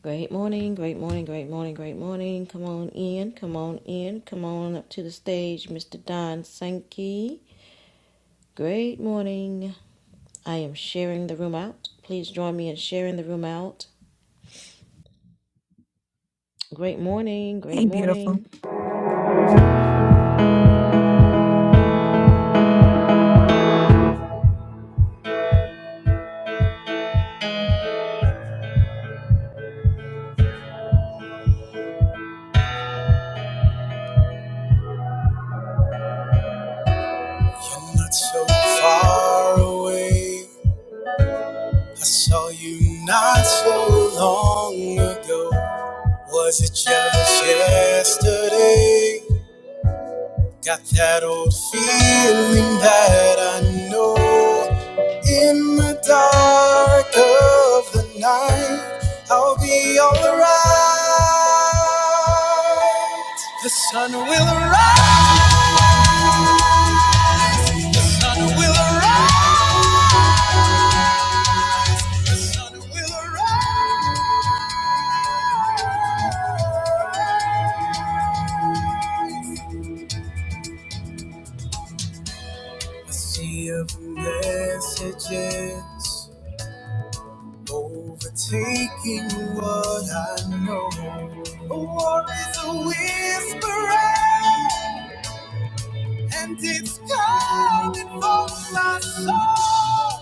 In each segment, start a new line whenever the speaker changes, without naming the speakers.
Great morning, great morning, great morning, great morning. Come on in, come on in, come on up to the stage, Mr. Don Sankey. Great morning. I am sharing the room out. Please join me in sharing the room out. Great morning, great
Hey, beautiful.
morning. You're not so far away. I saw you not so long ago. Was it just yesterday? Got that old feeling that I know in the dark of the night I'll be alright. The sun will arise, the sun will arise, the sun will arise. A sea of messages overtaking what I know. A war is a whisper. and it's calling for my soul.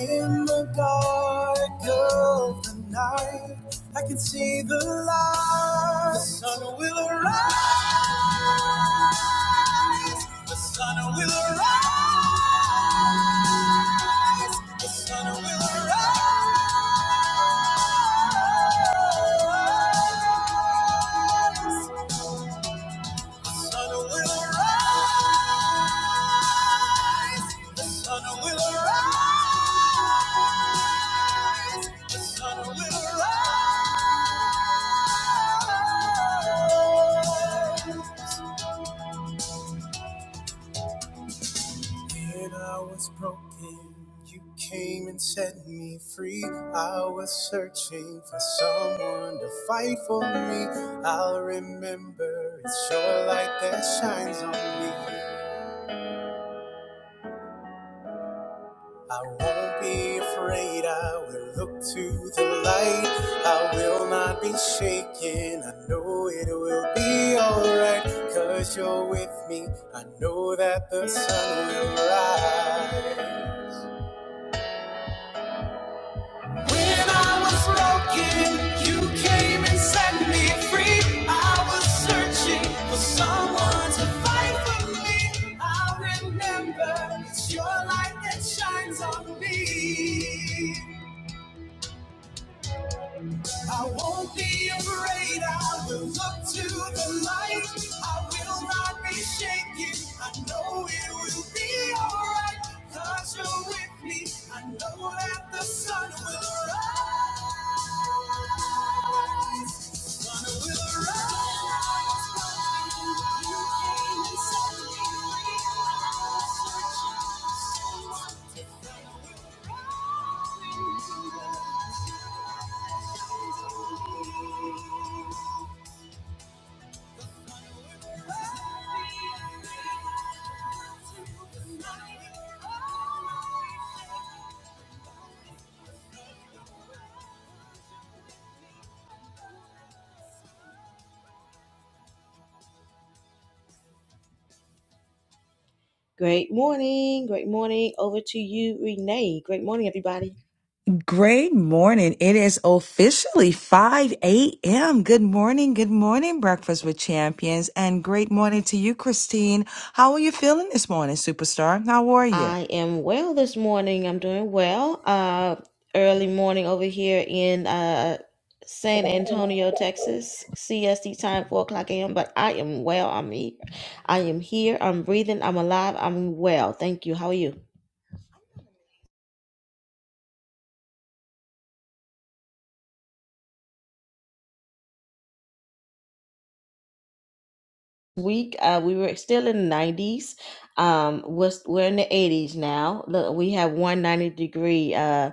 In the dark of the night, I can see the light. The sun will arise, the sun will arise, the sun will arise. The sun will arise, the sun will arise. Just on a little ride. When I was broken, you came and set me free. I was searching for someone to fight for me. I'll remember it's your light that shines on me. I won't be afraid, I will look to the light. I will not be shaken, I know it will be alright. Cause you're with me, I know that the sun will rise. When I was broken, you came and set me free. I was searching for someone to fight for me. I remember it's your light that shines on me. I won't be afraid. I will look to the light. I will not be shaken. I know it will be alright. Cause you're with me. I know that the sun will rise. Great morning. Great morning. Over to you, Renee. Great morning, everybody.
Great morning. It is officially 5 a.m. Good morning. Good morning, Breakfast with Champions. And great morning to you, Christine. How are you feeling this morning, superstar? How are you?
I am well this morning. I'm doing well. Uh, early morning over here in uh, San Antonio, Texas. CST time, 4 o'clock a.m. But I am well. I'm here. I am here. I'm breathing. I'm alive. I'm well. Thank you. How are you? Week, uh, we were still in the 90s. Um, we're, we're in the 80s now. Look, we have 190 degree. Uh.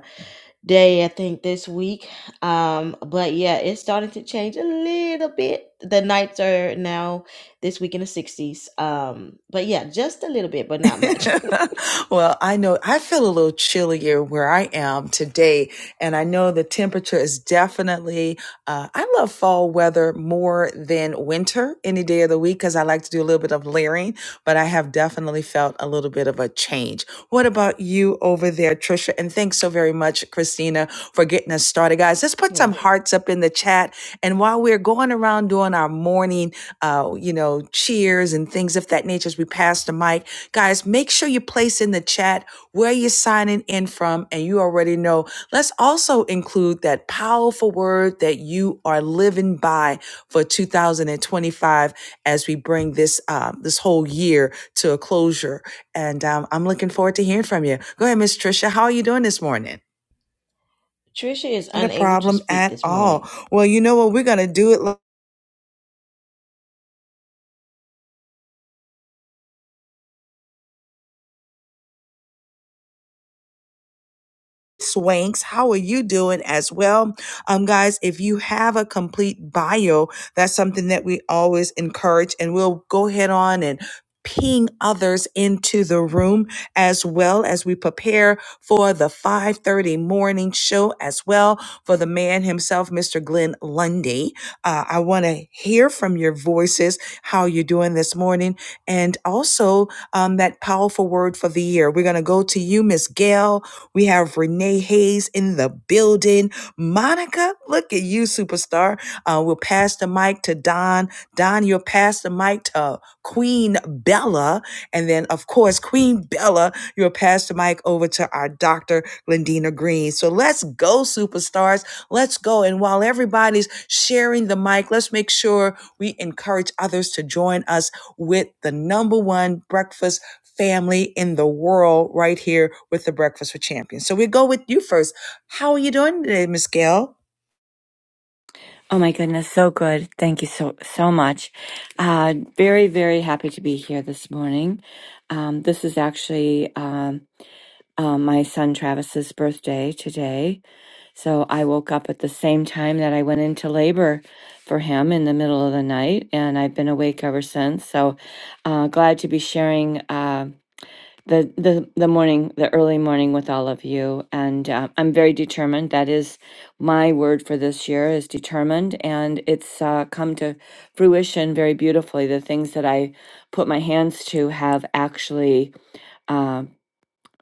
day, I think this week. Um, but yeah, it's starting to change a little bit. The nights are now this week in the 60s. Um, but yeah, just a little bit, but not much.
well, I know I feel a little chillier where I am today And I know the temperature is definitely, uh, I love fall weather more than winter any day of the week because I like to do a little bit of layering, but I have definitely felt a little bit of a change. What about you over there, Trisha? And thanks so very much, Christina, for getting us started. Guys, let's put
You're
some
welcome.
hearts up in the chat. And while we're going around doing our morning, uh, you know, cheers and things of that nature as we pass the mic, guys, make sure you place in the chat where you're signing in from. And you already know Let's also include that powerful word that you are living by for 2025 as we bring this um, this whole year to a closure. And um, I'm looking forward to hearing from you. Go ahead, Miss Tricia. How are you doing this morning?
Trisha is
Not a
unable to
problem
speak
at
this morning.
all. Well, you know what? We're going to do it Swanks, how are you doing as well? Um, guys, if you have a complete bio, that's something that we always encourage, and we'll go ahead on and ping others into the room as well as we prepare for the 5.30 morning show as well for the man himself mr glenn lundy Uh, i want to hear from your voices how you're doing this morning and also um, that powerful word for the year we're going to go to you miss gail we have Renee Hayes in the building. Monica, look at you, superstar. Uh, we'll pass the mic to Don. Don, you'll pass the mic to Queen Bella. And then, of course, Queen Bella, you'll pass the mic over to our Dr. Glendina Green. So let's go, superstars. Let's go. And while everybody's sharing the mic, let's make sure we encourage others to join us with the number one breakfast family in the world right here with the Breakfast with Champions. So we go with you first. How are you doing today, Miss Gail?
Oh my goodness, so good. Thank you so so much. Uh, very very happy to be here this morning. Um, this is actually um, uh, my son Travis's birthday today, so I woke up at the same time that I went into labor for him in the middle of the night, and I've been awake ever since. So uh, glad to be sharing. Um, the the the morning the early morning with all of you and uh, i'm very determined that is my word for this year is determined and it's uh, come to fruition very beautifully the things that i put my hands to have actually uh,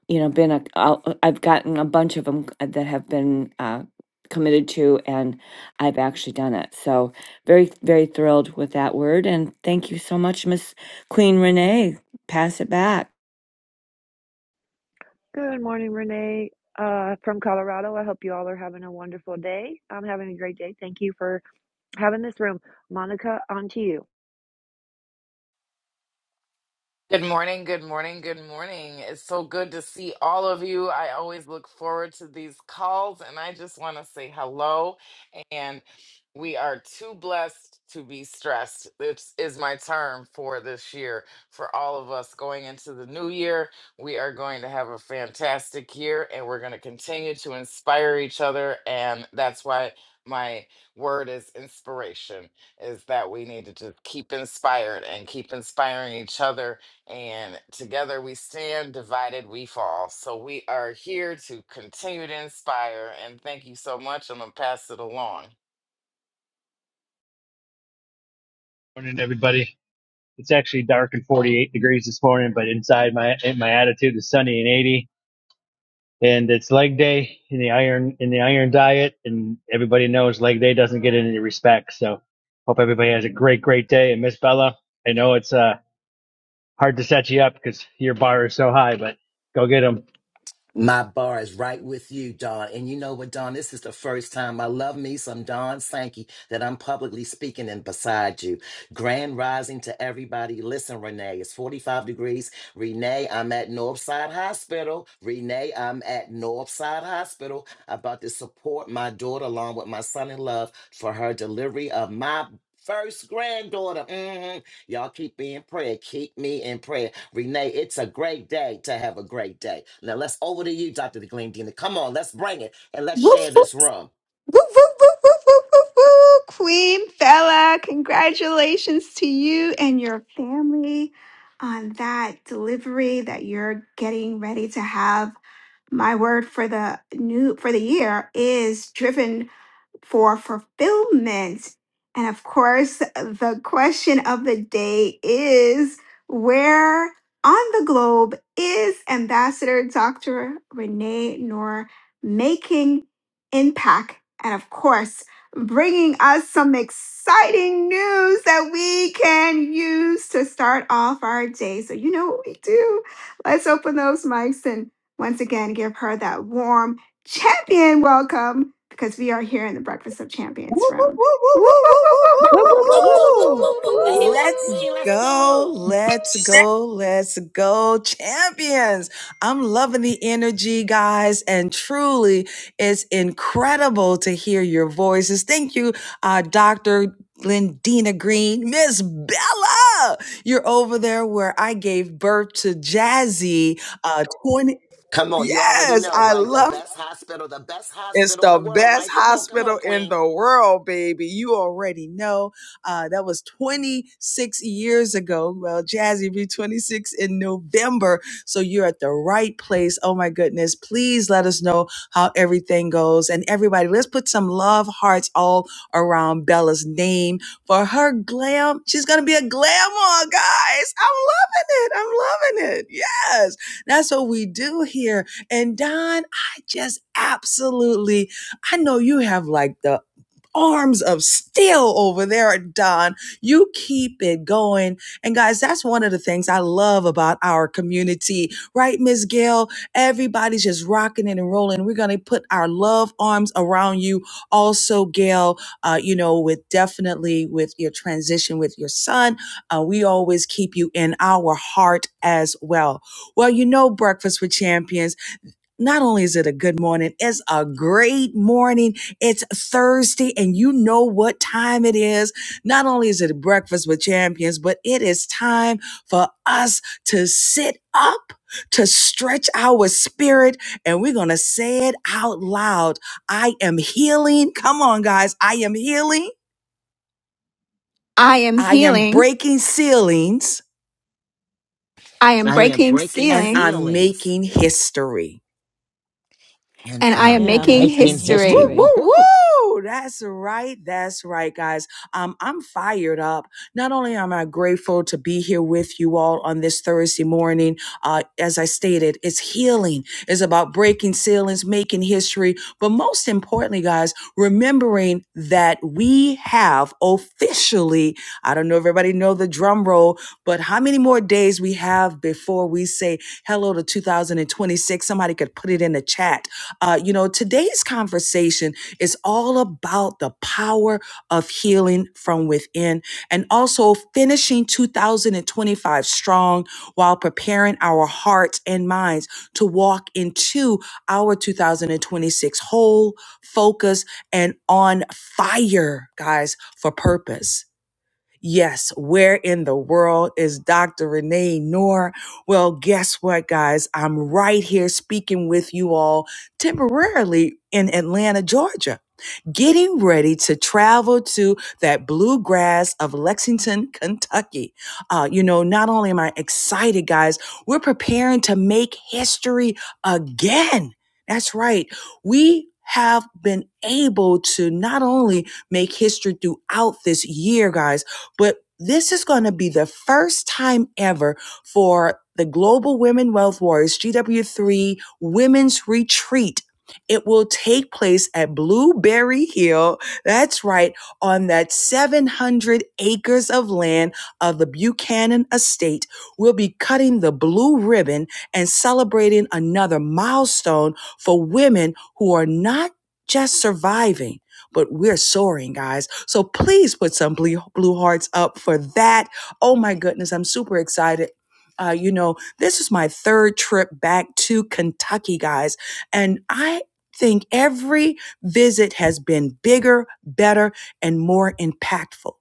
you know been a I'll- i've gotten a bunch of them that have been uh, committed to and i've actually done it so very very thrilled with that word and thank you so much miss queen renee pass it back
Good morning, Renee, uh, from Colorado. I hope you all are having a wonderful day. I'm having a great day. Thank you for having this room. Monica, on to you.
Good morning, good morning, good morning. It's so good to see all of you. I always look forward to these calls and I just want to say hello. And we are too blessed to be stressed. This is my term for this year. For all of us going into the new year, we are going to have a fantastic year and we're going to continue to inspire each other. And that's why my word is inspiration, is that we need to just keep inspired and keep inspiring each other and together we stand, divided we fall. So we are here to continue to inspire. And thank you so much. I'm going to pass it along.
Morning, everybody. It's actually dark and 48 degrees this morning, but inside my my attitude is sunny and 80. And it's leg day in the iron in the iron diet, and everybody knows leg day doesn't get any respect. So hope everybody has a great great day. And Miss Bella, I know it's uh hard to set you up because your bar is so high, but go get them.
My bar is right with you, Don. And you know what, Don? This is the first time I love me some Don Sankey that I'm publicly speaking in beside you. Grand rising to everybody. Listen, Renee, it's 45 degrees. Renee, I'm at Northside Hospital. Renee, I'm at Northside Hospital about to support my daughter along with my son in love for her delivery of my first granddaughter. Mm-hmm. Y'all keep me in prayer. Keep me in prayer. Renee, it's a great day to have a great day. Now let's over to you, Dr. Glendina. Come on, let's bring it and let's
Woof,
share
woof,
this room.
woof, woof, woof, woof, woof, woof, woof. Queen Bella, congratulations to you and your family on that delivery that you're getting ready to have. My word for the new for the year is driven for fulfillment. And of course, the question of the day is where on the globe is Ambassador Dr. Renee Noor making impact? And of course, bringing us some exciting news that we can use to start off our day. So, you know what we do. Let's open those mics and once again give her that warm champion welcome because we are here in the Breakfast of
Woo,
Champions
woo,
room.
woo,
Woo,
woo,
woo,
woo, woo,
woo,
woo,
woo,
Whoop,
Whoop,
woo,
whoop,
whoop, whoop,
whoop,
Woo, woo,
whoop,
whoop,
whoop,
woo,
whoop,
whoop,
woo,
woo,
woo, woo.
whoop,
whoop,
woo,
whoop.
whoop.
woo,
Let's go,
Let's
Queen. Let's
woo,
go.
woo.
go.
woo.
Let's go. Let's go. Champions. I'm loving the energy, guys. And truly, it's incredible to hear your voices. Thank you, uh, Dr. Glendina Green, Miss Bella. You're over there where I gave birth to Jazzy. Uh, 20.
Come on, you already
yes,
know,
I
right? The
love
best hospital, the best
it's
hospital in
the
the world,
best
right? Come on, come
hospital
on,
in
Queen.
the world, baby. You already know. Uh, that was 26 years ago. Well, Jazzy be 26 in November. So you're at the right place. Oh my goodness. Please let us know how everything goes. And everybody, let's put some love hearts all around Bella's name for her glam. She's going to be a glamour, guys. I'm loving it. I'm loving it. Yes. That's what we do here. And Don, just absolutely i know you have like the arms of steel over there don you keep it going and guys that's one of the things i love about our community right ms gail everybody's just rocking it and rolling we're gonna put our love arms around you also gail uh, you know with definitely with your transition with your son uh, we always keep you in our heart as well well you know breakfast with champions not only is it a good morning, it's a great morning. It's Thursday, and you know what time it is. Not only is it breakfast with champions, but it is time for us to sit up, to stretch our spirit, and we're going to say it out loud. I am healing. Come on, guys. I am healing.
I am
I am
healing,
breaking ceilings,
I am
I am
breaking
breaking
and
ceilings,
I'm
ceilings
making history.
and
and I am
And
I'm
I'm
making
making
making
Woo,
history.
history.
history.
woo,
Whoop, whoop.
woo. That's right. That's right, guys. Um, I'm fired up. Not only am I grateful to be here with you all on this Thursday morning, uh, as I stated, it's healing. It's about breaking ceilings, making history. But most importantly, guys, remembering that we have officially, I don't know if everybody know the drum roll, but how many more days we have before we say hello to 2026? Somebody could put it in the chat uh, you know, today's conversation is all about the power of healing from within and also finishing 2025 strong while preparing our hearts and minds to walk into our 2026 whole, focused, and on fire, guys, for purpose. Yes, where in the world is Dr. Renee Noor? Well, guess what, guys? I'm right here speaking with you all temporarily in Atlanta, Georgia getting ready to travel to that bluegrass of Lexington, Kentucky. Uh, you know, not only am I excited, guys, we're preparing to make history again. That's right. We have been able to not only make history throughout this year, guys, but this is going to be the first time ever for the Global Women Wealth Warriors GW3 Women's Retreat it will take place at Blueberry Hill. That's right, on that 700 acres of land of the Buchanan Estate. We'll be cutting the blue ribbon and celebrating another milestone for women who are not just surviving. But we're soaring, guys. So please put some blue, blue hearts up for that. Oh my goodness, I'm super excited. Uh, you know, this is my third trip back to Kentucky, guys. And I think every visit has been bigger, better, and more impactful.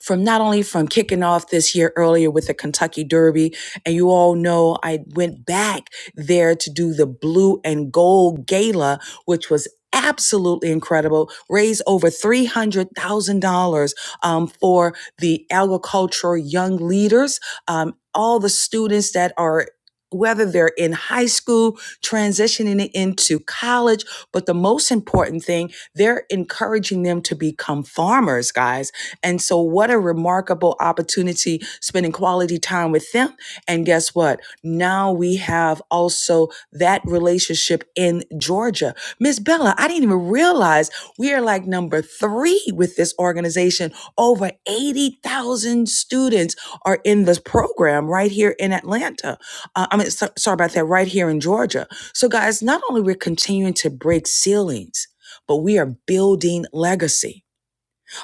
From not only from kicking off this year earlier with the Kentucky Derby, and you all know I went back there to do the blue and gold gala, which was absolutely incredible raised over $300000 um, for the agricultural young leaders um, all the students that are whether they're in high school transitioning into college but the most important thing, they're encouraging them to become farmers, guys. And so, what a remarkable opportunity spending quality time with them. And guess what? Now we have also that relationship in Georgia. Miss Bella, I didn't even realize we are like number three with this organization. Over 80,000 students are in this program right here in Atlanta. Uh, I mean, so, sorry about that, right here in Georgia. So, guys, not only we're continuing to break ceilings, but we are building legacy.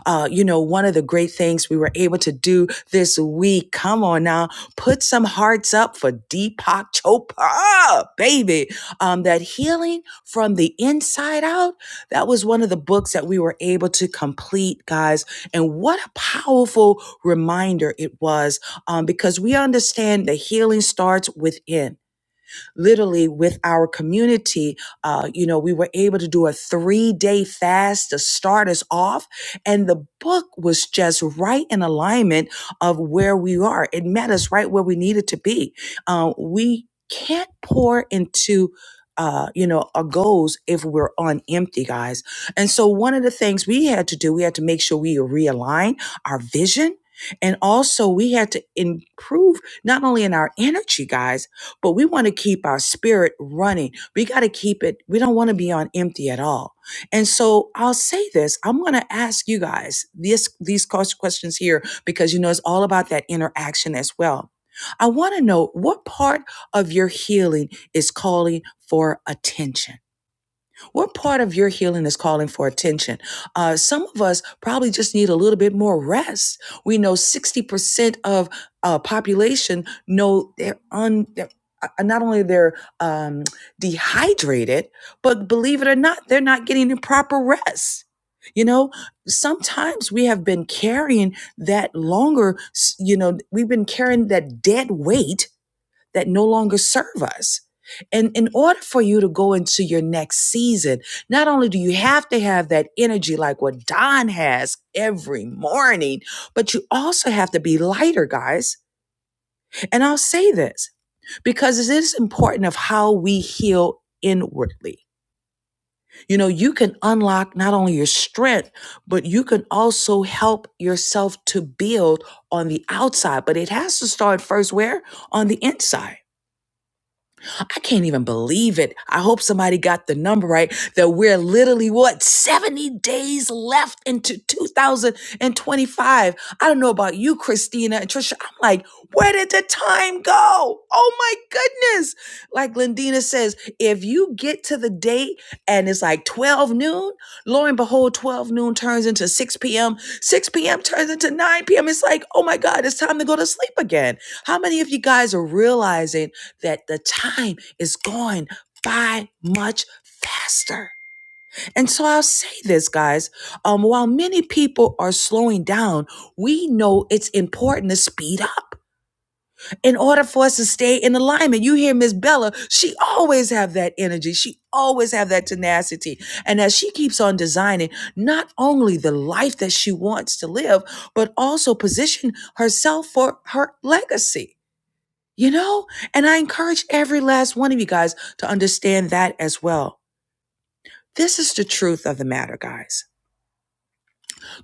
Uh, you know, one of the great things we were able to do this week, come on now, put some hearts up for Deepak Chopra, baby. Um, that healing from the inside out, that was one of the books that we were able to complete, guys. And what a powerful reminder it was um, because we understand that healing starts within literally with our community. Uh, you know, we were able to do a three day fast to start us off. And the book was just right in alignment of where we are. It met us right where we needed to be. Uh, we can't pour into uh, you know, our goals if we're on empty, guys. And so one of the things we had to do, we had to make sure we realign our vision. And also we had to improve not only in our energy, guys but we want to keep our spirit running. We got to keep it, we don't want to be on empty at all. And so I'll say this I'm going to ask you guys this, these cost- questions here because you know it's all about that interaction as well. I want to know what part of your healing is calling for attention what part of your healing is calling for attention? Uh, some of us probably just need a little bit more rest. We know 60% of uh, population know they're un. They're, uh, uh, not only they're um, dehydrated, but believe it or not, they're not getting the proper rest. You know, sometimes we have been carrying that longer, s- you know, we've been carrying that dead weight that no longer serve us. And in order for you to go into your next season, not only do you have to have that energy like what Don has every morning, but you also have to be lighter, guys. And I'll say this because it is important of how we heal inwardly. You know, you can unlock not only your strength, but you can also help yourself to build on the outside. But it has to start first where? On the inside. I can't even believe it. I hope somebody got the number right that we're literally what 70 days left into 2025. I don't know about you, Christina and Trisha. I'm like, where did the time go? Oh my goodness. Like Lindina says, if you get to the date and it's like 12 noon, lo and behold, 12 noon turns into 6 p.m. 6 p.m. turns into 9 p.m. It's like, oh my God, it's time to go to sleep again. How many of you guys are realizing? that the time is going by much faster. And so I'll say this, guys. Um, while many people are slowing down, we know it's important to speed up in order for us to stay in alignment. You hear Miss Bella, she always have that energy. She always have that tenacity. And as she keeps on designing not only the life that she wants to live, but also position herself for her legacy. You know? And I encourage every last one of you guys to understand that as well. This is the truth of the matter, guys.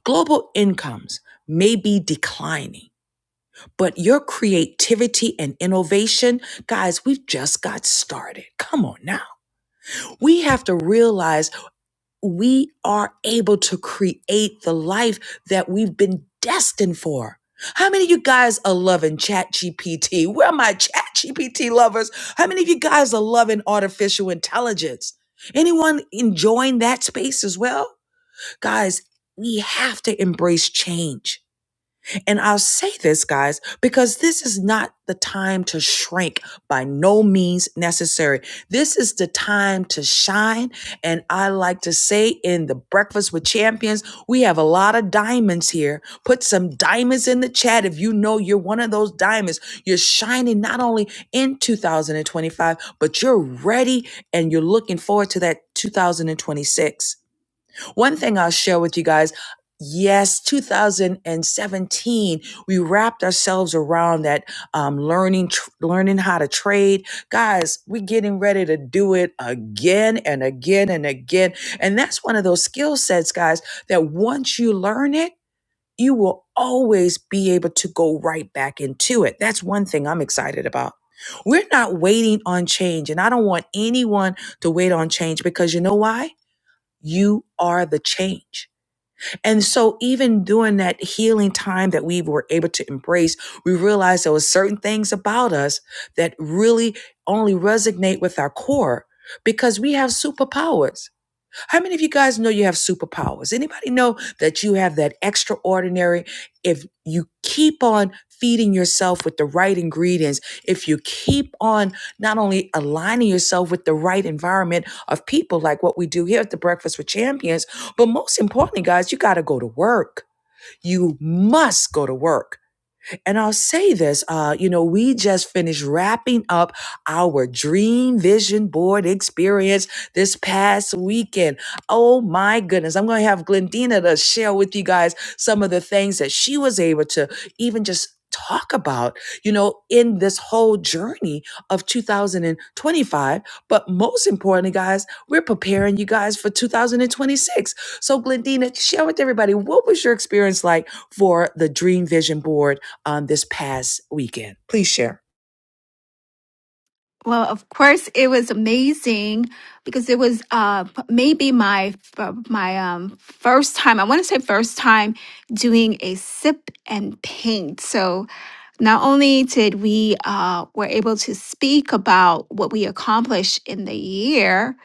Global incomes may be declining, but your creativity and innovation, guys, we've just got started. Come on now. We have to realize we are able to create the life that we've been destined for. How many of you guys are loving ChatGPT? Where are my ChatGPT lovers? How many of you guys are loving artificial intelligence? Anyone enjoying that space as well? Guys, we have to embrace change and I'll say this, guys, because this is not the time to shrink by no means necessary. This is the time to shine. And I like to say in the Breakfast with Champions, we have a lot of diamonds here. Put some diamonds in the chat if you know you're one of those diamonds. You're shining not only in 2025, but you're ready and you're looking forward to that 2026. One thing I'll share with you guys. Yes, 2017, we wrapped ourselves around that um, learning, tr- learning how to trade. Guys, we're getting ready to do it again and again and again. And that's one of those skill sets, guys, that once you learn it, you will always be able to go right back into it. That's one thing I'm excited about. We're not waiting on change, and I don't want anyone to wait on change because you know why? You are the change. And so even during that healing time that we were able to embrace, we realized there were certain things about us that really only resonate with our core because we have superpowers. How many of you guys know you have superpowers? Anybody know that you have that extraordinary? If you keep on feeding yourself with the right ingredients, if you keep on not only aligning yourself with the right environment of people, like what we do here at the Breakfast with Champions, but most importantly, guys, you got to go to work. You must go to work and I'll say this, uh, you know, we just finished wrapping up our dream vision board experience this past weekend. Oh my goodness. I'm going to have Glendina to share with you guys some of the things that she was able to even just talk about, you know, in this whole journey of 2025. But most importantly, guys, we're preparing you guys for 2026. So, Glendina, share with everybody what was your experience like for the Dream Vision Board? um, this past weekend. Please share.
Well, of course, it was amazing because it was uh, p- maybe my f- my um, first time. I want to say first time doing a sip and paint. So Not only did we uh, were able to speak about what we accomplished in the year,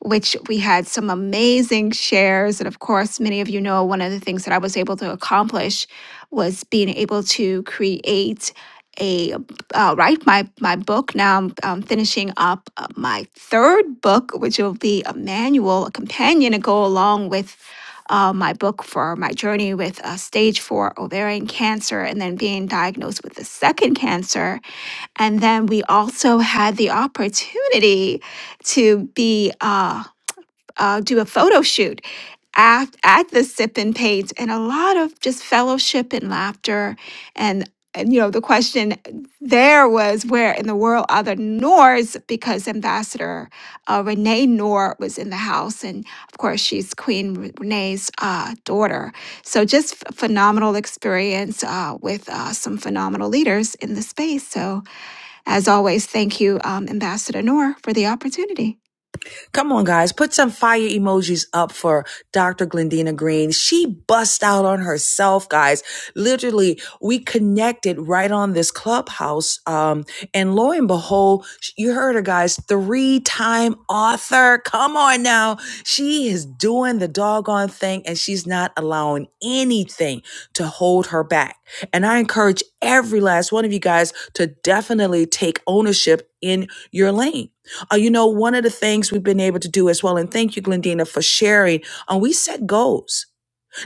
which we had some amazing shares, and of course, many of you know one of the things that I was able to accomplish was being able to create a uh, write my my book. Now I'm, um finishing up uh, my third book, which will be a manual, a companion to go along with uh, my book for my journey with uh, stage four ovarian cancer and then being diagnosed with the second cancer. And then we also had the opportunity to be. Uh, uh, do a photo shoot at, at the Sip and Paint, and a lot of just fellowship and laughter. And, and, you know, the question there was where in the world are the Noors? Because Ambassador uh, Renee Noor was in the house. And of course, she's Queen Re- Renee's uh, daughter. So just ph- phenomenal experience uh, with uh, some phenomenal leaders in the space. So, as always, thank you, um, Ambassador Noor, for the opportunity.
Come on, guys. Put some fire emojis up for Dr. Glendina Green. She bust out on herself, guys. Literally, we connected right on this clubhouse. Um, and lo and behold, you heard her, guys. Three time author. Come on now. She is doing the doggone thing and she's not allowing anything to hold her back. And I encourage every last one of you guys to definitely take ownership in your lane uh, you know, one of the things we've been able to do as well, and thank you, Glendina, for sharing. Um, we set goals.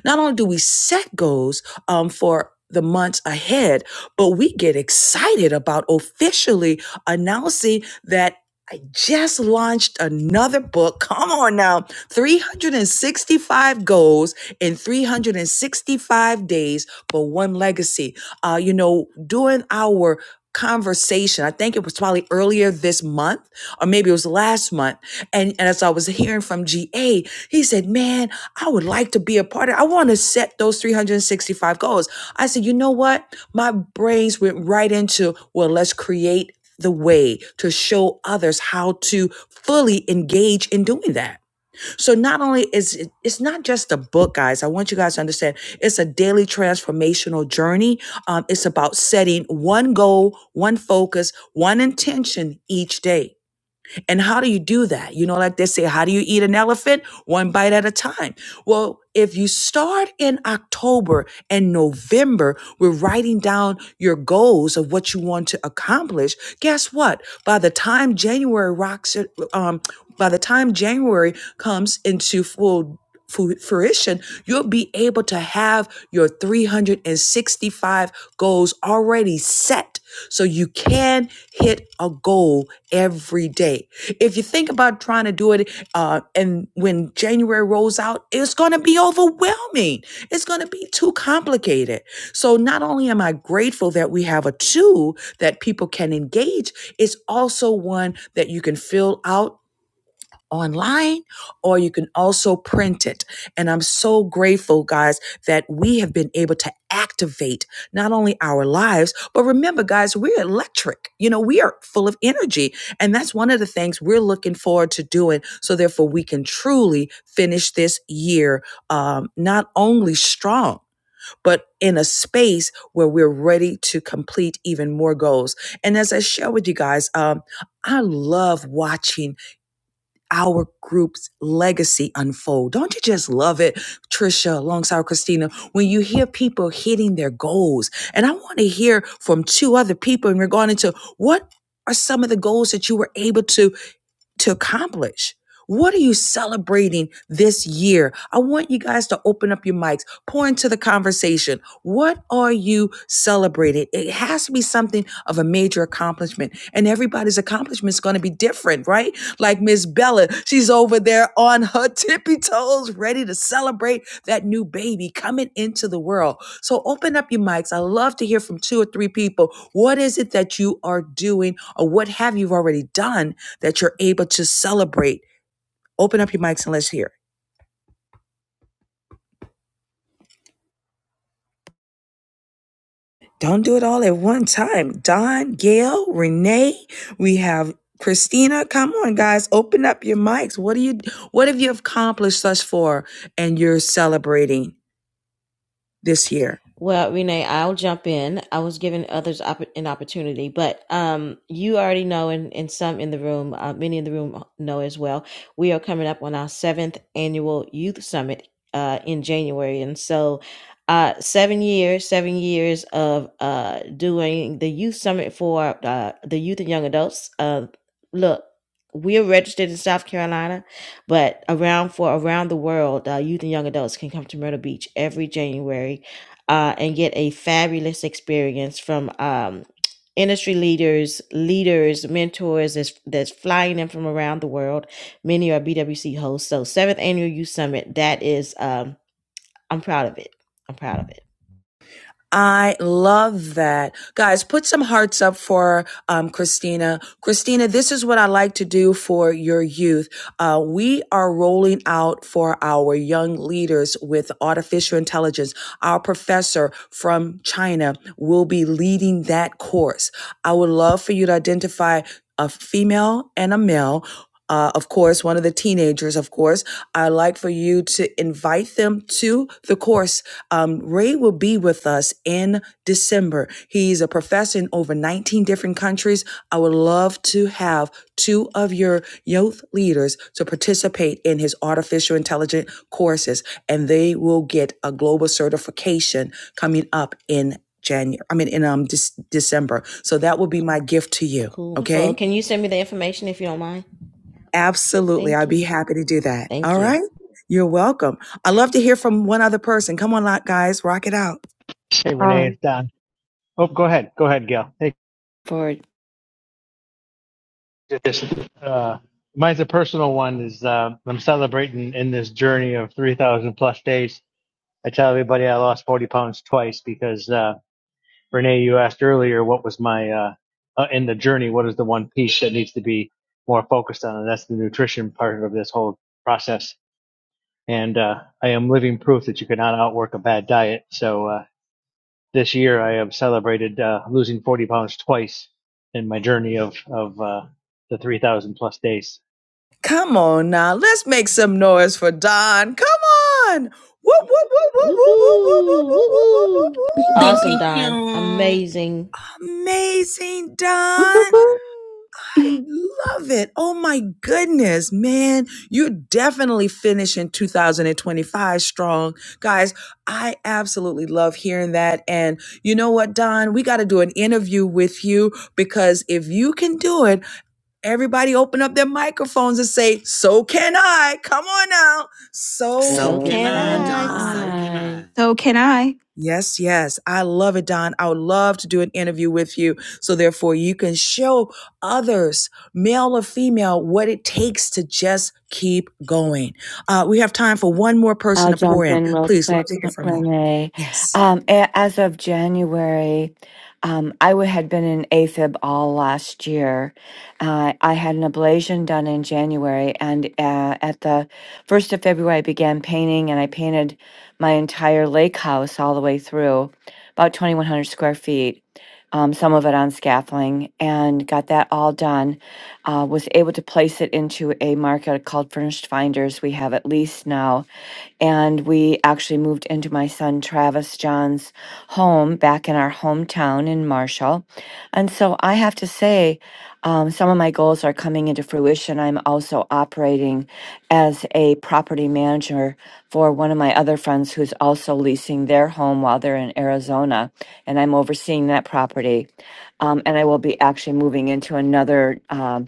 Not only do we set goals um, for the months ahead, but we get excited about officially announcing that I just launched another book. Come on now 365 goals in 365 days, but one legacy. Uh, you know, during our conversation, I think it was probably earlier this month or maybe it was last month. And, and as I was hearing from GA, he said, Man, I would like to be a part of it. I want to set those 365 goals. I said, You know what? My brains went right into, Well, let's create the way to show others how to fully engage in doing that. So not only is it, it's not just a book, guys. I want you guys to understand it's a daily transformational journey. Um, it's about setting one goal, one focus, one intention each day. And how do you do that? You know, like they say, how do you eat an elephant? One bite at a time. Well, if you start in October and November, we're writing down your goals of what you want to accomplish. Guess what? By the time January rocks, um, by the time January comes into full fu- fruition, you'll be able to have your 365 goals already set so you can hit a goal every day. If you think about trying to do it, uh, and when January rolls out, it's going to be overwhelming. It's going to be too complicated. So not only am I grateful that we have a tool that people can engage, it's also one that you can fill out online or you can also print it. And I'm so grateful, guys, that we have been able to activate not only our lives, but remember, guys, we're electric. You know, we are full of energy. And that's one of the things we're looking forward to doing. So, therefore, we can truly finish this year um, not only strong, but in a space where we're ready to complete even more goals. And as I share with you guys, um, I love watching our group's legacy unfold. Don't you just love it, Trisha, alongside Christina, when you hear people hitting their goals? And I want to hear from two other people in regarding to what are some of the goals that you were able to to accomplish? What are you celebrating this year? I want you guys to open up your mics, pour into the conversation. What are you celebrating? It has to be something of a major accomplishment, and everybody's accomplishment is going to be different, right? Like Miss Bella, she's over there on her tippy toes, ready to celebrate that new baby coming into the world. So open up your mics. I love to hear from two or three people. What is it that you are doing, or what have you already done? that you're able to celebrate. Open up your mics and let's hear. it. Don't do it all at one time. Don, Gail, Renee, we have Christina. Come on, guys, open up your mics. What do you what have you accomplished thus far and you're celebrating this year?
Well, Renee, I'll jump in. I was giving others opp- an opportunity, but um, you already know, and, and some in the room, uh, many in the room know as well, we are coming up on our seventh annual Youth Summit uh, in January. And so, uh, seven years, seven years of uh, doing the Youth Summit for uh, the youth and young adults. Uh, look, we are registered in South Carolina but around for around the world, uh, youth and young adults can come to Myrtle Beach every January uh, and get a fabulous experience from um, industry leaders, leaders, mentors that's, that's flying in from around the world. Many are BWC hosts. So, seventh annual youth summit. That is, um, I'm proud of it. I'm proud of it.
I love that. Guys, put some hearts up for um, Christina. Christina, this is what I like to do for your youth. Uh, we are rolling out for our young leaders with artificial intelligence. Our professor from China will be leading that course. I would love for you to identify a female and a male. Uh, of course, one of the teenagers, of course. I'd like for you to invite them to the course um, Ray will be with us in December. He's a professor in over 19 different countries. I would love to have two of your youth leaders to participate in his artificial intelligence courses, and they will get a global certification coming up in January. I mean, in um Dec- December. So that will be my gift to you.
Cool. Wonderful.
Okay,
Can you send me the information if you don't mind?
absolutely.
Thank
I'd be
you.
happy to do that.
Thank
All
you.
right. You're welcome. I love to hear from one other person. Come on, guys, rock it out.
Hey Renee,
Um,
it's Don. Oh, go ahead, go ahead, Gil. Hey,
for
this uh, mine's a personal one. Is uh, I'm celebrating in this journey of 3,000 plus days I tell everybody I lost 40 pounds twice because, uh, Renee, you asked earlier what was my, uh, uh, in the journey, what is the one piece that needs to be more focused on? And that's the nutrition part of this whole process. And, uh, I am living proof that you cannot outwork a bad diet. So, uh, this year I have celebrated, uh, losing 40 pounds twice in my journey of, of, uh, the 3,000 plus days.
Come on now, let's make some noise for Don. Come on. Whoop, whoop, whoop, whoop,
Woohoo!
whoop, whoop, whoop, whoop, whoop, whoop,
Woohoo!
Bing, bing,
Awesome,
bing,
whoop,
Don.
bing.
Amazing.
whoop. Amazing,
Whoop, whoop,
Don.
whoop.
I love it. Oh my goodness, man. You're definitely finishing 2025 strong. Guys, I absolutely love hearing that. And you know what, Don? We got to do an interview with you because if you can do it, Everybody open up their microphones and say, So can I. Come on now. So
So
So
So
can
can
I,
can
can
I.
Don.
I.
So can
I.
I.
So can I?
Yes, yes. I love it, Don. I would love to do an interview with you. So, therefore, you can show others, male or female, what it takes to just keep going. Uh, we have time for one more person
I'll
to pour
jump
in.
in real
Please, love to
quick,
hear
M-
from you.
Renee.
Yes.
Um, a- as of January, um, I w- had been in AFib all last year. Uh, I had an ablation done in January, and uh, at the first of February, I began painting, and I painted my entire lake house all the way through, about 2,100 square feet. Um, some of it on scaffolding, and got that all done. Uh, was able to place it into a market called Furnished Finders. We have at least now and we actually moved into my son Travis John's home back in our hometown in Marshall. And so I have to say, um, some of my goals are coming into fruition. I'm also operating as a property manager for one of my other friends who's also leasing their home while they're in Arizona, and I'm overseeing that property. Um, and I will be actually moving into another. um,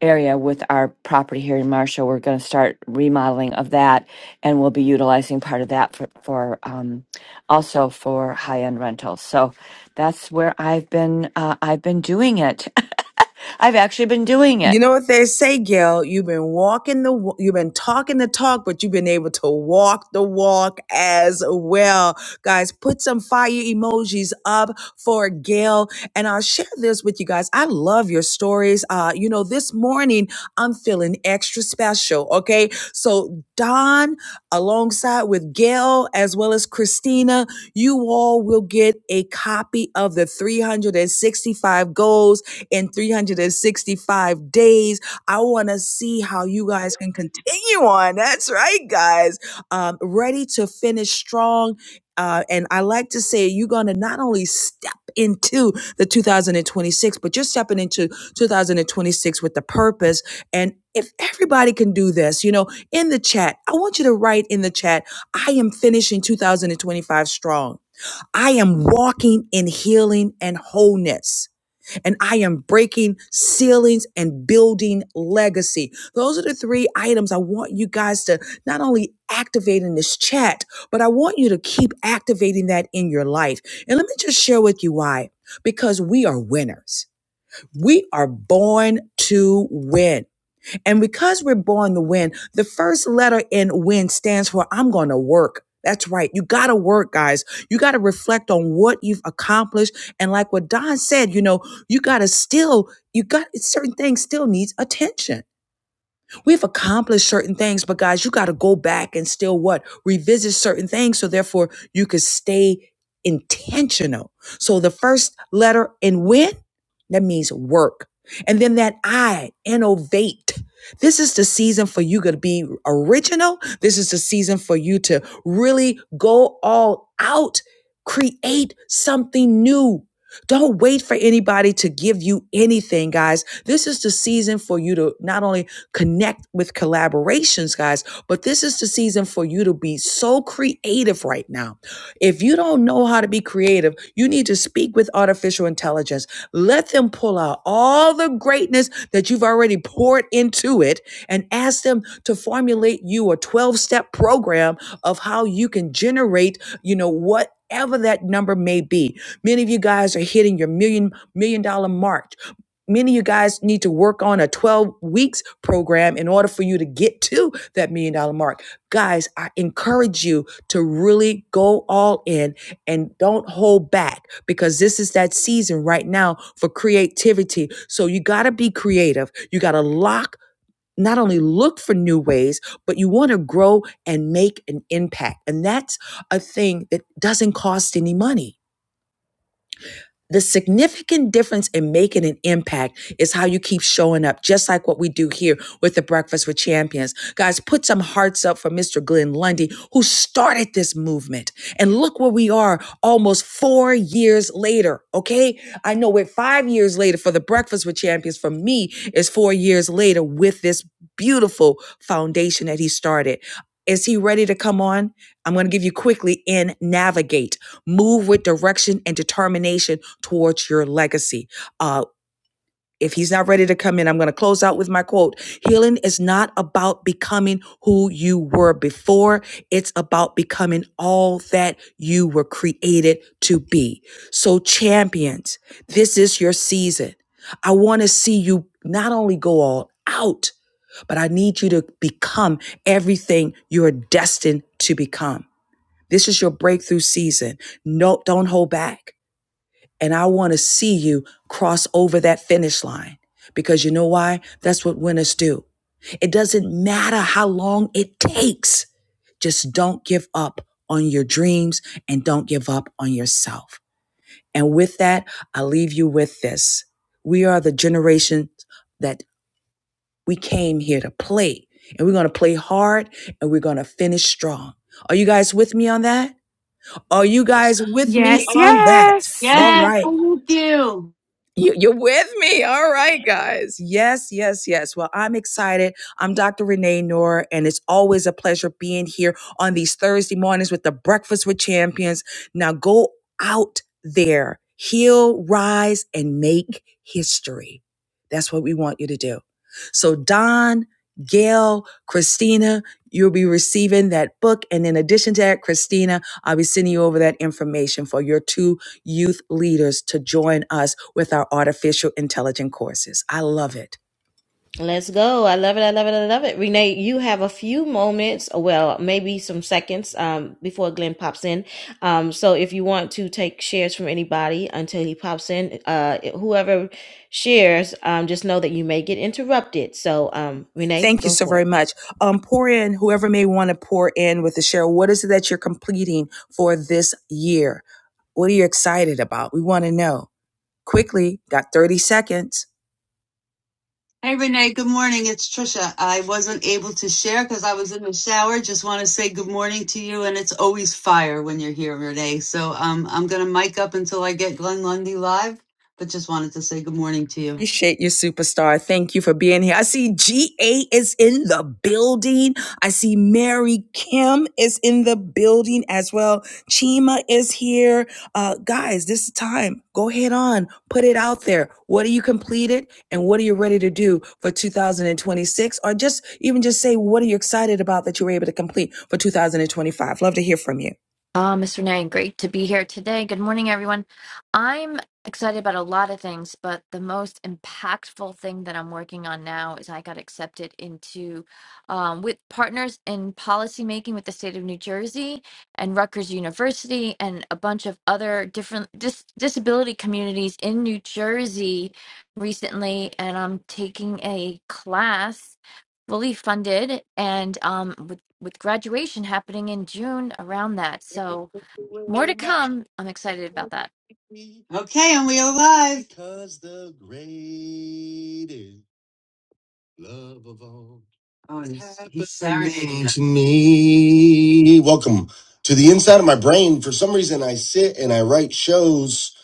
area with our property here in Marshall. We're going to start remodeling of that, and we'll be utilizing part of that for, for um, also for high end rentals. So that's where I've been. Uh, I've been doing it. I've actually been doing it.
You know what they say, Gail? You've been walking the, wa- you've been talking the talk, but you've been able to walk the walk as well. Guys, put some fire emojis up for Gail. And I'll share this with you guys. I love your stories. Uh, you know, this morning I'm feeling extra special. Okay. So Don, alongside with Gail, as well as Christina, you all will get a copy of the 365 goals in 365 days. I want to see how you guys can continue on. That's right, guys. Um, ready to finish strong. Uh, and I like to say you're going to not only step into the 2026, but you're stepping into 2026 with the purpose. And if everybody can do this, you know, in the chat, I want you to write in the chat, I am finishing 2025 strong. I am walking in healing and wholeness and I am breaking ceilings and building legacy. Those are the three items I want you guys to not only activate in this chat, but I want you to keep activating that in your life. And let me just share with you why. Because we are winners. We are born to win. And because we're born to win, the first letter in "win" stands for I'm going to work. That's right. You got to work, guys. You got to reflect on what you've accomplished. And like what Don said, you know, you got to still, you got certain things still needs attention We've accomplished certain things, but guys, you got to go back and still what? Revisit certain things so therefore you could stay intentional. So the first letter in win, that means work. And then that I, innovate. This is the season for you to be original. This is the season for you to really go all out, create something new. Don't wait for anybody to give you anything, guys. This is the season for you to not only connect with collaborations, guys. But this is the season for you to be so creative right now. If you don't know how to be creative, you need to speak with artificial intelligence. Let them pull out all the greatness that you've already poured into it and ask them to formulate you a 12 step program of how you can generate, you know, what whatever that number may be. Many of you guys are hitting your million million dollar mark. Many of you guys need to work on a 12 weeks program in order for you to get to that million dollar mark. Guys, I encourage you to really go all in and don't hold back because this is that season right now for creativity. So you got to be creative. You got to lock not only look for new ways, but you want to grow and make an impact. And that's a thing that doesn't cost any money the significant difference in making an impact is how you keep showing up, just like what we do here with the Breakfast with Champions. Guys, put some hearts up for Mr. Glenn Lundy, who started this movement. And look where we are almost four years later, okay? I know we're five years later for the Breakfast with Champions. For me, it's four years later with this beautiful foundation that he started. Is he ready to come on? I'm going to give you quickly in navigate, move with direction and determination towards your legacy. Uh, if he's not ready to come in, I'm going to close out with my quote. Healing is not about becoming who you were before. It's about becoming all that you were created to be. So champions, this is your season. I want to see you not only go all out, but I need you to become everything you're destined to become. This is your breakthrough season. No, don't hold back. And I want to see you cross over that finish line because you know why? That's what winners do. It doesn't matter how long it takes. Just don't give up on your dreams and don't give up on yourself. And with that, I leave you with this. We are the generation that we came here to play and we're going to play hard and we're going to finish strong. Are you guys with me on that? Are you guys with me
Yes,
on that?
yes.
All
Yes,
right.
thank you.
You, you're with me. All right, guys. Yes, yes, yes. Well, I'm excited. I'm Dr. Renee Noor, and it's always a pleasure being here on these Thursday mornings with the Breakfast with Champions. Now go out there, heal, rise, and make history. That's what we want you to do. So, Don, Gail, Christina, you'll be receiving that book. And in addition to that, Christina, I'll be sending you over that information for your two youth leaders to join us with our artificial intelligence courses. I love it.
Let's go. I love it. I love it. I love it. Renee, you have a few moments, well, maybe some seconds um, before Glenn pops in. Um, so if you want to take shares from anybody until he pops in, uh, whoever shares, um, just know that you may get interrupted. So, um, Renee,
Thank you
go
so
for
very
it.
much. Um, pour in whoever may want to pour in with the share. What is it that you're completing for this year? What are you excited about? We want to know quickly. Got 30 seconds.
Hey, Renee, good morning. It's Trisha. I wasn't able to share because I was in the shower. Just want to say good morning to you. And it's always fire when you're here, Renee. So um, I'm going to mic up until I get Glenn Lundy live, but just wanted to say good morning to you.
Appreciate you, superstar. Thank you for being here. I see GA is in the building. I see Mary Kim is in the building as well. Chima is here. Uh, guys, this is time. Go ahead on, put it out there. What are you completed and what are you ready to do for 2026? Or just even just say, what are you excited about that you were able to complete for 2025? Love to hear from you.
Uh, Mr. Nang, great to be here today. Good morning, everyone. I'm excited about a lot of things, but the most impactful thing that I'm working on now is I got accepted into um, with partners in policymaking with the state of New Jersey and Rutgers University and a bunch of other different dis- disability communities in New Jersey recently. And I'm taking a class fully funded and um, with, with graduation happening in June around that. So more
away
to
my
come. I'm excited about that.
worry, Okay, and we are live. because the greatest. Love of all. Oh, he's, he's serenading us. to me. Welcome to the inside of my brain. For some reason, I sit and I write shows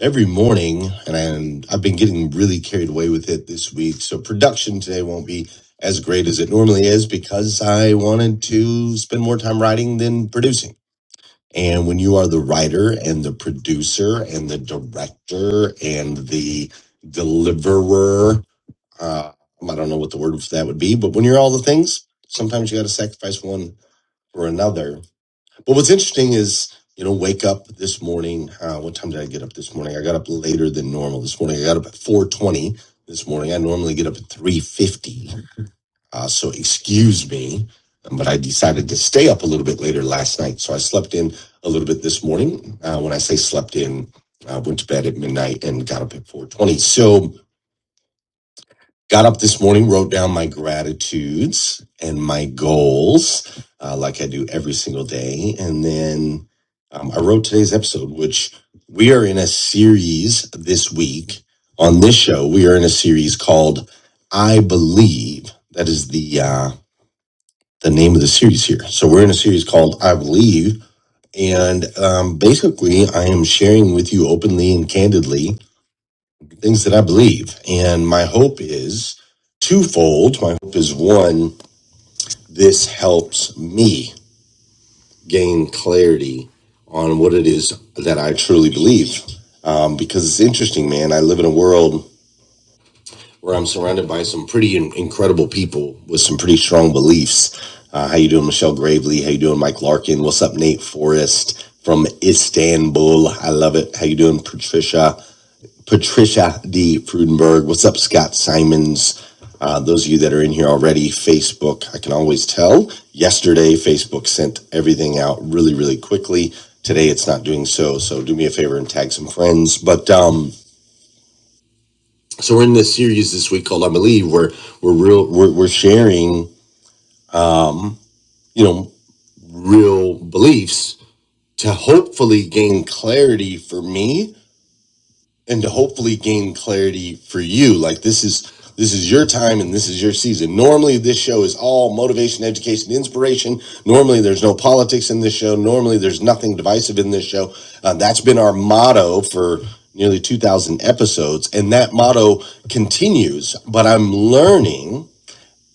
every morning, and, I, and I've been getting really carried away with it this week. So production today won't be as great as it normally is because I wanted to spend more time writing than producing. And when you are the writer and the producer and the director and the deliverer uh, I don't know what the word for that would be, but when you're all the things, sometimes you got to sacrifice one for another. But what's interesting is, you know, wake up this morning. Uh, what time did I get up this morning? I got up later than normal this morning. I got up at 4:20 this morning. I normally get up at 3:50, uh, so excuse me. But I decided to stay up a little bit later last night, so I slept in a little bit this morning. Uh, when I say slept in, I went to bed at midnight and got up at 4:20. So got up this morning, wrote down my gratitudes and my goals, uh, like I do every single day. And then um, I wrote today's episode, which we are in a series this week on this show. We are in a series called I Believe. That is the, uh, the name of the series here. So we're in a series called I Believe. And um, basically, I am sharing with you openly and candidly things that I believe. And my hope is twofold. My hope is one, this helps me gain clarity on what it is that I truly believe. Um, because it's interesting, man. I live in a world where I'm surrounded by some pretty in- incredible people with some pretty strong beliefs. Uh, how you doing, Michelle Gravely? How you doing, Mike Larkin? What's up, Nate Forrest from Istanbul? I love it. How you doing, Patricia? Patricia D. Frudenberg. What's up, Scott Simons? Uh, those of you that are in here already, Facebook, I can always tell. Yesterday, Facebook sent everything out really, really quickly. Today, it's not doing so. So do me a favor and tag some friends. But um, so we're in this series this week called I Believe, where we're real, we're, we're sharing, you know, real beliefs to hopefully gain clarity for me and to hopefully gain clarity for you like this is this is your time and this is your season normally this show is all motivation education inspiration normally there's no politics in this show normally there's nothing divisive in this show uh, that's been our motto for nearly 2000 episodes and that motto continues but i'm learning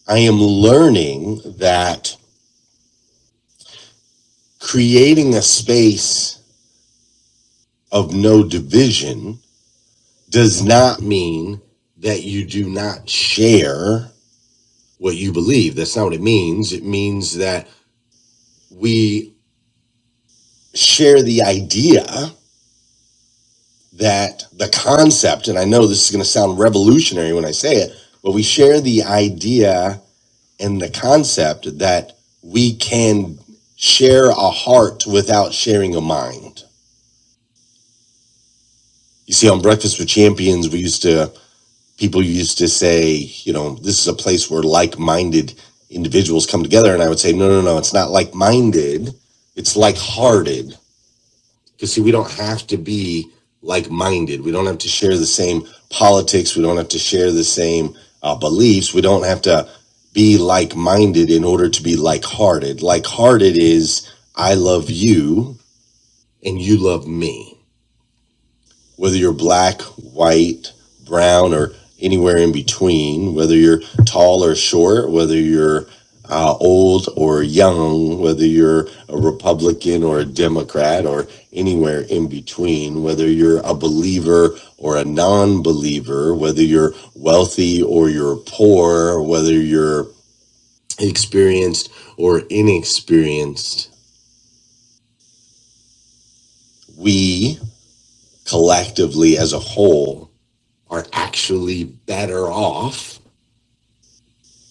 i am learning that creating a space of no division does not mean that you do not share what you believe. That's not what it means. It means that we share the idea that the concept, and I know this is going to sound revolutionary when I say it, but we share the idea and the concept that we can share a heart without sharing a mind. You see, on Breakfast with Champions, we used to, people used to say, you know, this is a place where like minded individuals come together. And I would say, no, no, no, it's not like minded, it's like hearted Because see, we don't have to be like minded. We don't have to share the same politics. We don't have to share the same uh, beliefs. We don't have to be like minded in order to be like hearted. Like hearted is I love you and you love me whether you're black, white, brown, or anywhere in between, whether you're tall or short, whether you're uh, old or young, whether you're a Republican or a Democrat or anywhere in between, whether you're a believer or a non believer, whether you're wealthy or you're poor, whether you're experienced or inexperienced, we collectively as a whole are actually better off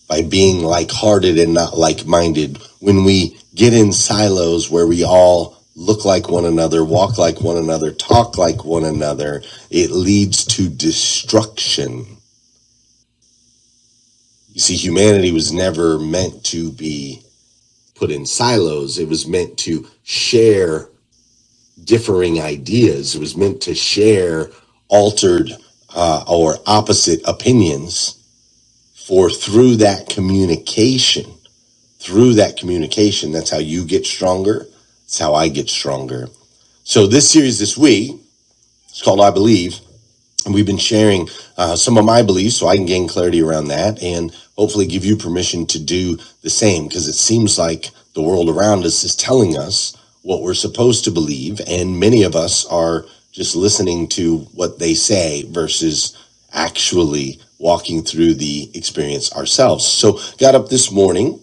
by being like hearted and not like minded. When we get in silos where we all look like one another, walk like one another, talk like one another, it leads to destruction. You see, humanity was never meant to be put in silos, it was meant to share differing ideas, it was meant to share altered uh, or opposite opinions. For through that communication, through that communication. That's how you get stronger. It's how I get stronger. So this series this week is called I Believe, and we've been sharing uh, some of my beliefs so I can gain clarity around that and hopefully give you permission to do the same because it seems like the world around us is telling us what we're supposed to believe, and many of us are just listening to what they say versus actually walking through the experience ourselves. So got up this morning,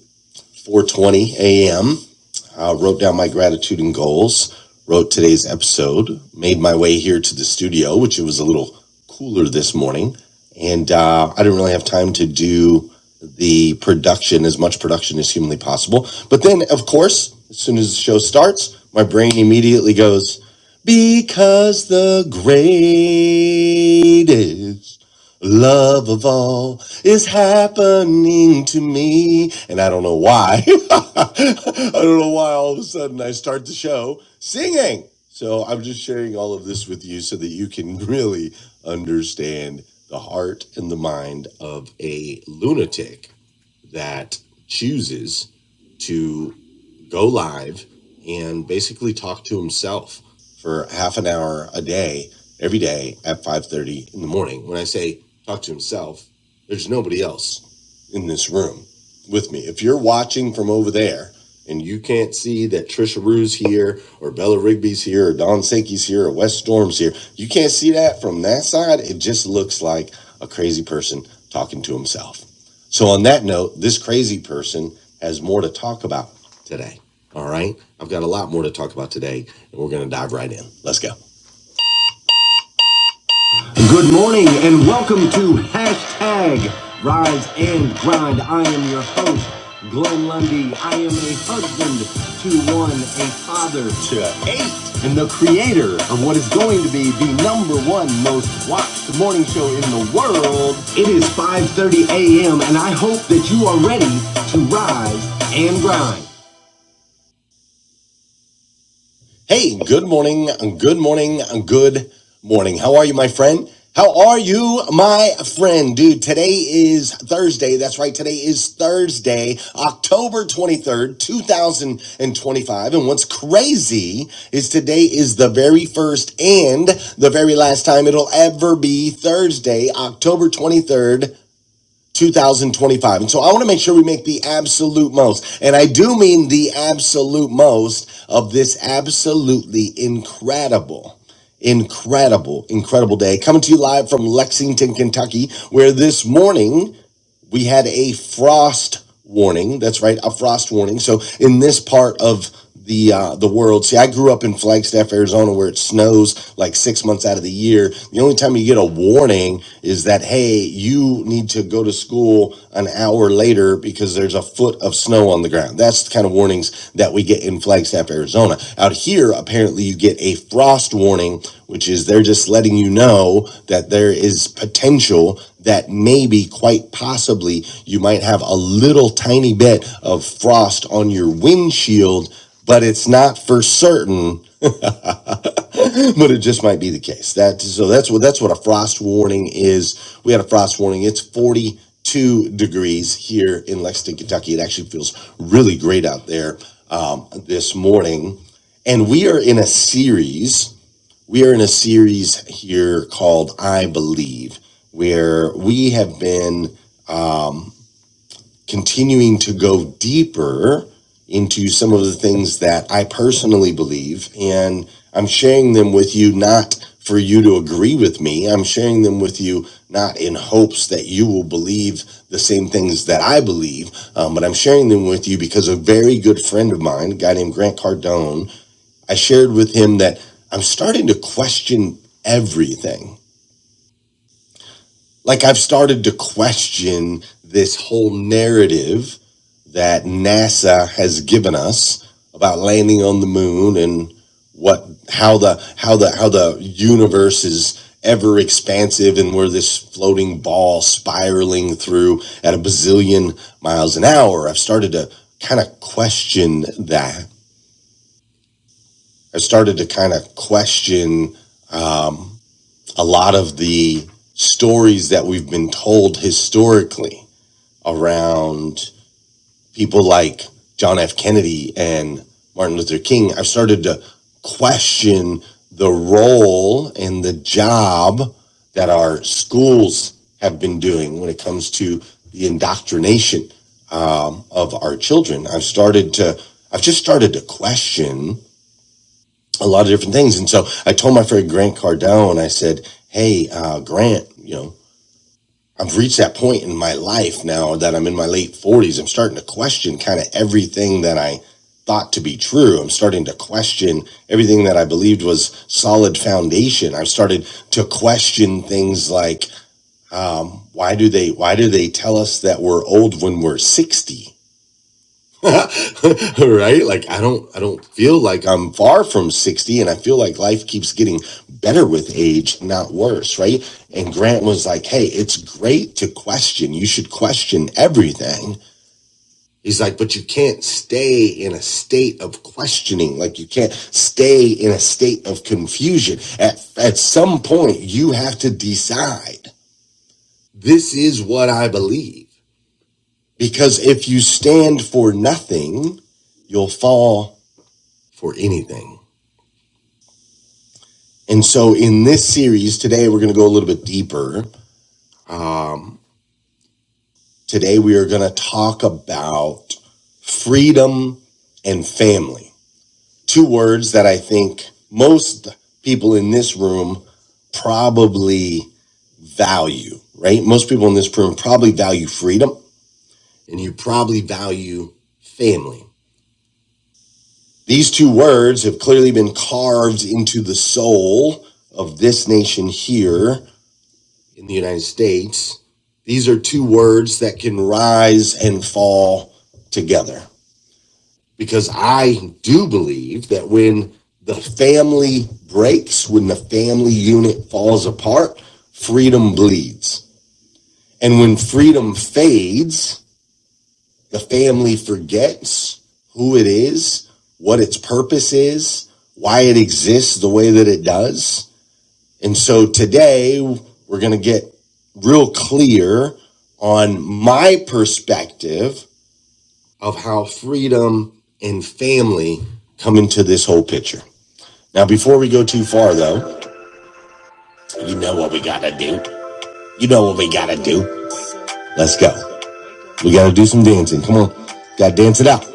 4:20 a.m uh, wrote down my gratitude and goals, wrote today's episode, made my way here to the studio, which it was a little cooler this morning. And uh, I didn't really have time to do the production, as much production as humanly possible. But then, of course, as soon as the show starts, my brain immediately goes, because the greatest Love of all is happening to me. And I don't know why. I don't know why all of a sudden I start the show singing. So I'm just sharing all of this with you so that you can really understand the heart and the mind of a lunatic that chooses to go live and basically talk to himself for half an hour a day every day at 5.30 in the morning when i say talk to himself there's nobody else in this room with me. If you're watching from over there and you can't see that Trisha Rue's here or Bella Rigby's here or Don Sankey's here or Wes Storm's here, you can't see that from that side. It just looks like a crazy person talking to himself. So, on that note, this crazy person has more to talk about today. All right. I've got a lot more to talk about today, and we're going to dive right in. Let's go. morning and welcome to hashtag Rise and Grind. I am your host, Glenn Lundy. I am a husband to one, a father to eight, and the creator of what is going to be the number one most watched morning show in the world. It is 5.30 a.m. and I hope that you are ready to rise and grind. Hey, good morning, good morning, good morning. How are you, my friend? How are you, my friend? Dude, today is Thursday. That's right. Today is Thursday, October 23rd, 2025. And what's crazy is today is the very first and the very last time it'll ever be Thursday, October 23rd, 2025. And so I want to make sure we make the absolute most. And I do mean the absolute most of this absolutely incredible, incredible, incredible day. Coming to you live from Lexington, Kentucky, where this morning we had a frost warning. That's right, a frost warning. So in this part of the uh, the world, see, I grew up in Flagstaff, Arizona, where it snows like six months out of the year. The only time you get a warning is that hey, you need to go to school an hour later because there's a foot of snow on the ground. That's that's the kind of warnings that we get in Flagstaff, Arizona. Out here, apparently, you get a frost warning, which is they're just letting you know that there is potential that maybe, quite possibly, you might have a little tiny bit of frost on your windshield, but it's not for certain but it just might be the case. That so that's what that's what a frost warning is. We had a frost warning. It's 42 degrees here in Lexington, Kentucky. It actually feels really great out there um, this morning, and we are in a series. We are in a series here called "I Believe," where we have been continuing to go deeper into some of the things that I personally believe. And I'm sharing them with you not for you to agree with me. I'm sharing them with you not in hopes that you will believe the same things that I believe, um, but I'm sharing them with you because a very good friend of mine, a guy named Grant Cardone, I shared with him that I'm starting to question everything. Like I've started to question this whole narrative that NASA has given us about landing on the moon and what how the how the how the universe is ever expansive and we're this floating ball spiraling through at a bazillion miles an hour. I've started to kind of question that. I've started to kind of question um, a lot of the stories that we've been told historically around people like John F. Kennedy and Martin Luther King, I've started to question the role and the job that our schools have been doing when it comes to the indoctrination um, of our children. I've started to, I've just started to question a lot of different things. And so I told my friend Grant Cardone, I said, Hey, uh, Grant, you know, I've reached that point in my life now that I'm in my late 40s. I'm starting to question kind of everything that I thought to be true. I'm starting to question everything that I believed was solid foundation. I've started to question things like, um, why do they why do they tell us that we're old when we're 60? right like i don't i don't feel like i'm far from 60 and i feel like life keeps getting better with age not worse right and grant was like hey it's great to question you should question everything he's like but you can't stay in a state of questioning like you can't stay in a state of confusion at, at some point you have to decide this is what i believe because if you stand for nothing, you'll fall for anything. And so in this series today, we're going to go a little bit deeper. Um, today, we are going to talk about freedom and family. Two words that I think most people in this room probably value, right? Most people in this room probably value freedom and you probably value family. These two words have clearly been carved into the soul of this nation here in the United States, these are two words that can rise and fall together. Because I do believe that when the family breaks, when the family unit falls apart, freedom bleeds. And when freedom fades, the family forgets who it is, what its purpose is, why it exists the way that it does And so today we're going to get real clear on my perspective of how freedom and family come into this whole picture. Now, before we go too far though, you know what we got to do. You know what we got to do. Let's go. We got to do some dancing. Come on. Got to dance it out.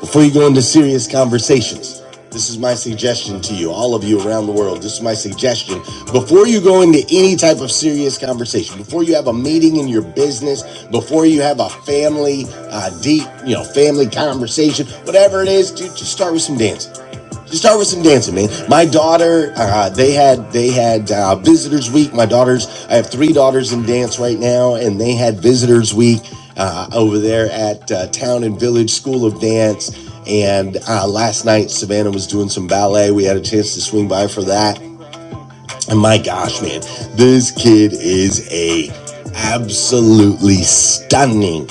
Before you go into serious conversations, this is my suggestion to you, all of you around the world. This is my suggestion. Before you go into any type of serious conversation, before you have a meeting in your business, before you have a family, uh, deep, you know, family conversation, whatever it is, dude, just start with some dancing. Start with some dancing, man. My daughter, uh, they had they had uh, visitors week. My daughters, I have three daughters in dance right now, and they had visitors week uh, over there at uh, Town and Village School of Dance. And uh, last night, Savannah was doing some ballet. We had a chance to swing by for that. And my gosh, man, this kid is a absolutely stunning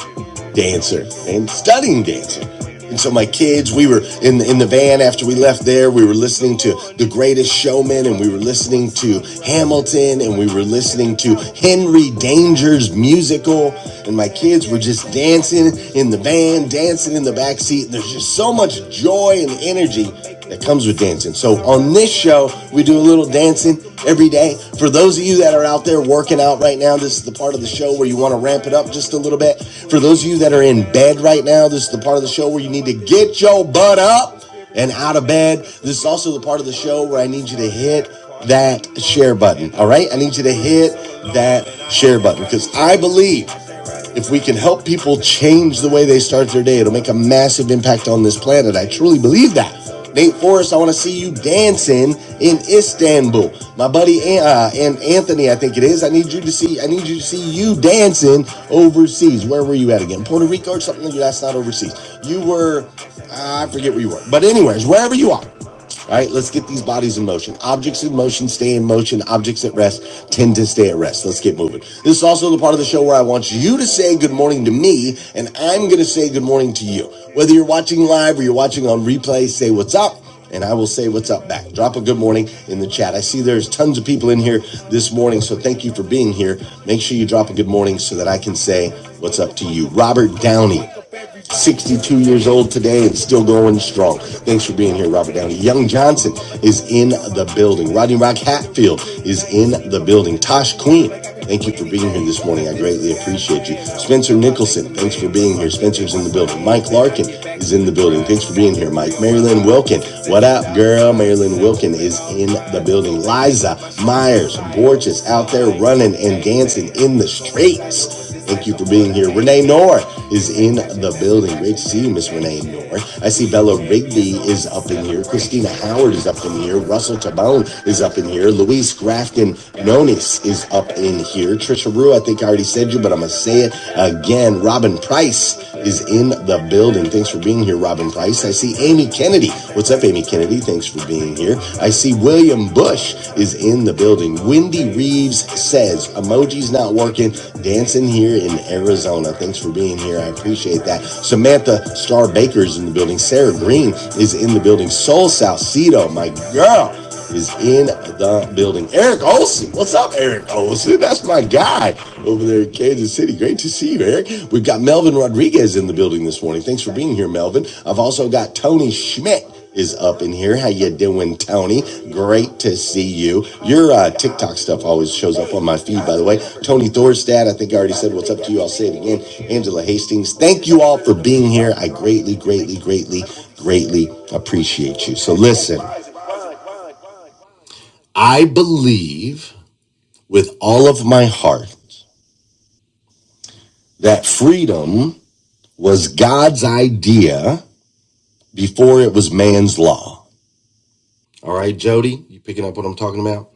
dancer and stunning dancer. And so my kids, we were in the, in the van after we left there. We were listening to The Greatest Showman, and we were listening to Hamilton, and we were listening to Henry Danger's musical. And my kids were just dancing in the van, dancing in the back seat. there's just so much joy and energy that comes with dancing. So on this show, we do a little dancing every day. For those of you that are out there working out right now, this is the part of the show where you want to ramp it up just a little bit. For those of you that are in bed right now, this is the part of the show where you need to get your butt up and out of bed. This is also the part of the show where I need you to hit that share button. All right? I need you to hit that share button because I believe if we can help people change the way they start their day, it'll make a massive impact on this planet. I truly believe that. Nate Forrest, I want to see you dancing in Istanbul. My buddy uh, and Anthony, I think it is. I need you to see. I need you to see you dancing overseas. Where were you at again? Puerto Rico or something? That's not overseas. You were. Uh, I forget where you were. But anyways, wherever you are, all right, let's get these bodies in motion. Objects in motion stay in motion. Objects at rest tend to stay at rest. Let's get moving. This is also the part of the show where I want you to say good morning to me, and I'm going to say good morning to you. Whether you're watching live or you're watching on replay, say what's up and I will say what's up back. Drop a good morning in the chat. I see there's tons of people in here this morning, so thank you for being here. Make sure you drop a good morning so that I can say what's up to you. Robert Downey. 62 years old today and still going strong. Thanks for being here, Robert Downey. Young Johnson is in the building. Rodney Rock Hatfield is in the building. Tosh Queen, thank you for being here this morning. I greatly appreciate you. Spencer Nicholson, thanks for being here. Spencer's in the building. Mike Larkin is in the building. Thanks for being here, Mike. Marilyn Wilkin, what up, girl? Marilyn Wilkin is in the building. Liza Myers Borges out there running and dancing in the streets. Thank you for being here. Renee Noor is in the building. Great to see you, Miss Renee Noor. I see Bella Rigby is up in here. Christina Howard is up in here. Russell Tabone is up in here. Luis Grafton Nonis is up in here. Trisha Rue, I think I already said you, but I'm going to say it again. Robin Price is in the building. Thanks for being here, Robin Price. I see Amy Kennedy. What's up, Amy Kennedy? Thanks Thanks for being here. I see William Bush is in the building. Wendy Reeves says, Emoji's not working. Dancing here in Arizona. Thanks for being here. I appreciate that. Samantha Star Baker's in the building. Sarah Green is in the building. Soul Salcido, my girl is in the building. Eric Olson. What's up, Eric Olson? That's my guy over there in Kansas City. Great to see you, Eric. We've got Melvin Rodriguez in the building this morning. Thanks for being here, Melvin. I've also got Tony Schmidt is up in here. How you doing, Tony? Great to see you. Your uh, TikTok stuff always shows up on my feed, by the way. Tony Thorstad, I think I already said what's up to you. I'll say it again. Angela Hastings, thank you all for being here. I greatly, greatly, greatly, greatly appreciate you. So listen, I believe with all of my heart that freedom was God's idea before it was man's law. All right, Jody, you picking up what I'm talking about?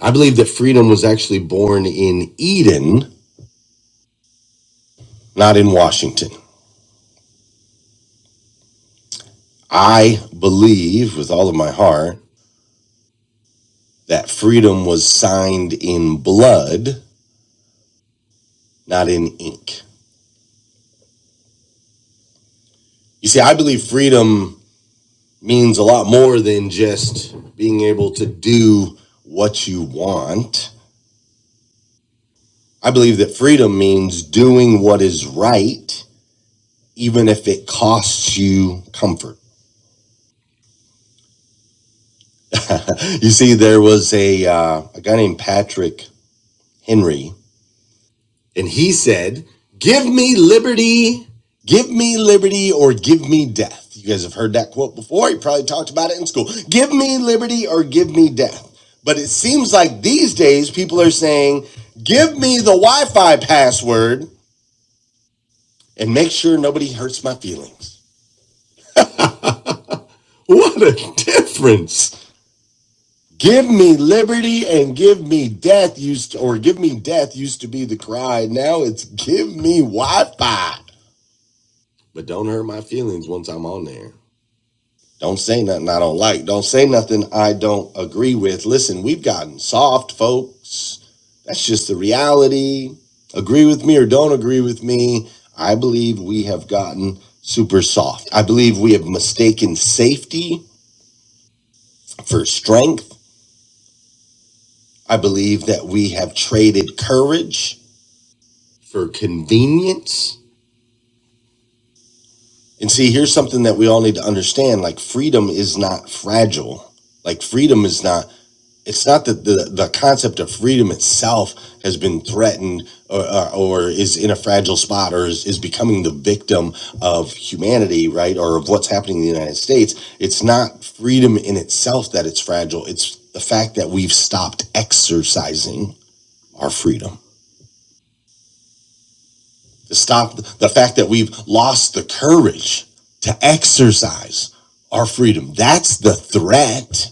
I believe that freedom was actually born in Eden, not in Washington. I believe with all of my heart that freedom was signed in blood, not in ink. You see, I believe freedom means a lot more than just being able to do what you want. I believe that freedom means doing what is right, even if it costs you comfort. you see, there was a, uh, a guy named Patrick Henry And he said, Give me liberty, give me liberty, or give me death. You guys have heard that quote before. You probably talked about it in school. Give me liberty or give me death. But it seems like these days people are saying, Give me the Wi Fi password and make sure nobody hurts my feelings. What a difference! Give me liberty and give me death used to, or give me death used to be the cry. Now it's give me Wi Fi. But don't hurt my feelings once I'm on there. Don't say nothing I don't like. Don't say nothing I don't agree with. Listen, we've gotten soft, folks. That's just the reality. Agree with me or don't agree with me. I believe we have gotten super soft. I believe we have mistaken safety for strength. I believe that we have traded courage for convenience. And see, here's something that we all need to understand like, freedom is not fragile. Like, freedom is not it's not that the, the concept of freedom itself has been threatened or, or, or is in a fragile spot or is, is becoming the victim of humanity, right? Or of what's happening in the United States. It's not freedom in itself that it's fragile. It's the fact that we've stopped exercising our freedom. To stop the fact that we've lost the courage to exercise our freedom. That's the threat.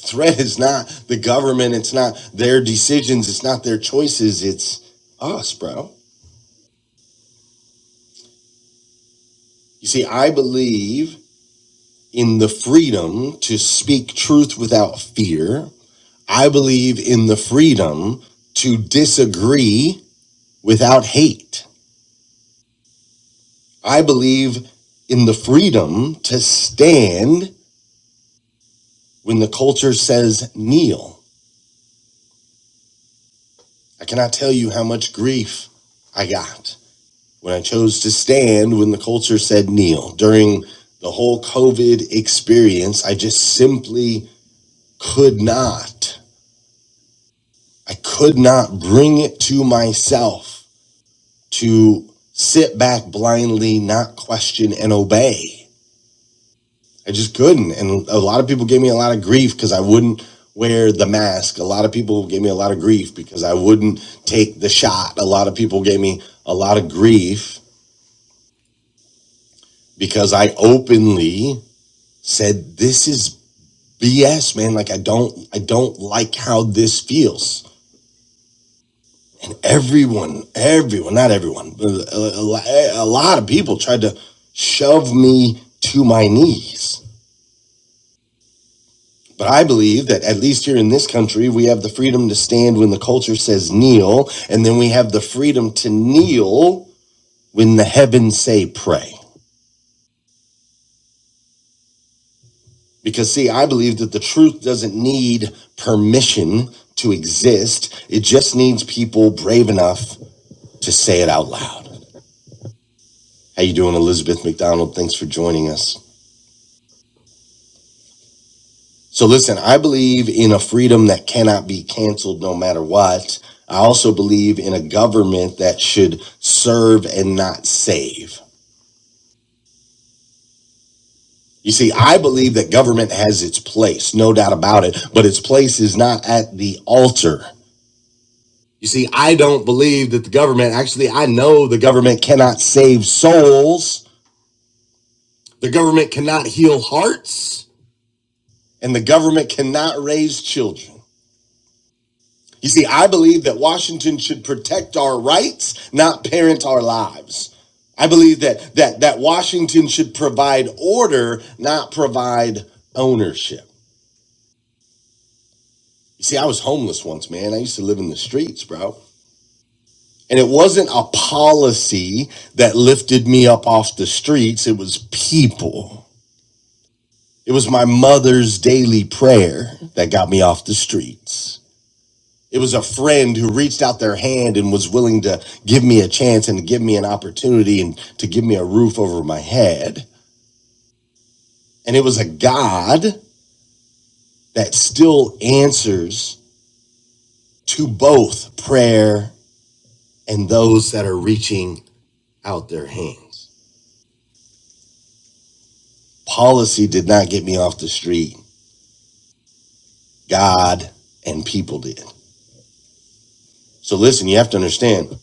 threat is not the government. It's not their decisions. It's not their choices. It's us, bro. You see, I believe in the freedom to speak truth without fear. I believe in the freedom to disagree without hate. I believe in the freedom to stand when the culture says kneel. I cannot tell you how much grief I got when I chose to stand when the culture said kneel. During the whole COVID experience, I just simply could not. I could not bring it to myself to sit back blindly, not question and obey. I just couldn't. And a lot of people gave me a lot of grief because I wouldn't wear the mask. A lot of people gave me a lot of grief because I wouldn't take the shot. A lot of people gave me a lot of grief because I openly said, This is But yes, man, like I don't, I don't like how this feels. Everyone, everyone, not everyone, but a, a a lot of people tried to shove me to my knees. But I believe that at least here in this country, we have the freedom to stand when the culture says kneel, and then we have the freedom to kneel when the heavens say pray. Because, see, I believe that the truth doesn't need permission to exist, it just needs people brave enough to say it out loud. How you doing, Elizabeth McDonald? Thanks for joining us. So listen, I believe in a freedom that cannot be canceled no matter what. I also believe in a government that should serve and not save. You see, I believe that government has its place, no doubt about it, but its place is not at the altar. You see, I don't believe that the government, actually, I know the government cannot save souls, the government cannot heal hearts, and the government cannot raise children. You see, I believe that Washington should protect our rights, not parent our lives. I believe that that that Washington should provide order, not provide ownership. You see, I was homeless once, man. I used to live in the streets, bro. And it wasn't a policy that lifted me up off the streets, it was people. It was my mother's daily prayer that got me off the streets. It was a friend who reached out their hand and was willing to give me a chance and to give me an opportunity and to give me a roof over my head. And it was a God that still answers to both prayer and those that are reaching out their hands. Policy did not get me off the street, God and people did. So listen, you have to understand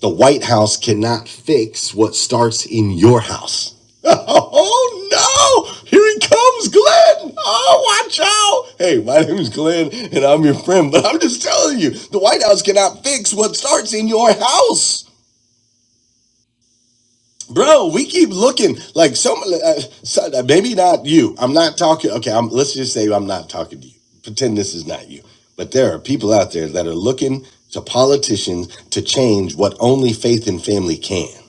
The White House cannot fix what starts in your house. Oh no! Here he comes, Glenn! Oh, watch out! Hey, my name is Glenn and I'm your friend, but I'm just telling you, the White House cannot fix what starts in your house. Bro, we keep looking like some, uh, so- uh, maybe not you. I'm not talking, okay, I'm, let's just say I'm not talking to you. Pretend this is not you. But there are people out there that are looking to politicians to change what only faith and family can.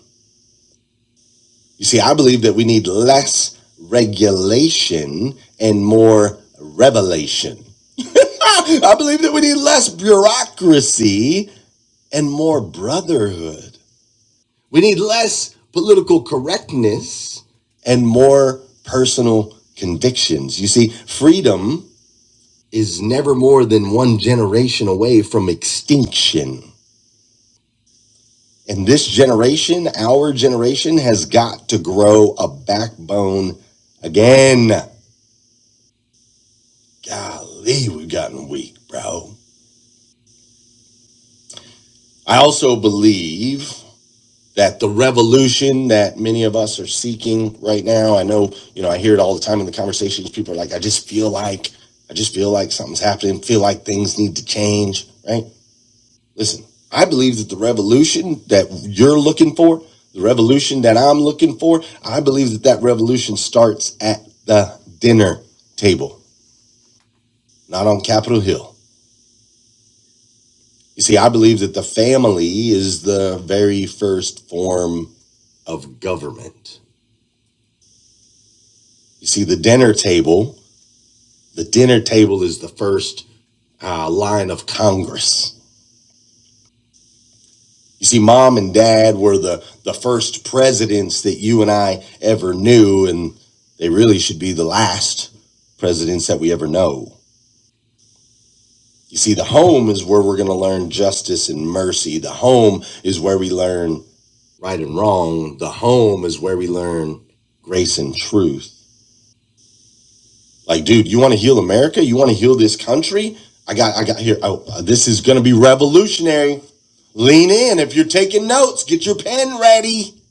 You see, I believe that we need less regulation and more revelation. I believe that we need less bureaucracy and more brotherhood. We need less political correctness and more personal convictions. You see, freedom is never more than one generation away from extinction. And this generation, our generation, has got to grow a backbone again. Golly, we've gotten weak, bro. I also believe that the revolution that many of us are seeking right now, I know, you know, I hear it all the time in the conversations. People are like, I just feel like, I just feel like something's happening, feel like things need to change, right? Listen, I believe that the revolution that you're looking for, the revolution that I'm looking for, I believe that that revolution starts at the dinner table, not on Capitol Hill. You see, I believe that the family is the very first form of government. You see, the dinner table, the dinner table is the first uh, line of Congress. You see, mom and dad were the, the first presidents that you and I ever knew, and they really should be the last presidents that we ever know. You see, the home is where we're going to learn justice and mercy. The home is where we learn right and wrong. The home is where we learn grace and truth. Like, dude, you want to heal America? You want to heal this country? I got, I got here. Oh, this is going to be revolutionary. Lean in. If you're taking notes, get your pen ready.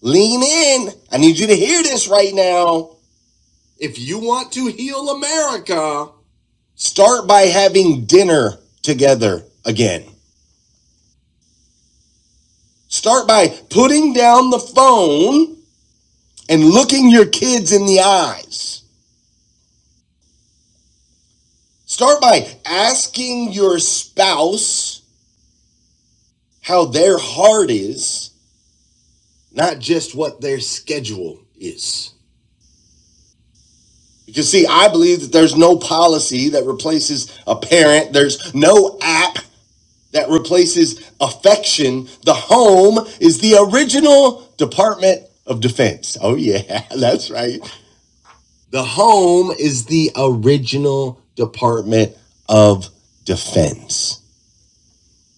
Lean in. I need you to hear this right now. If you want to heal America, start by having dinner together again. Start by putting down the phone and looking your kids in the eyes. Start by asking your spouse how their heart is, not just what their schedule is. Because, see, I believe that there's no policy that replaces a parent, there's no app that replaces affection. The home is the original Department of Defense. Oh, yeah, that's right. The home is the original Department of Defense.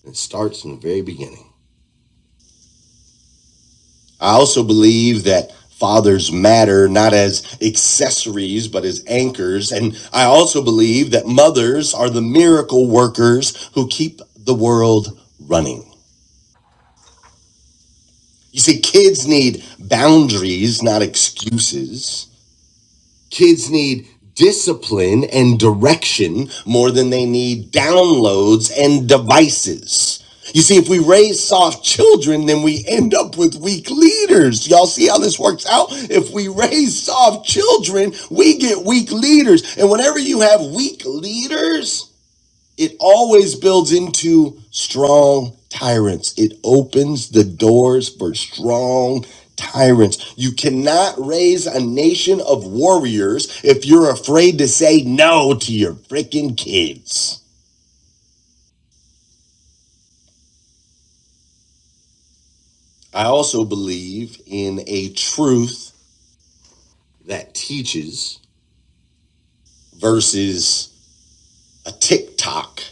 It starts from the very beginning. I also believe that fathers matter not as accessories, but as anchors. And I also believe that mothers are the miracle workers who keep the world running. You see, kids need boundaries, not excuses. Kids need discipline and direction more than they need downloads and devices. You see, if we raise soft children, then we end up with weak leaders. Y'all see how this works out? If we raise soft children, we get weak leaders. And whenever you have weak leaders, it always builds into strong tyrants. It opens the doors for strong tyrants. You cannot raise a nation of warriors if you're afraid to say no to your freaking kids. I also believe in a truth that teaches versus a TikTok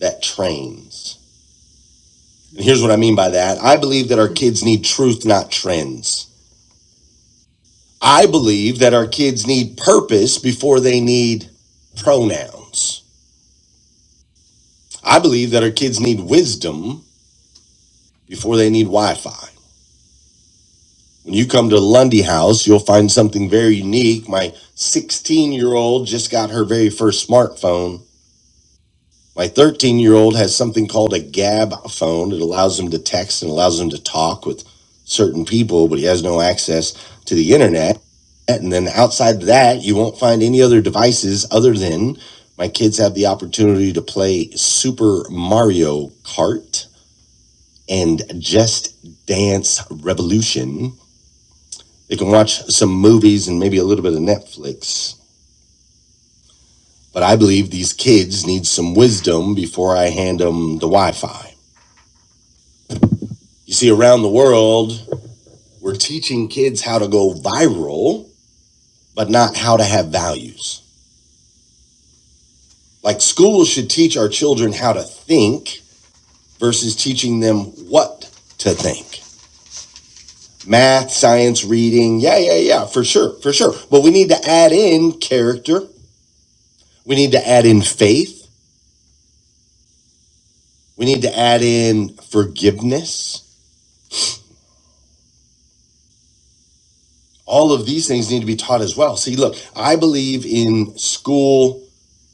that trains. And here's what I mean by that I believe that our kids need truth, not trends. I believe that our kids need purpose before they need pronouns. I believe that our kids need wisdom before they need Wi Fi. When you come to Lundy House, you'll find something very unique. My 16 year old just got her very first smartphone My 13 year old has something called a Gab phone. It allows him to text and allows him to talk with certain people, but he has no access to the internet. And then outside of that, you won't find any other devices other than my kids have the opportunity to play Super Mario Kart and Just Dance Revolution. They can watch some movies and maybe a little bit of Netflix. But I believe these kids need some wisdom before I hand them the Wi Fi. You see, around the world, we're teaching kids how to go viral, but not how to have values. Like schools should teach our children how to think versus teaching them what to think. Math, science, reading, yeah, yeah, yeah, for sure, for sure. But we need to add in character. We need to add in faith. We need to add in forgiveness. All of these things need to be taught as well. See, look, I believe in school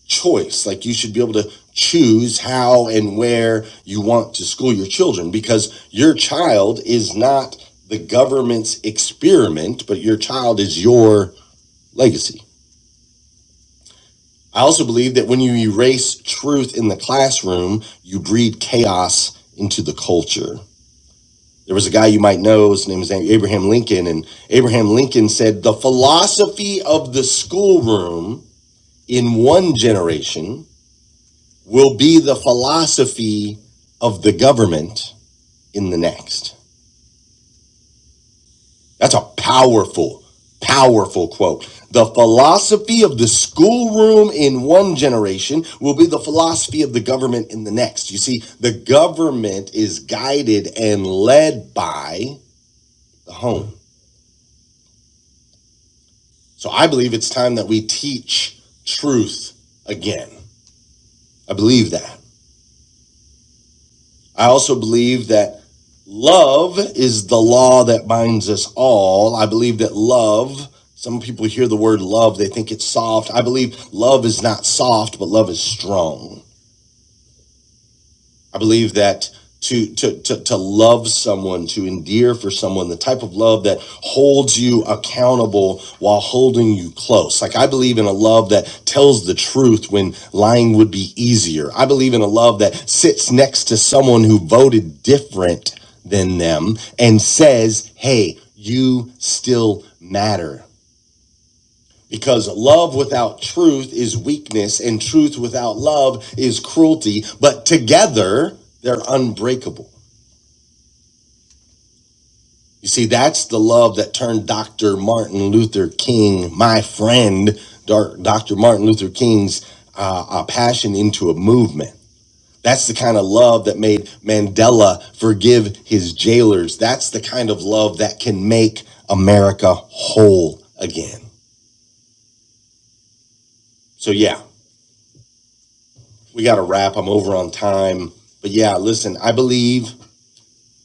choice. Like you should be able to choose how and where you want to school your children because your child is not the government's experiment, but your child is your legacy. I also believe that when you erase truth in the classroom, you breed chaos into the culture. There was a guy you might know, his name is Abraham Lincoln, and Abraham Lincoln said, The philosophy of the schoolroom in one generation will be the philosophy of the government in the next. That's a powerful, powerful quote. The philosophy of the schoolroom in one generation will be the philosophy of the government in the next. You see, the government is guided and led by the home. So I believe it's time that we teach truth again. I believe that. I also believe that Love is the law that binds us all. I believe that love, some people hear the word love, they think it's soft. I believe love is not soft, but love is strong. I believe that to, to, to, to love someone, to endear for someone, the type of love that holds you accountable while holding you close. Like, I believe in a love that tells the truth when lying would be easier. I believe in a love that sits next to someone who voted different than them and says, hey, you still matter. Because love without truth is weakness, and truth without love is cruelty, but together they're unbreakable. You see, that's the love that turned Dr. Martin Luther King, my friend, Dr. Martin Luther King's uh, uh, passion into a movement. That's the kind of love that made Mandela forgive his jailers. That's the kind of love that can make America whole again. So, yeah, we got to wrap. I'm over on time. But yeah, listen, I believe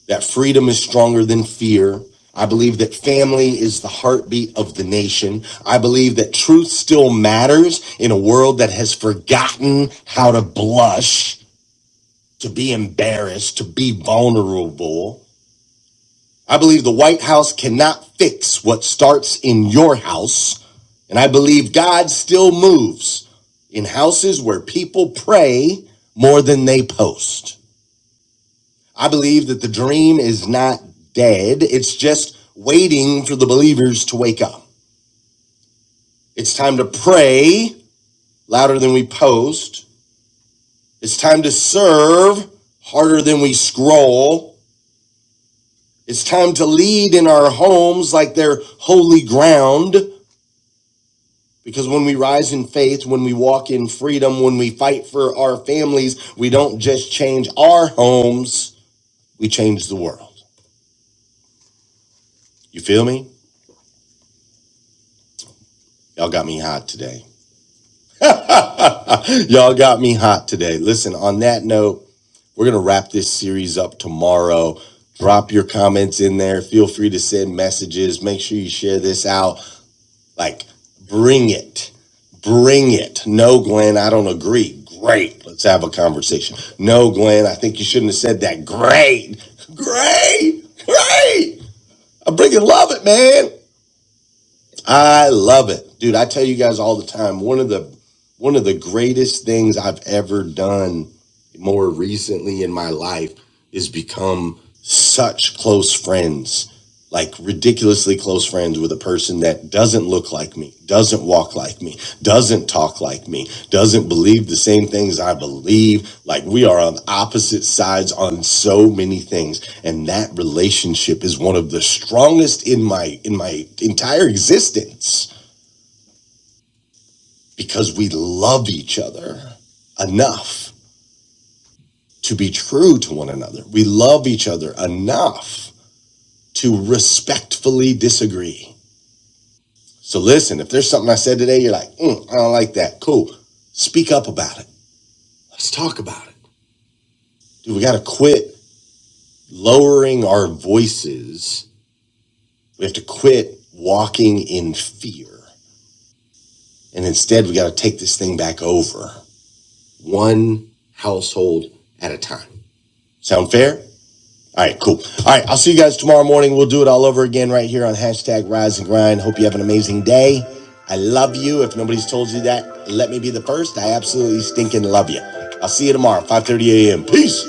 that freedom is stronger than fear. I believe that family is the heartbeat of the nation. I believe that truth still matters in a world that has forgotten how to blush, to be embarrassed, to be vulnerable. I believe the White House cannot fix what starts in your house. And I believe God still moves in houses where people pray more than they post. I believe that the dream is not dead. It's just waiting for the believers to wake up. It's time to pray louder than we post. It's time to serve harder than we scroll. It's time to lead in our homes like they're holy ground. Because when we rise in faith, when we walk in freedom, when we fight for our families, we don't just change our homes, we change the world. You feel me? Y'all got me hot today. Y'all got me hot today. Listen, on that note, we're going to wrap this series up tomorrow. Drop your comments in there. Feel free to send messages. Make sure you share this out. Like, bring it. Bring it. No, Glenn, I don't agree. Great. Let's have a conversation. No, Glenn, I think you shouldn't have said that. Great. Great. Great. I bring it. Love it, man. I love it. Dude, I tell you guys all the time, one of the one of the greatest things I've ever done more recently in my life is become such close friends, like ridiculously close friends with a person that doesn't look like me, doesn't walk like me, doesn't talk like me, doesn't believe the same things I believe. Like we are on opposite sides on so many things. And that relationship is one of the strongest in my in my entire existence because we love each other enough to be true to one another. We love each other enough to respectfully disagree. So listen, if there's something I said today, you're like, mm, I don't like that. Cool. Speak up about it. Let's talk about it. Dude, we got to quit lowering our voices. We have to quit walking in fear. And instead, we got to take this thing back over one household at a time. Sound fair? All right, cool. All right, I'll see you guys tomorrow morning. We'll do it all over again right here on hashtag Rise and Grind. Hope you have an amazing day. I love you. If nobody's told you that, let me be the first. I absolutely stinking love you. I'll see you tomorrow, 5.30 a.m. Peace.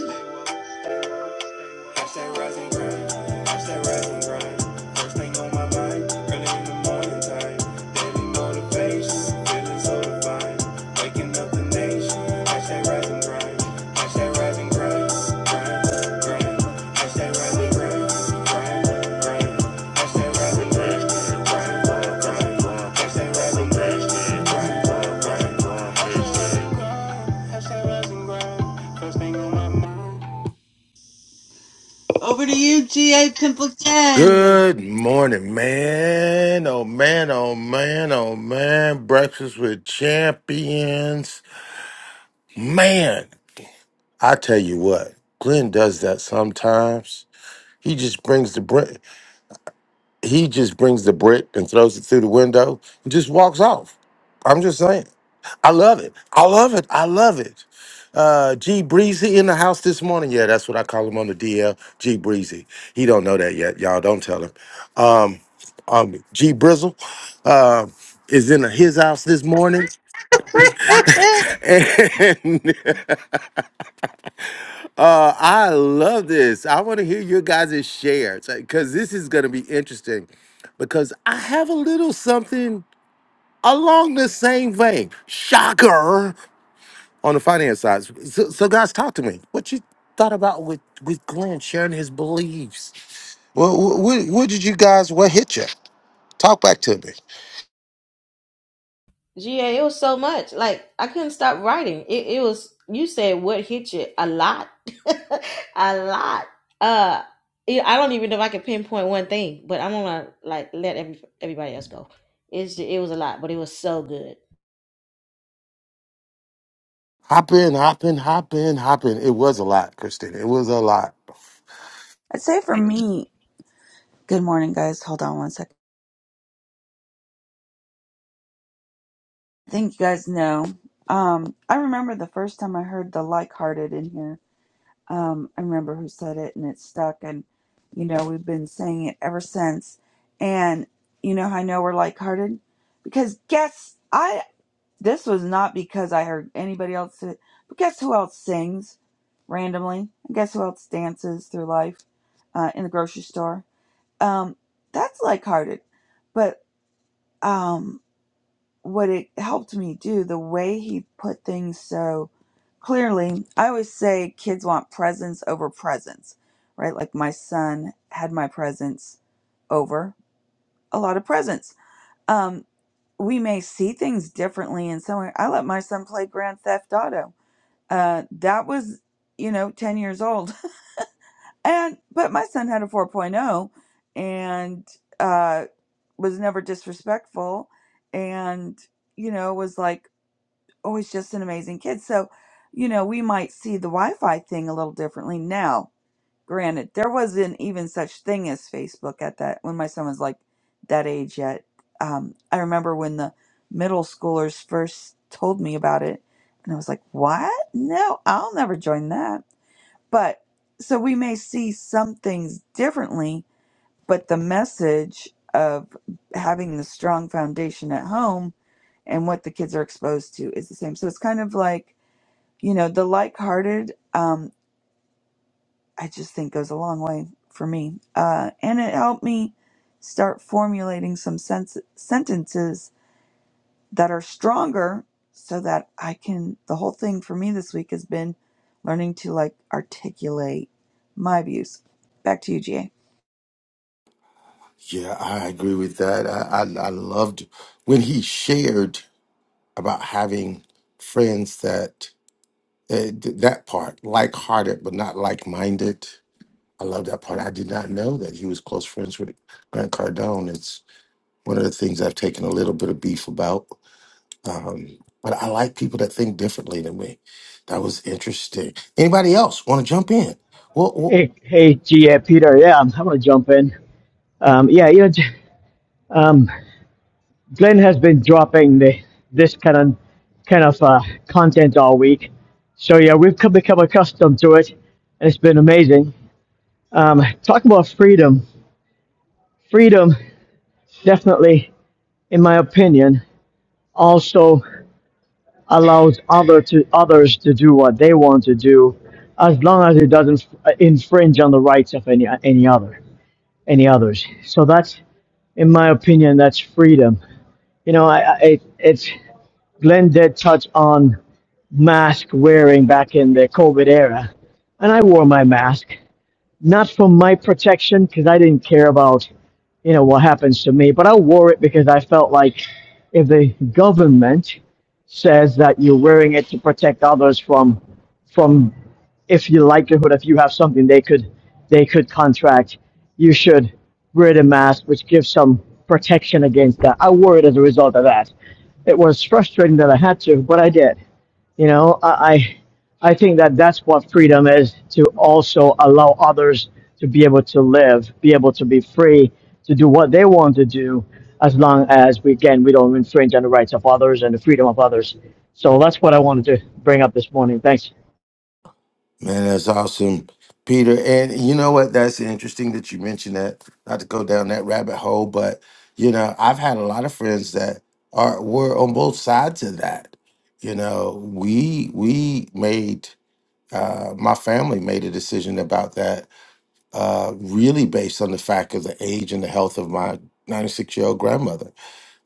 Watch that rise grind. Watch that rise grind. First thing on my mind, early in the morning time. Daily motivation, feeling so divine. Waking up the nation. Watch that rise grind. Watch that rise grind. Grind, grind. Watch that rise grind. Grind, grind. Watch that rise grind. Grind, grind. Watch that rise grind. Grind, grind. Watch that rise grind. First thing on my mind. Over to you, GA Pimpleton.
Good morning, man. Oh, man. Oh, man. Oh, man. Breakfast with champions. Man, I tell you what, Glenn does that sometimes. He just brings the brick. He just brings the brick and throws it through the window and just walks off. I'm just saying. I love it. I love it. I love it. Uh, G Breezy in the house this morning. Yeah, that's what I call him on the DL. G Breezy. He don't know that yet. Y'all don't tell him. Um, um, G Brizzle uh, is in his house this morning. And uh, I love this. I want to hear your guys' shares because this is going to be interesting because I have a little something along the same vein. Shocker. on the finance side. So, so guys, talk to me. What you thought about with with Glenn sharing his beliefs? What what, what did you guys? What hit you? Talk back to me.
GA, it was so much. Like I couldn't stop writing. It it was you said what hit you a lot. a lot. Uh yeah, I don't even know if I can pinpoint one thing, but I'm gonna like let every, everybody else go. It's ju- it was a lot, but it was so good.
Hop in, hop in, hop in, hop in. It was a lot, Christina. It was a lot.
I'd say for me, good morning, guys. Hold on one second. I think you guys know. Um, I remember the first time I heard the like hearted in here. Um, I remember who said it and it stuck. And, you know, we've been saying it ever since. And, you know, how I know we're like hearted because guess I, this was not because I heard anybody else, say, it, but guess who else sings randomly? And guess who else dances through life uh, in the grocery store? Um, that's like hearted. But, um, what it helped me do, the way he put things so clearly. I always say kids want presence over presents, right? Like my son had my presence over a lot of presents. Um, we may see things differently in some way. I let my son play Grand Theft Auto. Uh, that was, you know, 10 years old. And, but my son had a 4.0 and uh, was never disrespectful and, you know, was like, always just an amazing kid. So, you know, we might see the Wi-Fi thing a little differently now. Granted, there wasn't even such thing as Facebook at that when my son was like that age yet. Um, I remember when the middle schoolers first told me about it, and I was like, "What? No, I'll never join that." But so we may see some things differently, but the message of having the strong foundation at home and what the kids are exposed to is the same. So it's kind of like you know the like-hearted um i just think goes a long way for me uh and it helped me start formulating some sense- sentences that are stronger so that i can the whole thing for me this week has been learning to like articulate my views back to you ga
Yeah, I agree with that. I, I, I loved when he shared about having friends that uh, th- that part, like-hearted but not like-minded. I love that part. I did not know that he was close friends with Grant Cardone. one of the things I've taken a little bit of beef about. Um, but I like people that think differently than me. That was interesting. Anybody else want to jump in? Well, well,
Hey, hey, G, uh, Peter. Yeah, I'm, I'm gonna jump in. Um, yeah, you know, J- um, Glenn has been dropping the, this kind of kind of uh, content all week, so yeah, we've come, become accustomed to it, and it's been amazing. Um, talk about freedom. Freedom, definitely, in my opinion, also allows other to others to do what they want to do, as long as it doesn't uh, infringe on the rights of any any other any others. So that's in my opinion, that's freedom. You know, I, I it's Glenn did touch on mask wearing back in the COVID era, and I wore my mask not for my protection because I didn't care about you know what happens to me, but I wore it because I felt like if the government says that you're wearing it to protect others from from if you likelihood if you have something they could they could contract, you should wear the mask, which gives some protection against that. I worried as a result of that. It was frustrating that I had to, but I did. You know, I I, think that that's what freedom is to also allow others to be able to live, be able to be free to do what they want to do, as long as we again we don't infringe on the rights of others and the freedom of others. So that's what I wanted to bring up this morning. Thanks.
man, that's awesome, Peter. And you know what? That's interesting that you mentioned that. Not to go down that rabbit hole, but you know, I've had a lot of friends that are were on both sides of that. You know, we we made uh, my family made a decision about that uh, really based on the fact of the age and the health of my 96 year old grandmother.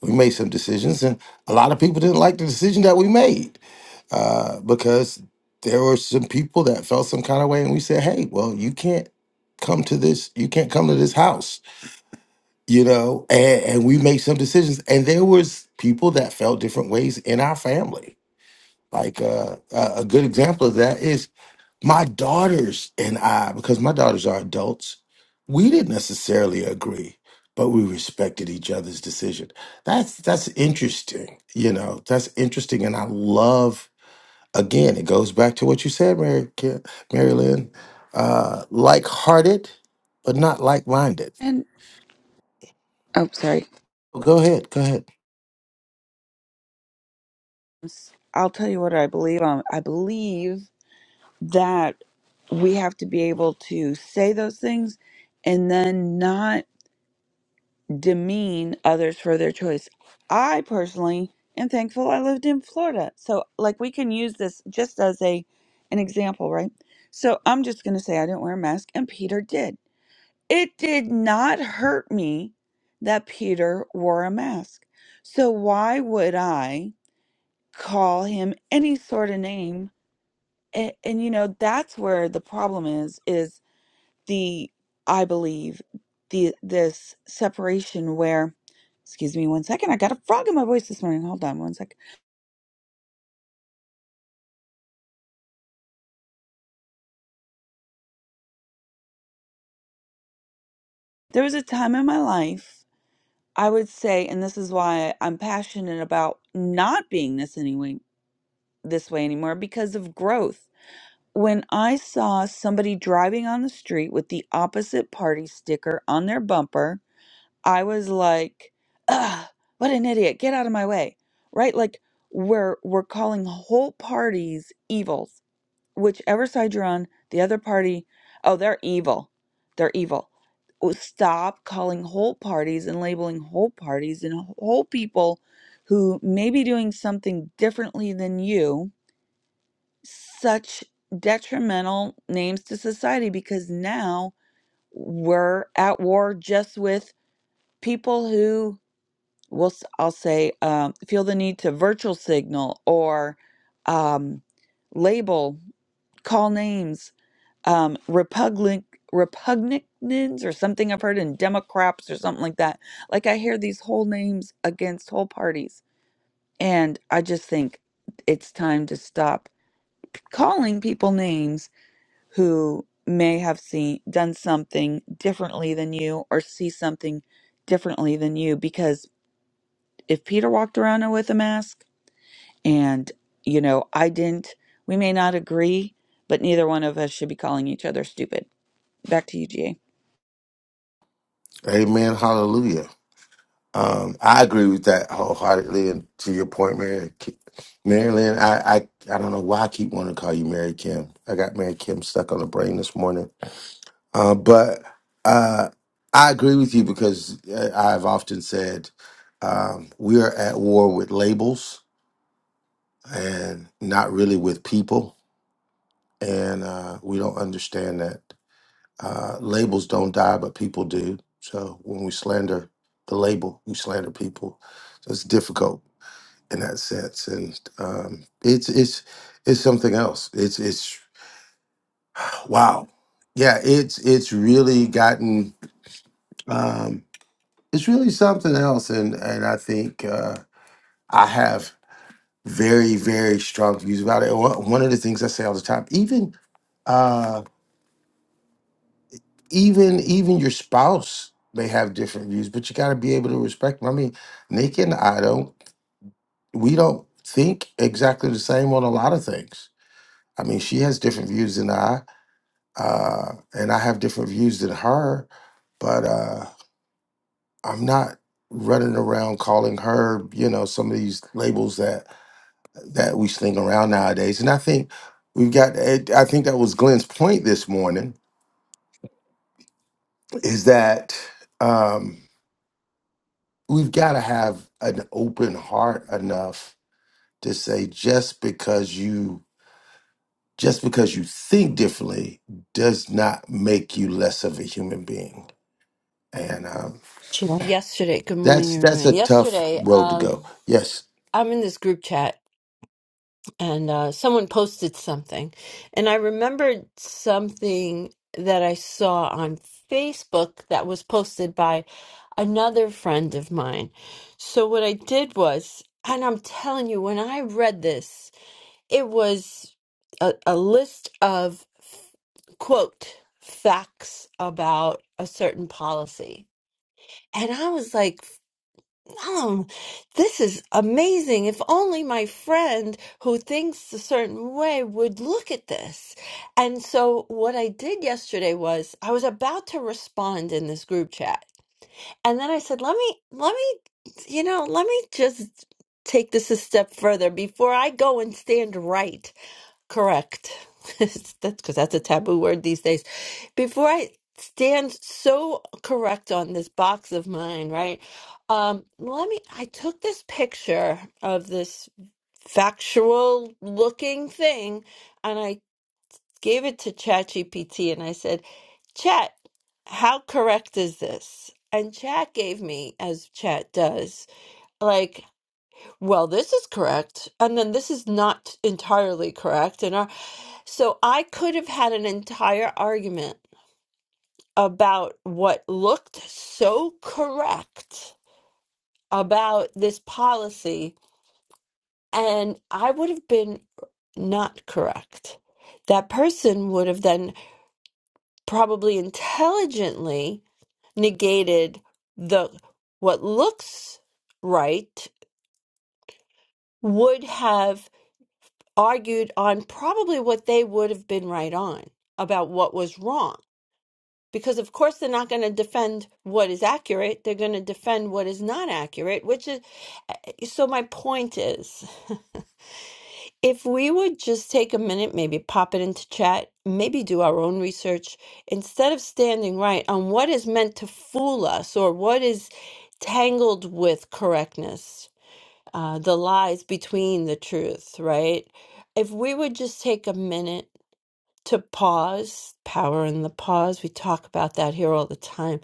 We made some decisions, and a lot of people didn't like the decision that we made uh, because there were some people that felt some kind of way, and we said, "Hey, well, you can't come to this. You can't come to this house." You know, and, and we made some decisions, and there was people that felt different ways in our family. Like uh, a a good example of that is my daughters and I, because my daughters are adults, we didn't necessarily agree, but we respected each other's decision. That's that's interesting, you know. That's interesting, and I love. Again, it goes back to what you said, Mary, Ki- Mary Lynn. Uh, like-hearted, but not like-minded.
And oh, sorry.
Go ahead. Go ahead.
I'll tell you what I believe on. I believe that we have to be able to say those things and then not demean others for their choice. I personally am thankful I lived in Florida. So like we can use this just as a an example, right? So I'm just going to say I didn't wear a mask and Peter did. It did not hurt me that Peter wore a mask. So why would I call him any sort of name? And, and you know that's where the problem is is the I believe the this separation where excuse me one second, I got a frog in my voice this morning. Hold on one second. There was a time in my life I would say, and this is why I'm passionate about not being this anyway this way anymore because of growth. When I saw somebody driving on the street with the opposite party sticker on their bumper I was like, Ugh, what an idiot. Get out of my way. Right? Like we're we're calling whole parties evils. Whichever side you're on, the other party, oh, they're evil. They're evil. Oh, Stop calling whole parties and labeling whole parties and whole people who may be doing something differently than you such detrimental names to society because now we're at war just with people who we'll s- I'll say um, feel the need to virtual signal or um, label, call names, um, repugnant repugnants or something I've heard in Democrats or something like that. Like I hear these whole names against whole parties, and I just think it's time to stop calling people names who may have seen done something differently than you or see something differently than you because if Peter walked around with a mask And, you know, I didn't, we may not agree, but neither one of us should be calling each other stupid. Back to you, GA.
Amen. Hallelujah. Um, I agree with that wholeheartedly. And to your point, Mary, Ki- Mary Lynn, I, I, I don't know why I keep wanting to call you Mary Kim. I got Mary Kim stuck on the brain this morning. Uh, but uh, I agree with you because uh, I've often said um, we are at war with labels and not really with people. And uh, we don't understand that uh, labels don't die, but people do. So when we slander the label, we slander people. So it's difficult in that sense. And um, it's it's it's something else. It's it's wow, yeah. It's it's really gotten um, it's really something else. And and I think uh, I have very very strong views about it. One one of the things I say all the time, even uh, even even your spouse may have different views, but you got to be able to respect them. I mean, Nick and I don't we don't think exactly the same on a lot of things. I mean, she has different views than I uh, and I have different views than her, but uh, I'm not running around calling her, you know, some of these labels that that we sling around nowadays. And I think we've got. it- I think that was Glenn's point this morning is that um, we've got to have an open heart enough to say just because you just because you think differently does not make you less of a human being. And um,
Sure. Yesterday, good
That's
morning,
that's a
everyone.
tough
Yesterday,
road to
um,
go. Yes,
I'm in this group chat and uh, someone posted something, and I remembered something that I saw on Facebook that was posted by another friend of mine. So, what I did was, and I'm telling you, when I read this, it was a, a list of quote facts about a certain policy. And I was like, Gollum, this is amazing. If only my friend who thinks a certain way would look at this. And so, what I did yesterday was I was about to respond in this group chat. And then I said, let me, let me, you know, let me just take this a step further before I go and stand right. Correct. that's because that's a taboo word these days before I stand so correct on this box of mine, right? Um, let me. I took this picture of this factual looking thing, and I gave it to ChatGPT, and I said, "Chat, how correct is this?" And Chat gave me, as Chat does, like, "Well, this is correct," and then this is not entirely correct, and uh, so I could have had an entire argument about what looked so correct about this policy, and I would have been not correct. That person would have then probably intelligently negated the what looks right, would have argued on probably what they would have been right on about what was wrong. Because of course they're not going to defend what is accurate, they're going to defend what is not accurate, which is So my point is, if we would just take a minute, maybe pop it into chat, maybe do our own research instead of standing right on what is meant to fool us or what is tangled with correctness, uh, the lies between the truth, right? If we would just take a minute to pause, power in the pause, we talk about that here all the time,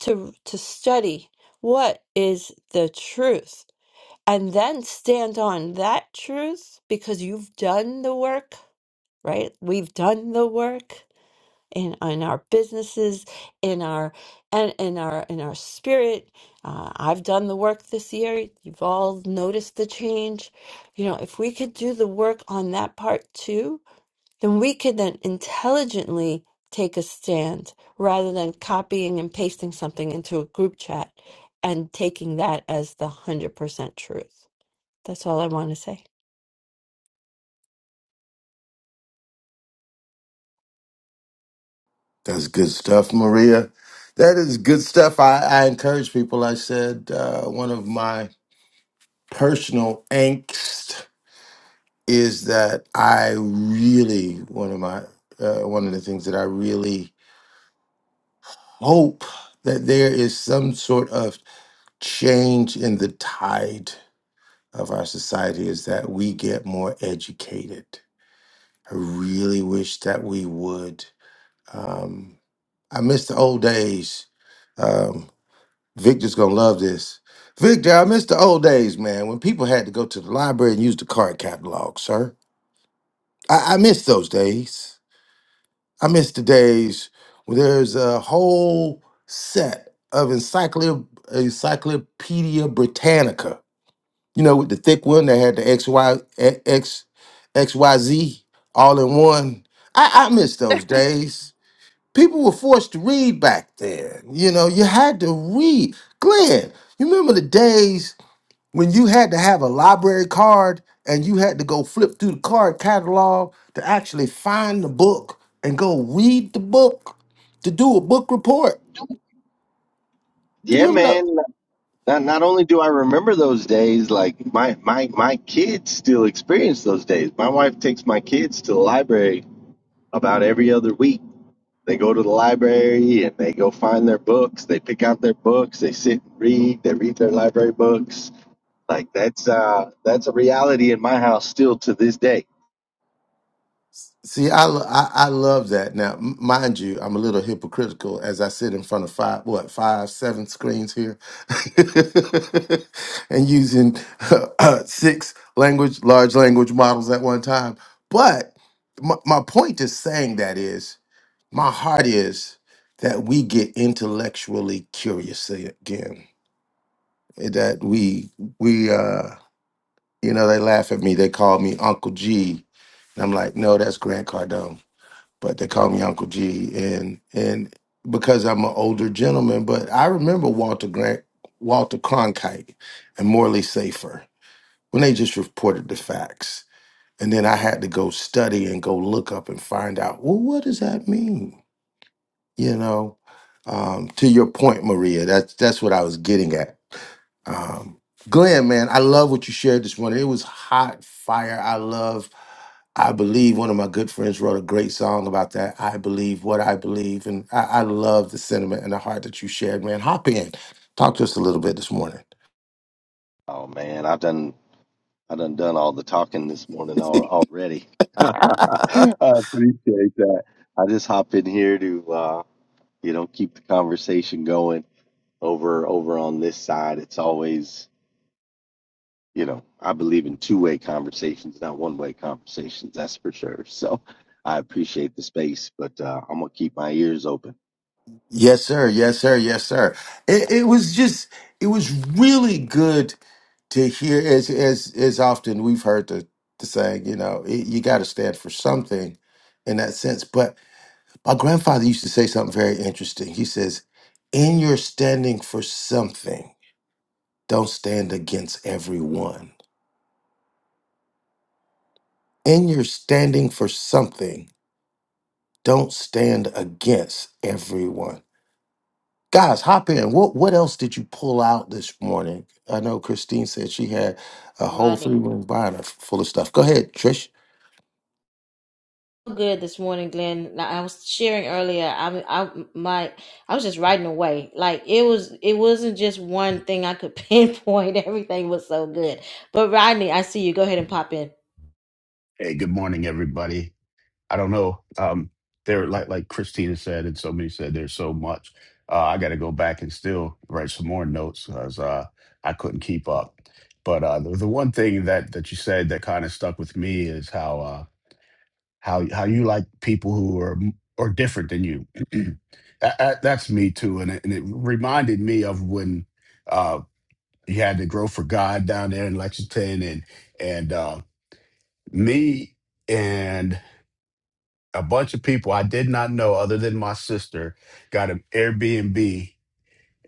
to to study what is the truth and then stand on that truth because you've done the work, right? We've done the work in in our businesses, in our and in our in our spirit. Uh, I've done the work this year. You've all noticed the change. You know, if we could do the work on that part too, then we could then intelligently take a stand rather than copying and pasting something into a group chat and taking that as the 100% truth. That's all I want to say.
that's good stuff, Maria. That is good stuff. I, I encourage people. I said uh, one of my personal angst is that I really one of my uh, one of the things that I really hope that there is some sort of change in the tide of our society is that we get more educated. I really wish that we would. Um, I miss the old days. Um, Victor's gonna love this. Victor, I miss the old days, man, when people had to go to the library and use the card catalog, sir. I, I miss those days. I miss the days when there's a whole set of encyclopedia, Encyclopedia Britannica. You know, with the thick one that had the X Y X X Y Z all in one. I, I miss those days. People were forced to read back then. You know, you had to read. Glenn, you remember the days when you had to have a library card and you had to go flip through the card catalog to actually find the book and go read the book to do a book report? You
Yeah,
remember that?
man. Not, not only do I remember those days, like my my my kids still experience those days. My wife takes my kids to the library about every other week. They go to the library and they go find their books. They pick out their books. They sit and read. They read their library books. Like that's uh that's a reality in my house still to this day.
See, I, lo- I I love that. Now, m- mind you, I'm a little hypocritical as I sit in front of five, what, five, seven screens here, and using uh, uh, six language, large language models at one time. But my, my point is saying that is, my heart is that we get intellectually curious again. That we we uh, you know, they laugh at me. They call me Uncle G. And I'm like, no, that's Grant Cardone but they call me Uncle G, and and because I'm an older gentleman, but I remember Walter Grant, Walter Cronkite, and Morley Safer when they just reported the facts, and then I had to go study and go look up and find out. Well, what does that mean? you know um, to your point maria that's that's what i was getting at um, glenn man i love what you shared this morning it was hot fire i love i believe one of my good friends wrote a great song about that i believe what i believe and i, I love the sentiment and the heart that you shared man hop in talk to us a little bit this morning
Oh man, I've done I done done all the talking this morning al- already. I appreciate that. I just hop in here to. uh you know keep the conversation going over over on this side it's always you know i believe in two-way conversations not one-way conversations that's for sure so i appreciate the space but uh, i'm gonna keep my ears open
yes sir yes sir yes sir it, it was just it was really good to hear as as as often we've heard the the saying, you know, it, you got to stand for something in that sense. But my grandfather used to say something very interesting. He says, "In your standing for something, don't stand against everyone. In your standing for something, don't stand against everyone." Guys, hop in. What what else did you pull out this morning? I know Christine said she had a whole three
Rodney,
ring binder full of stuff. Go ahead, Trish.
so good this morning, Glenn. Now, I was sharing earlier. I I my I was just writing away. Like it was it wasn't just one thing I could pinpoint. Everything was so good. But Rodney, I see you. Go ahead and pop in.
Hey, good morning, everybody. I don't know. Um, there, like like Christina said, and somebody said, there's so much. Uh, I got to go back and still write some more notes because uh, I couldn't keep up. But uh, the, the one thing that that you said that kind of stuck with me is how uh, how how you like people who are m- are different than you. that, that- that's me too, and it, and it reminded me of when uh, you had to grow for God down there in Lexington, and and uh, me. a bunch of people I did not know, other than my sister, got an Airbnb.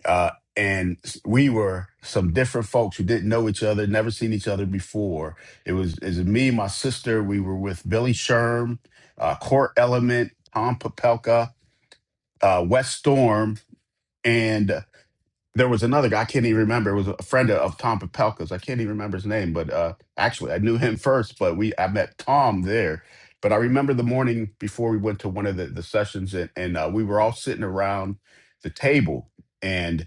Uh, and we were some different folks who didn't know each other, never seen each other before. It was, it was me, my sister. We were with Billy Sherm, uh, Court Element, Tom Papelka, uh, West Storm. and there was another guy I can't even remember. It was a friend of, Tom Papelka's. I can't even remember his name, but uh, actually I knew him first. But we I met Tom there. But I remember the morning before we went to one of the, the sessions, and, and uh, we were all sitting around the table, and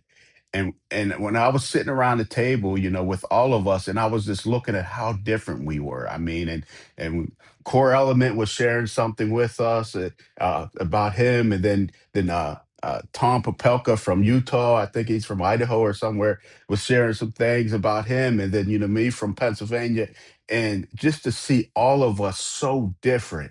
and and when I was sitting around the table, you know, with all of us, and I was just looking at how different we were. I mean, and and Core Element was sharing something with us uh, uh, about him, and then then uh, uh, Tom Popelka from Utah, I think he's from Idaho or somewhere, was sharing some things about him, and then you know me from Pennsylvania, and just to see all of us so different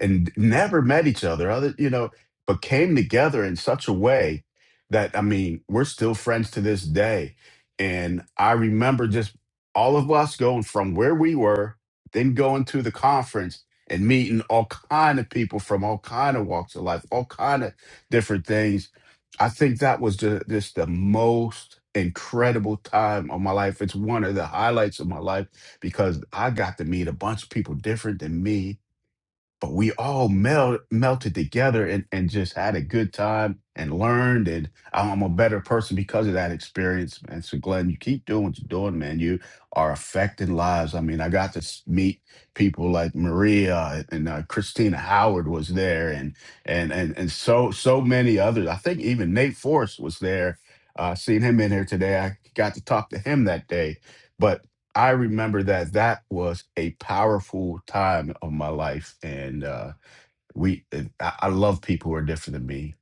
and never met each other other you know but came together in such a way that i mean we're still friends to this day and i remember just all of us going from where we were then going to the conference and meeting all kind of people from all kind of walks of life all kind of different things i think that was ju- just the most incredible time of my life it's one of the highlights of my life because i got to meet a bunch of people different than me but we all mel- melted together and, and just had a good time and learned and i'm a better person because of that experience man so glenn you keep doing what you're doing man you are affecting lives i mean i got to s- meet people like maria and uh, christina howard was there and and and and so so many others i think even nate force was there uh seen him in here today i got to talk to him that day but. I remember that that was a powerful time of my life, and uh, we. It, I, I love people who are different than me,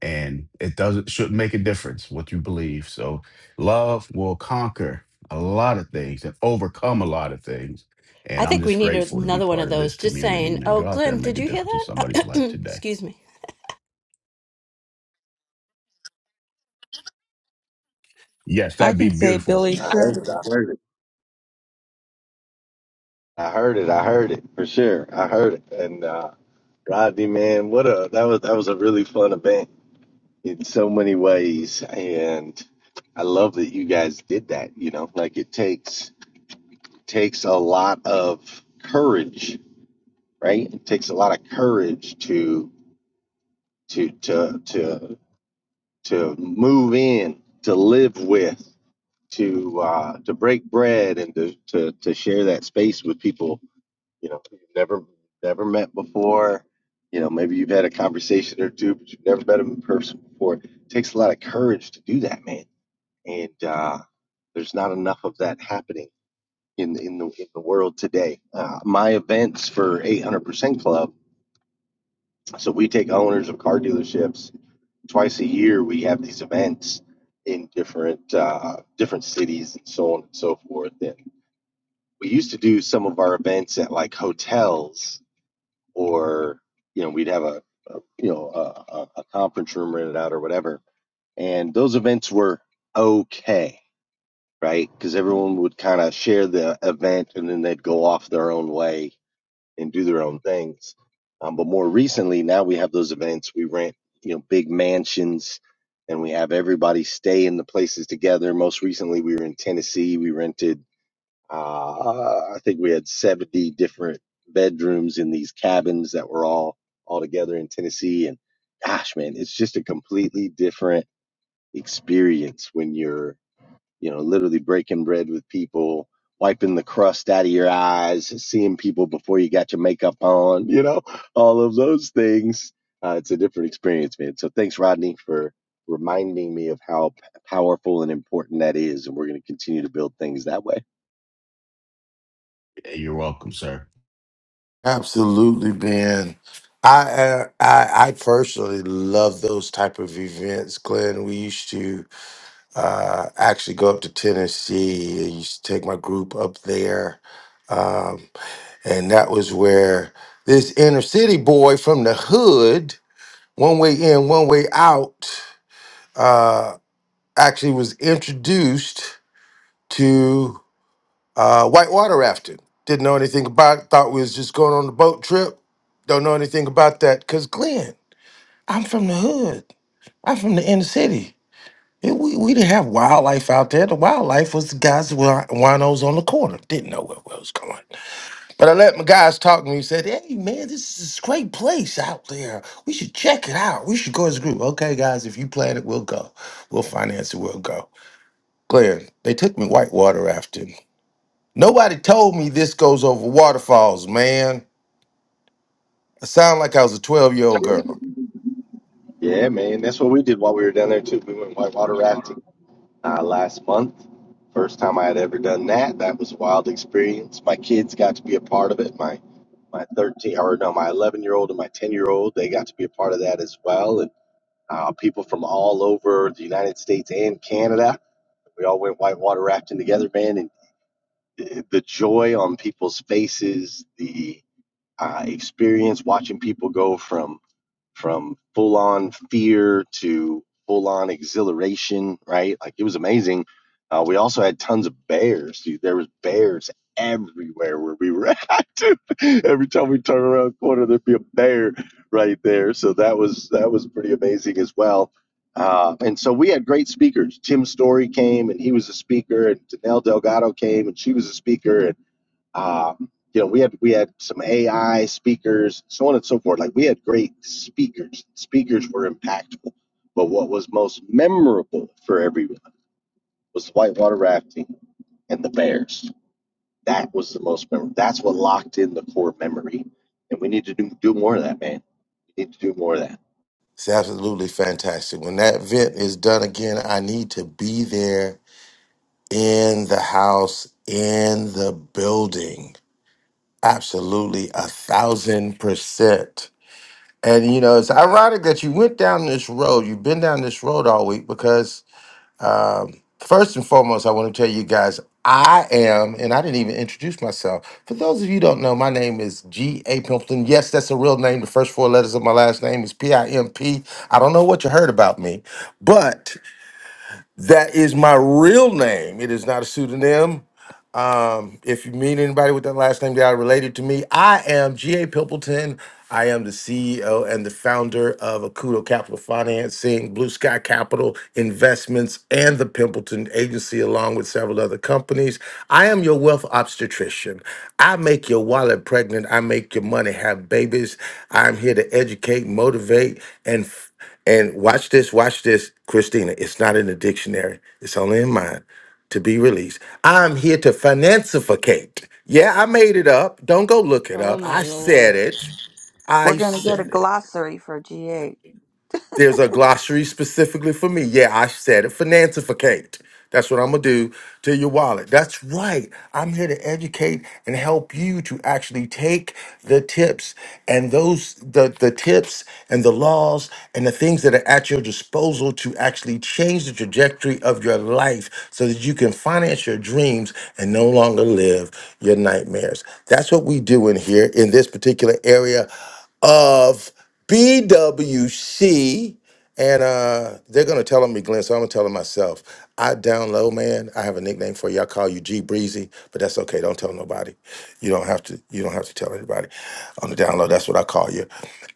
and it doesn't should make a difference what you believe. So, love will conquer a lot of things and overcome a lot of things. And
I
I'm
think we
just
need
grateful to be
another one
part
of
of this
those. Just
community,
saying,
man.
oh,
Go out there
Glenn,
and make
did
a
you hear
difference in somebody's
that?
life today.
Excuse me.
Yes,
I
that'd be
can say,
beautiful.
Billy,
i
sure,
heard it i heard it i heard it i heard it for sure i heard it and uh rodney man what a that was that was a really fun event in so many ways and i love that you guys did that you know like it takes takes a lot of courage right? It takes a lot of courage to to to to to move in, to live with, to uh, to break bread, and to, to to share that space with people you know you've never never met before. You know, maybe you've had a conversation or two, but you've never met them in person before. It takes a lot of courage to do that, man. And uh, there's not enough of that happening in in the in the world today. Uh, my events for 800% Club So we take owners of car dealerships twice a year. We have these events in different uh, different cities and so on and so forth. And we used to do some of our events at like hotels, or you know, we'd have a, a you know a, a, a conference room rented out or whatever. And those events were okay, right? Because everyone would kind of share the event, and then they'd go off their own way and do their own things. Um, but more recently, now we have those events. We rent, you know, big mansions, and we have everybody stay in the places together. Most recently, we were in Tennessee. We rented, uh, I think we had seventy different bedrooms in these cabins that were all all together in Tennessee. And gosh, man, it's just a completely different experience when you're you know, literally breaking bread with people, wiping the crust out of your eyes, seeing people before you got your makeup on, you know, all of those things. Uh, it's a different experience, man. So thanks, Rodney, for reminding me of how p- powerful and important that is. And we're going to continue to build things that way.
You're welcome, sir.
Absolutely, Ben. I, uh, I I personally love those type of events, Glenn. We used to uh, actually go up to Tennessee. I used to take my group up there, um, and that was where this inner city boy from the hood, one way in, one way out, uh, actually was introduced to uh, whitewater rafting. Didn't know anything about it. Thought we was just going on a boat trip. Don't know anything about that, cause Glenn. I'm from the hood. I'm from the inner city. It- we, we didn't have wildlife out there. The wildlife was the guys that were winos on the corner. Didn't know where I was going. But I let my guys talk to me and said, hey, man, this is a great place out there. We should check it out. We should go as a group. Okay, guys, if you plan it, we'll go. We'll finance it. We'll go. Glenn, they took me whitewater rafting. Nobody told me this goes over waterfalls, man. I sound like I was a 12 year old girl.
Yeah, man. That's what we did while we were down there, too. We went whitewater rafting uh, last month. First time I had ever done that. That was a wild experience. My kids got to be a part of it. My my 13 or no my 11 year old and my 10 year old they got to be a part of that as well and uh, people from all over the united states and canada we all went whitewater rafting together man and the joy on people's faces the uh, experience watching people go from from full on fear to full on exhilaration, right? Like it was amazing. Uh, we also had tons of bears. Dude, there was bears everywhere where we were at. dude. Every time we turn around a corner, there'd be a bear right there. So that was that was pretty amazing as well. Uh, and so we had great speakers. Tim Story came and he was a speaker, and Danelle Delgado came and she was a speaker, and. Um, you know, we had we had some AI speakers, so on and so forth. Like we had great speakers. Speakers were impactful, but what was most memorable for everyone was the whitewater rafting and the Bears. That was the most memorable. That's what locked in the core memory, and we need to do do more of that, man. We need to do more of that.
It's absolutely fantastic. When that event is done again, I need to be there in the house, in the building. Absolutely a thousand percent. And you know, it's ironic that you went down this road. You've been down this road all week because um, first and foremost, I want to tell you guys I am, and I didn't even introduce myself. For those of you who don't know, my name is G. A. Pimpleton. Yes, that's a real name. The first four letters of my last name is P I M P. I don't know what you heard about me, but that is my real name. It is not a pseudonym. Um, if you meet anybody with that last name that are related to me, I am G.A. Pimpleton. I am the CEO and the founder of Akudo Capital Financing, Blue Sky Capital Investments, and the Pimpleton Agency, along with several other companies. I am your wealth obstetrician. I make your wallet pregnant. I make your money have babies. I'm here to educate, motivate, and and watch this, watch this, Christina. It's not in the dictionary, it's only in mine to be released. I'm here to financificate. Yeah, I made it up. Don't go look it
Oh
up.
my
I said
lord.
it.
we're
I
going to get a
said it.
glossary for GA.
There's a glossary specifically for me. Yeah, I said it. Financificate. That's what I'm gonna do to your wallet. That's right. I'm here to educate and help you to actually take the tips and those the the tips and the laws and the things that are at your disposal to actually change the trajectory of your life so that you can finance your dreams and no longer live your nightmares. That's what we do in here in this particular area of BWC, and uh, they're gonna tell on me, Glenn. So I'm gonna tell them myself. I down low, man. I have a nickname for you. I call you G Breezy, but that's okay. Don't tell nobody. You don't have to. You don't have to tell anybody on the down low. That's what I call you.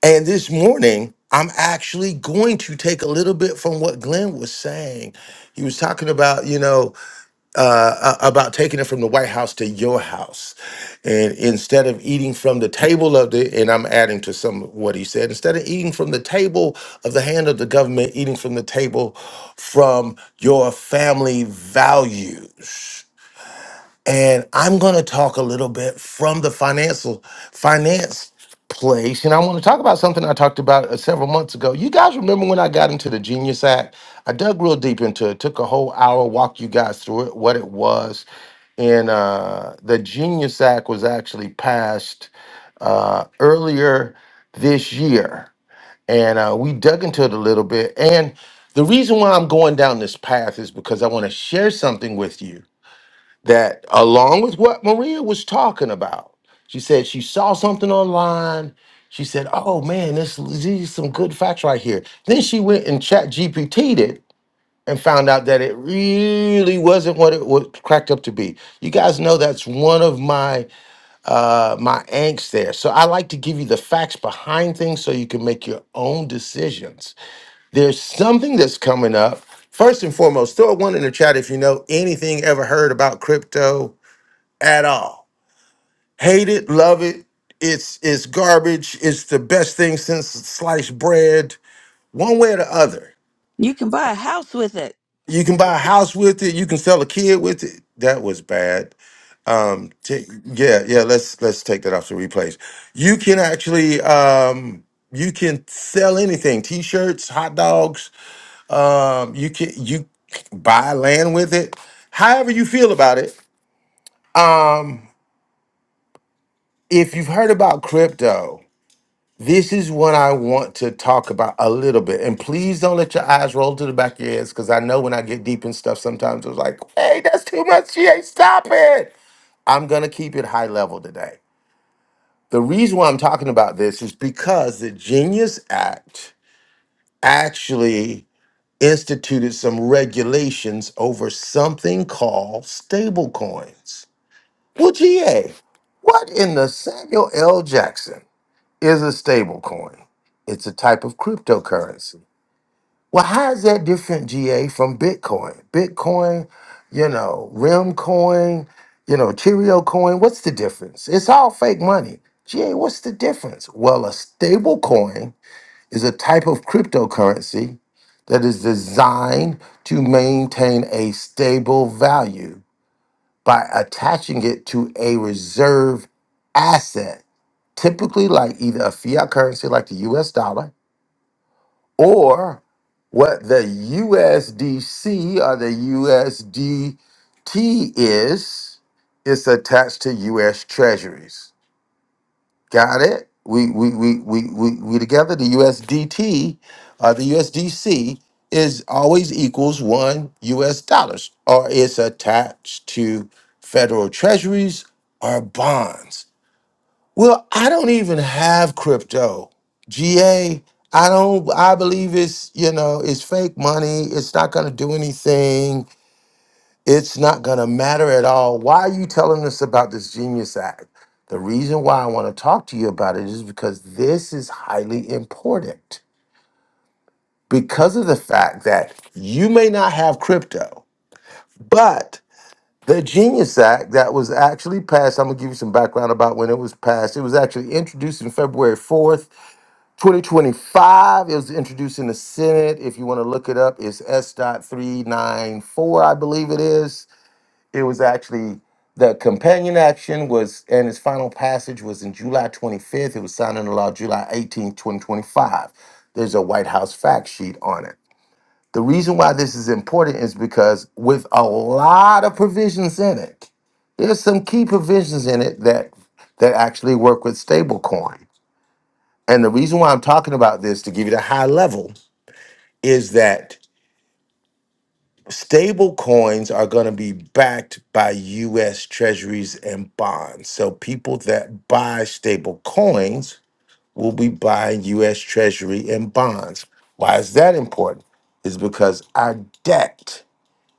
And this morning, I'm actually going to take a little bit from what Glenn was saying. He was talking about, you know uh, a- about taking it from the White House to your house. And instead of eating from the table of the, and I'm adding to some of what he said, instead of eating from the table of the hand of the government, eating from the table from your family values and I'm going to talk a little bit from the financial finance place. And I want to talk about something I talked about uh, several months ago. You guys remember when I got into the Genius Act? I dug real deep into it. Took a whole hour, walked you guys through it, what it was. And uh, the Genius Act was actually passed uh, earlier this year, and uh, we dug into it a little bit. And the reason why I'm going down this path is because I want to share something with you that along with what Maria was talking about, she said she saw something online. She said, "Oh man, this these is some good facts right here." Then she went and chat GPT'd it and found out that it really wasn't what it was cracked up to be. You guys know that's one of my uh my angst there. So I like to give you the facts behind things so you can make your own decisions. There's something that's coming up. First and foremost, throw a one in the chat if you know anything ever heard about crypto at all. Hate it, love it. It's it's garbage. It's the best thing since sliced bread. One way or the other.
You can buy a house with it.
You can buy a house with it. You can sell a kid with it. That was bad. Um, t- yeah, yeah. Let's let's take that off the replays. You can actually um, you can sell anything: t-shirts, hot dogs. Um, you can you buy land with it. However you feel about it. Um, if you've heard about crypto, This is what I want to talk about a little bit. And please don't let your eyes roll to the back of your heads because I know when I get deep in stuff, sometimes it's like, hey, that's too much. She ain't stop it. I'm going to keep it high level today. The reason why I'm talking about this is because the Genius Act actually instituted some regulations over something called stablecoins. Well, GA, what in the Samuel L. Jackson? is a stable coin. It's a type of cryptocurrency. Well, how is that different, GA, from Bitcoin? Bitcoin, you know, Rim coin, you know, Cheerio coin. What's the difference? It's all fake money. GA, what's the difference? Well, a stable coin is a type of cryptocurrency that is designed to maintain a stable value by attaching it to a reserve asset typically like either a fiat currency like the US dollar or what the USDC or the USDT is, it's attached to US treasuries. Got it? We we we we we, we together the USDT or the USDC is always equals one US dollars or it's attached to federal treasuries or bonds. Well, I don't even have crypto. GA, I don't I believe it's, you know, it's fake money. It's not going to do anything. It's not going to matter at all. Why are you telling us about this Genius Act? The reason why I want to talk to you about it is because this is highly important. Because of the fact that you may not have crypto, but the Genius Act that was actually passed, I'm going to give you some background about when it was passed. It was actually introduced in February 4th 2025, it was introduced in the Senate. If you want to look it up, it's S. dot three nine four. I believe it is. It was actually the companion action was, and its final passage was in July 25th. It was signed into law July 18th, 2025. There's a White House fact sheet on it. The reason why this is important is because with a lot of provisions in it, there's some key provisions in it that that actually work with stablecoin. And the reason why I'm talking about this to give you the high level is that stable coins are going to be backed by US treasuries and bonds. So people that buy stable coins will be buying US treasury and bonds. Why is that important? Is because our debt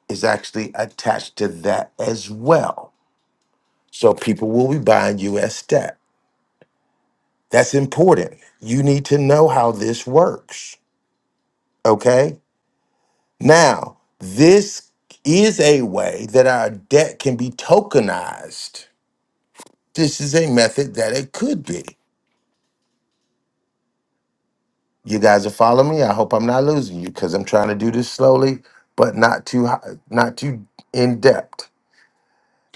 is actually attached to that as well. So people will be buying US debt. That's important. You need to know how this works. Okay Now, this is a way that our debt can be tokenized. This is a method that it could be. You guys are following me. I hope I'm not losing you because I'm trying to do this slowly, but not too high, not too in depth.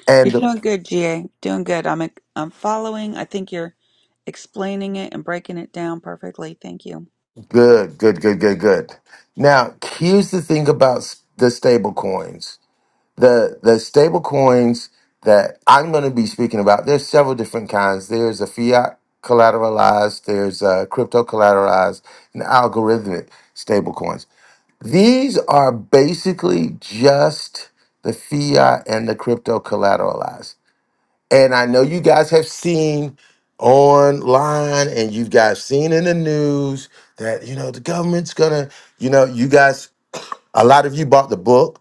And
You're
the-
doing good, GA. Doing good. I'm, I'm following. I think you're explaining it and breaking it down perfectly. Thank you.
good, good, good, good, good. Now, here's the thing about s- the stable coins. the the stable coins that I'm going to be speaking about, there's several different kinds. There's a fiat collateralized, there's a crypto collateralized, and algorithmic stable coins. These are basically just the fiat and the crypto collateralized. And I know you guys have seen online and you guys seen in the news that you know the government's gonna, you know, you guys a lot of you bought the book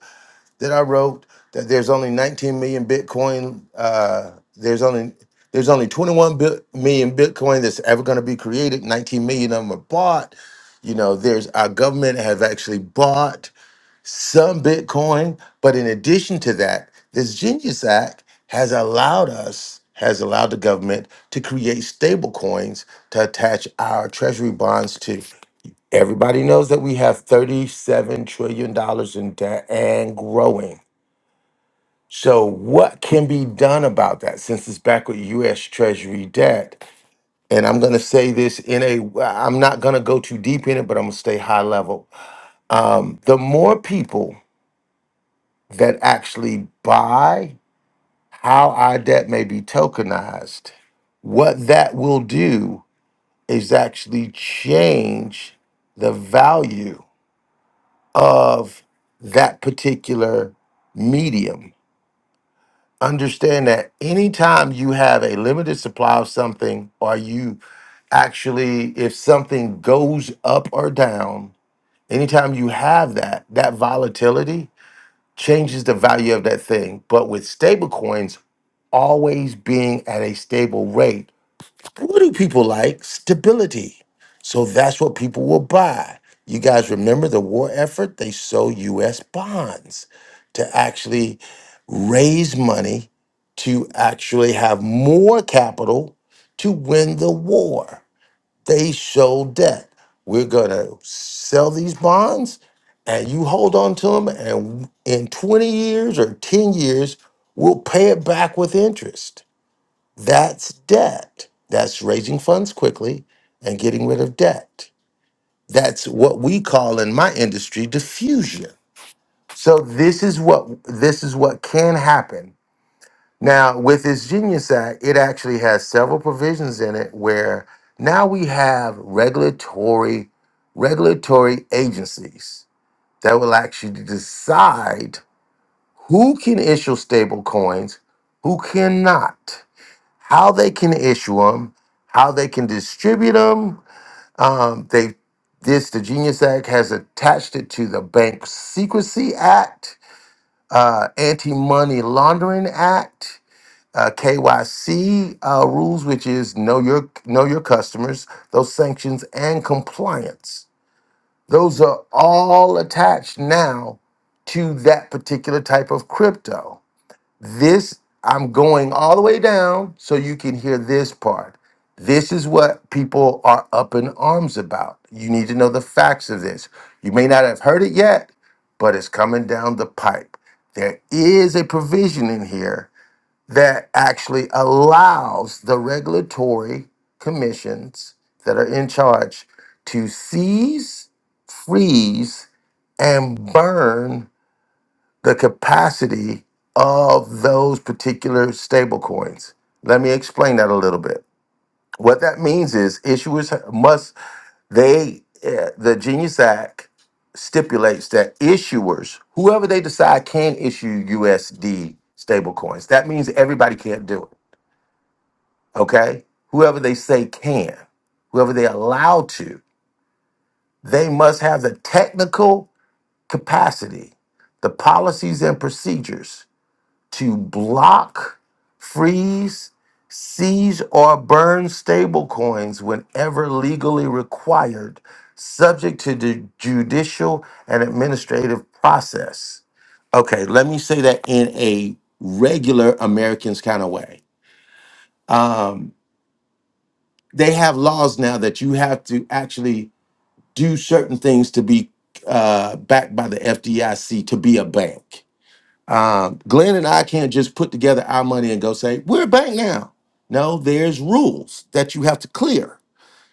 that I wrote that there's only 19 million Bitcoin. Uh, there's only there's only 21 bi- million Bitcoin that's ever going to be created. 19 million of them are bought. You know, there's our government have actually bought some Bitcoin, but in addition to that, this Genius Act has allowed us has allowed the government to create stable coins to attach our treasury bonds to. Everybody knows that we have $37 trillion dollars in debt and growing. So, what can be done about that since it's back with US Treasury debt? And I'm going to say this in a, I'm not going to go too deep in it, but I'm going to stay high level. Um, the more people that actually buy how our debt may be tokenized, what that will do is actually change the value of that particular medium understand that anytime you have a limited supply of something, or you actually, if something goes up or down, anytime you have that, that volatility changes the value of that thing. But with stable coins always being at a stable rate, what do people like? Stability. So that's what people will buy. You guys remember the war effort? They sold US bonds to actually raise money to actually have more capital to win the war. They sold debt. We're going to sell these bonds and you hold on to them, and in 20 years or 10 years, we'll pay it back with interest. That's debt. That's raising funds quickly and getting rid of debt. That's what we call in my industry diffusion. So this is what this is what can happen now, with this Genius Act, it actually has several provisions in it where now we have regulatory regulatory agencies that will actually decide who can issue stable coins, who cannot, how they can issue them, how they can distribute them. Um, they this the Genius Act has attached it to the Bank Secrecy Act, uh, Anti Money Laundering Act uh, KYC uh, rules, which is know your know your customers, those sanctions and compliance. Those are all attached now to that particular type of crypto. This I'm going all the way down so you can hear this part. This is what people are up in arms about. You need to know the facts of this. You may not have heard it yet, but it's coming down the pipe. There is a provision in here that actually allows the regulatory commissions that are in charge to seize, freeze, and burn the capacity of those particular stablecoins. Let me explain that a little bit. What that means is issuers must, they, eh, the Genius Act stipulates that issuers, whoever they decide can issue USD stablecoins, that means everybody can't do it okay? Whoever they say can, whoever they allow to, they must have the technical capacity, the policies and procedures to block, freeze, seize, or burn stablecoins whenever legally required, subject to the judicial and administrative process. Okay, let me say that in a regular Americans kind of way. Um, they have laws now that you have to actually do certain things to be uh, backed by the FDIC to be a bank. Um, Glenn and I can't just put together our money and go say, we're a bank now. No, there's rules that you have to clear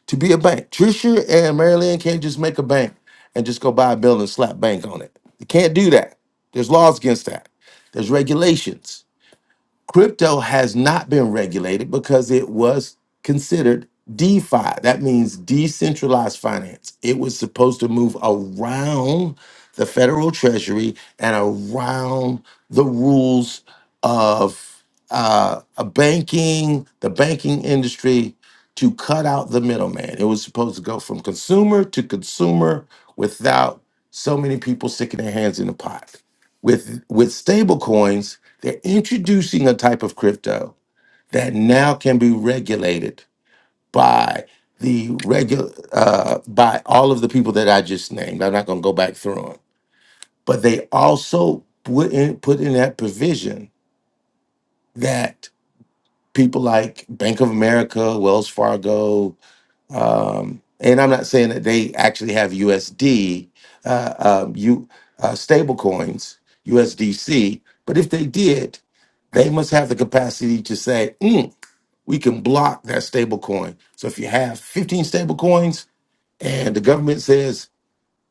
to be a bank. Trisha and Marilyn can't just make a bank and just go buy a building and slap bank on it. They can't do that. There's laws against that. There's regulations Crypto has not been regulated because it was considered DeFi. That means decentralized finance. It was supposed to move around the federal treasury and around the rules of uh, a banking, the banking industry to cut out the middleman. It was supposed to go from consumer to consumer without so many people sticking their hands in the pot. With with stablecoins they're introducing a type of crypto that now can be regulated by the regular uh, by all of the people that I just named. I'm not going to go back through them, but they also put in put in that provision that people like Bank of America, Wells Fargo, um, and I'm not saying that they actually have USD, uh, um, you uh, stable coins, USDC, but if they did, they must have the capacity to say, "Hmm, we can block that stable coin. So if you have 15 stable coins and the government says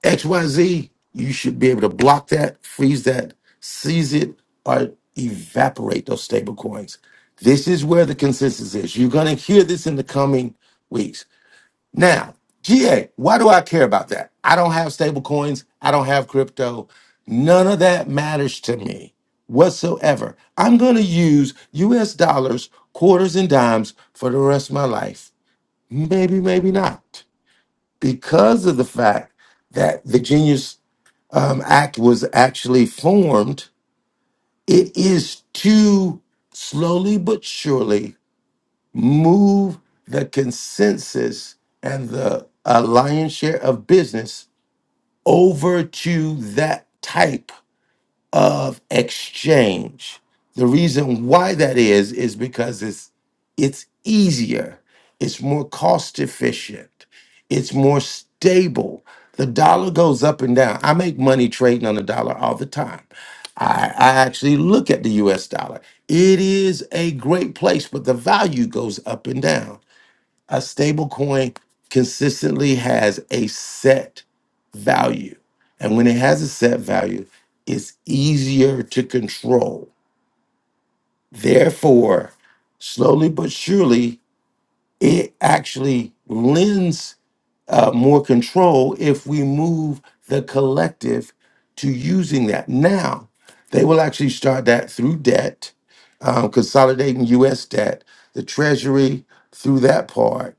XYZ, you should be able to block that, freeze that, seize it, or evaporate those stable coins. This is where the consensus is. You're going to hear this in the coming weeks now, GA, why do I care about that? I don't have stable coins. I don't have crypto. None of that matters to me whatsoever. I'm going to use US dollars, quarters, and dimes for the rest of my life. Maybe, maybe not. Because of the fact that the Genius um, Act was actually formed, it is too slowly but surely move the consensus and the uh, lion's share of business over to that type of exchange. The reason why that is is because it's it's easier, it's more cost efficient, it's more stable. The dollar goes up and down. I make money trading on the dollar all the time. I, I actually look at the US dollar. It is a great place, but the value goes up and down. A stable coin consistently has a set value. And when it has a set value, it's easier to control. Therefore, slowly but surely, it actually lends uh, more control if we move the collective to using that. Now, they will actually start that through debt, um, consolidating US debt, the Treasury through that part.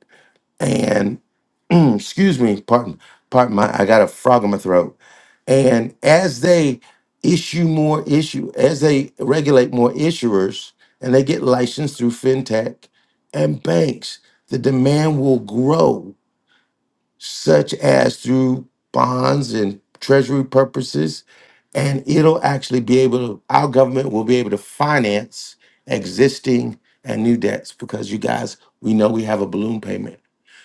and. excuse me, pardon, pardon my, I got a frog in my throat. And as they issue more issue, as they regulate more issuers, and they get licensed through fintech and banks, the demand will grow, such as through bonds and treasury purposes, and it'll actually be able to. Our government will be able to finance existing and new debts because you guys, we know we have a balloon payment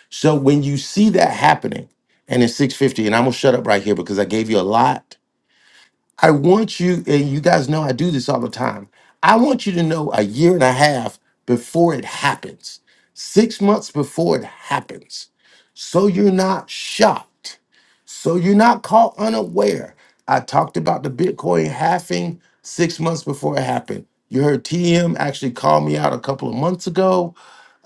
so when you see that happening, and it's 650, and I'm gonna shut up right here because I gave you a lot. I want you, and you guys know I do this all the time. I want you to know a year and a half before it happens, six months before it happens. So you're not shocked. So you're not caught unaware. I talked about the Bitcoin halving six months before it happened. You heard TM actually call me out a couple of months ago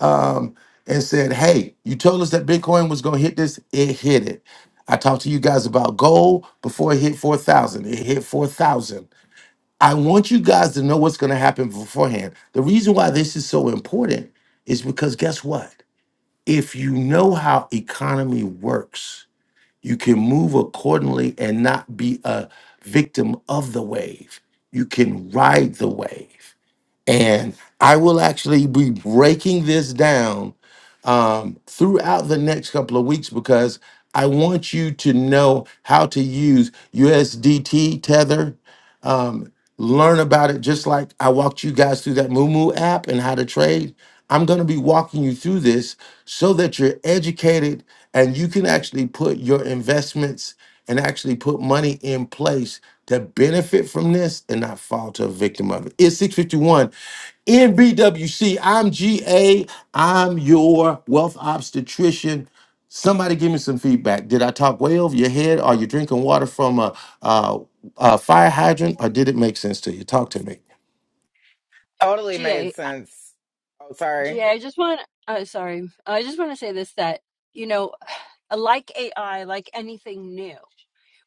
um, and said, Hey, you told us that Bitcoin was going to hit this. It hit it. I talked to you guys about gold before it hit 4,000. It hit 4,000. I want you guys to know what's going to happen beforehand. The reason why this is so important is because guess what? If you know how economy works, you can move accordingly and not be a victim of the wave. You can ride the wave. And I will actually be breaking this down um, throughout the next couple of weeks because I want you to know how to use USDT Tether. Um, learn about it just like I walked you guys through that Moomoo app and how to trade. I'm going to be walking you through this so that you're educated and you can actually put your investments and actually put money in place to benefit from this and not fall to a victim of it. It's 651 in BWC. I'm G A. am your wealth obstetrician. Somebody give me some feedback. Did I talk way over your head? Are you drinking water from a, a, a fire hydrant or did it make sense to you? Talk to me.
Totally made
GA,
sense. Oh, sorry.
GA, I just want, uh, sorry, I just want to say this that, you know, like AI, like anything new.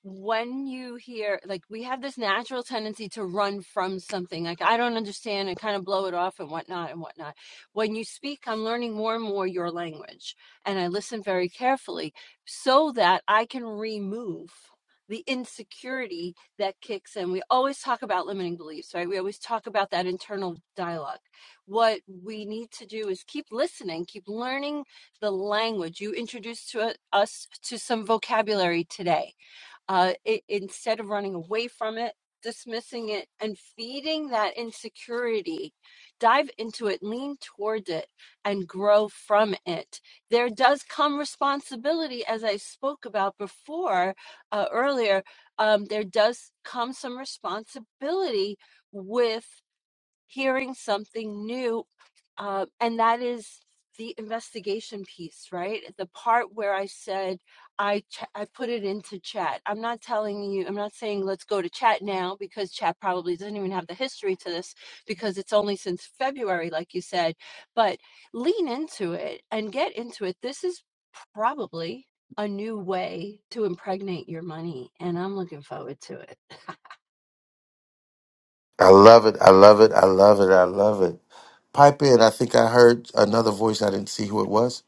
when you hear like we have this natural tendency to run from something like i don't understand and kind of blow it off and whatnot and whatnot when you speak i'm learning more and more your language and i listen very carefully so that i can remove the insecurity that kicks in we always talk about limiting beliefs right we always talk about that internal dialogue what we need to do is keep listening keep learning the language you introduced to us to some vocabulary today uh, i instead of running away from it, dismissing it, and feeding that insecurity, dive into it, lean toward it, and grow from it. There does come responsibility, as I spoke about before uh, earlier. Um, there does come some responsibility with hearing something new. Um, and that is the investigation piece, right? The part where I said I ch- I put it into chat. I'm not telling you. I'm not saying let's go to chat now because chat probably doesn't even have the history to this because it's only since February, like you said. But lean into it and get into it. This is probably a new way to impregnate your money, and I'm looking forward to it.
I love it. I love it. I love it. I love it. Pipe in. I think I heard another voice. I didn't see who it was.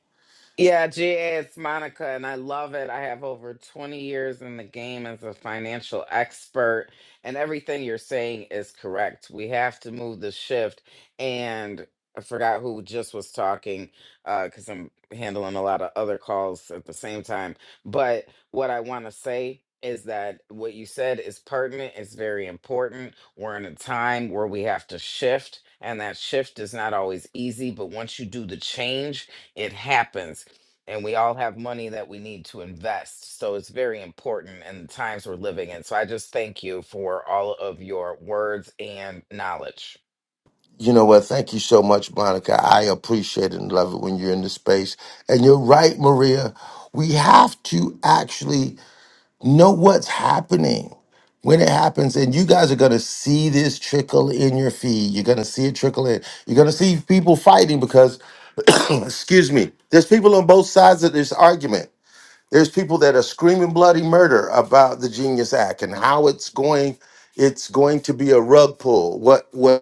Yeah, GA, it's Monica, and I love it. I have over 20 years in the game as a financial expert, and everything you're saying is correct. We have to move the shift. And I forgot who just was talking because I'm handling a lot of other calls at the same time. But what I want to say is that what you said is pertinent, it's very important. We're in a time where we have to shift, and that shift is not always easy, but once you do the change, it happens and we all have money that we need to invest. So it's very important in the times we're living in. So I just thank you for all of your words and knowledge.
You know what? Thank you so much, Monica. I appreciate it and love it when you're in the space. And you're right, Maria. We have to actually know what's happening when it happens. And you guys are going to see this trickle in your feed. You're going to see it trickle in. You're going to see people fighting because, excuse me, there's people on both sides of this argument. There's people that are screaming bloody murder about the Genius Act and how it's going. It's going to be a rug pull. What? What?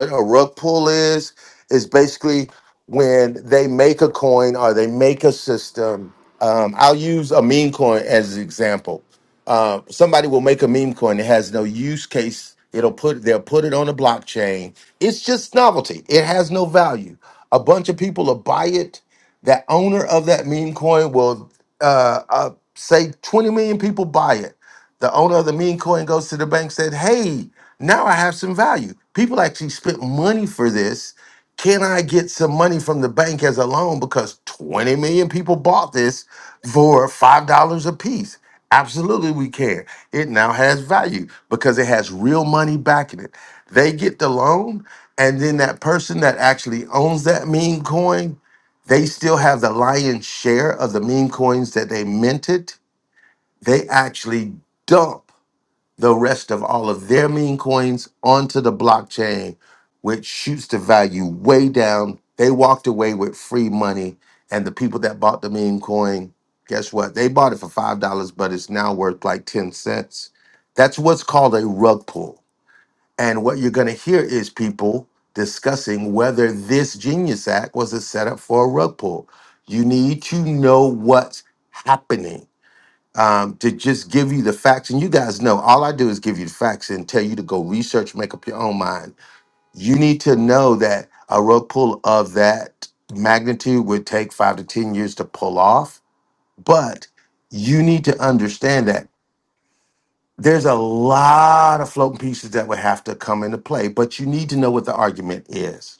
a rug pull is is basically when they make a coin or they make a system um, i'll use a meme coin as an example uh, somebody will make a meme coin that has no use case it'll put they'll put it on a blockchain it's just novelty it has no value a bunch of people will buy it that owner of that meme coin will uh, uh, say 20 million people buy it the owner of the meme coin goes to the bank said hey now I have some value. People actually spent money for this. Can I get some money from the bank as a loan? Because 20 million people bought this for $5 a piece. Absolutely, we can. It now has value because it has real money backing it. They get the loan, and then that person that actually owns that meme coin, they still have the lion's share of the meme coins that they minted. They actually dump the rest of all of their meme coins onto the blockchain, which shoots the value way down. They walked away with free money. And the people that bought the meme coin, guess what? They bought it for $5, but it's now worth like 10 cents. That's what's called a rug pull. And what you're going to hear is people discussing whether this Genius Act was a setup for a rug pull. You need to know what's happening um, to just give you the facts. And you guys know all I do is give you the facts and tell you to go research, make up your own mind. You need to know that a rug pull of that magnitude would take five to 10 years to pull off. But you need to understand that there's a lot of floating pieces that would have to come into play, but you need to know what the argument is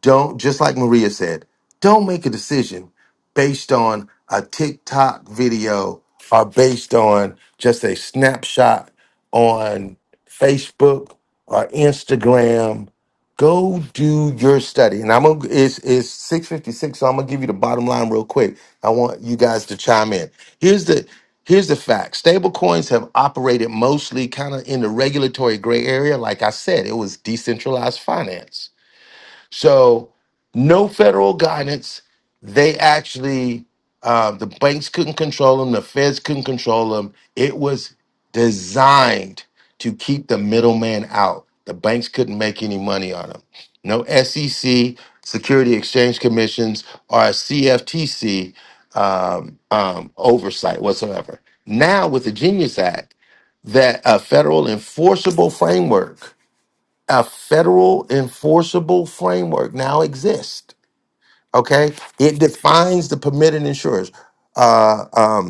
don't, just like Maria said, don't make a decision based on a TikTok video or based on just a snapshot on Facebook or Instagram. Go do your study. And I'm gonna it's it's 656, so I'm gonna give you the bottom line real quick. I want you guys to chime in. Here's the here's the fact. Stable coins have operated mostly kind of in the regulatory gray area. Like I said, it was decentralized finance so no federal guidance. They actually, uh, the banks couldn't control them. The feds couldn't control them. It was designed to keep the middleman out. The banks couldn't make any money on them. No SEC, Security Exchange Commissions, or CFTC um, um, oversight whatsoever. Now with the Genius Act, that a federal enforceable framework a federal enforceable framework now exists. Okay, it defines the permitted insurers. Uh, um,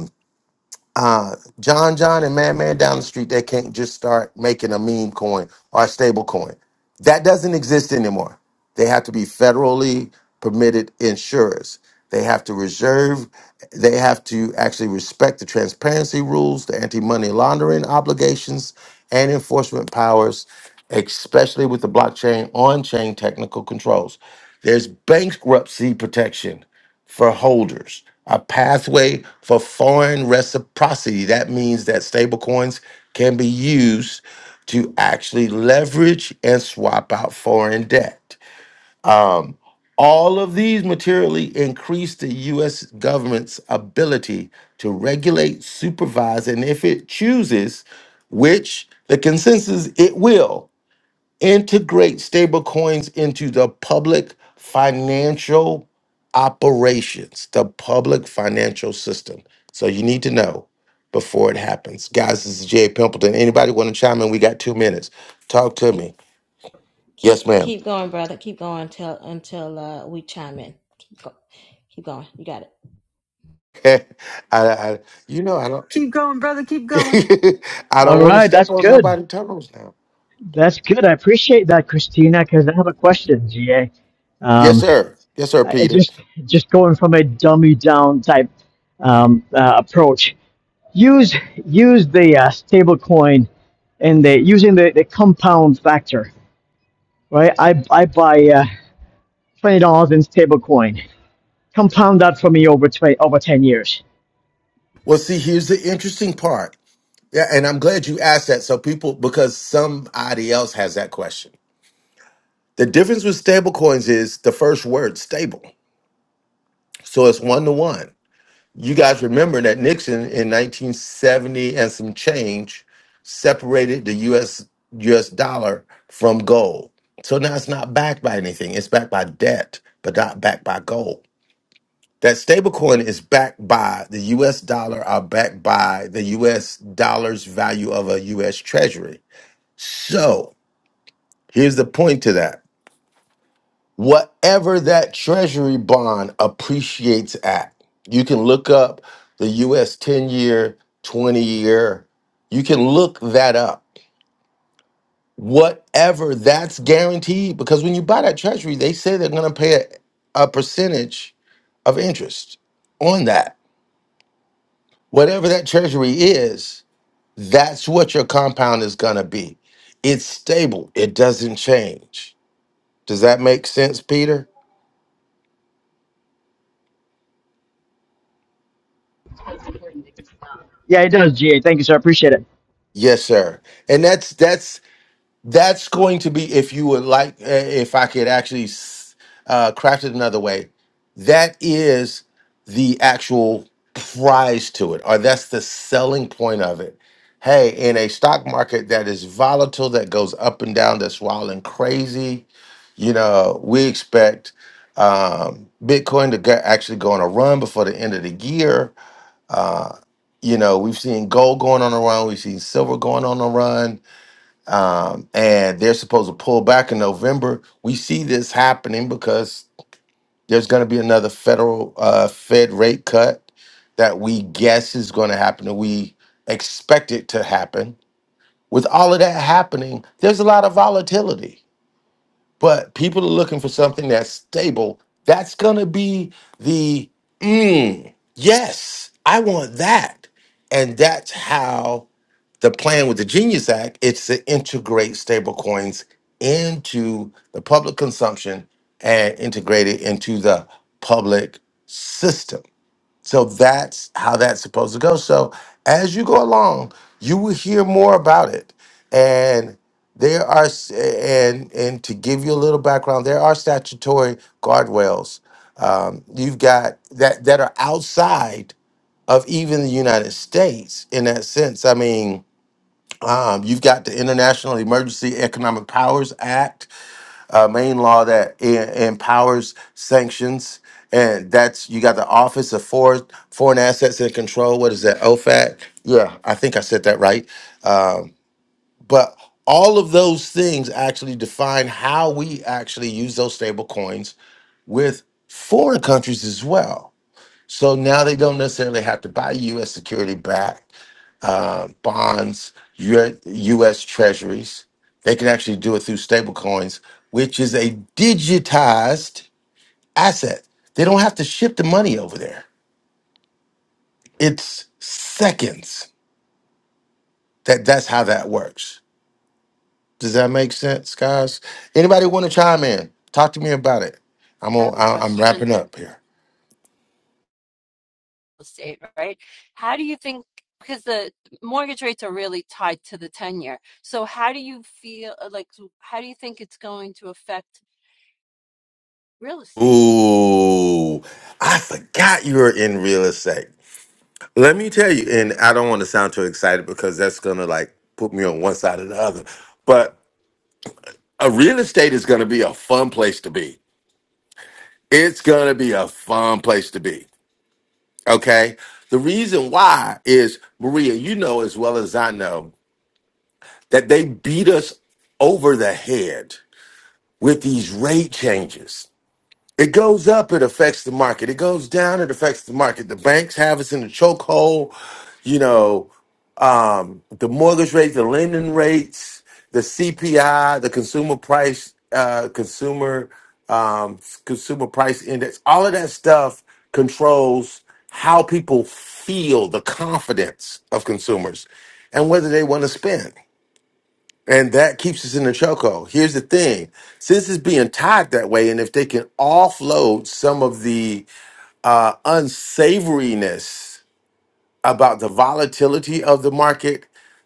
uh, John John and Madman down the street, they can't just start making a meme coin or a stable coin. That doesn't exist anymore. They have to be federally permitted insurers. They have to reserve, they have to actually respect the transparency rules, the anti money laundering obligations, and enforcement powers, especially with the blockchain on chain technical controls. There's bankruptcy protection for holders, a pathway for foreign reciprocity. That means that stablecoins can be used to actually leverage and swap out foreign debt. All of these materially increase the US government's ability to regulate, supervise, and if it chooses, which the consensus it will, integrate stablecoins into the public financial operations, the public financial system. So you need to know before it happens. Guys, this is Jay Pimpleton. Anybody want to chime in? We got two minutes. Talk to me. Yes,
Keep
ma'am.
keep going, brother. Keep going until until uh, we chime in. Keep go- keep going. You got
I, I you know I don't I
All
don't want to
right, that's
step on
good.
nobody's toes now.
That's good. I appreciate that, Christina, because I have a question, GA.
Yes,
Um,
sir. Yes, sir,
I- I
Peter.
just just going from a dummy down type um, uh, approach, use use the uh, stable coin and the using the, the compound factor, right? I I buy uh, twenty dollars in stable coin. Compound that for me over twenty over ten years.
Well, see, here's the interesting part. Yeah, and I'm glad you asked that. So people because somebody else has that question. The difference with stable coins is the first word, stable. So it's one to one. You guys remember that Nixon in 1970 and some change separated the US US dollar from gold. So now it's not backed by anything. It's backed by debt, but not backed by gold. That stablecoin is backed by the US dollar are backed by the US dollar's value of a US treasury. So here's the point to that. whatever that treasury bond appreciates at. You can look up the US 10 year, 20 year. You can look that up. Whatever that's guaranteed, because when you buy that treasury, they say they're going to pay a, a percentage of interest on that. Whatever that treasury is, that's what your compound is going to be. It's stable, it doesn't change. Does that make sense, Peter?
Yeah, it does, GA. Thank you, sir. I appreciate it.
Yes, sir. And that's that's that's going to be if you would like uh, if i could actually s- uh, craft it another way that is the actual prize to it or that's the selling point of it hey in a stock market that is volatile that goes up and down that's wild and crazy you know we expect um, bitcoin to go, actually go on a run before the end of the year uh, you know we've seen gold going on a run we've seen silver going on a run um, and they're supposed to pull back in November. We see this happening because there's going to be another federal uh, Fed rate cut that we guess is going to happen, and we expect it to happen. With all of that happening, there's a lot of volatility, but people are looking for something that's stable. That's going to be the mm, yes, I want that, and that's how. The plan with the Genius Act is to integrate stablecoins into the public consumption and integrate it into the public system. So that's how that's supposed to go. So as you go along, you will hear more about it. And there are s- and and to give you a little background, there are statutory guardrails um, you've got that that are outside of even the United States in that sense. I mean, um, you've got the International Emergency Economic Powers Act, uh, main law that e- empowers sanctions, and that's you got the Office of Foreign Foreign Assets and Control. What is that? OFAC. Yeah, I think I said that right. Um, but all of those things actually define how we actually use those stable coins with foreign countries as well. So now they don't necessarily have to buy U.S. security back uh, bonds, U- U.S. treasuries. They can actually do it through stablecoins, which is a digitized asset. They don't have to ship the money over there. It's seconds. That that's how that works. Does that make sense, guys? Anybody want to chime in? Talk to me about it. I'm
I
on,
have a
I- I'm
question.
wrapping up here.
estate, right? How do you think, because the mortgage rates are really tied to the 10 year. So how do you feel uh, like, so how do you think it's going to affect real estate?
Ooh, I forgot you were in real estate. Let me tell you, and I don't want to sound too excited because that's gonna like put me on one side or the other. But a real estate is gonna be a fun place to be. It's gonna be a fun place to be. Okay. The reason why is Maria, you know as well as I know that they beat us over the head with these rate changes. It goes up, it affects the market. It goes down, it affects the market. The banks have us in a chokehold. You know, um, the mortgage rates, the lending rates, the CPI, the consumer price, uh, consumer um, consumer price index, all of that stuff controls how people feel the confidence of consumers and whether they want to spend. And that keeps us in the chokehold. Here's the thing: since it's being tied that way, and if they can offload some of the uh, unsavoriness about the volatility of the market,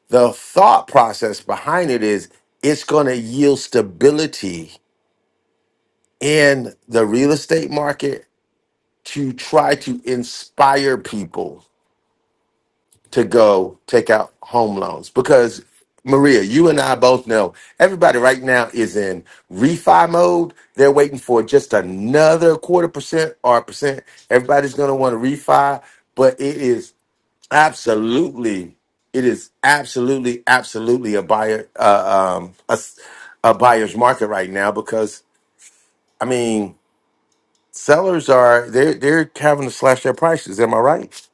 the thought process behind it is it's going to yield stability in the real estate market to try to inspire people to go take out home loans. Because, Maria, you and I both know everybody right now is in refi mode. They're waiting for just another quarter percent or a percent. Everybody's going to want to refi, but it is Absolutely. It is absolutely, absolutely a buyer, uh, um, a, s- a buyer's market right now because I mean, sellers are they're they're having to slash their prices. Am I right?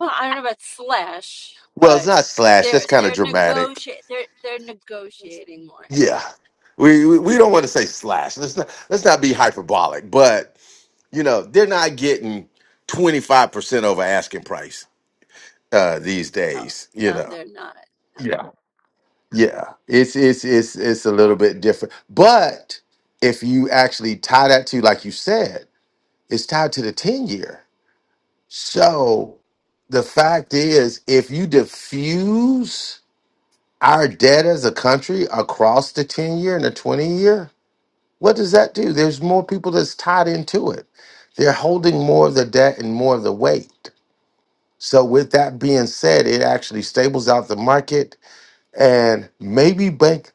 Well, I don't know about slash,
Well, it's
but
not slash. That's
they're
kind of
they're
dramatic.
negotiate they're they're negotiating more.
Yeah, we we, we don't want to say slash. Let's not let's not be hyperbolic. But you know, they're not getting twenty five percent over asking price uh, these
Oh,
days. You
no,
know
they're not. No.
Yeah, it's it's it's it's a little bit different. But if you actually tie that to, like you said, it's tied to the 10 year. So the fact is, if you diffuse our debt as a country across the 10 year and the 20 year, what does that do? There's more people that's tied into it. They're holding more of the debt and more of the weight. So with that being said, it actually stables out the market and maybe bank.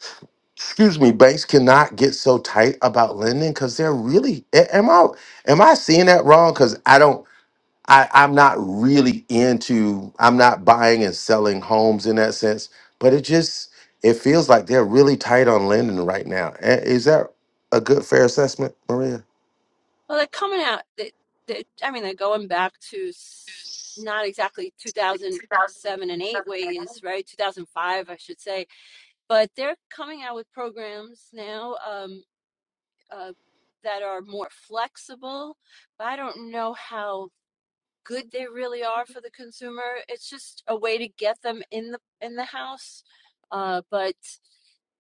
excuse me, banks cannot get so tight about lending because they're really a- am I am I seeing that wrong? Because I don't I, I'm not really into I'm not buying and selling homes in that sense, but it just it feels like they're really tight on lending right now. A- Is that a good fair assessment, Maria?
Well, they're coming out. They, they, I mean, they're going back to not exactly 2007 and 8 ways, right? 2005, I should say but they're coming out with programs now um, uh, that are more flexible. But I don't know how good they really are for the consumer. It's just a way to get them in the in the house. Uh, but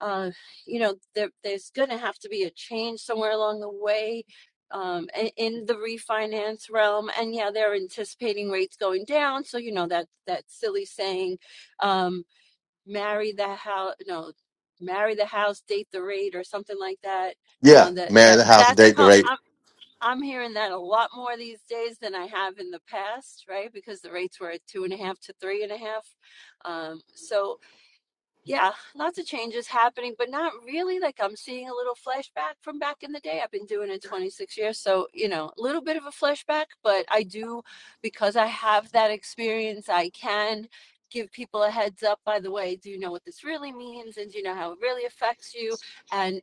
uh, you know, there, there's going to have to be a change somewhere along the way um, in, in the refinance realm. And yeah, they're anticipating rates going down, so you know that that silly saying. Um, marry the house no marry the house date the rate or something like that you
Yeah,
know that
man,
that
the house
that's
date the
co- i'm i'm hearing that a lot more these days than i have in the past right because the rates were at two and a half to three and a half um so yeah, lots of changes happening, but not really. Like I'm seeing a little flashback from back in the day. I've been doing it 26 years. So, you know, a little bit of a flashback, but I do, because I have that experience, I can give people a heads up. By the way, do you know what this really means? And do you know how it really affects you? And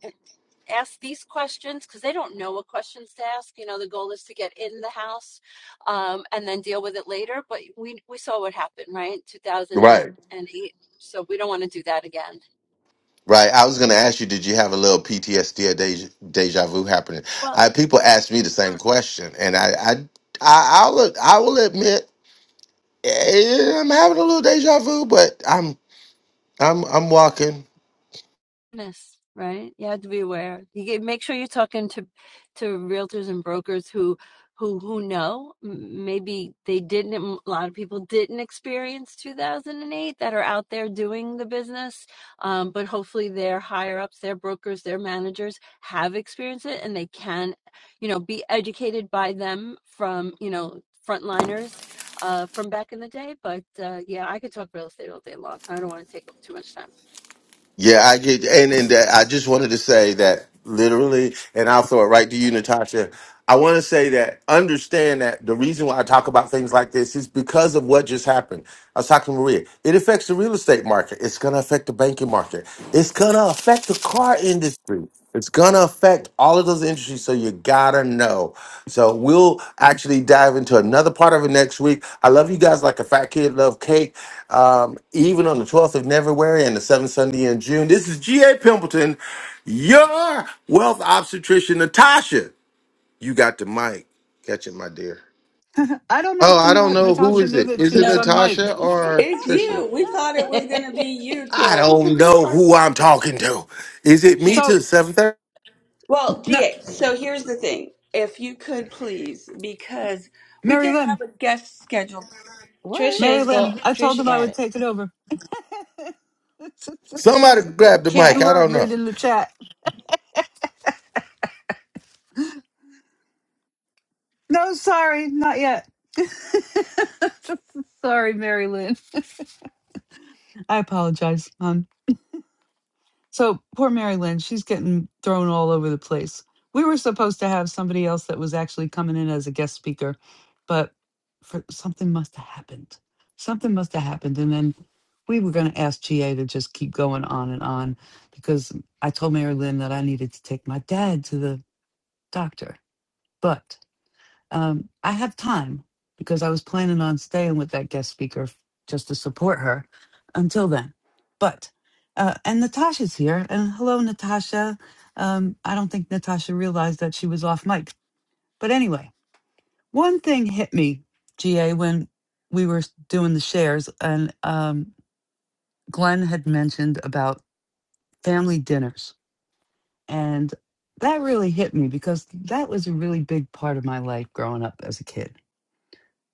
ask these questions because they don't know what questions to ask. You know, the goal is to get in the house um, and then deal with it later. But we we saw what happened, right? Two thousand and
rate.
eight. So we don't want to do that again.
Right. I was going to ask you, did you have a little PTSD or deja, deja vu happening?
Well.
I, people ask me the same question, and I, I, I, I will, I will admit, eh, I'm having a little deja vu, but I'm, I'm, I'm walking.
Business, right? You have to be aware. You get, make sure you're talking to to realtors and brokers who who who know. M- Maybe they didn't. m- A lot of people didn't experience 2008 that are out there doing the business, um, but hopefully their higher ups, their brokers, their managers have experienced it, and they can, you know, be educated by them from you know frontliners uh, from back in the day. But uh, yeah, I could talk real estate all day long. I don't want to take up too much time.
Yeah, I get, and and that- I just wanted to say that literally, and I'll throw it right to you, Natasha. I want to say that understand that the reason why I talk about things like this is because of what just happened. I was talking to Maria. It affects the real estate market. It's going to affect the banking market. It's going to affect the car industry. It's going to affect all of those industries. So you got to know. So we'll actually dive into another part of it next week. I love you guys like a fat kid love cake. Um, even on the 12th of February and the 7th Sunday in June. This is G.A. Pimpleton, your wealth obstetrician, Natasha. You got the mic. Catch it, my dear.
I don't know
Oh,
if
I don't know who
Natasha
is
knew
it.
that she
Is it
was
No,
on mic.
Natasha or
it's
Trisha?
you. We thought it was gonna be
it.
you
I
till
don't know who I'm talking to. Is it me
can.
to
So,
730?
Well,
no,
GA, so here's the thing. If you could please, because we
Mary
did
Lynn,
have a guest scheduled. What?
Trisha
Mary
is go.
Lynn, I told
Trisha
him I
got
would
it.
take it over.
Somebody grab the
you
mic.
Okay.
I
weren't
don't know.
reading the chat. No, sorry, not yet. sorry, Mary Lynn. I apologize, hon. So poor Mary Lynn, she's getting thrown all over the place. We were supposed to have somebody else that was actually coming in as a guest speaker, but for, something must have happened. Something must have happened. And then we were going to ask GA to just keep going on and on because I told Mary Lynn that I needed to take my dad to the doctor. but. Um, I have time because I was planning on staying with that guest speaker f- just to support her until then. But, uh, and Natasha's here. And hello, Natasha. Um, I don't think Natasha realized that she was off mic. But anyway, one thing hit me, GA, when we were s- doing the shares, and um, Glenn had mentioned about family dinners. And that really hit me because that was a really big part of my life growing up as a kid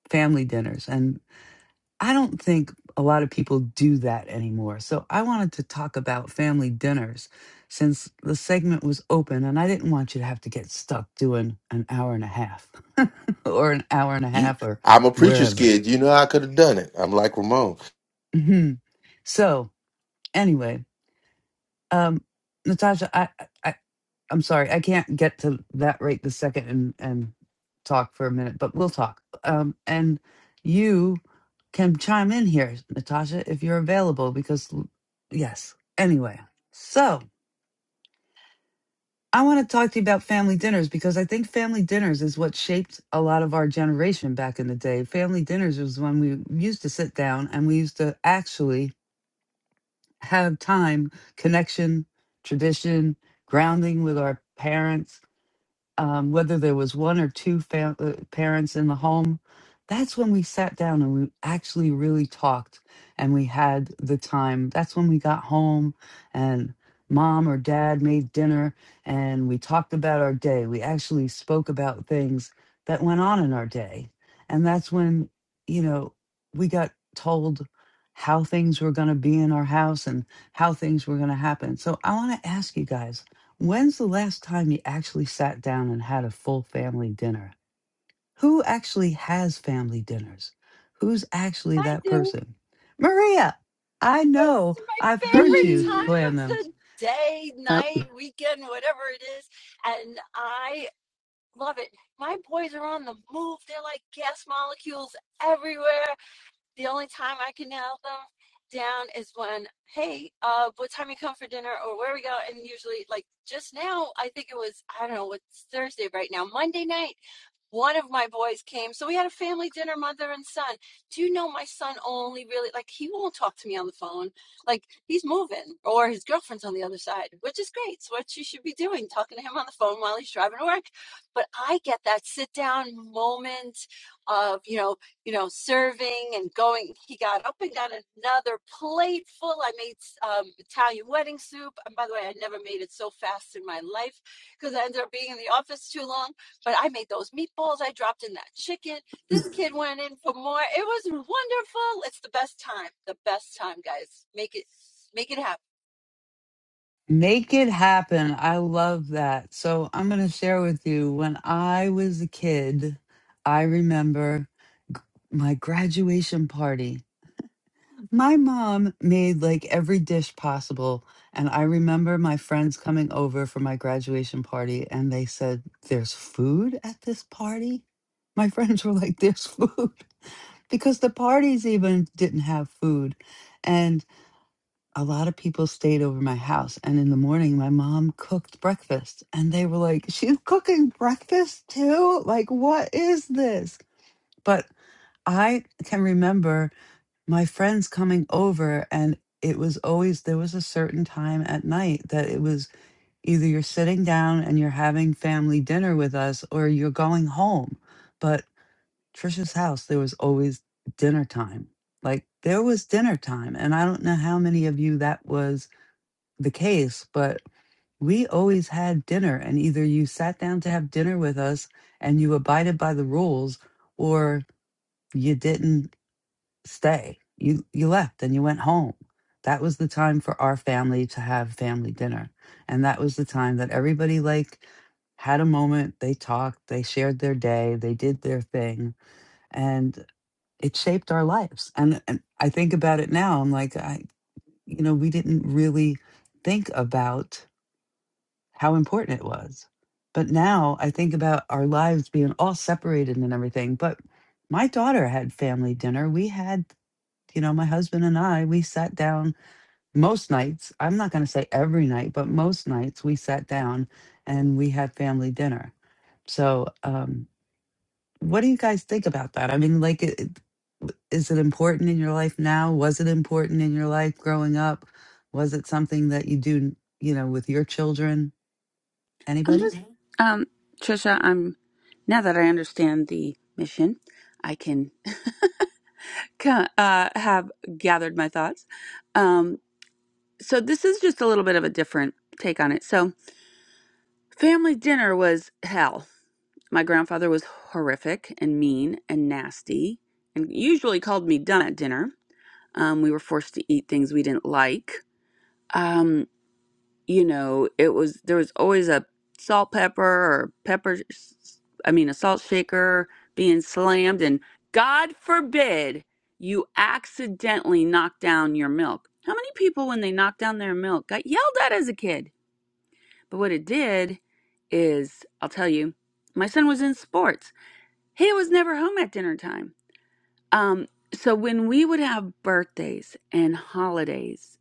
family dinners. I don't think a lot of people do that anymore. So I wanted to talk about family dinners since the segment was open and I didn't want you to have to get stuck doing an hour and a half or an hour and a
You
half or
I'm a preacher's
wherever.
kid. You know I could have done it. I'm like Ramon.
Mhm. so, anyway, um Natasha, I I I'm sorry, I can't get to that right this second and and talk for a minute, but we'll talk. Um, and you can chime in here, Natasha, if you're available, because l- yes. Anyway, so I want to talk to you about family dinners because I think family dinners is what shaped a lot of our generation back in the day. Family dinners was when we used to sit down and we used to actually have time, connection, tradition, grounding with our parents um, whether there was one or two fam- uh, parents in the home, that's when we sat down and we actually really talked and we had the time. That's when we got home and mom or dad made dinner and we talked about our day. We actually spoke about things that went on in our day. And that's when, you know, we got told how things were going to be in our house and how things were going to happen. So I want to ask you guys When's the last time you actually sat down and had a full family dinner? Who actually has family dinners? Who's actually
Hi,
that
Jay.
person? Maria, I know
It's
I've
my
heard
favorite
you
Mm.
time
plan
of
them.
the day,
Oh,
night, weekend, whatever it is. And I love it. My boys are on the move. They're like gas molecules everywhere. The only time I can nail them down is when, hey, uh, what time you come for dinner or where we go? And usually, like just now, I think it was, I don't know, what's Thursday right now, Monday night one of my boys came so we had a family dinner mother and son do you know my son only really like he won't talk to me on the phone like he's moving or his girlfriend's on the other side which is great it's what you should be doing talking to him on the phone while he's driving to work but i get that sit down moment of you know you know serving and going he got up and got another plate full i made um, italian wedding soup and by the way i never made it so fast in my life because i ended up being in the office too long but I made those meatballs. I dropped in that chicken. This kid went in for more. It was wonderful. It's the best time. The best time, guys. Make it, make it happen.
Make it happen. I love that. So I'm going to share with you when I was a kid, I remember my graduation party. My mom made like every dish possible. And I remember my friends coming over for my graduation party and they said, There's food at this party? My friends were like, There's food. Because the parties even didn't have food. And a lot of people stayed over my house. And in the morning, my mom cooked breakfast. And they were like, She's cooking breakfast too? Like, what is this? But I can remember my friends coming over and it was always there was a certain time at night that it was either you're sitting down and you're having family dinner with us or you're going home but trisha's house there was always dinner time like there was dinner time and i don't know how many of you that was the case but we always had dinner and either you sat down to have dinner with us and you abided by the rules or you didn't stay. You you left and you went home. That was the time for our family to have family dinner. And that was the time that everybody like had a moment, they talked, they shared their day, they did their thing, and it shaped our lives. And, and I think about it now, I'm like, I, you know, we didn't really think about how important it was. But now I think about our lives being all separated and everything. But my daughter had family dinner. We had you know, my husband and I, we sat down most nights. I'm not going to say every night, but most nights we sat down and we had family dinner. So, um, what do you guys think about that? I mean, like, it, it- is it important in your life now? Was it important in your life growing up? Was it something that you do, you know, with your children?
I'm
Anybody?
just, um, Trisha, I'm, now that I understand the mission, I can ca- uh, have gathered my thoughts. Um, so this is just a little bit of a different take on it. So Family dinner was hell. My grandfather was horrific and mean and nasty and usually called me dumb at dinner. Um, we were forced to eat things we didn't like. Um, you know, it was there was always a salt pepper or pepper, I mean, a salt shaker being slammed. And God forbid you accidentally knock down your milk. How many people, when they knocked down their milk, got yelled at as a kid? But what it did is, I'll tell you, my son was in sports. He was never home at dinner time. Um, so when we would have birthdays and holidays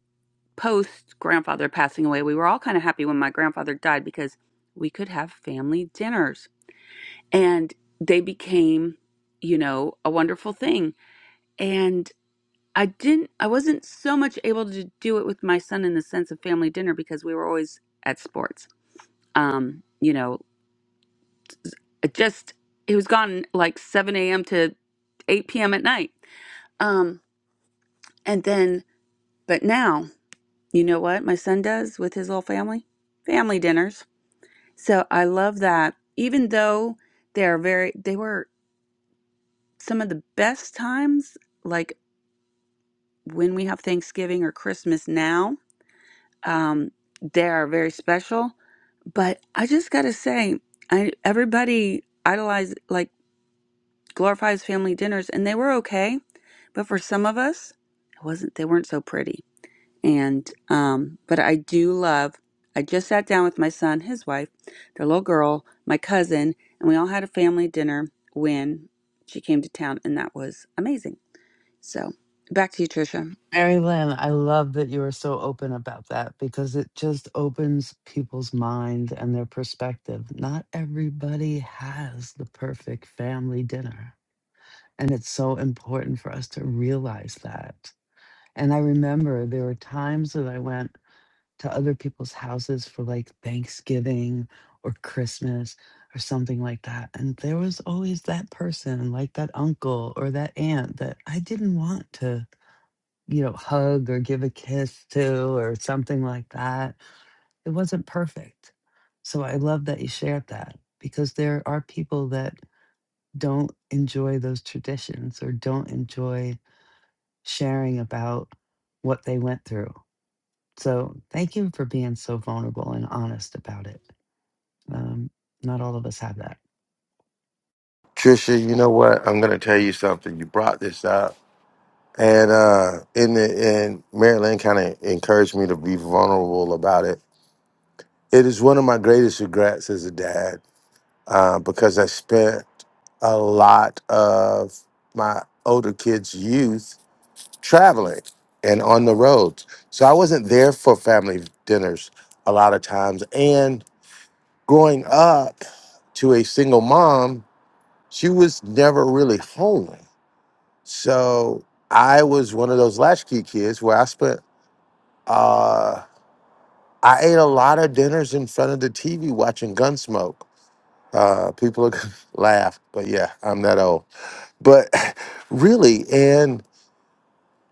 post grandfather passing away, we were all kind of happy when my grandfather died because we could have family dinners and they became, you know, a wonderful thing. And I didn't, I wasn't so much able to do it with my son in the sense of family dinner because we were always at sports. Um, you know, it just he was gone like 7 a.m to 8 p.m at night um and then but now you know what my son does with his little family family dinners so i love that even though they are very they were some of the best times like when we have thanksgiving or christmas now um they are very special but i just gotta say i everybody idolize like glorifies family dinners and they were okay But for some of us, it wasn't they weren't so pretty. And um, but I do love. I just sat down with my son, his wife, their little girl, my cousin, and we all had a family dinner when she came to town, and that was amazing. So back to you, Trisha.
Mary Lynn, I love that you are so open about that because it just opens people's mind and their perspective. Not everybody has the perfect family dinner. And it's so important for us to realize that. And I remember there were times that I went to other people's houses for like Thanksgiving or Christmas or something like that. And there was always that person, like that uncle or that aunt, that I didn't want to you know, hug or give a kiss to or something like that. It wasn't perfect. So I love that you shared that because there are people that don't enjoy those traditions or don't enjoy sharing about what they went through. So thank you for being so vulnerable and honest about it. Um, not all of us have that.
Trisha, you know what? I'm gonna tell you something. You brought this up. And uh in the and Maryland kind of encouraged me to be vulnerable about it. It is one of my greatest regrets as a dad, uh, because I spent a lot of my older kids' youth traveling and on the roads. So I wasn't there for family dinners a lot of times. And growing up to a single mom, she was never really home. So I was one of those latchkey kids where I spent, uh, I ate a lot of dinners in front of the TV watching Gunsmoke. Uh, people are gonna laugh, but yeah, I'm that old. But really, and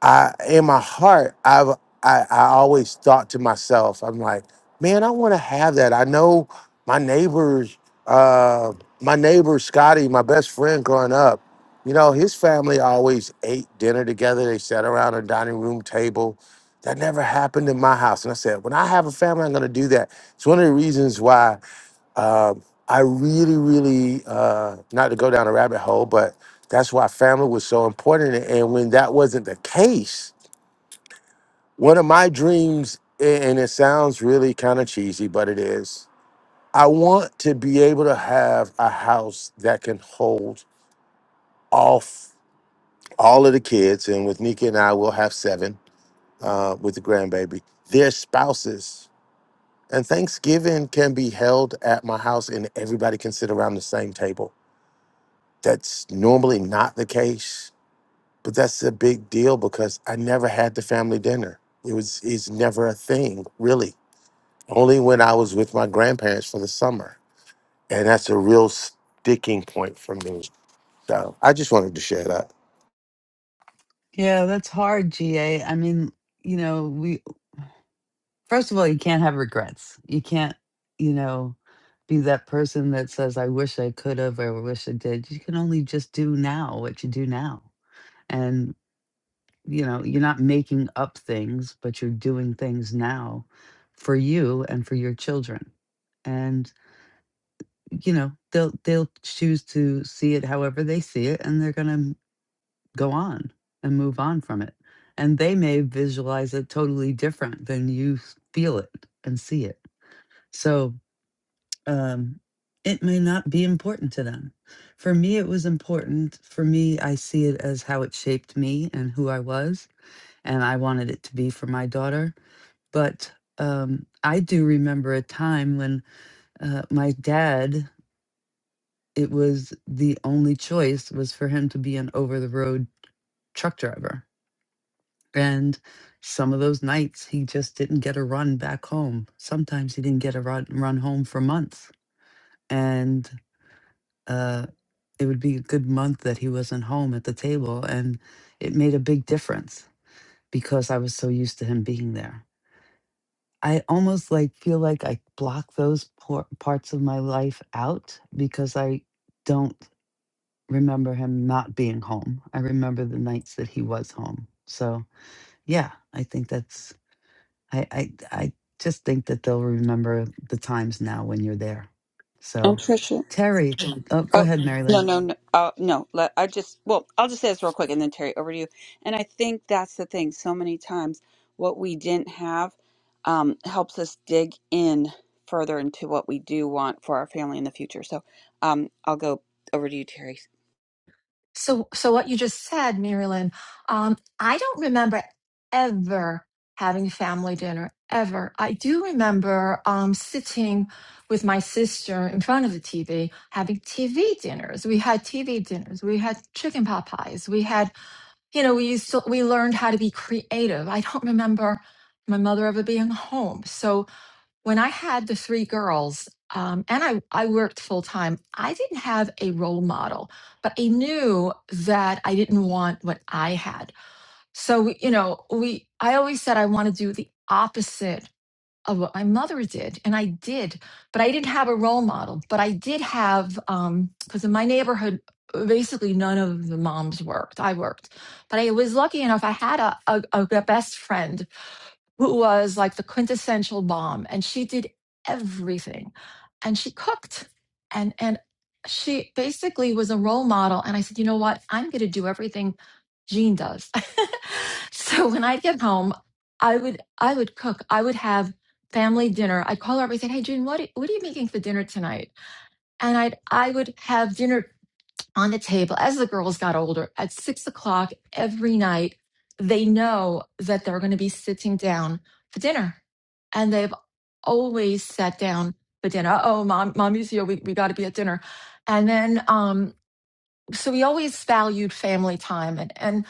I in my heart, I've I, I always thought to myself, I'm like, man, I want to have that. I know my neighbors, uh, my neighbor Scotty, my best friend growing up, you know, his family always ate dinner together. They sat around a dining room table. That never happened in my house. And I said, when I have a family, I'm gonna do that. It's one of the reasons why um, I really, really, uh, not to go down a rabbit hole, but that's why family was so important. And when that wasn't the case, one of my dreams, a- and it sounds really kind of cheesy, but it is, I want to be able to have a house that can hold off all of the kids. And with Nika and I, we'll have seven uh, with the grandbaby, their spouses. And Thanksgiving can be held at my house, and everybody can sit around the same table That's normally not the case, but that's a big deal because I never had the family dinner. It was is never a thing, really. Only when I was with my grandparents for the summer. And that's a real sticking point for me. So I just wanted to share that.
Yeah, that's hard, GA. I mean, you know, we first of all, you can't have regrets. You can't, you know, be that person that says, I wish I could have or I wish I did. You can only just do now what you do now. And, you know, you're not making up things, but you're doing things now for you and for your children. And, you know, they'll they'll choose to see it however they see it, and they're gonna go on and move on from it. And they may visualize it totally different than you s- feel it and see it. So um, it may not be important to them. For me, it was important. For me, I see it as how it shaped me and who I was. And I wanted it to be for my daughter. But um, I do remember a time when uh, my dad, it was the only choice was for him to be an over the road truck driver And some of those nights he just didn't get a run back home. Sometimes he didn't get a run, run home for months. And uh, it would be a good month that he wasn't home at the table. And it made a big difference because I was so used to him being there. I almost like feel like I block those por- parts of my life out because I don't remember him not being home. I remember the nights that he was home. So, yeah, I think that's I, I I just think that they'll remember the times now when you're there.
And
So,
Trisha.
Terry, oh, go
Oh
ahead, Mary
no
Lynn.
no no uh, no! Let, I just well, I'll just say this real quick, and then Terry, over to you. And I think that's the thing. So many times, what we didn't have um, helps us dig in further into what we do want for our family in the future. So um, I'll go over to you, Terry.
So, so what you just said, Marilyn, um, I don't remember ever having family dinner ever. I do remember um, sitting with my sister in front of the TV, having TV dinners. We had TV dinners. We had chicken pot pies. We had, you know, we used to, we learned how to be creative. I don't remember my mother ever being home. So when I had the three girls, um, and I, I worked full time, I didn't have a role model, but I knew that I didn't want what I had. So, we- you know, we, I always said I want to do the opposite of what my mother did. And I did, but I didn't have a role model, but I did have, um, cause in my neighborhood, basically none of the moms worked. I worked, but I was lucky enough. I had a, a, a best friend who was like the quintessential mom, and she did everything and she cooked and and she basically was a role model and i said you know what i'm going to do everything jean does so when i'd get home i would i would cook i would have family dinner i'd call her up and say hey jean what, are- what are you making for dinner tonight and i'd i would have dinner on the table as the girls got older at six o'clock every night. They know that they're going to be sitting down for dinner. And they've always sat down for dinner. Uh Oh, mom, mommy's here. We, we got to be at dinner. And then, um, so we always valued family time. and And,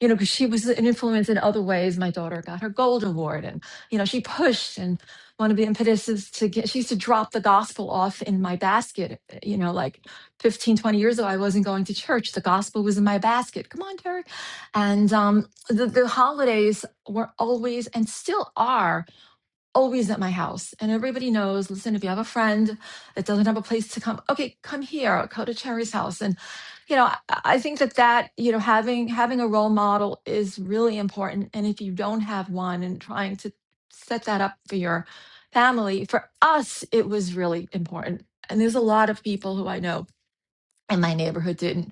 you know, because she was an influence in other ways. My daughter got her gold award, and you know, she pushed and one of the impetuses to get. She used to drop the gospel off in my basket. You know, like 15, 20 years ago, I wasn't going to church. The gospel was in my basket. Come on, Terry. And um, the, the holidays were always and still are always at my house. And everybody knows, listen, if you have a friend that doesn't have a place to come, okay, come here, go to Cherry's house. And, you know, I, I think that that, you know, having, having a role model is really important. And if you don't have one and trying to set that up for your family, for us, it was really important. And there's a lot of people who I know in my neighborhood didn't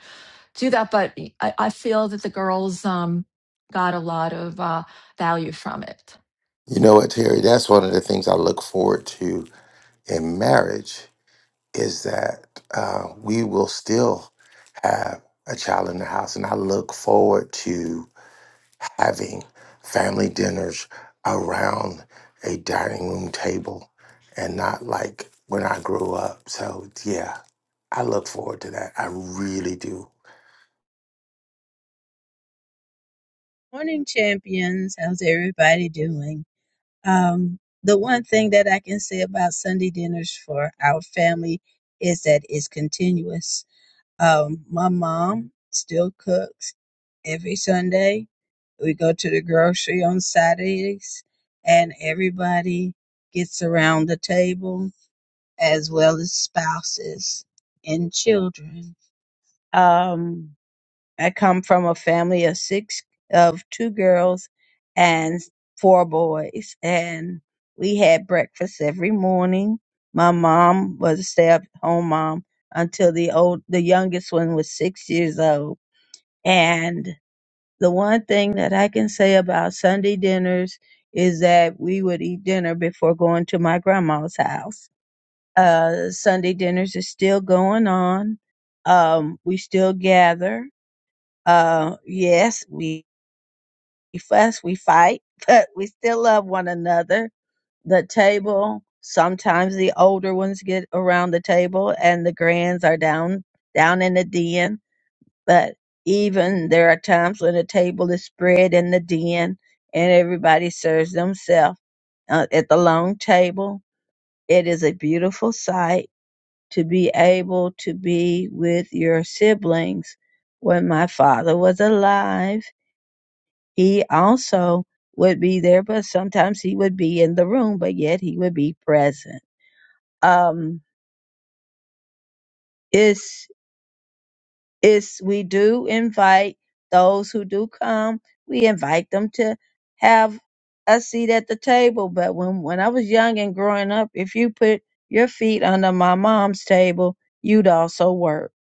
do that. But I, I feel that the girls um, got a lot of uh, value from it.
You know what, Terry? That's one of the things I look forward to in marriage is that uh, we will still have a child in the house. And I look forward to having family dinners around a dining room table and not like when I grew up. So, yeah, I look forward to that. I really do.
Morning, champions. How's everybody doing? Um, the one thing that I can say about Sunday dinners for our family is that it's continuous. Um, my mom still cooks every Sunday. We go to the grocery on Saturdays, and everybody gets around the table, as well as spouses and children. Um, I come from a family of six, of two girls and four boys. And we had breakfast every morning. My mom was a stay-at-home mom until the old, the youngest one was six years old. And the one thing that I can say about Sunday dinners is that we would eat dinner before going to my grandma's house. Uh, Sunday dinners is still going on. Um, we still gather uh, yes, we fuss, we fight, but we still love one another. The table, sometimes the older ones get around the table and the grands are down down in the den. But even there are times when the table is spread in the den and everybody serves themselves uh, at the long table. It is a beautiful sight to be able to be with your siblings. When my father was alive, He also would be there, but sometimes he would be in the room, but yet he would be present. Um, it's, it's, we do invite those who do come, we invite them to have a seat at the table. But when, when I was young and growing up, if you put your feet under my mom's table, you'd also work.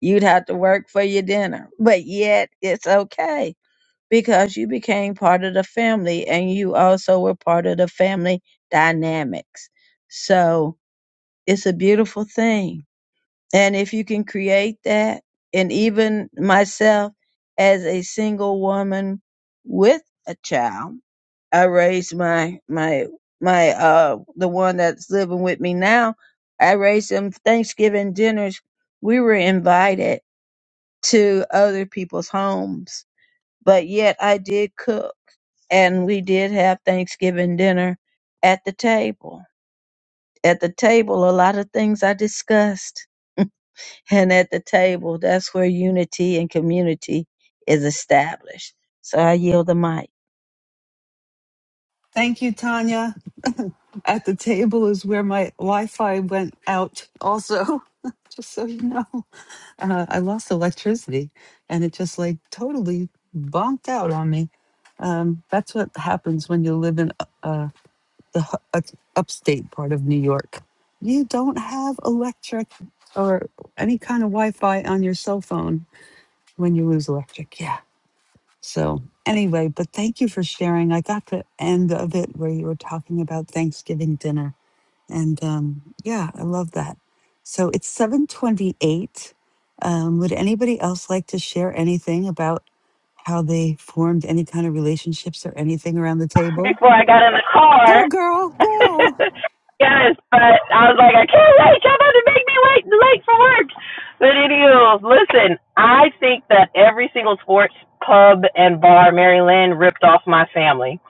You'd have to work for your dinner, but yet it's okay because you became part of the family and you also were part of the family dynamics. So it's a beautiful thing. And if you can create that, and even myself as a single woman with a child, I raised my, my, my, uh, the one that's living with me now. I raised them Thanksgiving dinners. We were invited to other people's homes but yet I did cook and we did have Thanksgiving dinner at the table. At the table, a lot of things I discussed. And at the table, that's where unity and community is established. So I yield the mic.
Thank you, Tanya. At the table is where my Wi Fi went out, also, just so you know. Uh, I lost electricity and it just like totally bonked out on me. Um, that's what happens when you live in uh, the hu- up- upstate part of New York. You don't have electric or any kind of Wi Fi on your cell phone when you lose electric. Yeah. So anyway, but thank you for sharing. I got the end of it where you were talking about Thanksgiving dinner, and um, yeah, I love that. So it's seven twenty-eight. Um, would anybody else like to share anything about how they formed any kind of relationships or anything around the table?
before I got in the car.
Go, girl, go!
yes, but I was like, I can't wait. Y'all about to make me wait late for work. But anywho, listen, I think that every single sports pub and bar Mary Lynn, ripped off my family.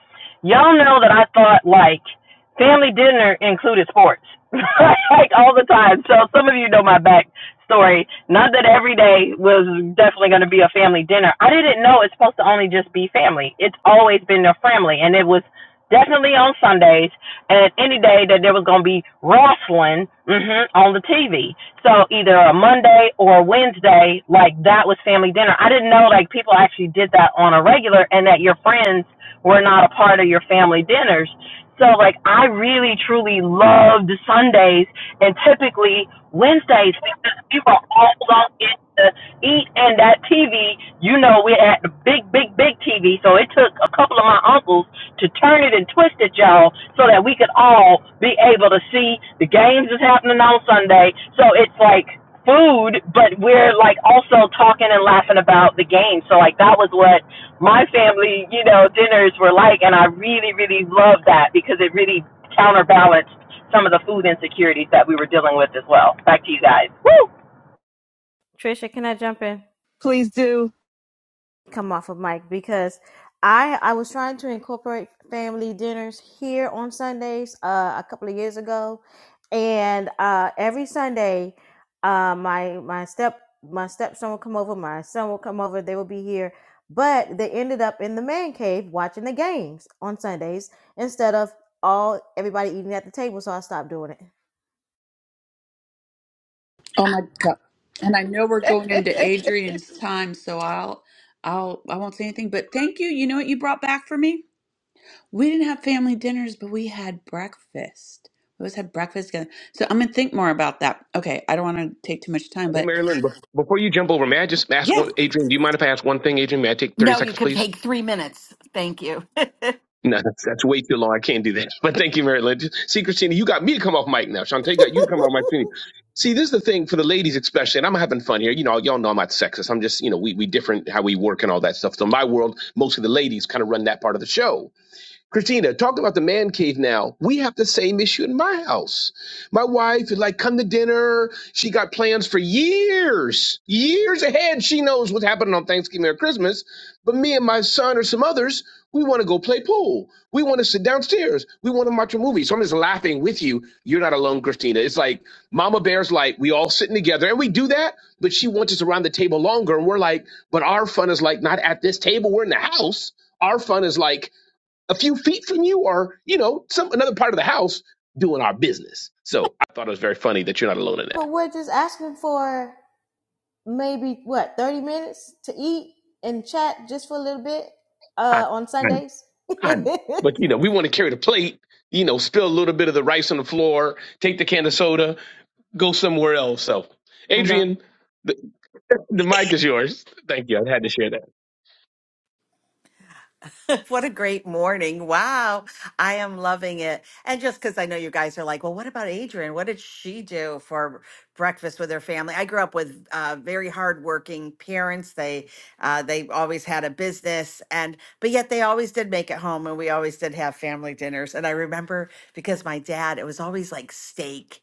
Y'all know that I thought like family dinner included sports. like all the time. So some of you know my back story. Not that every day was definitely going to be a family dinner. I didn't know it's supposed to only just be family. It's always been their family, and it was definitely on Sundays and any day that there was going to be wrestling hmm on the TV. So either a Monday or a Wednesday, like that was family dinner. I didn't know like people actually did that on a regular, and that your friends were not a part of your family dinners. So like I really truly loved Sundays and typically Wednesdays because we were all on in to eat and that TV, you know, we're at the big, big, big TV. So it took a couple of my uncles to turn it and twist it, y'all, so that we could all be able to see the games is happening on Sunday. So it's like food, but we're like also talking and laughing about the game. So like that was what my family, you know, dinners were like and I really, really loved that because it really counterbalanced some of the food insecurities that we were dealing with as well. Back to you guys.
Trisha, can I jump in?
Please do
come off of Mike because I I was trying to incorporate family dinners here on Sundays uh, a couple of years ago, and uh, every Sunday, uh, my my step my stepson will come over, my son will come over, they will be here, but they ended up in the man cave watching the games on Sundays instead of all everybody eating at the table, so I stopped doing it.
Oh my God. And I know we're going into Adrian's time, so I'll I'll I won't say anything, but thank you. You know what you brought back for me? We didn't have family dinners, but we had breakfast. We always had breakfast together. So I'm gonna think more about that. Okay, I don't want to take too much time,
Hey,
but
Marilyn, bef- before you jump over, may I just ask
yeah.
one, Adrian, do you mind if I ask one thing, Adrian? May I take 30
No, you
seconds,
could
please?
take three minutes. Thank you.
No, that's, that's way too long. I can't do that. But thank you, Marilyn. Just- See, Christina, you got me to come off mic now. Shantae got you to come off mic. too. See, this is the thing for the ladies, especially, and I'm having fun here. You know, y'all know I'm not sexist. I'm just, you know, we, we different how we work and all that stuff. So in my world, most of the ladies kind of run that part of the show. Christina, talk about the man cave now, we have the same issue in my house. My wife is like, come to dinner. She got plans for years, years ahead. She knows what's happening on Thanksgiving or Christmas. But me and my son or some others, we want to go play pool. We want to sit downstairs. We want to watch a movie. So I'm just laughing with you. You're not alone, Christina. It's like Mama Bear's like, we all sitting together and we do that, but she wants us around the table longer. And we're like, but our fun is like not at this table. We're in the house. Our fun is like a few feet from you or you know some another part of the house doing our business so i thought it was very funny that you're not alone in
But
that
we're just asking for. maybe what 30 minutes to eat and chat just for a little bit
i
uh on
i,
sundays
I but you know we want to carry the plate you know spill a little bit of the rice on the floor take the can of soda go somewhere else so
i know
adrian the, the mic is yours thank you i had to share that
What a great morning. Wow. I am loving it. And just because I know you guys are like, well, what about Adrian? What did she do for breakfast with her family? I grew up with uh, very hardworking parents. They uh, they always had a business and but yet they always did make it home and we always did have family dinners. And I remember because my dad, it was always like steak,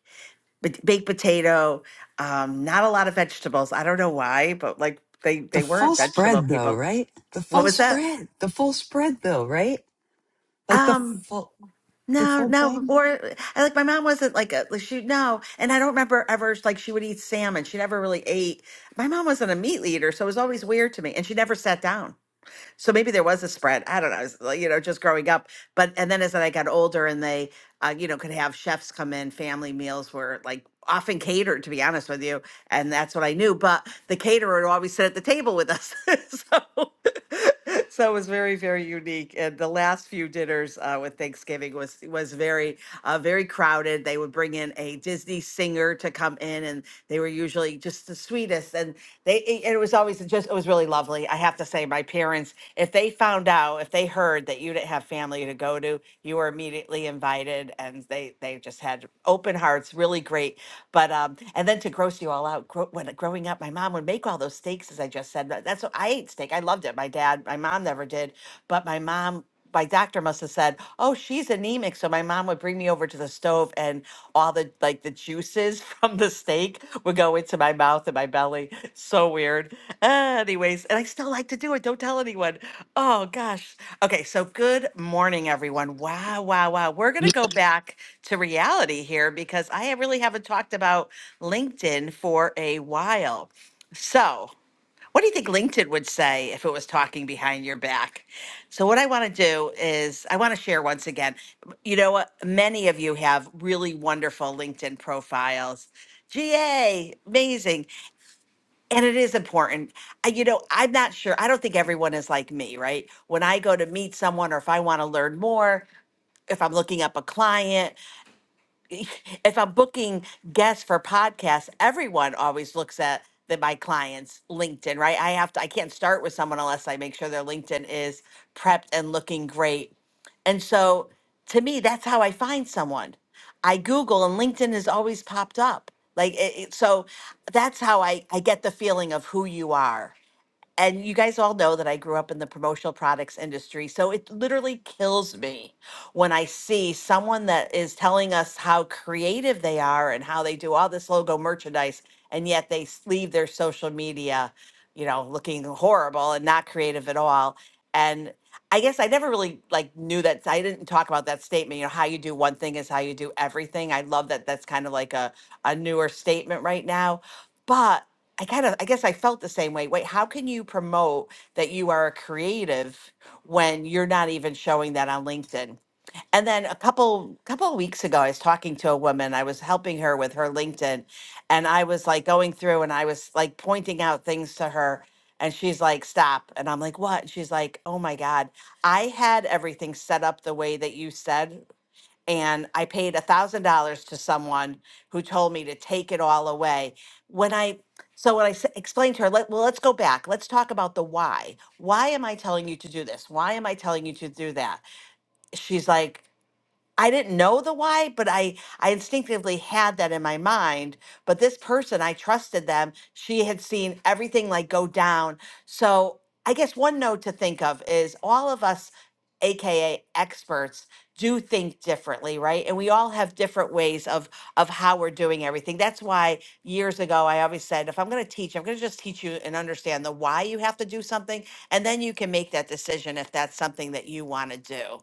but baked potato, um, not a lot of vegetables. I don't know why, but like they
the
they weren't
full
vegetable
spread, though,
people.
right? The
What
full
was that?
spread, the full spread, though, right? Like the
Um,
full, the
no,
full
no,
thing.
or I like my mom wasn't like a like she no, and I don't remember ever like she would eat salmon. She never really ate. My mom wasn't a meat eater, so it was always weird to me, and she never sat down. So maybe there was a spread. I don't know. it's like, You know, just growing up. But and then as I got older, and they, uh, you know, could have chefs come in. Family meals were like often catered, to be honest with you, and that's what I knew. But the caterer would always sit at the table with us. so. So it was very, very unique. And the last few dinners uh, with Thanksgiving was was very, uh, very crowded. They would bring in a Disney singer to come in, and they were usually just the sweetest this and they it it was always just it was really lovely i have to say my parents if they found out if they heard that you didn't have family to go to you were immediately invited and they they just had open hearts really great but um and then to gross you all out gro- when growing up my mom would make all those steaks as i just said that- that's what i ate steak i loved it my dad my mom never did but my mom my doctor must have said, "Oh, she's anemic." So my mom would bring me over to the stove, and all the like the juices from the steak would go into my mouth and my belly. So weird. Anyways, and I still like to do it. Don't tell anyone. Oh gosh. Okay. So good morning, everyone. Wow, wow, wow. We're gonna go back to reality here because I really haven't talked about LinkedIn for a while. So. What do you think LinkedIn would say if it was talking behind your back? So, what I want to do is, I want to share once again. You know what? Many of you have really wonderful LinkedIn profiles. GA, amazing. And it is important. I- You know, I'm not sure. I don't think everyone is like me, right? When I go to meet someone or if I want to learn more, if I'm looking up a client, if I'm booking guests for podcasts, everyone always looks at the, my clients' LinkedIn, right? I have to, I can't start with someone unless I make sure their LinkedIn is prepped and looking great. And so to me, that's how I find someone. I Google and LinkedIn has always popped up. Like, it, it- so that's how I, I get the feeling of who you are. And you guys all know that I grew up in the promotional products industry. So it literally kills me when I see someone that is telling us how creative they are and how they do all this logo merchandise, and yet they s- leave their social media, you know, looking horrible and not creative at all. And I guess I never really like knew that I didn't talk about that statement, you know, how you do one thing is how you do everything. I love that that's kind of like a, a newer statement right now. But I kind of, I guess I felt the same way. Wait, how can you promote that you are a creative when you're not even showing that on LinkedIn? And then a couple couple of weeks ago, I was talking to a woman. I was helping her with her LinkedIn, and I was like going through and I was like pointing out things to her. And she's like, stop. And I'm like, what? And she's like, oh my God, I had everything set up the way that you said and I paid a thousand dollars to someone who told me to take it all away. When I so when I s- explained to her, let, well, let's go back. Let's talk about the why. Why am I telling you to do this? Why am I telling you to do that? She's like. I didn't know the why, but I I instinctively had that in my mind. But this person, I trusted them. She had seen everything like go down. So I guess one note to think of is all of us, aka experts, do think differently, right? And we all have different ways of of how we're doing everything. That's why years ago I always said, if I'm going to teach, I'm going to just teach you and understand the why you have to do something, and then you can make that decision if that's something that you want to do.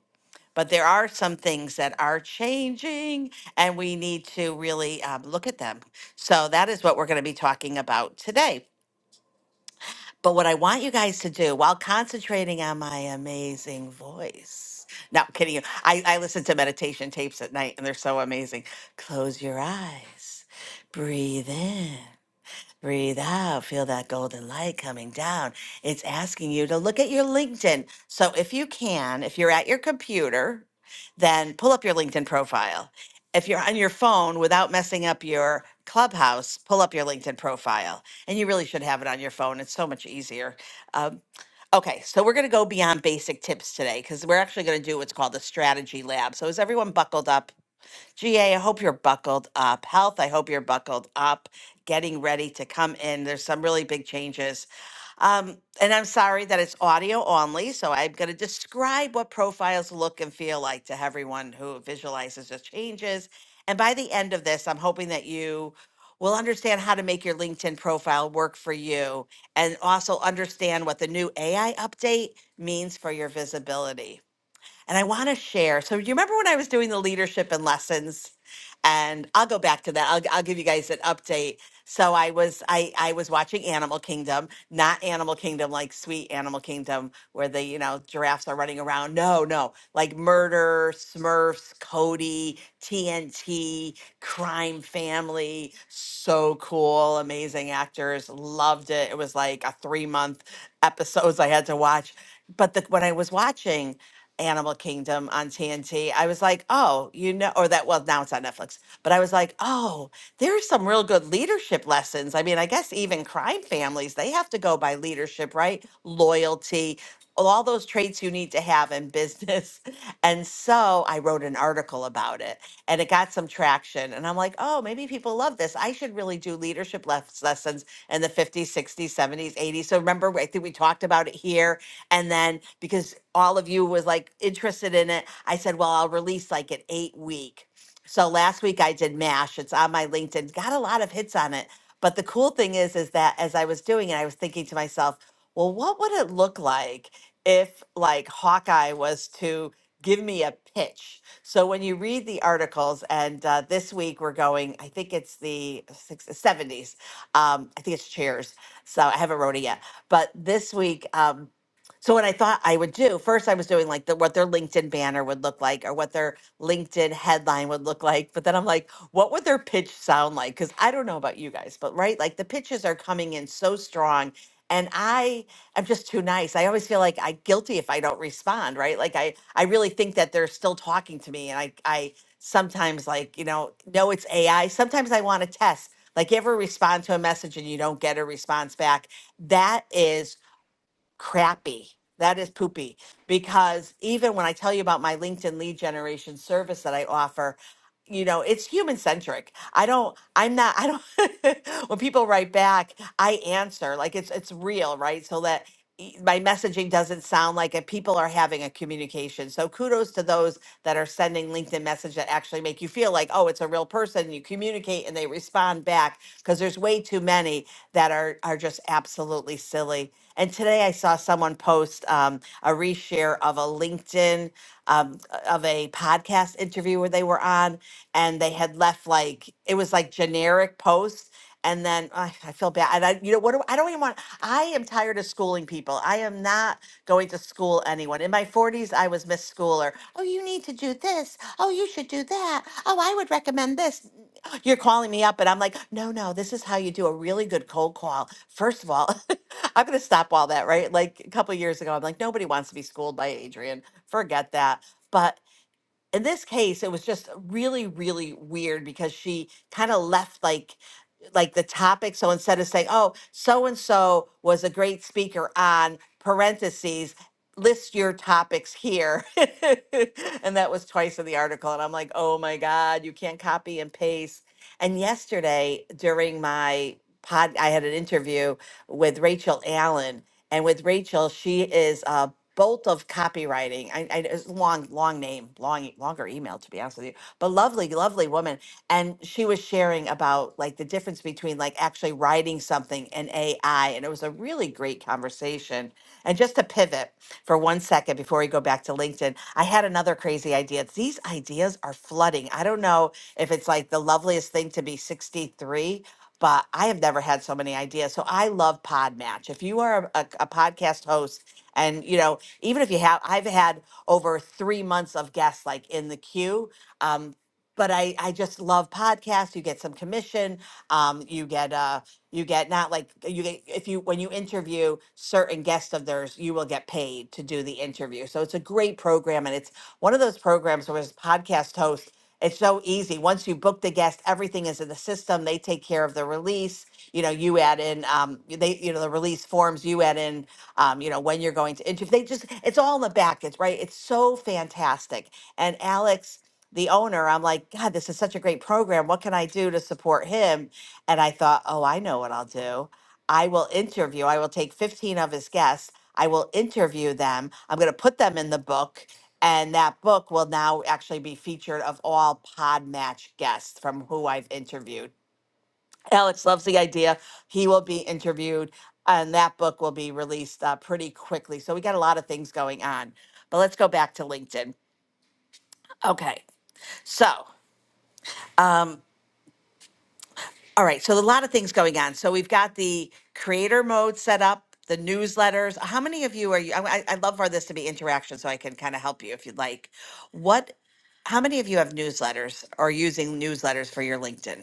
But there are some things that are changing, and we need to really um, look at them. So that is what we're going to be talking about today. But what I want you guys to do while concentrating on my amazing voice. No, I'm kidding you. I, I listen to meditation tapes at night and they're so amazing. Close your eyes, breathe in, Breathe out. Feel that golden light coming down. It's asking you to look at your LinkedIn. So, if you can, if you're at your computer, then pull up your LinkedIn profile. If you're on your phone without messing up your clubhouse, pull up your LinkedIn profile. And you really should have it on your phone. It's so much easier. Um, okay, so we're going to go beyond basic tips today because we're actually going to do what's called a strategy lab. So, is everyone buckled up? GA, I hope you're buckled up. Health, I hope you're buckled up, getting ready to come in. There's some really big changes. Um, and I'm sorry that it's audio only, so I'm going to describe what profiles look and feel like to everyone who visualizes the changes. And by the end of this, I'm hoping that you will understand how to make your LinkedIn profile work for you and also understand what the new AI update means for your visibility. And I want to share. So, you remember when I was doing the leadership and lessons? And I'll go back to that. I'll, I'll give you guys an update. So I was I I was watching Animal Kingdom, not Animal Kingdom like sweet Animal Kingdom where the you know giraffes are running around. No, no, like Murder, Smurfs, Cody, TNT, Crime Family. So cool, amazing actors. Loved it. It was like a three month episodes I had to watch. But the, when I was watching. Animal Kingdom on TNT, I was like, oh, you know, or that, well, now it's on Netflix, but I was like, oh, there's some real good leadership lessons. I mean, I guess even crime families, they have to go by leadership, right? Loyalty, all those traits you need to have in business. And so I wrote an article about it and it got some traction. And I'm like, oh, maybe people love this. I should really do leadership les- lessons in the 50s, 60s, 70s, 80s. So remember, I think we talked about it here and then because all of you was like interested in it, I said, well, I'll release like an eight week. So last week I did MASH. It's on my LinkedIn. Got a lot of hits on it. But the cool thing is, is that as I was doing it, I was thinking to myself, well, what would it look like if like Hawkeye was to give me a pitch? So when you read the articles, and uh, this week we're going, I think it's the six, 70s. Um, I think it's Cheers. So I haven't wrote it yet. But this week, um, so what I thought I would do first, I was doing like the what their LinkedIn banner would look like or what their LinkedIn headline would look like. But then I'm like, what would their pitch sound like? Because I don't know about you guys, but right, like the pitches are coming in so strong, and I am just too nice. I always feel like I guilty if I don't respond. Right, like I I really think that they're still talking to me, and I I sometimes like you know no it's AI. Sometimes I want to test. Like you ever respond to a message and you don't get a response back, that is crappy. That is poopy because even when I tell you about my LinkedIn lead generation service that I offer, you know it's human centric i don't i'm not i don't when people write back i answer like it's it's real right so that e- my messaging doesn't sound like it people are having a communication so kudos to those that are sending linkedin messages that actually make you feel like oh it's a real person you communicate and they respond back because there's way too many that are are just absolutely silly and today i saw someone post um, a reshare of a linkedin um, of a podcast interview where they were on and they had left like it was like generic posts and then I I feel bad. And I, you know, what do I don't even want? I am tired of schooling people. I am not going to school anyone. In my 40s, I was Miss Schooler. Oh, you need to do this. Oh, you should do that. Oh, I would recommend this. You're calling me up, and I'm like, no, no, this is how you do a really good cold call. First of all, I'm going to stop all that, right? Like a couple years ago, I'm like, nobody wants to be schooled by Adrian. Forget that. But in this case it was just really really weird because she kind of left like like the topic so instead of saying oh so and so was a great speaker on parentheses list your topics here and that was twice in the article and i'm like oh my god you can't copy and paste and yesterday during my pod i had an interview with rachel allen and with rachel she is a Bolt of copywriting. I, I it's a long, long name, long, e- longer email to be honest with you, but lovely, lovely woman. And she was sharing about like the difference between like actually writing something and AI. And it was a really great conversation. And just to pivot for one second before we go back to LinkedIn, I had another crazy idea. These ideas are flooding. I don't know if it's like the loveliest thing to be 63 but I have never had so many ideas. So I love Podmatch. If you are a, a podcast host, and you know, even if you have, I've had over three months of guests like in the queue. Um, but I, I just love podcasts. You get some commission. Um, you get uh, you get not like you get if you when you interview certain guests of theirs, you will get paid to do the interview. So it's a great program, and it's one of those programs where as podcast host. It's so easy. Once you book the guest, everything is in the system. They take care of the release. You know, you add in um, they, you know, the release forms. You add in, um, you know, when you're going to interview. They just, it's all in the back. It's right. It's so fantastic. And Alex, the owner, I'm like, God, this is such a great program. What can I do to support him? And I thought, oh, I know what I'll do. I will interview, I will take 15 of his guests, I will interview them, I'm going to put them in the book. And that book will now actually be featured of all Podmatch guests from who I've interviewed. Alex loves the idea. He will be interviewed, and that book will be released uh, pretty quickly. So we got a lot of things going on. But let's go back to LinkedIn. Okay. So, um, All right, so a lot of things going on. So we've got the creator mode set up, the newsletters. How many of you are you? I, I I love for this to be interaction, so I can kind of help you if you'd like. What? How many of you have newsletters or using newsletters for your LinkedIn?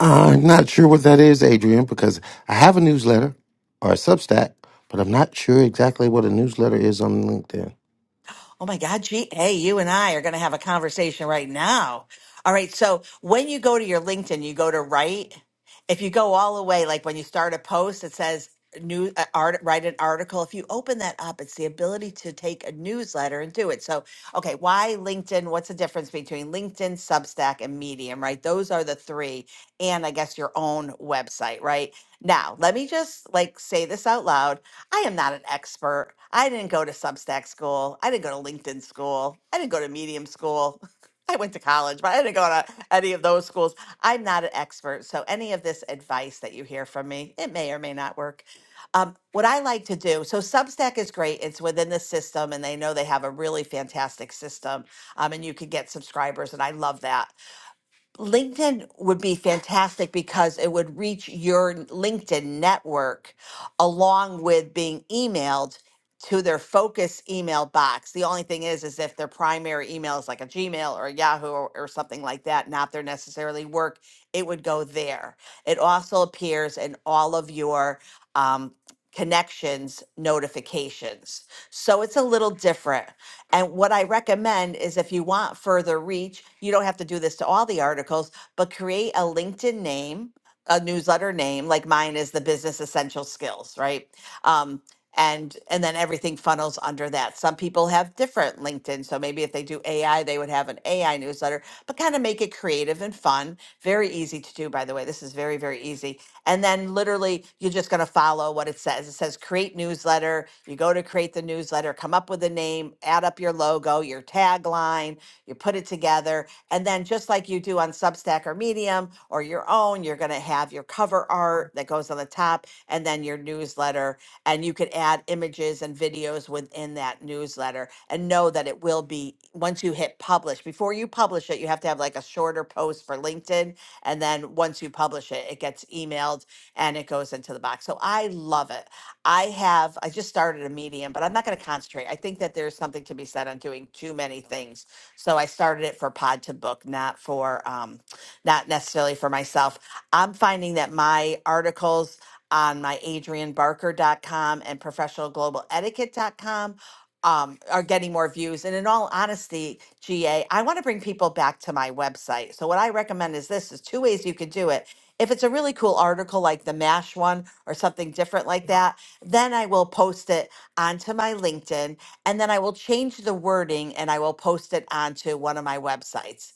I'm not sure what that is, Adrian, because I have a newsletter or a Substack, but I'm not sure exactly what a newsletter is on LinkedIn.
Oh my God, gee, hey, you and I are going to have a conversation right now. All right. So when you go to your LinkedIn, you go to write. If you go all the way, like when you start a post, it says new uh, art, write an article. If you open that up, it's the ability to take a newsletter and do it. So, okay, why LinkedIn? What's the difference between LinkedIn, Substack, and Medium, right? Those are the three. And I guess your own website, right? Now, let me just like say this out loud I am not an expert. I didn't go to Substack school. I didn't go to LinkedIn school. I didn't go to Medium school. I went to college, but I didn't go to any of those schools. I'm not an expert. So, any of this advice that you hear from me, it may or may not work. Um, what I like to do so, Substack is great. It's within the system, and they know they have a really fantastic system, um, and you can get subscribers, and I love that. LinkedIn would be fantastic because it would reach your LinkedIn network along with being emailed to their focus email box. The only thing is, is if their primary email is like a Gmail or a Yahoo or, or something like that, not their necessarily work, it would go there. It also appears in all of your um, connections notifications. So it's a little different. And what I recommend is if you want further reach, you don't have to do this to all the articles, but create a LinkedIn name, a newsletter name, like mine is the Business Essential Skills, right? Um, and and then everything funnels under that. Some people have different LinkedIn, so maybe if they do AI, they would have an AI newsletter, but kind of make it creative and fun. Very easy to do, by the way. This is very very easy and then literally, you're just going to follow what it says. It says create newsletter. You go to create the newsletter, come up with a name, add up your logo, your tagline, you put it together. And then, just like you do on Substack or Medium or your own, you're going to have your cover art that goes on the top and then your newsletter. And you could add images and videos within that newsletter and know that it will be once you hit publish. Before you publish it, you have to have like a shorter post for LinkedIn and then once you publish it, it gets emailed and it goes into the box. So I love it. I have, I just started a medium, but I'm not going to concentrate. I think that there's something to be said on doing too many things. So I started it for Pod to Book, not for, um, not necessarily for myself. I'm finding that my articles, on my adrianbarker.com and professionalglobaletiquette.com um, are getting more views. And in all honesty, GA, I want to bring people back to my website. So what I recommend is this is two ways you could do it. If it's a really cool article like the MASH one or something different like that, then I will post it onto my LinkedIn and then I will change the wording and I will post it onto one of my websites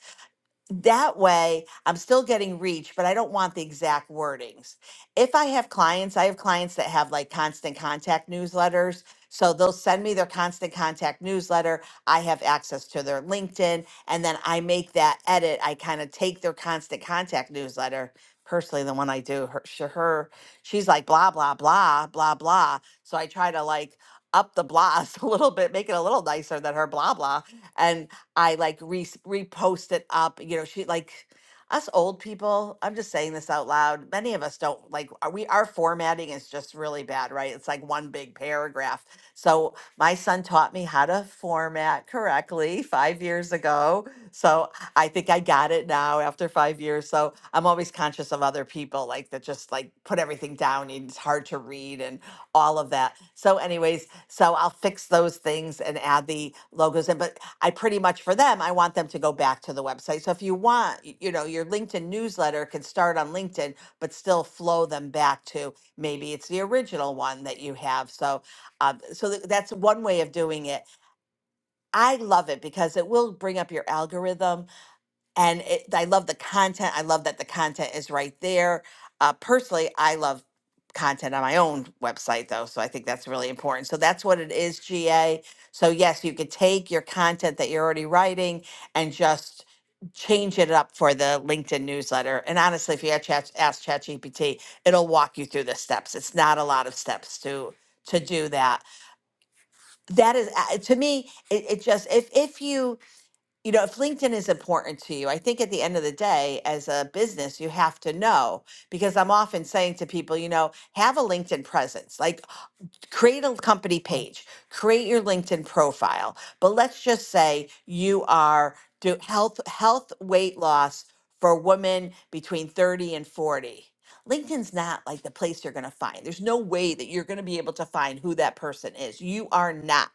that way i'm still getting reach but i don't want the exact wordings if i have clients i have clients that have like constant contact newsletters so they'll send me their constant contact newsletter i have access to their linkedin and then i make that edit i kind of take their constant contact newsletter personally the one i do her, sh- her she's like blah blah blah blah blah so i try to like up the blahs a little bit make it a little nicer than her blah blah and. I like re- repost it up. You know, she like us old people. I'm just saying this out loud. Many of us don't like are we our formatting is just really bad, right? It's like one big paragraph. So my son taught me how to format correctly five years ago. So I think I got it now after five years. So I'm always conscious of other people like that just like put everything down and it's hard to read and all of that. So, anyways, so I'll fix those things and add the logos in. But I pretty much for them, I want them to go back to the website. So if you want, y- you know, your LinkedIn newsletter can start on LinkedIn, but still flow them back to maybe it's the original one that you have. So, uh, so th- that's one way of doing it. I love it because it will bring up your algorithm and it, I love the content. I love that the content is right there. Uh, personally, I love content on my own website though, so I think that's really important. So that's what it is, GA. So yes, you could take your content that you're already writing and just change it up for the LinkedIn newsletter. And honestly, if you had chat, ask ChatGPT, it'll walk you through the steps. It's not a lot of steps to to do that. That is uh, to me, it, it just if if you you know, if LinkedIn is important to you, I think at the end of the day, as a business, you have to know because I'm often saying to people, you know, have a LinkedIn presence. Like, create a company page, create your LinkedIn profile. But let's just say you are do health health weight loss for women between 30 and 40. LinkedIn's not like the place you're going to find. There's no way that you're going to be able to find who that person is. You are not.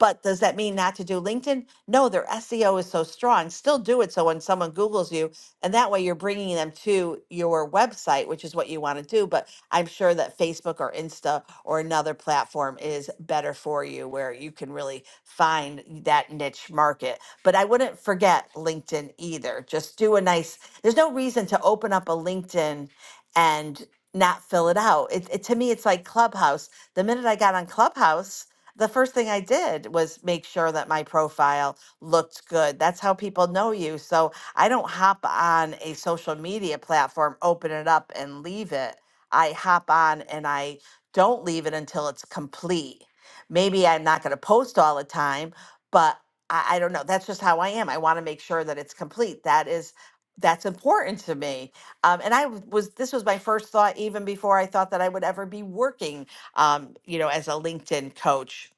But does that mean not to do LinkedIn? No, their SEO is so strong. Still do it. So when someone Googles you, and that way you're bringing them to your website, which is what you want to do. But I'm sure that Facebook or Insta or another platform is better for you where you can really find that niche market. But I wouldn't forget LinkedIn either. Just do a nice, there's no reason to open up a LinkedIn and not fill it out. It, it to me it's like Clubhouse. The minute I got on Clubhouse, the first thing I did was make sure that my profile looked good. That's how people know you. So I don't hop on a social media platform, open it up, and leave it. I hop on and I don't leave it until it's complete. Maybe I'm not going to post all the time, but I, I don't know. That's just how I am. I want to make sure that it's complete. That is that's important to me. Um, and I w- was this was my first thought even before I thought that I would ever be working, um, you know, as a LinkedIn coach.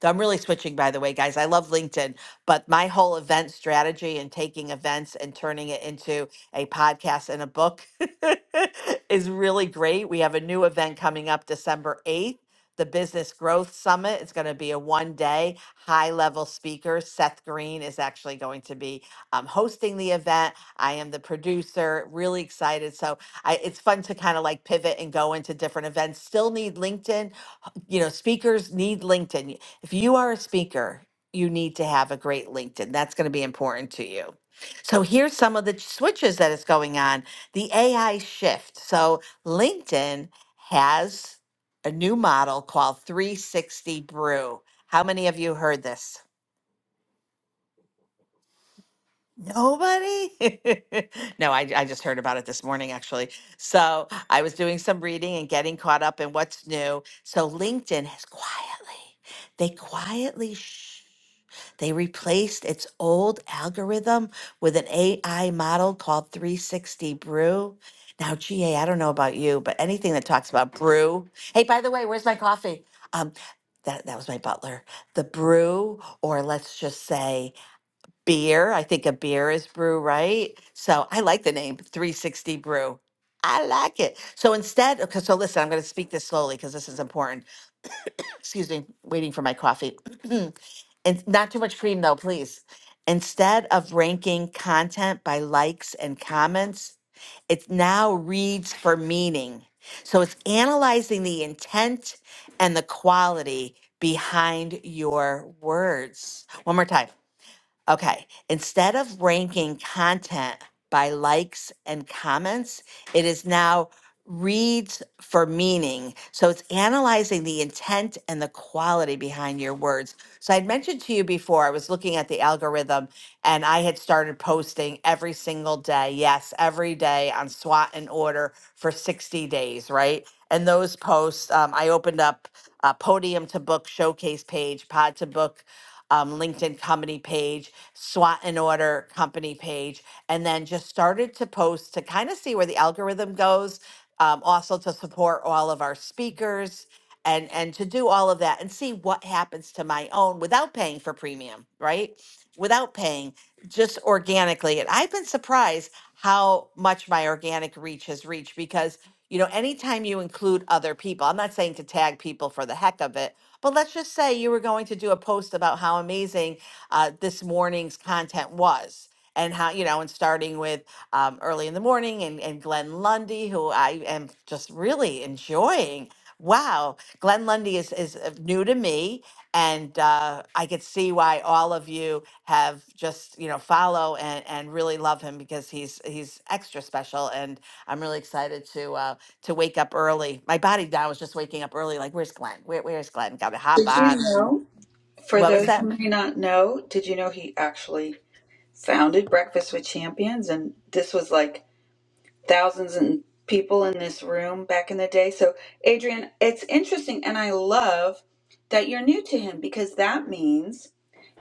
Though I'm really switching, by the way, guys. I love LinkedIn, but my whole event strategy and taking events and turning it into a podcast and a book is really great. We have a new event coming up December 8th, the Business Growth Summit. It's going to be a one day high level speaker. Seth Green is actually going to be um, hosting the event. I am the producer, really excited. So I, it's fun to kind of like pivot and go into different events. Still need LinkedIn you know, speakers need LinkedIn. If you are a speaker, you need to have a great LinkedIn. That's going to be important to you. So here's some of the switches that is going on. The AI shift. So LinkedIn has a new model called 360 Brew. How many of you heard this? Nobody? No, I, I just heard about it this morning, actually. So I was doing some reading and getting caught up in what's new. So LinkedIn has quietly, they quietly, shh, they replaced its old algorithm with an AI model called 360 Brew. Now, GA, I don't know about you, but anything that talks about brew. Hey, by the way, where's my coffee? Um, that, that was my butler. The brew, or let's just say, beer. I think a beer is brew, right? So I like the name 360 Brew. I like it. So instead, okay, so listen, I'm going to speak this slowly because this is important. Excuse me, waiting for my coffee. and not too much cream, though, please. Instead of ranking content by likes and comments, it now reads for meaning. So it's analyzing the intent and the quality behind your words. One more time Okay, instead of ranking content by likes and comments, it is now reads for meaning. So it's analyzing the intent and the quality behind your words. So I'd mentioned to you before, I was looking at the algorithm and I had started posting every single day. Yes, every day on SWAT and order for 60 days, right? And those posts, um, I opened up a podium to book showcase page, pod to book. Um, LinkedIn company page, SWAT and order company page, and then just started to post to kind of see where the algorithm goes um, also to support all of our speakers and and to do all of that and see what happens to my own without paying for premium right without paying just organically and i've been surprised how much my organic reach has reached because you know anytime you include other people i'm not saying to tag people for the heck of it but let's just say you were going to do a post about how amazing uh, this morning's content was and how you know and starting with um, early in the morning and, and Glenn Lundy, who I am just really enjoying. Wow, Glenn Lundy is, is uh, new to me, and uh, I could see why all of you have just you know follow and, and really love him because he's he's extra special, and I'm really excited to uh, to wake up early. My body now is just waking up early, like where's Glenn? Where, where's Glenn? Got to
Did
hop
you
on.
know? For
What was
those
that?
who may not know, did you know he actually founded Breakfast with Champions, and this was like thousands and people in this room back in the day. So, Adrian, it's interesting and I love that you're new to him because that means,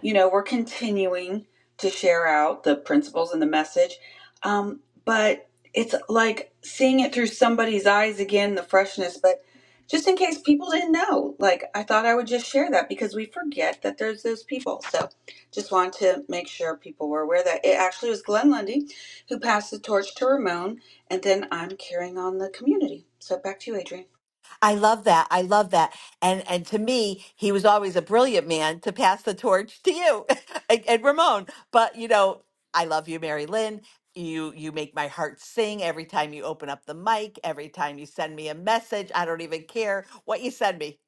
you know, we're continuing to share out the principles and the message. Um, but it's like seeing it through somebody's eyes again, the freshness. But just in case people didn't know, like I thought I would just share that because we forget that there's those people. So just wanted to make sure people were aware that it actually was Glenn Lundy who passed the torch to Ramon and then I'm carrying on the community. So back to you, Adrian.
I love that. I love that. And and to me, he was always a brilliant man to pass the torch to you and, and Ramon. But you know, I love you, Mary Lynn. You you make my heart sing every time you open up the mic, every time you send me a message. I don't even care what you send me.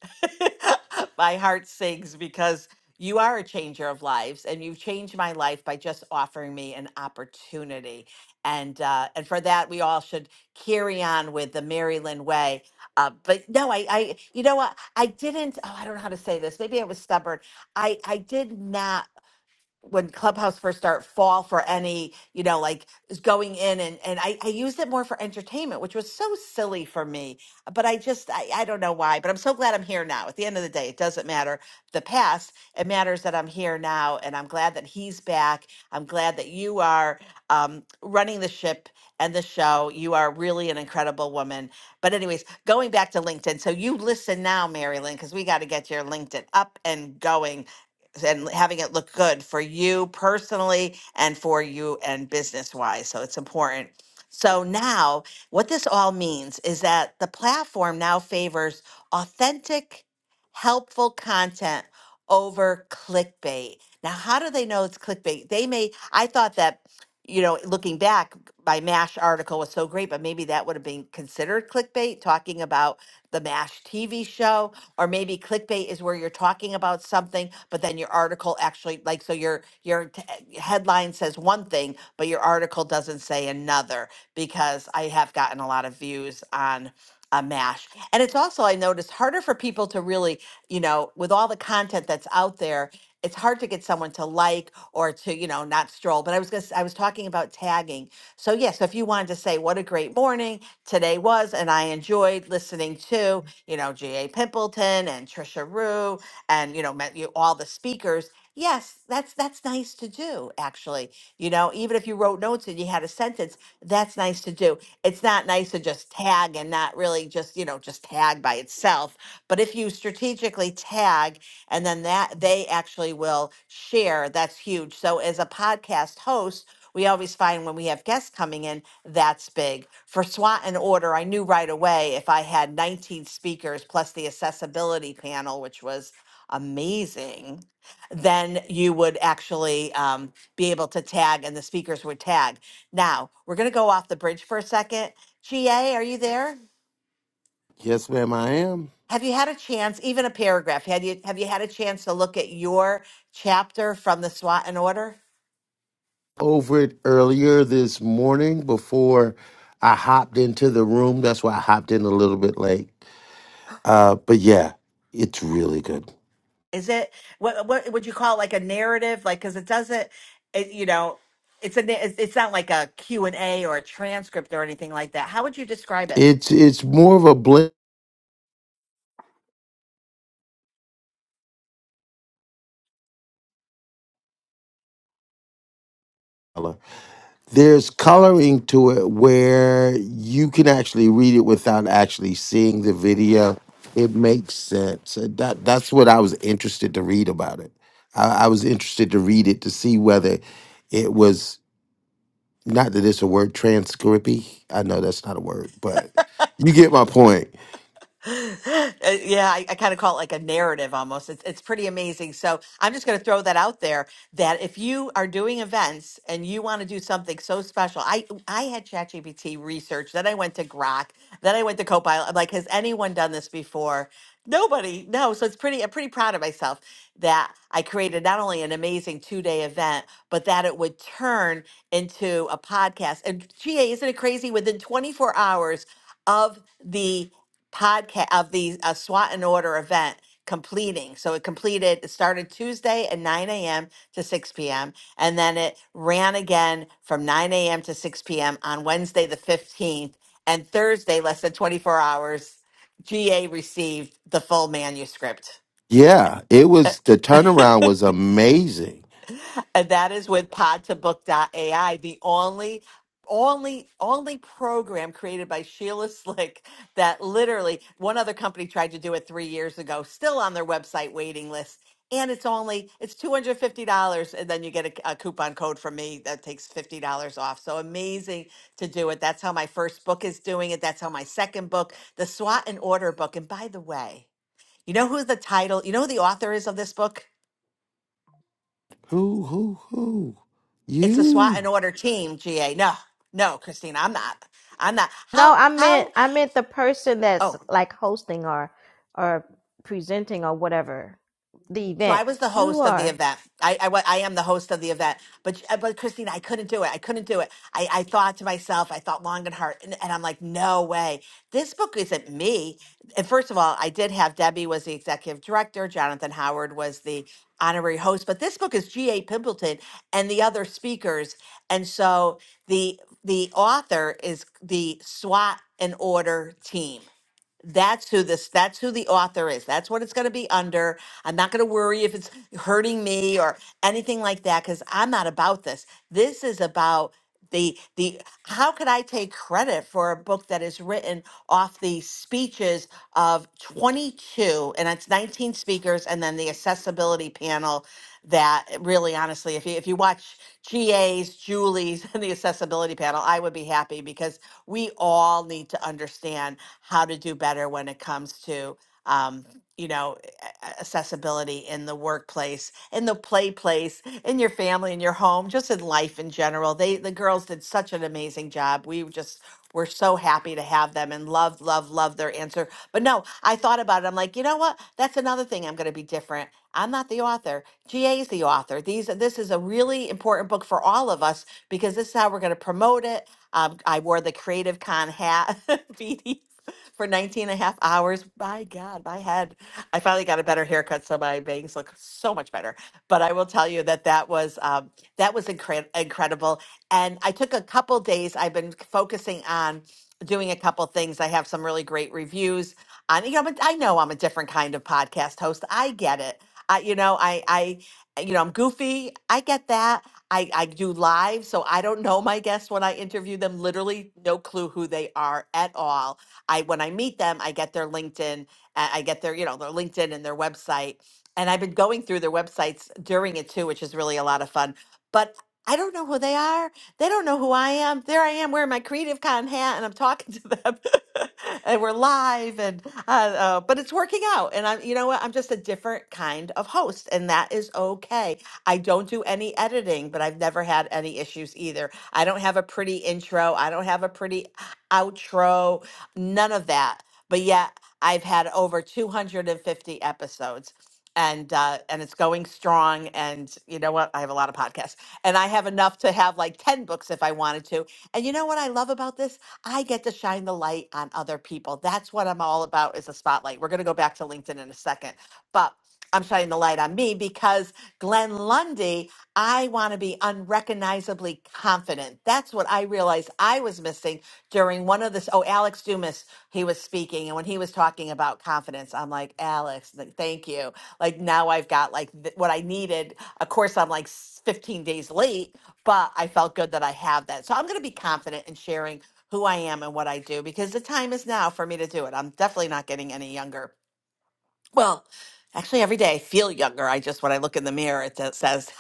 my heart sings because you are a changer of lives and you've changed my life by just offering me an opportunity. And uh, and for that we all should carry on with the Mary Lynn way uh, but no, I, I, you know what? I didn't. Oh, I don't know how to say this. Maybe I was stubborn. I, I did not when clubhouse first started fall for any you know like going in and and I, I used it more for entertainment which was so silly for me but i just I, I don't know why but i'm so glad i'm here now at the end of the day it doesn't matter the past it matters that i'm here now and i'm glad that he's back i'm glad that you are um, running the ship and the show you are really an incredible woman but anyways going back to linkedin so you listen now mary lynn because we got to get your linkedin up and going and having it look good for you personally and for you and business wise. So it's important. So now, what this all means is that the platform now favors authentic, helpful content over clickbait. Now, how do they know it's clickbait? They may, I thought that, you know, looking back, my MASH article was so great, but maybe that would have been considered clickbait, talking about the MASH TV show or maybe clickbait is where you're talking about something but then your article actually like so your your t- eh, headline says one thing but your article doesn't say another because i have gotten a lot of views on a mash and it's also i noticed harder for people to really you know with all the content that's out there it's hard to get someone to like or to you know not stroll but i was gonna, s- i was talking about tagging so yes if you wanted to say what a great morning today was and i enjoyed listening to you know, G.A. Pimpleton and Trisha Rue and, you know, met you all the speakers. Yes, that's that's nice to do, actually. You know, even if you wrote notes and you had a sentence, that's nice to do. It's not nice to just tag and not really just, you know, just tag by itself. But if you strategically tag and then that they actually will share, that's huge. So as a podcast host, we always find when we have guests coming in, that's big. For SWAT and order, I knew right away if I had 19 speakers plus the accessibility panel, which was amazing, then you would actually um, be able to tag and the speakers would tag. Now, we're going to go off the bridge for a second. GA, are you there?
Yes, ma'am, I am.
Have you had a chance, even a paragraph? Had you have you had a chance to look at your chapter from the SWAT and order?
Over it earlier this morning before I hopped into the room. That's why I hopped in a little bit late. Uh, but yeah, it's really good.
Is it what what would you call it, like a narrative? Like, because it doesn't, it, you know, it's a na- it's it's not like a Q and A or a transcript or anything like that. How would you describe it?
It's it's more of a blend color. There's coloring to it where you can actually read it without actually seeing the video. It makes sense. Uh, That that's what I was interested to read about it. I, I was interested to read it to see whether it was not that it's a word transcrippy. I know that's not a word, but you get my point.
Uh, yeah, I, I kind of call it like a narrative almost. It's it's pretty amazing. So I'm just going to throw that out there that if you are doing events and you want to do something so special, I I had ChatGPT research, then I went to Grok, then I went to Copilot. I'm like, has anyone done this before? Nobody. No. So it's pretty. I'm pretty proud of myself that I created not only an amazing two day event, but that it would turn into a podcast. And GA, isn't it crazy? Within 24 hours of the podcast of the uh, SWAT and Order event completing. So it completed, it started Tuesday at 9 a.m. to 6 p.m. And then it ran again from 9 a.m. to 6 p.m. on Wednesday, the 15th. And Thursday, less than 24 hours, GA received the full manuscript.
Yeah, it was the turnaround was amazing.
And that is with pod 2 AI, the only only only program created by Sheila Slick that literally one other company tried to do it 3 years ago, still on their website waiting list. And it's only it's $250 and then you get a, a coupon code from me that takes $50 off. So amazing to do it. That's how my first book is doing it. That's how my second book, the SWOT and Order book. And by the way, you know who the title, you know who the author is of this book?
Who, who, who?
it's a SWAT and
You.
order team, GA. No, no, Christina, I'm not. I'm not.
no
How,
i meant
how,
i meant the person that's
oh.
like hosting or or presenting or whatever the
So
event
I was the
you
host of the
are
event. I, I, wa- I am the host of the event, but uh, but Christine, I couldn't do it. I couldn't do it. I, I thought to myself, I thought long and hard, and, and I'm like, no way, this book isn't me. And first of all, I did have Debbie was the executive director, Jonathan Howard was the honorary host, but this book is G. A. Pimpleton and the other speakers, and so the the author is the SWAT and Order team. That's who this that's who the author is. That's what it's going to be under. I'm not going to worry if it's hurting me or anything like that cuz I'm not about this. This is about the the how could I take credit for a book that is written off the speeches of 22 and it's 19 speakers and then the accessibility panel that really honestly if you if you watch GA's, Julie's and the accessibility panel, I would be happy because we all need to understand how to do better when it comes to um, you know a- accessibility in the workplace in the play place in your family in your home just in life in general they the girls did such an amazing job we just were so happy to have them and love love love their answer but no i thought about it i'm like you know what that's another thing i'm going to be different i'm not the author ga is the author these this is a really important book for all of us because this is how we're going to promote it um, I wore the Creative Con hat, BD, for 19 and a half hours. My God, my head. I finally got a better haircut, so my bangs look so much better. But I will tell you that that was um, that was incre- incredible. And I took a couple days. I've been focusing on doing a couple things. I have some really great reviews on. You know, but I know I'm a different kind of podcast host. I get it. I, you know, I, I, you know, I'm goofy. I get that I, I do live, so I don't know my guests when I interview them. Literally, no clue who they are at all. I when I meet them, I get their LinkedIn, uh, I get their you know their LinkedIn and their website, and I've been going through their websites during it too, which is really a lot of fun. But I don't know who they are. They don't know who I am. There I am wearing my Creative Con hat, and I'm talking to them, and we're live, and uh, uh, but it's working out. And I'm you know what? I'm just a different kind of host, and that is okay I don't do any editing, but I've never had any issues either. I don't have a pretty intro. I don't have a pretty outro. None of that. But yet I've had over 250 episodes. And uh, and it's going strong, and you know what? I have a lot of podcasts, and I have enough to have like ten books if I wanted to. And you know what I love about this? I get to shine the light on other people. That's what I'm all about is a spotlight. We're going to go back to LinkedIn in a second. But I'm shining the light on me because Glenn Lundy, I want to be unrecognizably confident. That's what I realized I was missing during one of this. Oh, Alex Dumas, he was speaking, and when he was talking about confidence, I'm like, Alex, like, thank you. Like now I've got like th- what I needed. Of course, I'm like s- 15 days late, but I felt good that I have that. So I'm going to be confident in sharing who I am and what I do because the time is now for me to do it. I'm definitely not getting any younger. Well, actually, every day I feel younger. I just, when I look in the mirror, it just says,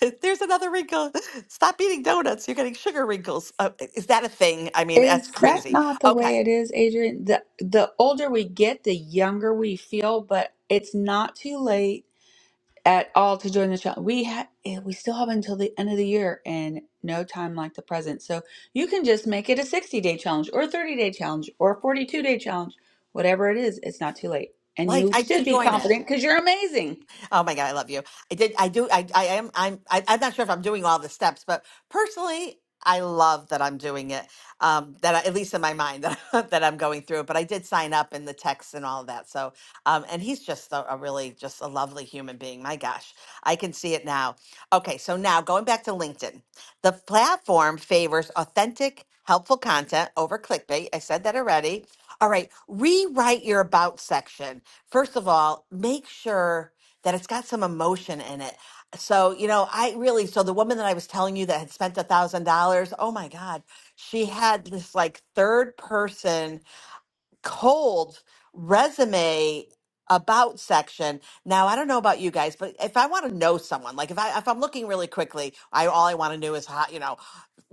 there's another wrinkle. Stop eating donuts. You're getting sugar wrinkles. Uh, is that a thing? I mean, that's
Is that
crazy.
not the way
Okay.
it is, Adrian? The the older we get, the younger we feel, but it's not too late at all to join the challenge. We ha eh, we still have until the end of the year and no time like the present. So you can just make it a 60-day challenge or a 30-day challenge or a 42-day challenge, whatever it is, it's not too late. And
Like,
you
I
should
did
be
join it.
confident because you're amazing.
Oh my God, I love you. I did. I do. I. I am. I'm. I, I'm not sure if I'm doing all the steps, but personally, I love that I'm doing it. Um, that I, at least in my mind that that I'm going through it. But I did sign up in the text and all of that. So, um, and he's just a, a really just a lovely human being. My gosh, I can see it now. Okay, so now going back to LinkedIn, the platform favors authentic, helpful content over clickbait. I said that already. All right, rewrite your about section. First of all, make sure that it's got some emotion in it. So, you know, I really, so the woman that I was telling you that had spent a thousand dollars, oh my God, she had this like third person cold resume about section. Now, I don't know about you guys, but if I want to know someone, like if I, if I'm looking really quickly, I, all I want to know is how, you know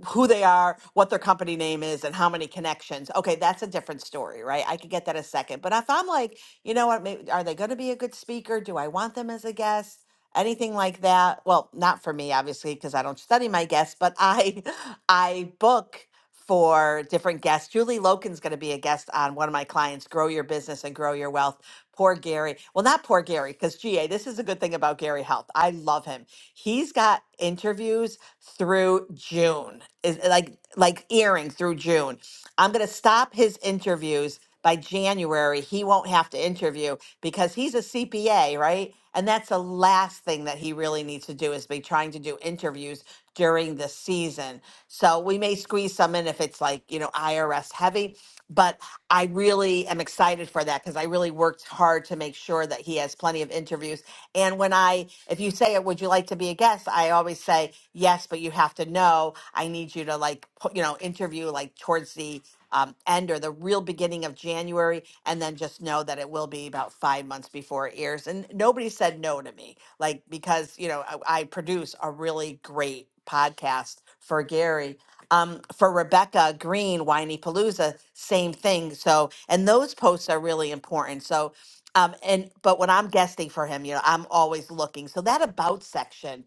who they are, what their company name is, and how many connections. Okay, that's a different story, right? I could get that a second. But if I'm like, you know what, maybe, are they going to be a good speaker? Do I want them as a guest? Anything like that? Well, not for me, obviously, because I don't study my guests, but I, I book for different guests. Julie Loken's going to be a guest on one of my clients, Grow Your Business and Grow Your Wealth Poor Gary. Well, not poor Gary, because GA, this is a good thing about Gary Health. I love him. He's got interviews through June. Is eh, like like earring through June. I'm gonna stop his interviews by January. He won't have to interview because he's a CPA, right? And that's the last thing that he really needs to do is be trying to do interviews during the season. So we may squeeze some in if it's like, you know, IRS heavy but I really am excited for that because I really worked hard to make sure that he has plenty of interviews. And when I, if you say, "Would you like to be a guest?" I always say yes, but you have to know. I need you to like, put, you know, interview like towards the um, end or the real beginning of January, and then just know that it will be about five months before it airs. And nobody said no to me, like because you know I, I produce a really great podcast for Gary um, for Rebecca Green, Whiny Palooza, same thing. So, and those posts are really important. So, um, and but when I'm guesting for him, you know, I'm always looking. So that about section,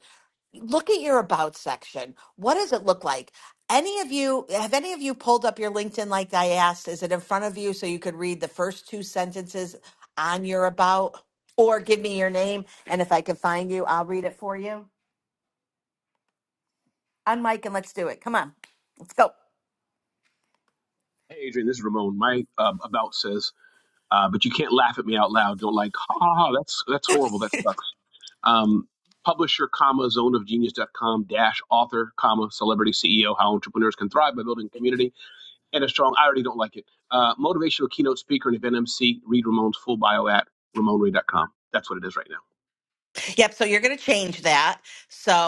look at your about section. What does it look like? Any of you have any of you pulled up your LinkedIn like I asked? Is it in front of you so you could read the first two sentences on your about? Or give me your name, and if I can find you, I'll read it for you. On Mike, and let's do it. Come on, let's go.
Hey, uh, uh, like, ha, um, public com dash author, comma, Salio, how I thrive by building community. and a strong. I already don't like it. Uh, motivational keynote speaker and event MC. Read Ramon's full bio at ramonray.com. That's what it is right now.
Yep. So you're going to change that.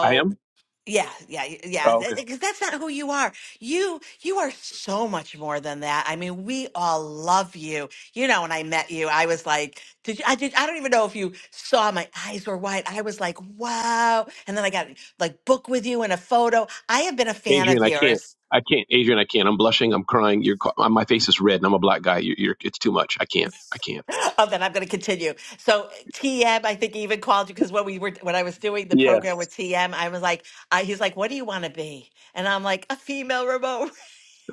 I am.
yeah, yeah, yeah.
Oh, okay.
Because that's not who you are. You you are so much more than that. I mean, we all love you. You know, when I met you, I was like, did you? I did. I don't even know if you saw. My eyes were wide. I was like, wow. And then I got like book with you and a photo. I have been a fan of
Adrian, I can't.
yours.
I can't. Adrian, I can't. I'm blushing. I'm crying. You're, ca- my face is red, and I'm a black guy. You're, you're, it's too much. I can't. I can't.
Oh, then I'm going to continue. So TM, I think even called you because when we were when I was doing the
Yeah.
program with TM, I was like, I, he's like, "What do you want to be?" And I'm like, "A female remote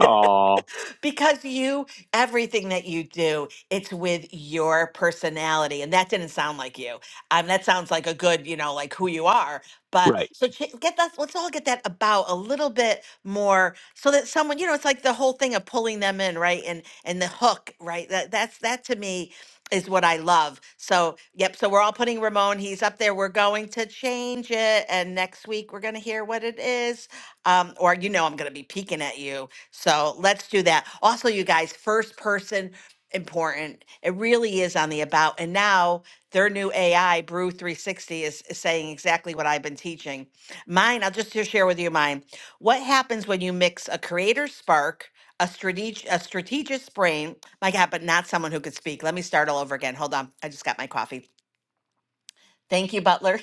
Oh,
because you, everything that you do, it's with your personality. And that didn't sound like you. Um, that sounds like a good, you know, like who you are. But
right.
so ch- get that, let's all get that about a little bit more so that someone, you know, it's like the whole thing of pulling them in, right? And, and the hook, right? That, that's, that to me is what I love. So, yep. So we're all putting Ramon, he's up there. We're going to change it. And next week we're going to hear what it is. Um, or, you know, I'm going to be peeking at you so let's do that. Also, you guys, first person important. It really is on the about. And now their new AI, Brew 360, is, is saying exactly what I've been teaching. Mine, I'll just here share with you mine. What happens when you mix a creator spark, a strategic a strategist brain, my God, but not someone who could speak. Let me start all over again. Hold on. I just got my coffee Thank you, Butler.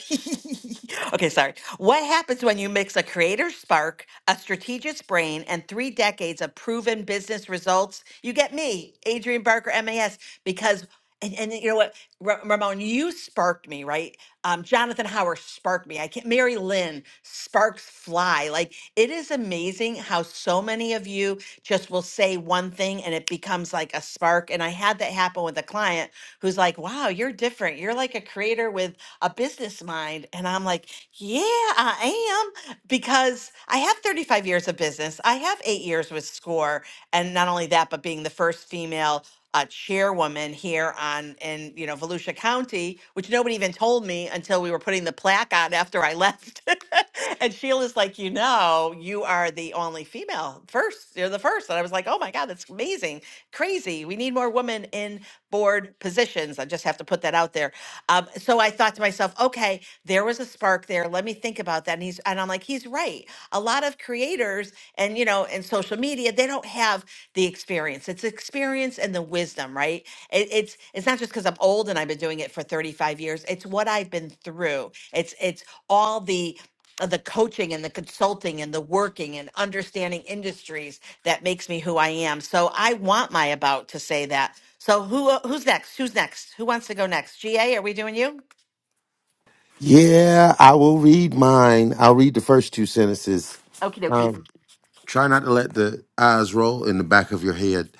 okay, sorry. What happens when you mix a creator's spark, a strategist brain, and three decades of proven business results? You get me, Adrian Barker, MAS, because. And, and you know what, Ra- Ramon, you sparked me, right? Um, Jonathan Howard sparked me. I can't. Mary Lynn sparks fly. Like it is amazing how so many of you just will say one thing and it becomes like a spark. And I had that happen with a client who's like, "Wow, you're different. You're like a creator with a business mind. And I'm like, yeah, I am, because I have 35 years of business. I have eight years with SCORE. And not only that, but being the first female uh, chairwoman here on in you know Volusia County, which nobody even told me until we were putting the plaque on after I left. and Sheila's like, you know, you are the only female first. You're the first, and I was like, oh my god, that's amazing, crazy. We need more women in board positions. I just have to put that out there out there. Um, so I thought to myself, okay, there was a spark there. Let me think about that. And he's and I'm like, he's right. A lot of creators and you know, and social media, they don't have the experience. It's experience and the wisdom, right? It, it's it's not just because I'm old and I've been doing it for 35 years. It's what I've been through. It's it's all the uh, the coaching and the consulting and the working and understanding industries that makes me who I am. So I want my about to say that. So who uh, who's next? Who's next? Who wants to go next? GA, are we doing you?
Yeah, I will read mine. I'll read the first two sentences.
Okie dokie.
Um, try not to let the eyes roll in the back of your head.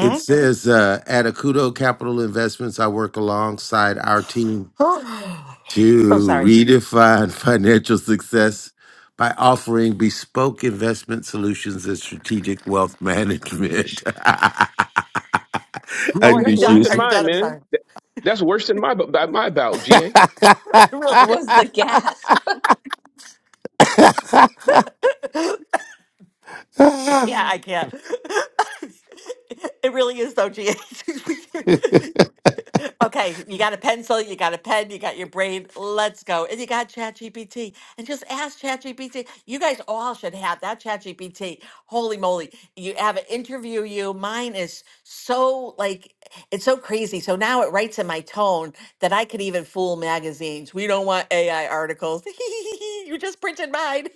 It says, uh, at Akudo Capital Investments, I work alongside our team
Oh, I'm
to
sorry.
redefine financial success by offering bespoke investment solutions and strategic wealth management.
Oh,
Yeah,
are
that's
you
worse
done?
than
Are you
Underused.
mine,
done? I'm
man.
sorry.
Th- That's worse than my bu- my bout, GA.
It really
It was
is.
the gasp.
I I
I
can't. it really is though, GA. Okay, you got a pencil, you got a pen, you got your brain. Let's go. And you got ChatGPT. And just ask ChatGPT. You guys all should have that ChatGPT. Holy moly. You have it interview you. Mine is so like it's so crazy. So now it writes in my tone that I could even fool magazines. We don't want AI articles. you just printed mine.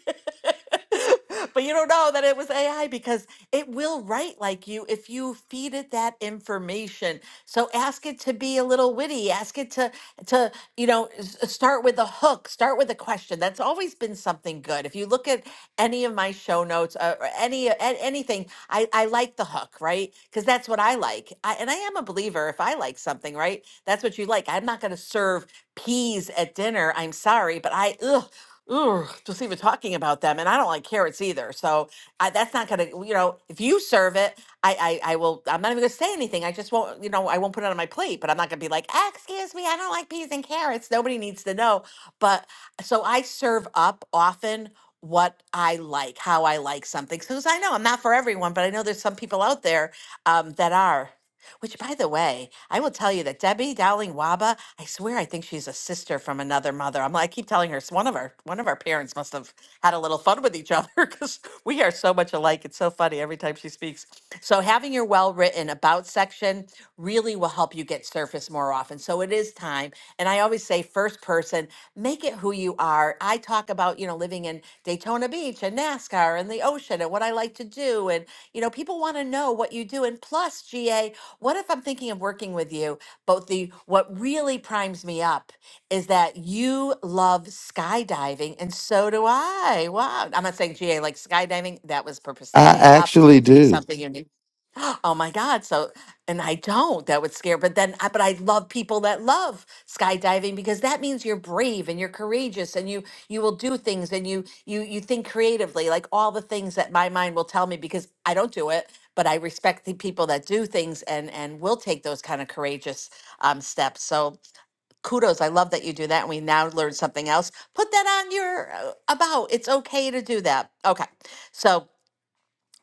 but you don't know that it was AI because it will write like you if you feed it that information. So ask it to be a little witty. Ask it to to you know s- uh, start with a hook. Start with a question. That's always been something good. If you look at any of my show notes uh, or any a- anything, I I like the hook, right? Because that's what I like. I, and I am a believer. If I like something, right, that's what you like. I'm not going to serve peas at dinner. I'm sorry, but I ugh. Ugh, just even talking about them, and I don't like carrots either. So I, that's not gonna, you know, if you serve it, I, I, I will. I'm not even gonna say anything. I just won't, you know, I won't put it on my plate. But I'm not gonna be like, ah, excuse me, I don't like peas and carrots. Nobody needs to know. But so I serve up often what I like, how I like something, because I know I'm not for everyone, but I know there's some people out there um, that are. Which, by the way, I will tell you that Debbie Dowling Waba, I swear I think she's a sister from another mother. I'm like, I keep telling her it's one of our one of our parents must have had a little fun with each other because we are so much alike. It's so funny every time she speaks. So having your well written about section really really will help you get surfaced more often. So it is time. And I always say, first person, make it who you are. I talk about, you know, living in Daytona Beach and NASCAR and the ocean and what I like to do. And, you know, people want to know what you do. And plus, GA, what if I'm thinking of working with you? But the what really primes me up is that you love skydiving and so do I. Wow. I'm not saying GA like skydiving. That was purposely made up
actually
to be
do.
something unique. Oh my God. So and I don't. That would scare. But then, I- but I love people that love skydiving because that means you're brave and you're courageous and you you will do things and you you you think creatively, like all the things that my mind will tell me because I don't do it, but I respect the people that do things and and will take those kind of courageous um, steps. So kudos, I love that you do that. And we now learned something else. Put that on your uh, about. It's okay to do that. Okay, so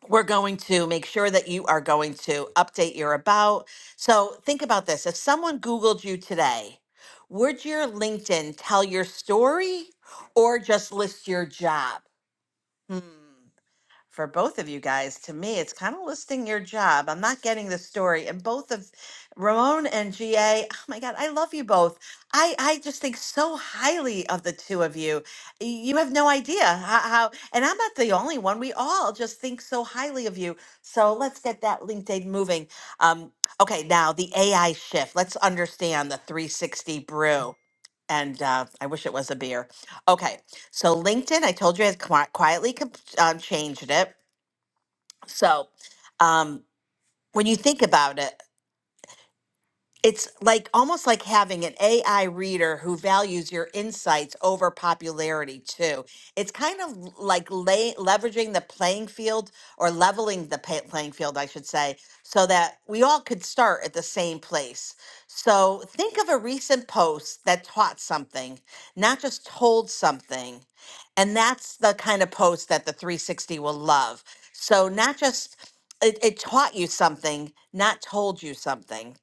we're going to make sure that you are going to update your about. So think about this. If someone Googled you today, would your LinkedIn tell your story or just list your job? Hmm for both of you guys. To me, it's kind of listing your job. I'm not getting the story. And both of Ramon and GA, oh my God, I love you both. I, I just think so highly of the two of you. Y- You have no idea how, how, and I'm not the only one. We all just think so highly of you. So let's get that LinkedIn moving. Um, okay, now the AI shift. Let's understand the 360 brew. And uh, I wish it was a beer. Okay, so LinkedIn, I told you, has qui- quietly um, changing it. So um, when you think about it, it's like almost like having an AI reader who values your insights over popularity too. It's kind of l- like lay, leveraging the playing field or leveling the pay, playing field, I should say, so that we all could start at the same place. So think of a recent post that taught something, not just told something. And that's the kind of post that the 360 will love. So not just it, it taught you something, not told you something.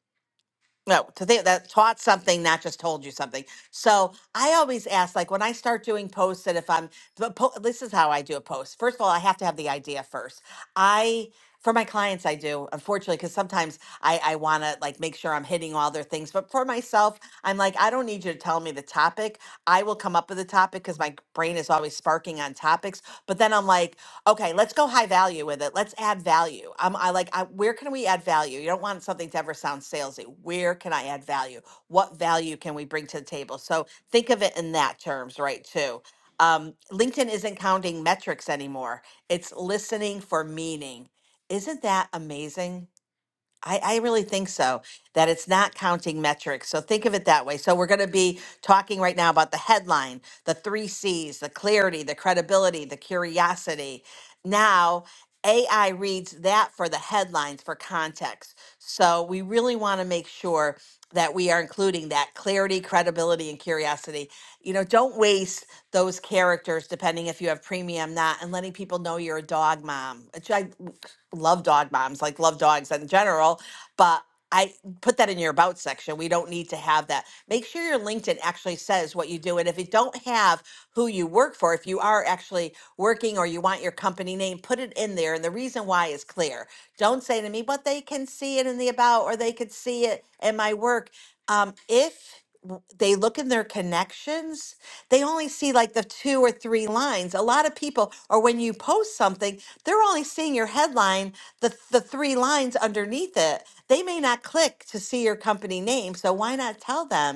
No, to think that taught something, not just told you something. So I always ask, like when I start doing posts, that if I'm, the po- this is how I do a post. First of all, I have to have the idea first. I, for my clients, I do, unfortunately, because sometimes I, I want to like make sure I'm hitting all their things. But for myself, I'm like, I don't need you to tell me the topic. I will come up with a topic because my brain is always sparking on topics. But then I'm like, Okay, let's go high value with it. Let's add value. Um, I like, I, where can we add value? You don't want something to ever sound salesy. Where can I add value? What value can we bring to the table? So think of it in that terms, right? Too. Um, LinkedIn isn't counting metrics anymore. It's listening for meaning. Isn't that amazing? I, I really think so, that it's not counting metrics. So think of it that way. So we're going to be talking right now about the headline, the three C's, the clarity, the credibility, the curiosity. Now, AI reads that for the headlines for context. So we really want to make sure that we are including that clarity, credibility, and curiosity. You know, don't waste those characters, depending if you have premium, not, and letting people know you're a dog mom, which I love dog moms, like love dogs in general, but I put that in your about section. We don't need to have that. Make sure your LinkedIn actually says what you do. And if you don't have who you work for, if you are actually working or you want your company name, put it in there. And the reason why is clear. Don't say to me, but they can see it in the about or they could see it in my work. Um, if w- they look in their connections, they only see like the two or three lines. A lot of people, or when you post something, they're only seeing your headline, the, the three lines underneath it. They may not click to see your company name. So why not tell them?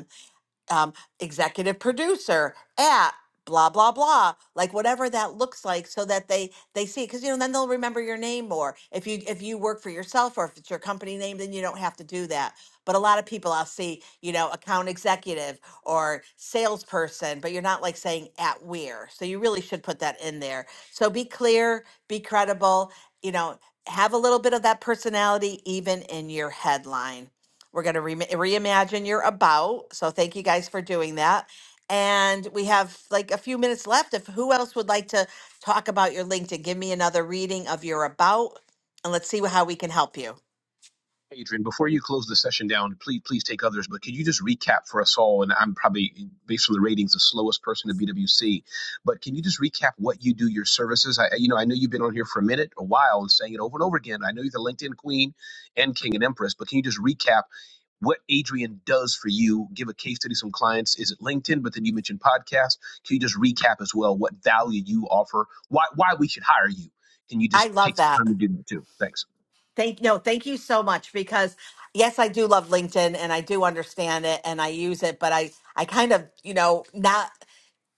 um, executive producer at blah blah blah like whatever that looks like so that they they see because you know then they'll remember your name more if you if you work for yourself or if it's your company name then you don't have to do that but a lot of people i'll see you know account executive or salesperson but you're not like saying at where so you really should put that in there so be clear be credible you know have a little bit of that personality even in your headline we're going to re- reimagine your about. So thank you guys for doing that. And we have like a few minutes left. If who else would like to talk about your LinkedIn, give me another reading of your about and let's see how we can help you.
Adrian, before you close the session down, please please take others, but could you just recap for us all? And I'm probably, based on the ratings, the slowest person in BWC, but can you just recap what you do, your services? I, you know, I know you've been on here for a minute, a while, and saying it over and over again. I know you're the LinkedIn queen and king and empress, but can you just recap what Adrian does for you? Give a case study, to some clients. Is it LinkedIn? But then you mentioned podcast. Can you just recap as well what value you offer? Why why we should hire you? Can you
I
just
love
take the
that.
time to do that too? Thanks.
Thank no, thank you so much because yes, I do love LinkedIn and I do understand it and I use it, but I I kind of, you know, not.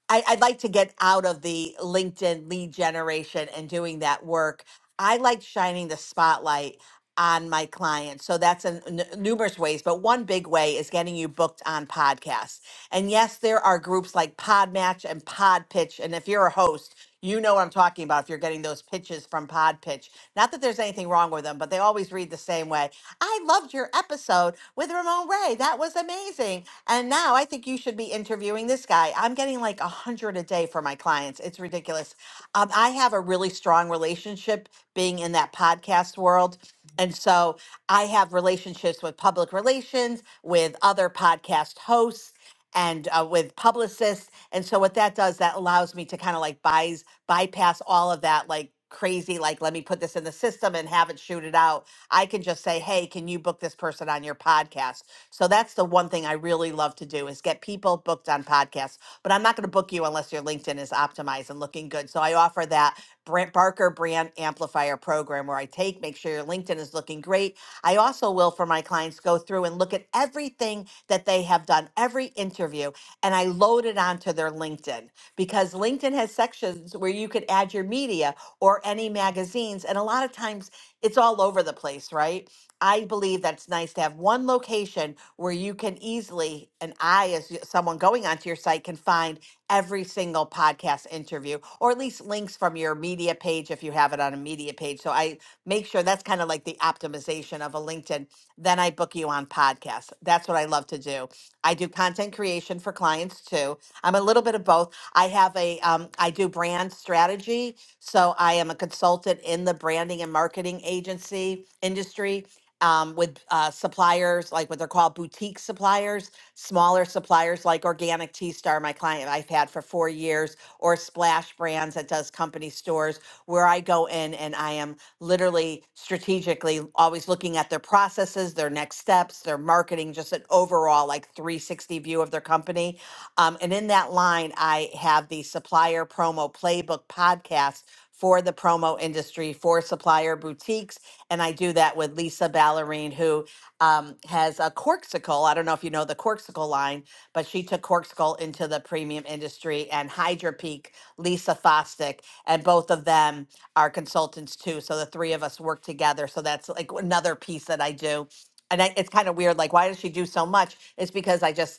I, I'd like to get out of the LinkedIn lead generation and doing that work. I like shining the spotlight on my clients. So that's in n- numerous ways, but one big way is getting you booked on podcasts. And yes, there are groups like Podmatch and Podpitch. And if you're a host, you know what I'm talking about if you're getting those pitches from Podpitch. Not that there's anything wrong with them, but they always read the same way. I loved your episode with Ramon Ray. That was amazing and now I think you should be interviewing this guy. I'm getting like a hundred a day for my clients. It's ridiculous. Um, I have a really strong relationship being in that podcast world. And so I have relationships with public relations, with other podcast hosts, and uh, with publicists. And so what that does, that allows me to kind of like buys, bypass all of that, like crazy, like let me put this in the system and have it shoot it out. I can just say, hey, can you book this person on your podcast? So that's the one thing I really love to do is get people booked on podcasts. But I'm not going to book you unless your LinkedIn is optimized and looking good. So I offer that Brent Barker Brand Amplifier program where I take, make sure your LinkedIn is looking great. I also will for my clients go through and look at everything that they have done, every interview, and I load it onto their LinkedIn because LinkedIn has sections where you could add your media or any magazines. And a lot of times it's all over the place, right? I believe that's nice to have one location where you can easily, and I, as y- someone going onto your site, can find every single podcast interview or at least links from your media page if you have it on a media page. So I make sure that's kind of like the optimization of a LinkedIn. Then I book you on podcasts. That's what I love to do. I do content creation for clients too. I'm a little bit of both. I have a, um, I do brand strategy. So I am a consultant in the branding and marketing agency industry um, with uh, suppliers, like what they're called boutique suppliers, smaller suppliers like Organic Tea Star, my client I've had for four years, or Splash Brands that does company stores, where I go in and I am literally strategically always looking at their processes, their next steps, their marketing, just an overall like 360 view of their company. Um, and in that line, I have the supplier promo playbook podcast for the promo industry for supplier boutiques and I do that with Lisa Ballerine, who um, has a Corksicle. I don't know if you know the Corksicle line, but she took Corksicle into the premium industry and Hydra Peak, Lisa Fostick, and both of them are consultants too. So the three of us work together. So that's like another piece that I do. And I, it's kind of weird. Like, why does she do so much? It's because I just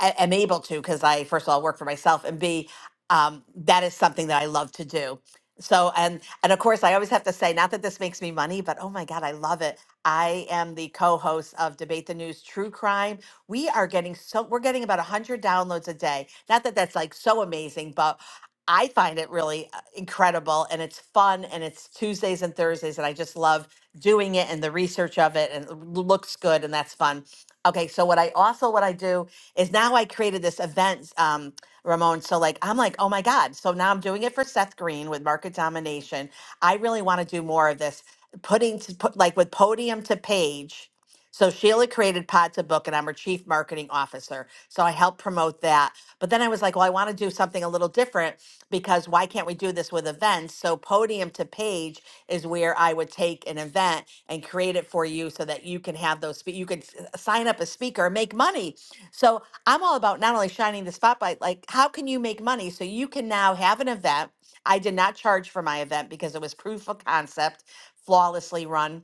a- am able to because I first of all work for myself and B um, that is something that I love to do. So and and of course I always have to say not that this makes me money but oh my god I love it. I am the co-host of Debate the News True Crime. We are getting so we're getting about 100 downloads a day. Not that that's like so amazing but I find it really uh, incredible and it's fun and it's Tuesdays and Thursdays and I just love doing it and the research of it and it looks good and that's fun. Okay, so what I also what I do is now I created this event, um, Ramon. So like I'm like, oh my God. So now I'm doing it for Seth Green with market domination. I really want to do more of this, putting to put like with podium to page. So Sheila created Pod to Book, and I'm her chief marketing officer. So I help promote that. But then I was like, well, I want to do something a little different because why can't we do this with events? So podium to page is where I would take an event and create it for you so that you can have those. spe- You could s- sign up a speaker, and make money. So I'm all about not only shining the spotlight, like how can you make money? So you can now have an event. I did not charge for my event because it was proof of concept, flawlessly run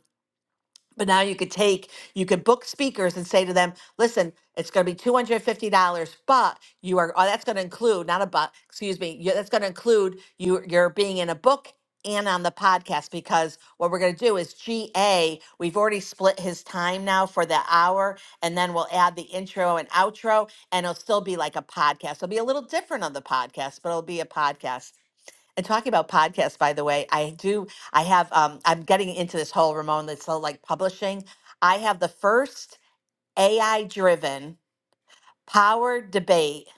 but now you could take, you could book speakers and say to them, listen, it's going to be $250, but you are, oh, that's going to include, not a but, excuse me, you, that's going to include you, you're being in a book and on the podcast because what we're going to do is GA, we've already split his time now for the hour, and then we'll add the intro and outro, and it'll still be like a podcast. It'll be a little different on the podcast, but it'll be a podcast. And talking about podcasts, by the way, I do, I have, um, I'm getting into this whole Ramon, this whole like publishing. I have the first AI driven Power Debate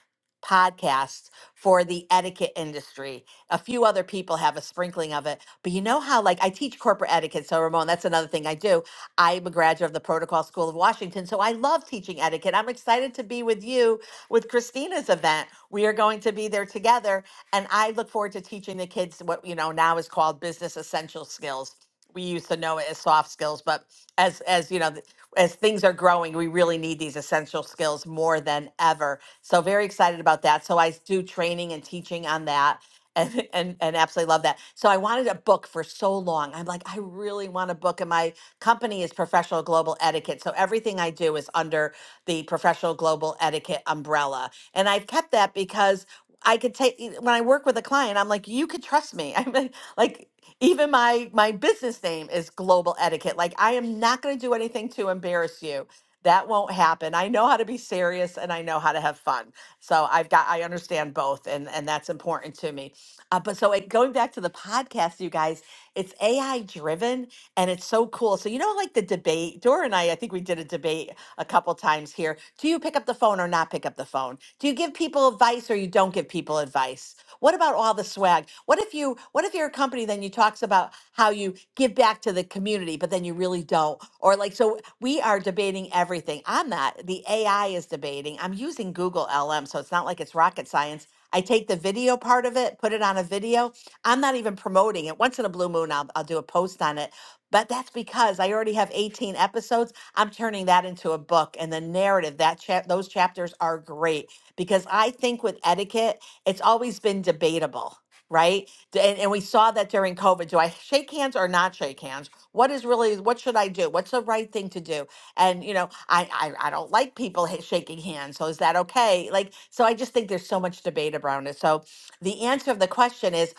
podcast for the etiquette industry. A few other people have a sprinkling of it, but you know how, like, I teach corporate etiquette. So, Ramon, that's another thing I do. I'm a graduate of the Protocol School of Washington. So, I love teaching etiquette. I'm excited to be with you with Christina's event. We are going to be there together. And I look forward to teaching the kids what, you know, now is called business essential skills. We used to know it as soft skills, but as as you know as things are growing, we really need these essential skills more than ever. So very excited about that. So I do training and teaching on that. And, and, and absolutely love that. So I wanted a book for so long. I'm like, I really want a book. And my company is professional global etiquette. So everything I do is under the professional global etiquette umbrella. And I've kept that because I could take when I work with a client, I'm like, you could trust me. I'm like, like even my my business name is Global Etiquette. Like I am not going to do anything to embarrass you. That won't happen. I know how to be serious and I know how to have fun. So I've got I understand both and and that's important to me. Uh, but so it, going back to the podcast, you guys, it's AI driven and it's so cool. So you know, like the debate, Dora and I, I think we did a debate a couple times here. Do you pick up the phone or not pick up the phone? Do you give people advice or you don't give people advice? What about all the swag? What if you what if you're a company then you talks about how you give back to the community, but then you really don't? Or like so we are debating everything. I'm not. The AI is debating. I'm using Google LM, so it's not like it's rocket science. I take the video part of it, put it on a video. I'm not even promoting it. Once in a blue moon, I'll, I'll do a post on it. But that's because I already have 18 episodes. I'm turning that into a book, and the narrative that chap those chapters are great because I think with etiquette it's always been debatable, right? D- And, and we saw that during COVID. Do I shake hands or not shake hands? What is really, what should I do? What's the right thing to do? And, you know, I, I, I don't like people ha- shaking hands. So is that okay? Like, so I just think there's so much debate around it. So the answer of the question is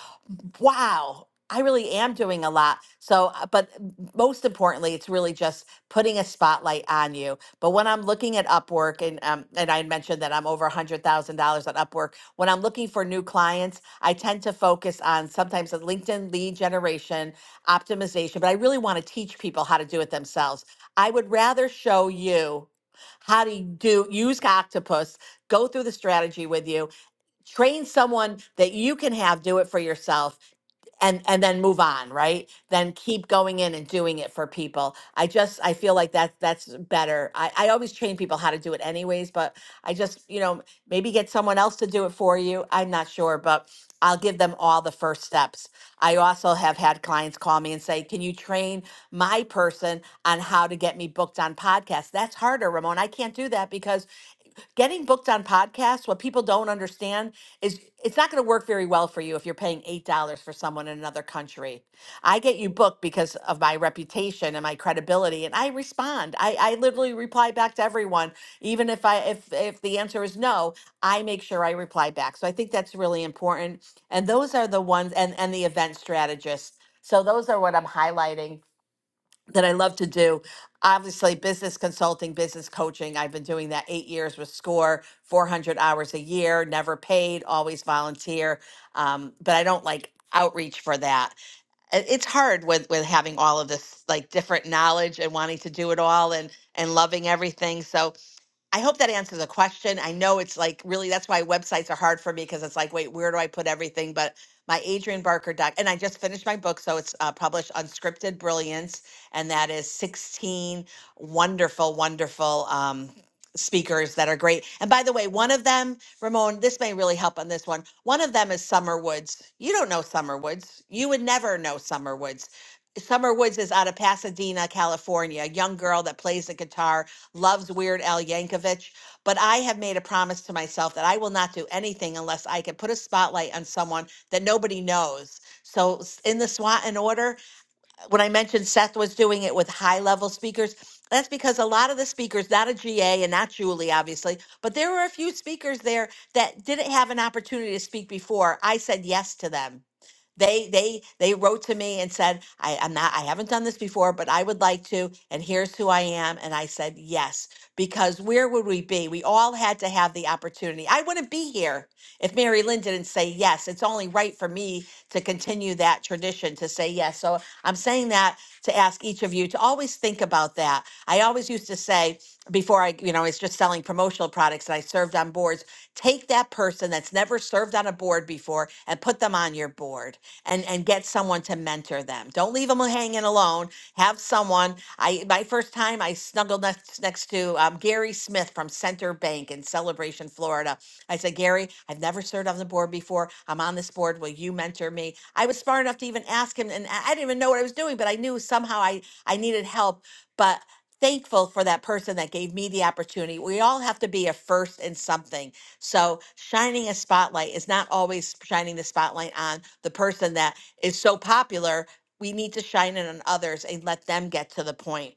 wow, I really am doing a lot. So, uh, but most importantly, it's really just putting a spotlight on you. But when I'm looking at Upwork, and um, and I had mentioned that I'm over a hundred thousand dollars on Upwork. When I'm looking for new clients, I tend to focus on sometimes a LinkedIn lead generation optimization. But I really want to teach people how to do it themselves. I would rather show you how to do use octopus go through the strategy with you train someone that you can have do it for yourself and and then move on right then keep going in and doing it for people i just i feel like that that's better i, I always train people how to do it anyways but i just you know maybe get someone else to do it for you i'm not sure but i'll give them all the first steps i also have had clients call me and say can you train my person on how to get me booked on podcasts that's harder ramon i can't do that because getting booked on podcasts, what people don't understand is it's not going to work very well for you if you're paying $8 for someone in another country. I get you booked because of my reputation and my credibility and I respond. I, I literally reply back to everyone even if I if if the answer is no, I make sure I reply back. So I think that's really important. And those are the ones and and the event strategists. So those are what I'm highlighting that I love to do. Obviously, business consulting, business coaching. I've been doing that eight years with SCORE, 400 hours a year, never paid, always volunteer. Um, but I don't like outreach for that. I- It's hard with with having all of this like different knowledge and wanting to do it all and and loving everything. So I hope that answers the question. I know it's like really that's why websites are hard for me because it's like, wait, where do I put everything? But my Adrian Barker doc, and I just finished my book, so it's uh, published, Unscripted Brilliance, and that is 16 wonderful, wonderful um, speakers that are great. And by the way, one of them, Ramon, this may really help on this one. One of them is Summer Woods. You don't know Summer Woods. You would never know Summer Woods. Summer Woods is out of Pasadena, California, a young girl that plays the guitar loves Weird Al Yankovic, but I have made a promise to myself that I will not do anything unless I can put a spotlight on someone that nobody knows. So s- in the SWAT and order, uh, when I mentioned Seth was doing it with high level speakers, that's because a lot of the speakers, not a GA and not Julie, obviously, but there were a few speakers there that didn't have an opportunity to speak before. I said yes to them they they they wrote to me and said, I, I'm not I haven't done this before, but I would like to, and here's who I am. And I said yes, because where would we be? We all had to have the opportunity. I wouldn't be here if Mary Lynn didn't say yes. It's only right for me to continue that tradition to say yes. So I'm saying that to ask each of you to always think about that. I always used to say, before I, you know, it's just selling promotional products that I served on boards. Take that person that's never served on a board before and put them on your board and and get someone to mentor them. Don't leave them hanging alone. Have someone. I my first time I snuggled next next to um, Gary Smith from Center Bank in Celebration, Florida. I said, Gary, I've never served on the board before. I'm on this board. Will you mentor me? I was smart enough to even ask him, and I I didn't even know what I was doing, but I knew somehow I I needed help. But thankful for that person that gave me the opportunity. We all have to be a first in something. So, shining a spotlight is not always shining the spotlight on the person that is so popular. We need to shine it on others and let them get to the point.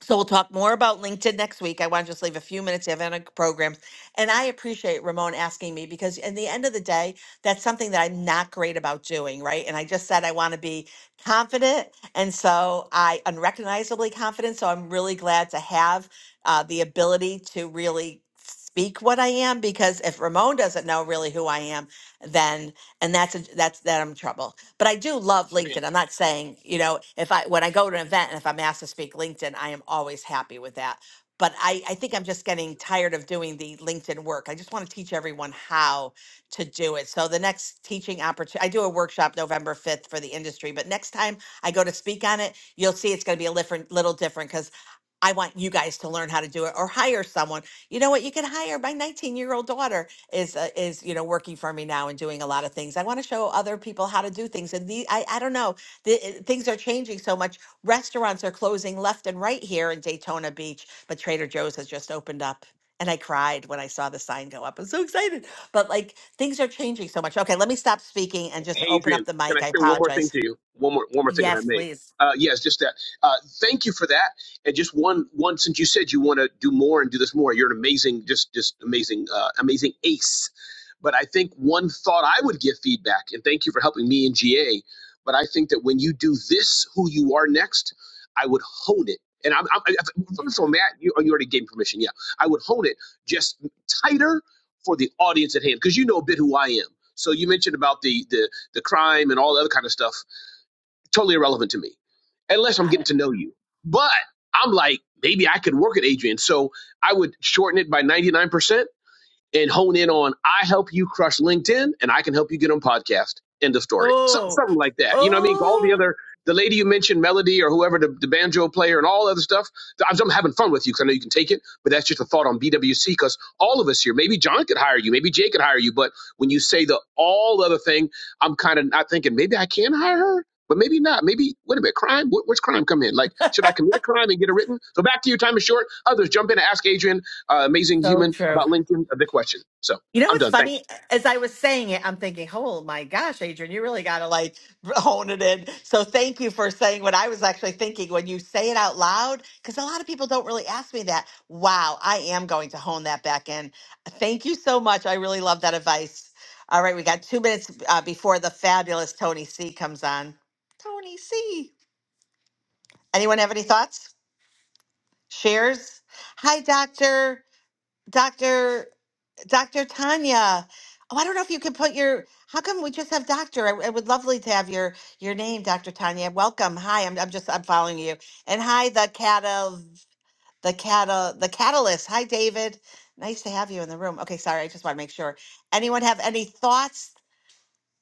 So we'll talk more about LinkedIn next week. I want to just leave a few minutes. to have any programs, and I appreciate Ramon asking me because, in the end of the day, that's something that I'm not great about doing, right? And I just said I want to be confident, and so I unrecognizably confident. So I'm really glad to have uh, the ability to really speak what I am because if Ramon doesn't know really who I am, then and that's a, that's that I'm in trouble. But I do love LinkedIn. I'm not saying, you know, if I when I go to an event and if I'm asked to speak LinkedIn, I am always happy with that. But I, I think I'm just getting tired of doing the LinkedIn work. I just want to teach everyone how to do it. So the next teaching opportunity, I do a workshop November 5th for the industry, but next time I go to speak on it, you'll see it's going to be a different, little different because. I want you guys to learn how to do it or hire someone. You know what? You can hire my 19 year old daughter is, uh, is, you know, working for me now and doing a lot of things. I want to show other people how to do things. And the, I, I don't know, the, uh, things are changing so much. Restaurants are closing left and right here in Daytona Beach, but Trader Joe's has just opened up. And I cried when I saw the sign go up. I'm so excited. But like things are changing so much. Okay, let me stop speaking and just
Hey,
open up
Adrian,
the
can I
mic. I
share one more thing
apologize.
to you? One more, one more thing, if I
Yes,
may.
please.
Uh, yes, just that. Uh, thank you for that, and just one, one. Since you said you want to do more and do this more, you're an amazing, just, just amazing, uh, amazing ace but I think one thought I would give feedback, and thank you for helping me in GA. But I think that when you do this, who you are next, I would hone it. And I'm, I'm I- so Matt, you, you already gave me permission. Yeah, I would hone it just tighter for the audience at hand because you know a bit who I am. So you mentioned about the the the crime and all the other kind of stuff, totally irrelevant to me, unless I'm getting to know you. But I'm like, maybe I could work at Adrian. So I would shorten it by 99% and hone in on I help you crush LinkedIn and I can help you get on podcast. End of story. So,
Oh,
something like that. You know what I mean? All the
oh,
other the lady you mentioned, Melody or whoever the, the banjo player and all other stuff. I'm, I'm having fun with you because I know you can take it, but that's just a thought on BWC because all of us here. Maybe John could hire you, maybe Jay could hire you, but when you say the all other thing, I'm kind of not thinking maybe I can hire her. But maybe not. Maybe wait a minute. Crime? Wh- Where's crime come in? Like, should I commit a crime and get it written? So back to you. Time is short. Others jump in and ask Adrian uh, amazing
so
human
true.
about Lincoln, a big question. So
You know
I'm
what's
done. Thanks.
funny? As I was saying it, I'm thinking, oh my gosh, Adrian, you really got to like hone it in. So thank you for saying what I was actually thinking when you say it out loud, because a lot of people don't really ask me that. Wow, I am going to hone that back in. Thank you so much. I really love that advice. All right, we got two minutes uh, before the fabulous Tony C comes on. Tony C. Anyone have any thoughts? Shares? Hi, Doctor. Doctor. Dr. Tanya. Oh, I don't know if you could put your. How come we just have doctor? I, I would lovely to have your your name, Dr. Tanya. Welcome. Hi, I'm I'm just I'm following you. And hi, the cat of the cat of the catalyst. Hi, David. Nice to have you in the room. Okay, sorry, I just want to make sure. Anyone have any thoughts?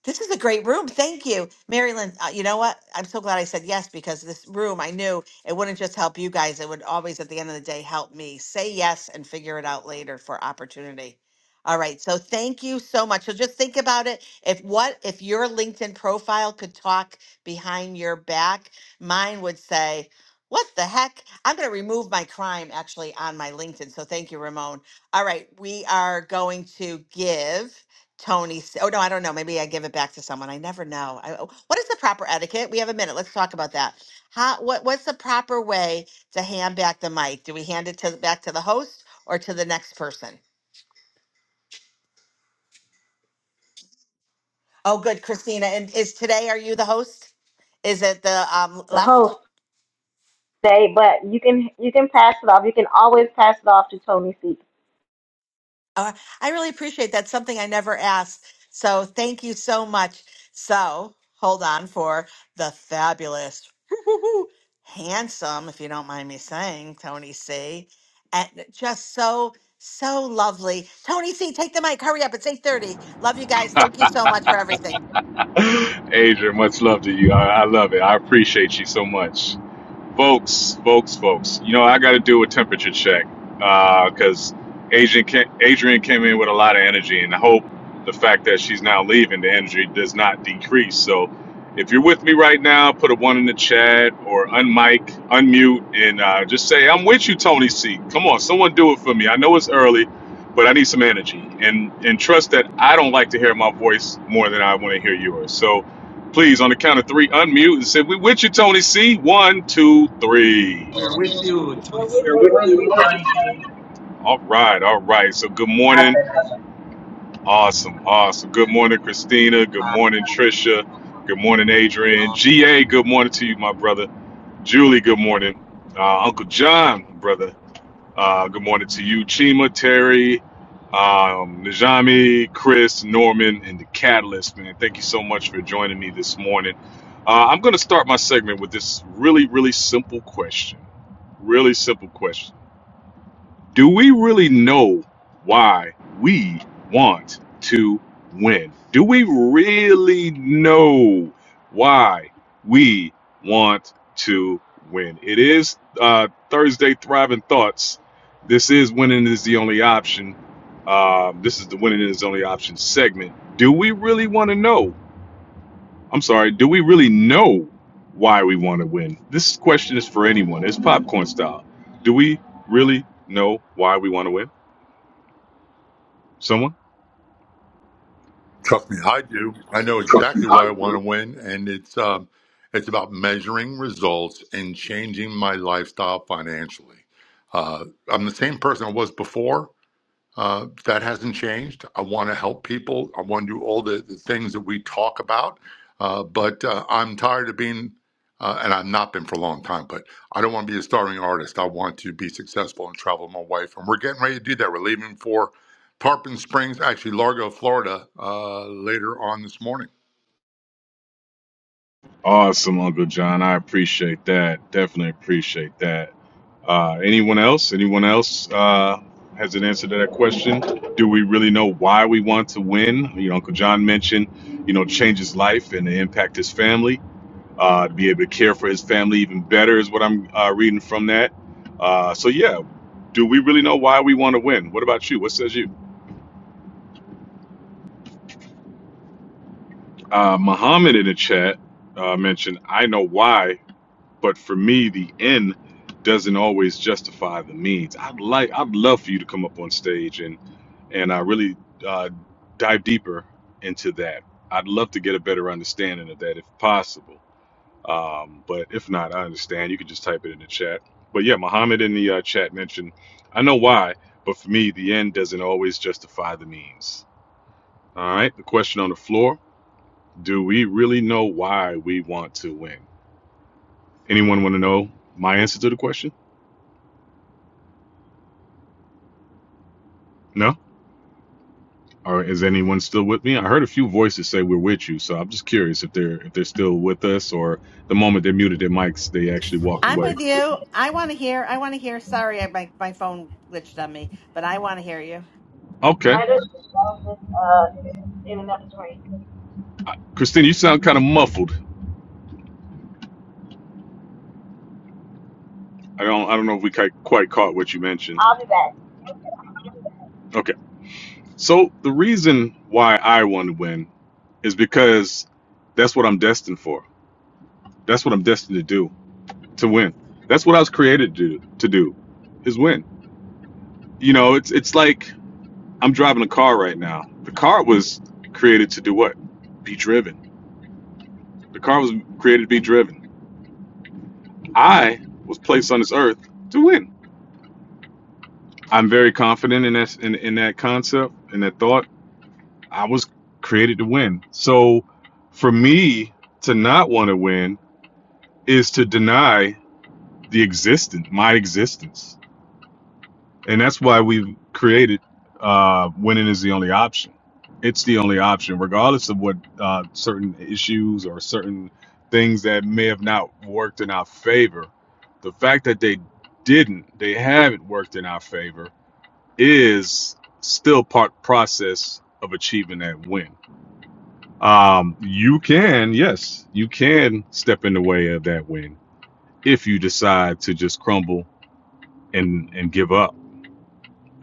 This is a great room. Thank you, Marilyn. Uh, you know what? I'm so glad I said yes because this room, I knew it wouldn't just help you guys. It would always, at the end of the day, help me say yes and figure it out later for opportunity. All right. So thank you so much. So just think about it. If what if your LinkedIn profile could talk behind your back, mine would say, "What the heck?" I'm going to remove my crime actually on my LinkedIn. So thank you, Ramon. All right, we are going to give. Tony. s- Oh no, I don't know. Maybe I give it back to someone. I never know. I, oh, what is the proper etiquette? We have a minute. Let's talk about that. How? What? What's the proper way to hand back the mic? Do we hand it to back to the host or to the next person? Oh, good, Christina. And is today? Are you the host? Is it the um,
the
left?
host today, but you can you can pass it off. You can always pass it off to Tony C.
Uh, I really appreciate that. Something I never asked. So thank you so much. So hold on for the fabulous handsome, if you don't mind me saying, Tony C. And just so, so lovely. Tony C, take the mic. Hurry up. It's 8.30. Love you guys. Thank you so much for everything.
Adrian, much love to you. I, I love it. I appreciate you so much folks, folks, folks. You know, I got to do a temperature check because Adrian, ca- Adrian came in with a lot of energy, and I hope the fact that she's now leaving, the energy does not decrease. So, if you're with me right now, put a one in the chat or unmic, unmute, and uh, just say, "I'm with you, Tony C." Come on, someone do it for me. I know it's early, but I need some energy, and and trust that I don't like to hear my voice more than I want to hear yours. So Please, on the count of three, unmute and say, We with you, Tony C. One, two, three.
We are with you, Joyce.
We're
We're
with
with
you.
you, Tony.
All right, all right. So, good morning.
Nothing.
Awesome, awesome. Good morning, Christina. Good morning, Trisha. Good morning, Adrian. GA, good morning to you, my brother. Julie, good morning. Uh, Uncle John, brother. Uh, good morning to you, Chima, Terry, um, Najami, Chris, Norman, and the Catalyst, man. Thank you so much for joining me this morning. Uh, I'm going to start my segment with this really, really simple question. Really simple question do we really know why we want to win? Do we really know why we want to win? It is uh, Thursday Thriving Thoughts. This is Winning is the Only Option. Um, this is the Winning is the Only Option segment. Do we really want to know? I'm sorry, do we really know why we want to win? This question is for anyone. It's popcorn style. Do we really know why we want to win? Someone?
Trust me, I do. I know
Trust me,
exactly why
I
I want to win, and it's um, it's about measuring results and changing my lifestyle financially. Uh, I'm the same person I was before. Uh, that hasn't changed. I want to help people. I want to do all the, the things that we talk about. Uh, but uh, I'm tired of being, uh, and I've not been for a long time, but I don't want to be a starving artist. I want to be successful and travel with my wife. And we're getting ready to do that. We're leaving for Tarpon Springs, actually, Largo, Florida, uh, later on this morning.
Awesome, Uncle John. I appreciate that. Definitely appreciate that. Uh, anyone else? Anyone else uh, has an answer to that question? Do we really know why we want to win? You know, Uncle John mentioned, you know, change his life and impact his family. Uh, to be able to care for his family even better is what I'm uh, reading from that. Uh, so yeah, do we really know why we want to win? What about you? What says you? Uh, Muhammad in the chat uh, mentioned, "I know why." But for me, the end doesn't always justify the means. I'd like, I'd love for you to come up on stage and and I really uh, dive deeper into that. I'd love to get a better understanding of that if possible. Um, but if not, I understand. You can just type it in the chat. But yeah, Muhammad in the uh, chat mentioned, I know why, but for me, the end doesn't always justify the means. All right, the question on the floor do we really know why we want to win? Anyone want to know my answer to the question? No? Or is anyone still with me? I heard a few voices say we're with you, so I'm just curious if they're if they're still with us or the moment they muted their mics, they actually walked
I'm
away.
with you. I want to hear. I want to hear. Sorry, I, my my phone glitched on me, but I want to hear you.
Okay,
Writers Row uh, in another screen.
I- Christine, you sound kind of muffled. I don't I don't know if we ki- quite caught what you mentioned.
I'll be back.
Okay, so the reason why I want to win is because that's what I'm destined for. That's what I'm destined to do to win. That's what I was created to do, to do is win. You know, it's it's like I'm driving a car right now. The car was created to do what? Be driven. The car was created to be driven. I was placed on this earth to win. I'm very confident in that in, in that concept in that thought. I was created to win. So for me to not want to win is to deny the existence, my existence. and that's why we have created uh, winning is the only option. It's the only option, regardless of what uh, certain issues or certain things that may have not worked in our favor. The fact that they didn't, they haven't worked in our favor, is still part process of achieving that win. Um, you can, yes, you can step in the way of that win if you decide to just crumble and and give up.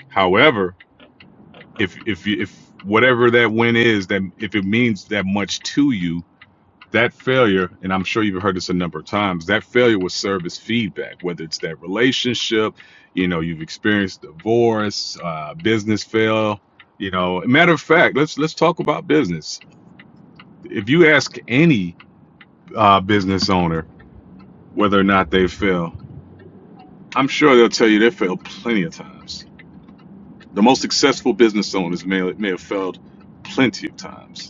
However, if if you- if whatever that win is, then if it means that much to you, that failure, and I'm sure you've heard this a number of times, that failure will serve as feedback. Whether it's that relationship, you know, you've experienced divorce, uh, business fail. You know, matter of fact, let's let's talk about business. If you ask any uh, business owner whether or not they fail, I'm sure they'll tell you they failed plenty of times. The most successful business owners may, may have failed plenty of times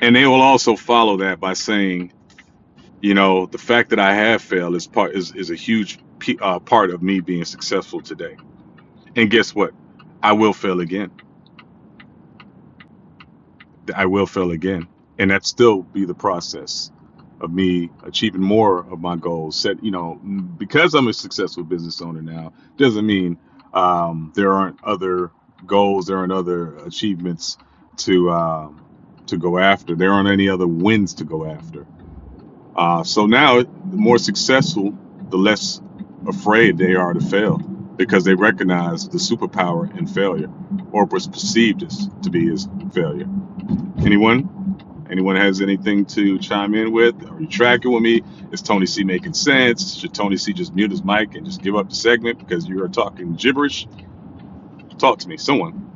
and they will also follow that by saying, you know, the fact that I have failed is part is, is a huge p- uh, part of me being successful today. And guess what? I will fail again. I will fail again, and that still be the process of me achieving more of my goals. Set, you know, because I'm a successful business owner now, doesn't mean um, there aren't other goals, there aren't other achievements to um, to go after. There aren't any other wins to go after Uh, so now, the more successful, the less afraid they are to fail because they recognize the superpower in failure or was perceived as to be as failure. Anyone? Anyone has anything to chime in with? Are you tracking with me? Is Tony C making sense? Should Tony C just mute his mic and just give up the segment because you are talking gibberish? Talk to me, someone.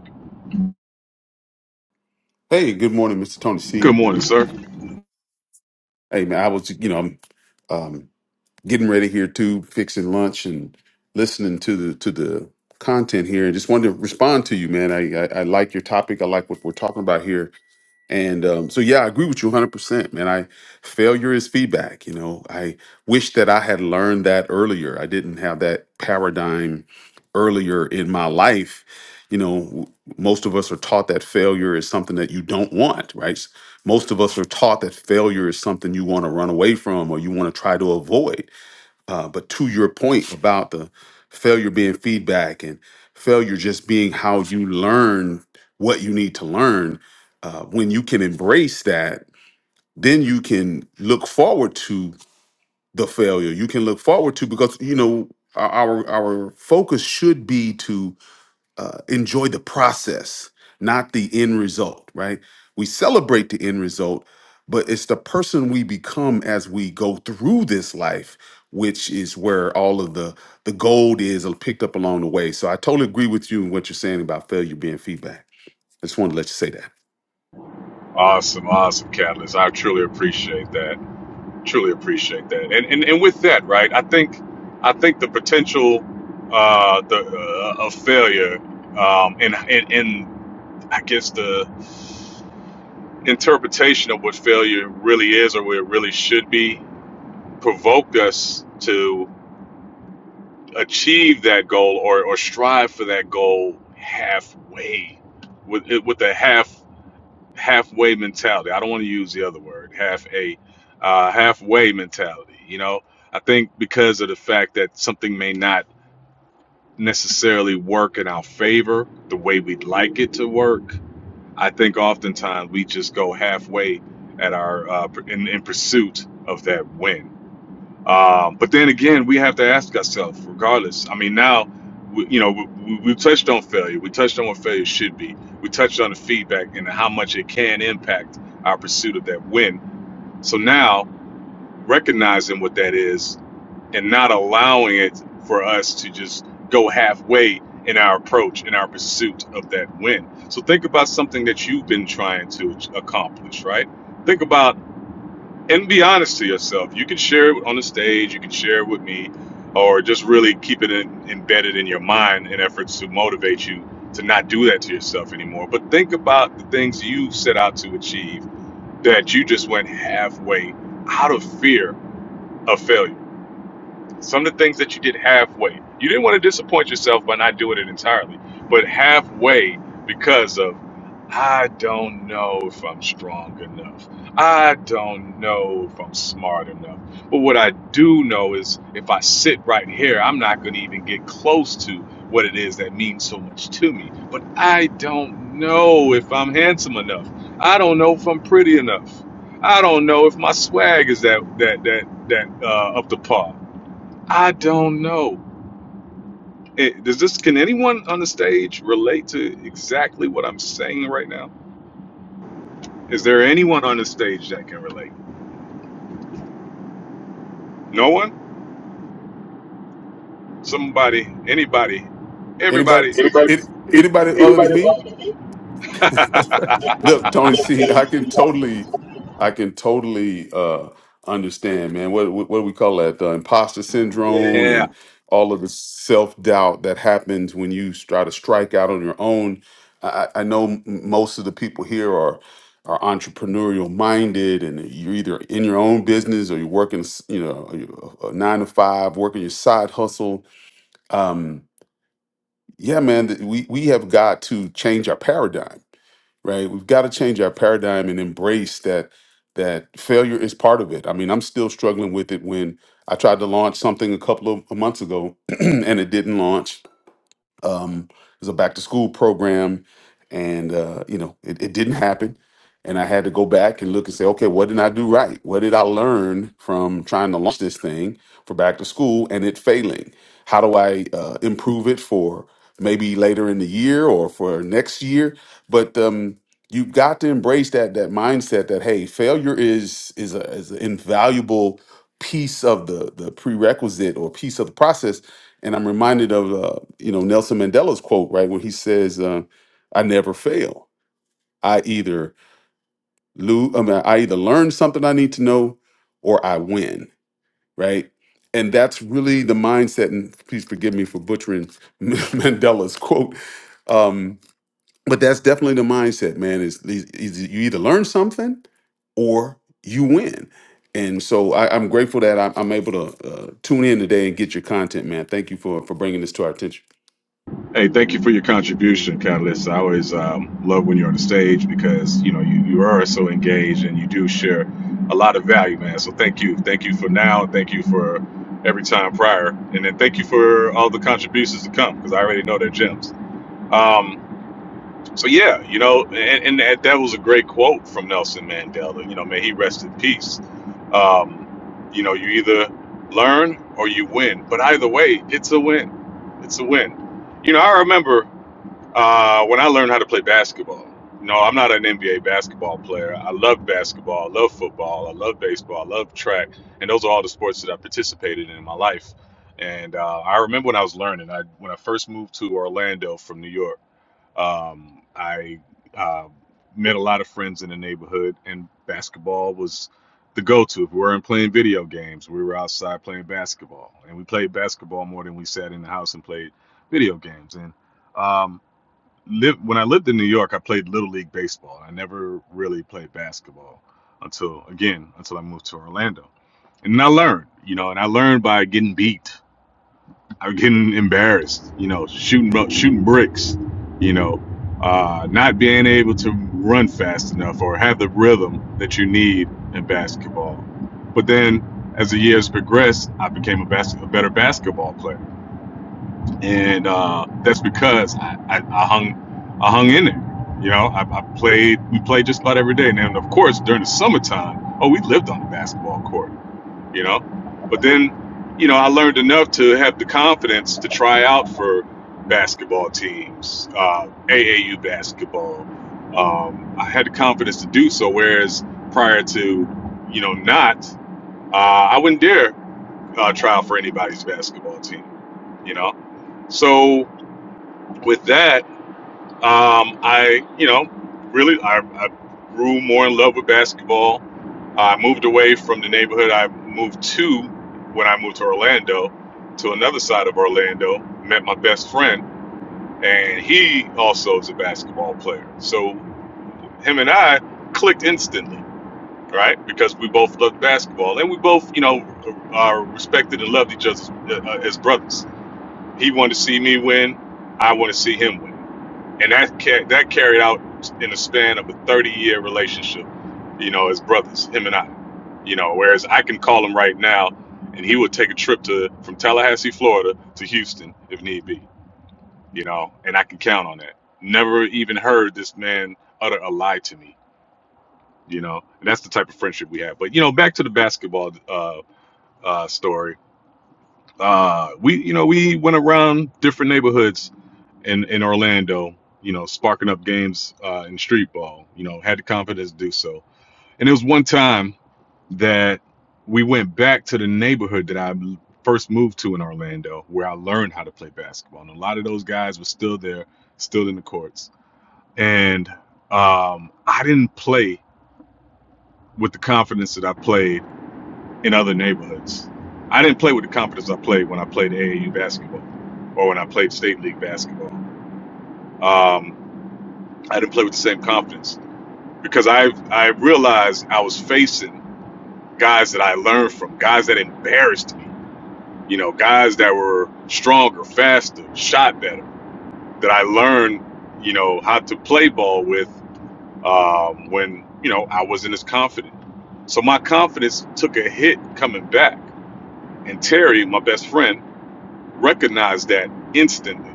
Hey, good morning, Mr. Tony
Good
C.
morning, sir.
Hey, man, I was, you know, I'm um, getting ready here too, fixing lunch and listening to the to the content here, and just wanted to respond to you, man. I, I I like your topic. I like what we're talking about here. And um, so, yeah, I agree with you 100%, man. I failure is feedback. You know, I wish that I had learned that earlier. I didn't have that paradigm earlier in my life. You know, w- most of us are taught that failure is something that you don't want, right? S- Most of us are taught that failure is something you want to run away from or you want to try to avoid. Uh, but to your point about the failure being feedback and failure just being how you learn what you need to learn, uh, when you can embrace that, then you can look forward to the failure. You can look forward to because you know our our our focus should be to uh, enjoy the process, not the end result, right? We celebrate the end result, but it's the person we become as we go through this life, which is where all of the the gold is picked up along the way. So I totally agree with you and what you're saying about failure being feedback. I just wanted to let you say that.
Awesome, awesome, Catalyst. I truly appreciate that. Truly appreciate that. And and, and with that, right? I think I think the potential uh, the uh, of failure um, and and and I guess the interpretation of what failure really is or what it really should be provoked us to achieve that goal or, or strive for that goal halfway with with the half halfway mentality. I don't want to use the other word, half a uh, halfway mentality. You know, I think because of the fact that something may not necessarily work in our favor the way we'd like it to work, I think oftentimes we just go halfway at our uh, in, in pursuit of that win. Um, but then again, we have to ask ourselves, regardless. I mean, now, we, you know, we, we we touched on failure. We touched on what failure should be. We touched on the feedback and how much it can impact our pursuit of that win. So now, recognizing what that is and not allowing it for us to just go halfway in our approach, in our pursuit of that win. So think about something that you've been trying to accomplish, right? Think about and be honest to yourself. You can share it on the stage, you can share it with me, or just really keep it in, embedded in your mind in efforts to motivate you to not do that to yourself anymore. But think about the things you set out to achieve that you just went halfway out of fear of failure some of the things that you did halfway. You didn't want to disappoint yourself by not doing it entirely, but halfway because of I don't know if I'm strong enough. I don't know if I'm smart enough. But what I do know is if I sit right here, I'm not going to even get close to what it is that means so much to me. But I don't know if I'm handsome enough. I don't know if I'm pretty enough. I don't know if my swag is that that that that uh, up to par. I don't know. Eh, Does this? Can anyone on the stage relate to exactly what I'm saying right now? Is there anyone on the stage that can relate? No one? Somebody? Anybody?
Anybody,
Everybody? Anybody,
it, anybody other than
anybody
me?
up?
Look, Tony C, I can totally, I can totally uh, understand, man. What what what do we call that? The imposter syndrome
yeah.
and all of the self doubt that happens when you try to strike out on your own. I, I I know m- most of the people here are are entrepreneurial minded, and you're either in your own business or you're working, s- you know, a a nine to five, working your side hustle. Um, yeah, man, th- we we have got to change our paradigm right? We've got to change our paradigm and embrace that that failure is part of it. I mean, I'm still struggling with it when I tried to launch something a couple of months ago and it didn't launch um, it was a back to school program, and uh, you know it, it didn't happen, and I had to go back and look and say, okay, what did I do right? What did I learn from trying to launch this thing for back to school and it failing? How do I uh, improve it for maybe later in the year or for next year? But um, you got to embrace that that mindset that hey, failure is is a, is an invaluable piece of the the prerequisite or piece of the process and I'm reminded of uh, you know Nelson Mandela's quote right when he says, uh, "I never fail. I either lose. I, mean, I either learn something I need to know, or I win." Right. And that's really the mindset. And please forgive me for butchering Mandela's quote, um, but that's definitely the mindset, man. Is, is, is you either learn something, or you win. And so I, I'm grateful that I'm, I'm able to uh, tune in today and get your content, man. Thank you for for bringing this to our attention.
Hey, thank you for your contribution, Catalyst. I always um, love when you're on the stage because you know you, you are so engaged and you do share a lot of value, man. So thank you, thank you for now, and thank you for every time prior, and then thank you for all the contributions to come because I already know they're gems. Um, so yeah, you know, and, and that, that was a great quote from Nelson Mandela. You know, may he rest in peace. Um, you know, you either learn or you win, but either way, it's a win. It's a win. You know, I remember uh, when I learned how to play basketball, no, I'm not an NBA basketball player. I love basketball, I love football, I love baseball, I love track, and those are all the sports that I participated in in my life. And uh, I remember when I was learning, I when I first moved to Orlando from New York, um, I uh, met a lot of friends in the neighborhood, and basketball was the go-to. If we weren't playing video games, we were outside playing basketball, and we played basketball more than we sat in the house and played video games. And um, live when I lived in New York, I played little league baseball. I never really played basketball until again until I moved to Orlando, and I learned, you know, and I learned by getting beat, I getting embarrassed, you know, shooting shooting bricks, you know, uh, not being able to run fast enough or have the rhythm that you need in basketball. But then, as the years progressed, I became a, bas- a better basketball player and uh, that's because I, I, I hung I hung in there. You know, I, I played. We played just about every day, and then of course during the summertime, oh, we lived on the basketball court. You know, but then, you know, I learned enough to have the confidence to try out for basketball teams, uh, AAU basketball. Um, I had the confidence to do so, whereas prior to, you know, not, uh, I wouldn't dare uh, try out for anybody's basketball team. You know, so with that, um, I, you know, really, I, I grew more in love with basketball. I moved away from the neighborhood I moved to when I moved to Orlando, to another side of Orlando. Met my best friend, and he also is a basketball player. So him and I clicked instantly, right? Because we both loved basketball, and we both, you know, are respected and loved each other uh, uh, as brothers. He wanted to see me win. I want to see him win and that ca- that carried out in the span of a 30 year relationship you know as brothers him and i you know whereas i can call him right now and he would take a trip to from tallahassee florida to houston if need be you know and i can count on that never even heard this man utter a lie to me you know and that's the type of friendship we have but you know back to the basketball uh uh story uh we you know we went around different neighborhoods in in Orlando, you know, sparking up games uh, in street ball. You know, had the confidence to do so. And it was one time that we went back to the neighborhood that I first moved to in Orlando, where I learned how to play basketball. And a lot of those guys were still there, still in the courts. And um, I didn't play with the confidence that I played in other neighborhoods. I didn't play with the confidence I played when I played AAU basketball or when I played state league basketball. Um, I didn't play with the same confidence because I I realized I was facing guys that I learned from, guys that embarrassed me, you know, guys that were stronger, faster, shot better, that I learned, you know, how to play ball with um, when you know I wasn't as confident. So my confidence took a hit coming back, and Terry, my best friend, recognized that instantly.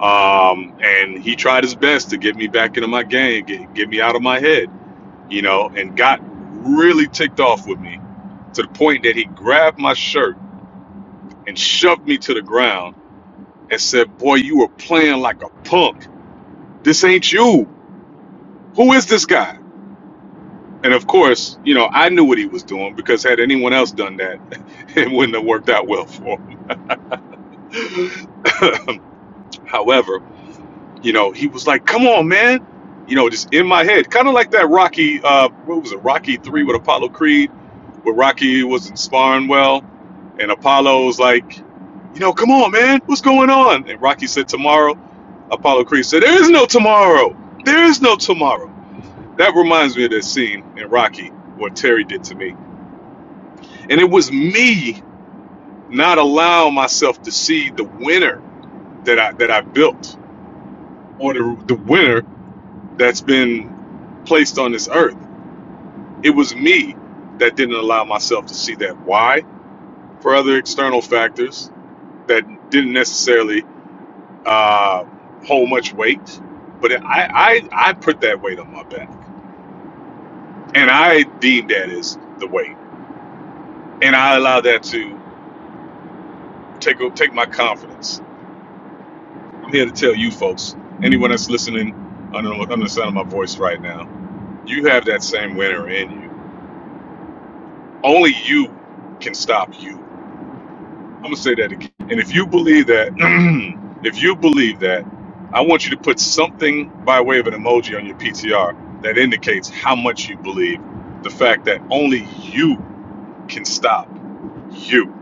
Um, and he tried his best to get me back into my game, get, get me out of my head you know, and got really ticked off with me to the point that he grabbed my shirt and shoved me to the ground and said, Boy, you were playing like a punk. This ain't you. Who is this guy? And of course, you know, I knew what he was doing because had anyone else done that, it wouldn't have worked out well for him. However, you know, he was like, "Come on, man," you know, just in my head, kind of like that Rocky. Uh, what was it, Rocky Three with Apollo Creed, where Rocky wasn't sparring well, and Apollo was like, "You know, come on, man, what's going on?" And Rocky said, "Tomorrow." Apollo Creed said, "There is no tomorrow. There is no tomorrow." That reminds me of that scene in Rocky, what Terry did to me, and it was me not allowing myself to see the winner that I that I built, or the the winner that's been placed on this earth. It was me that didn't allow myself to see that. Why? For other external factors that didn't necessarily uh, hold much weight, but I, I I put that weight on my back, and I deemed that as the weight, and I allowed that to take take my confidence. I'm here to tell you folks, anyone that's listening under, under the sound of my voice right now, you have that same winner in you. Only you can stop you I'm gonna say that again. And if you believe that, if you believe that, I want you to put something by way of an emoji on your PTR that indicates how much you believe the fact that only you can stop you.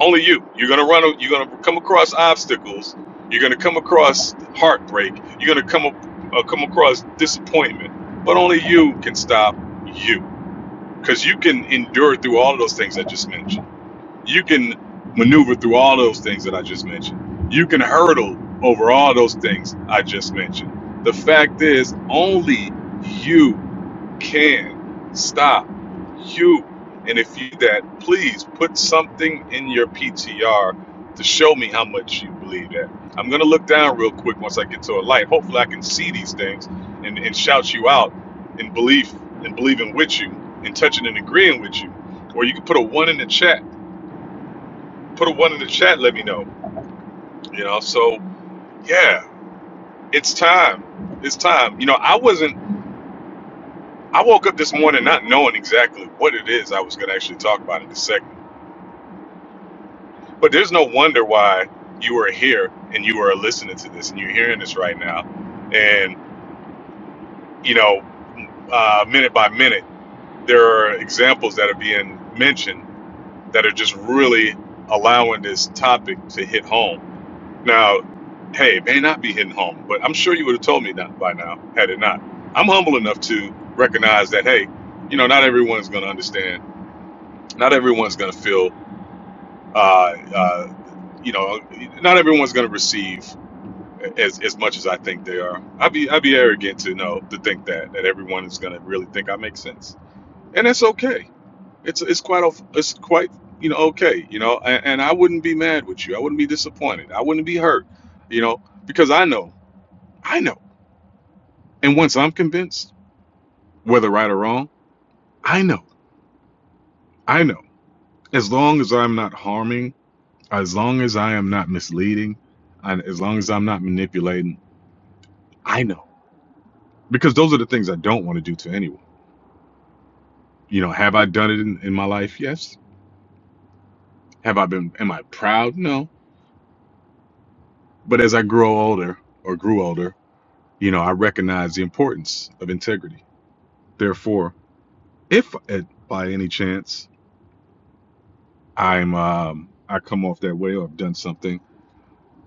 Only you. You're gonna run. a- You're gonna come across obstacles. You're gonna come across heartbreak. You're gonna come up, uh, come across disappointment. But only you can stop you, because you can endure through all of those things I just mentioned you can maneuver through all those things that I just mentioned. You can hurdle over all those things I just mentioned. The fact is, only you can stop you. And if you do that, please put something in your PTR to show me how much you believe that. I'm gonna look down real quick once I get to a light. Hopefully, I can see these things and, and shout you out in belief and believing with you and touching and agreeing with you. Or you can put a one in the chat put a one in the chat. Let me know. You know, so yeah, it's time. It's time. You know, I wasn't. I woke up this morning not knowing exactly what it is I was going to actually talk about in the segment. But there's no wonder why you are here and you are listening to this and you're hearing this right now. And you know, uh, minute by minute, there are examples that are being mentioned that are just really allowing this topic to hit home Now, hey, it may not be hitting home, but I'm sure you would have told me that by now had it not. I'm humble enough to recognize that, hey, you know, not everyone's going to understand. Not everyone's going to feel, uh, uh, you know, not everyone's going to receive as, as much as I think they are. I'd be I'd be arrogant to know to think that that everyone is going to really think I make sense, and that's okay. It's it's quite o- it's quite you know okay you know, and, and I wouldn't be mad with you. I wouldn't be disappointed. I wouldn't be hurt, you know, because I know. I know. And once I'm convinced, whether right or wrong, I know. I know. As long as I'm not harming, as long as I am not misleading, and as long as I'm not manipulating, I know. Because those are the things I don't want to do to anyone. You know, have I done it in, in my life? Yes. Have I been, am I proud? No. But as I grow older or grew older, you know, I recognize the importance of integrity. Therefore, if uh, by any chance I'm, um, I come off that way or I've done something,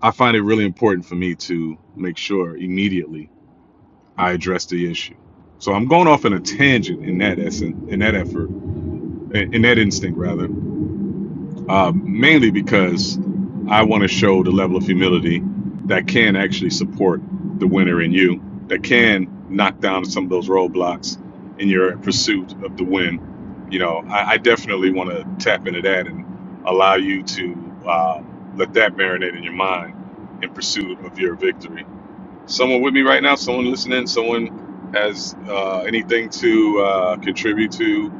I find it really important for me to make sure immediately I address the issue. So I'm going off in a tangent in that essence, in that effort, in that instinct rather, uh, mainly because I want to show the level of humility that can actually support the winner in you, that can knock down some of those roadblocks in your pursuit of the win. You know, I, I definitely want to tap into that and allow you to uh, let that marinate in your mind in pursuit of your victory someone with me right now, someone listening, someone has uh, anything to uh, contribute to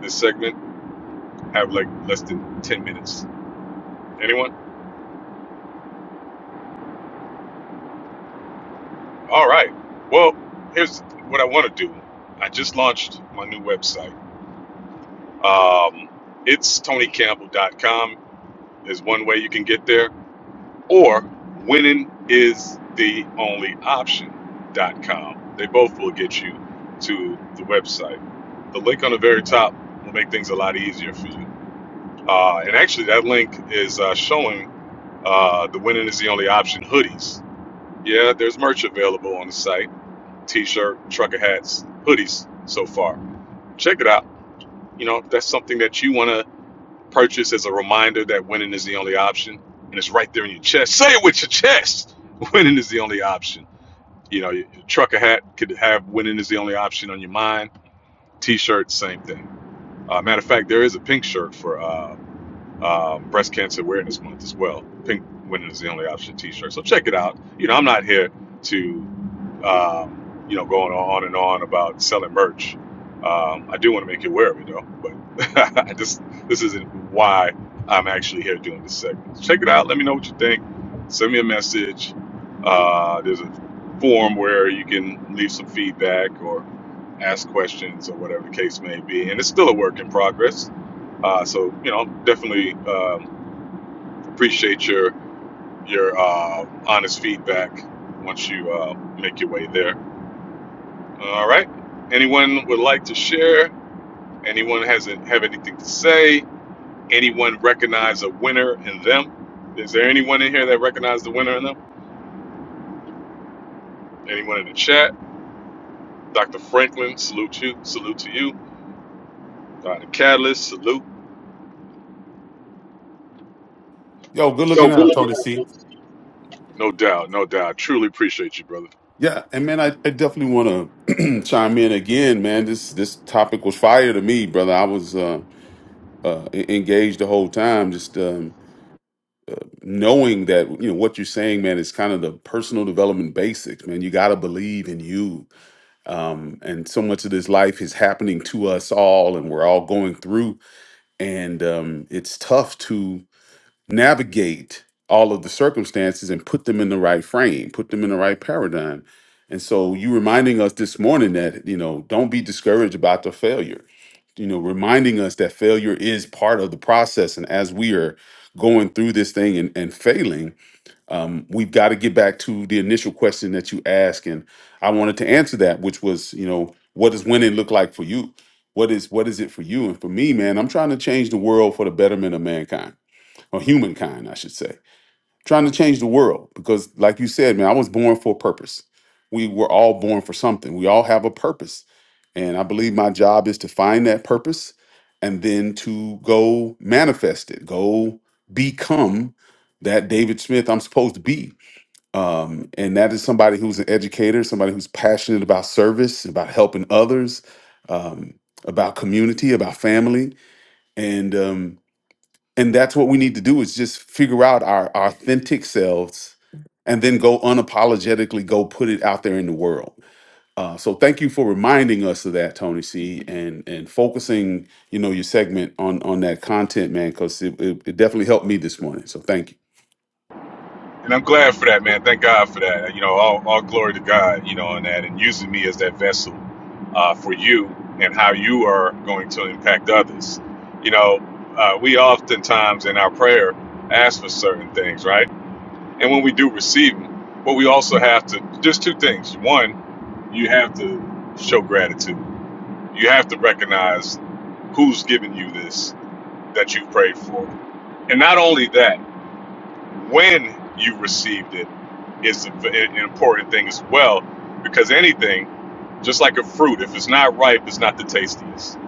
this segment, have like less than 10 minutes. Anyone? All right. Well, here's what I want to do. I just launched my new website. Um, it's tonycampbell.com is one way you can get there, or winning is the only option.com. They both will get you to the website. The link on the very top will make things a lot easier for you Uh, and actually, that link is uh, showing uh, the winning is the only option hoodies. Yeah, there's merch available on the site t shirt, trucker hats, hoodies so far. Check it out. You know, if that's something that you want to purchase as a reminder that winning is the only option, and it's right there in your chest. Say it with your chest. Winning is the only option. You know, your trucker hat could have winning is the only option on your mind. T shirt, same thing. Uh, matter of fact, there is a pink shirt for. Uh, um, Breast Cancer Awareness Month as well. Pink women is the Only Option T-shirt. So check it out. You know, I'm not here to, um, you know, going on and on about selling merch. Um, I do want to make you aware of it though, but I just this isn't why I'm actually here doing this segment. So Check it out. Let me know what you think. Send me a message. Uh, there's a form where you can leave some feedback or ask questions or whatever the case may be. And it's still a work in progress uh, so you know, definitely um, appreciate your your uh, honest feedback once you uh, make your way there. All right. Anyone would like to share? Anyone hasn't have anything to say? Anyone recognize a winner in them? Is there anyone in here that recognized the winner in them? Anyone in the chat? Dr. Franklin, salute you. Salute to you. Dr. Catalyst, salute.
Yo, good
Yo,
looking
good
out, Tony C.
No doubt, no doubt. Truly appreciate you, brother.
Yeah, and man, I, I definitely want to chime in again, man. This this topic was fire to me, brother. I was uh, uh, e- engaged the whole time, just um, knowing that you know what you're saying, man. Is kind of the personal development basics, man. You got to believe in you, um, and so much of this life is happening to us all, and we're all going through, and um, it's tough to navigate all of the circumstances and put them in the right frame, put them in the right paradigm. And so you reminding us this morning that, you know, don't be discouraged about the failure. You know, reminding us that failure is part of the process. And as we are going through this thing and, and failing, um, we've got to get back to the initial question that you asked. And I wanted to answer that, which was, you know, what does winning look like for you? What is what is it for you? And for me, man, I'm trying to change the world for the betterment of mankind or humankind, I should say, trying to change the world. Because, like you said, man, I was born for a purpose. We were all born for something. We all have a purpose. And I believe my job is to find that purpose and then to go manifest it, go become that David Smith I'm supposed to be. Um, and that is somebody who's an educator, somebody who's passionate about service, about helping others, um, about community, about family. And, um, and that's what we need to do is just figure out our our authentic selves and then go unapologetically go put it out there in the world uh, so thank you for reminding us of that tony c and and focusing you know your segment on on that content man because it, it, it definitely helped me this morning so thank you
And I'm glad for that, man. Thank God for that. You know, all, all glory to God, you know, on that and using me as that vessel uh, for you and how you are going to impact others. You know, uh, we oftentimes in our prayer ask for certain things, right? And when we do receive them, but we also have to, there's two things. One, you have to show gratitude, you have to recognize who's given you this that you prayed for. And not only that, when you received it is an important thing as well because anything just like a fruit if it's not ripe it's not the tastiest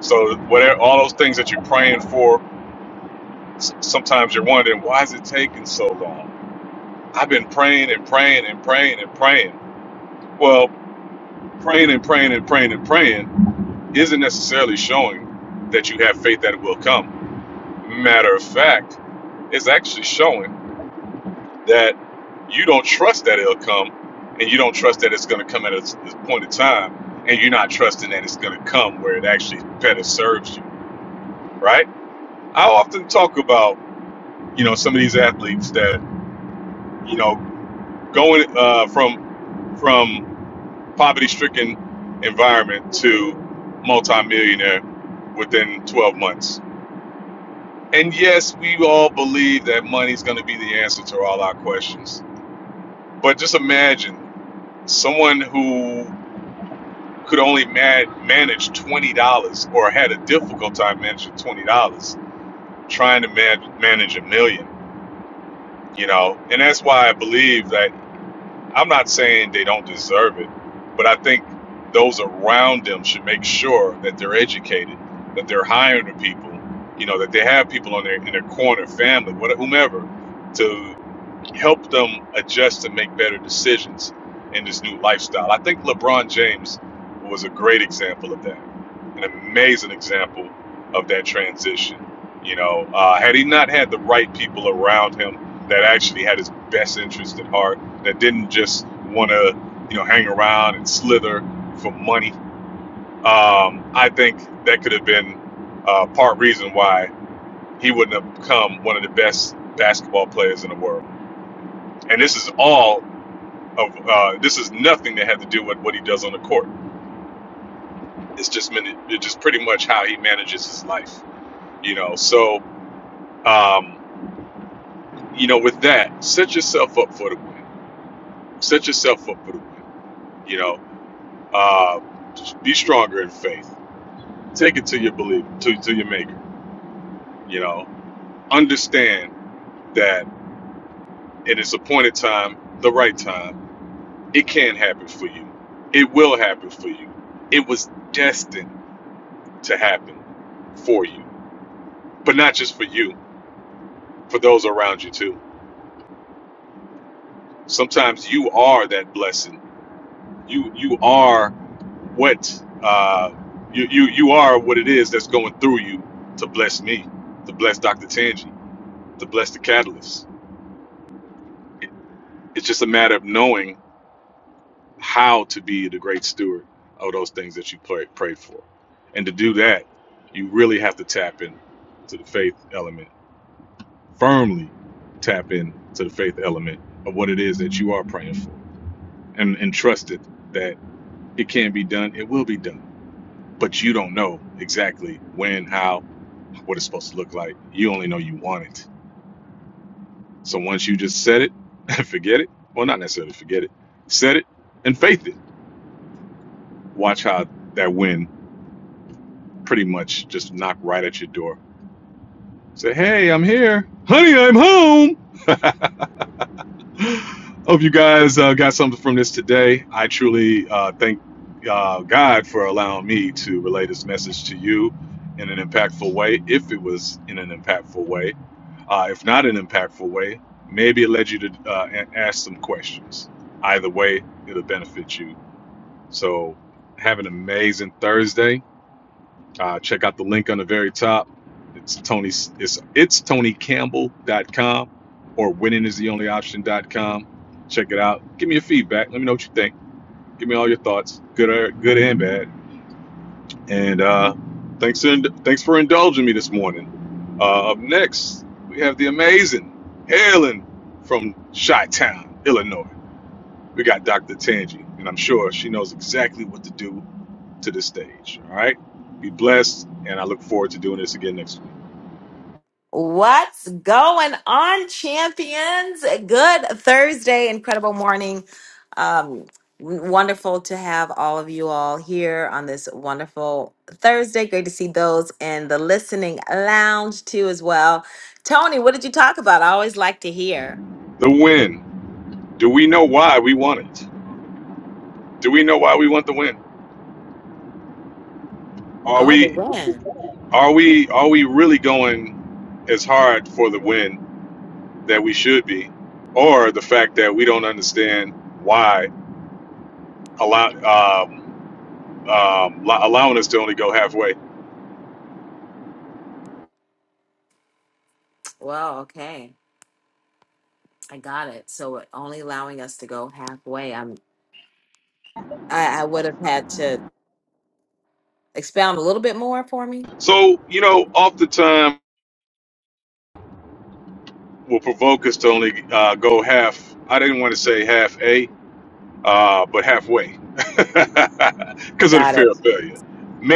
so whatever all those things that you're praying for s- sometimes you're wondering why is it taking so long i've been praying and praying and praying and praying well praying and praying and praying and praying isn't necessarily showing that you have faith that it will come matter of fact it's actually showing that you don't trust that it'll come and you don't trust that it's going to come at a s- this point in time and you're not trusting that it's going to come where it actually better serves you right i often talk about you know some of these athletes that you know going uh, from from poverty stricken environment to multimillionaire within 12 months and yes we all believe that money's going to be the answer to all our questions but just imagine someone who could only man- manage twenty dollars, or had a difficult time managing twenty dollars, trying to man- manage a million. You know, and that's why I believe that I'm not saying they don't deserve it, but I think those around them should make sure that they're educated, that they're hiring the people, you know, that they have people on their in their corner, family, whatever, whomever, to help them adjust and make better decisions in this new lifestyle. I think LeBron James was a great example of that, an amazing example of that transition. You know, uh, had he not had the right people around him that actually had his best interest at heart, that didn't just want to, you know, hang around and slither for money, um, I think that could have been uh, part reason why he wouldn't have become one of the best basketball players in the world. And this is all of uh, this is nothing that had to do with what he does on the court. It's just it's just pretty much how he manages his life, you know. So, um, you know, with that, set yourself up for the win. Set yourself up for the win. You know, uh, just be stronger in faith. Take it to your believer, to to your maker. You know, understand that in its appointed time, the right time, it can happen for you. It will happen for you. It was destined to happen for you but not just for you, for those around you too. Sometimes you are that blessing. You you are what uh, you you you are what it is that's going through you to bless me, to bless Dr. Tangi, to bless the Catalyst. It, it's just a matter of knowing how to be the great steward of those things that you pray, prayed for, and to do that, you really have to tap in to the faith element firmly. Tap in to the faith element of what it is that you are praying for and, and trusted that it can be done, it will be done. But you don't know exactly when, how, what it's supposed to look like. You only know you want it. So once you just set it and forget it, well, not necessarily forget it, set it and faith it. Watch how that wind pretty much just knock right at your door. Say, hey, I'm here. Honey, I'm home. Hope you guys uh, got something from this today. I truly uh, thank uh, God for allowing me to relay this message to you in an impactful way, if it was in an impactful way. Uh, if not an impactful way, maybe it led you to uh, a- ask some questions. Either way, it'll benefit you. So, have an amazing Thursday. Uh, check out the link on the very top. It's Tony. It's it's TonyCampbell.com or winningistheonlyoption.com. Check it out. Give me your feedback. Let me know what you think. Give me all your thoughts, good or good and bad. And uh, thanks for thanks for indulging me this morning. Uh, up next, we have the amazing Helen from Chi-Town, Illinois. We got Dr. Tangi, and I'm sure she knows exactly what to do to the stage. All right. Be blessed, and I look forward to doing this again next week.
What's going on, champions? Good Thursday, incredible morning. Um, wonderful to have all of you all here on this wonderful Thursday. Great to see those in the listening lounge too, as well. Tony, what did you talk about? I always like to hear.
The win. Do we know why we want it? Do we know why we want the win? Are
Oh, the
we
win.
are we are we really going as hard for the win that we should be, or the fact that we don't understand why allow um, um, lo- allowing us to only go halfway?
Well, okay, I got it. So it only allowing us to go halfway. I'm. I, I would have had to expound a little bit more for me.
So you know, oftentimes will provoke us to only uh, go half. I didn't want to say half a. uh, but halfway because of the
Got it.
fear of failure.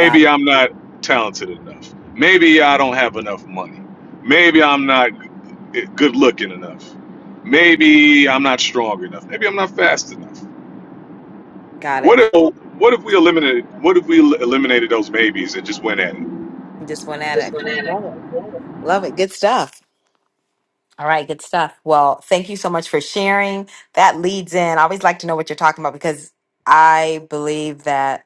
Got it.
I'm not talented enough. Maybe I don't have enough money. Maybe I'm not g- good looking enough. Maybe I'm not strong enough. Maybe I'm not fast enough.
Got it.
What if what if we eliminated what if we el- eliminated those maybes and just went at it?
Just went at
Just
it.
went
Okay,
at it.
love it. Love it. Good stuff. All right, good stuff. Well, thank you so much for sharing. That leads in. I always like to know what you're talking about because I believe that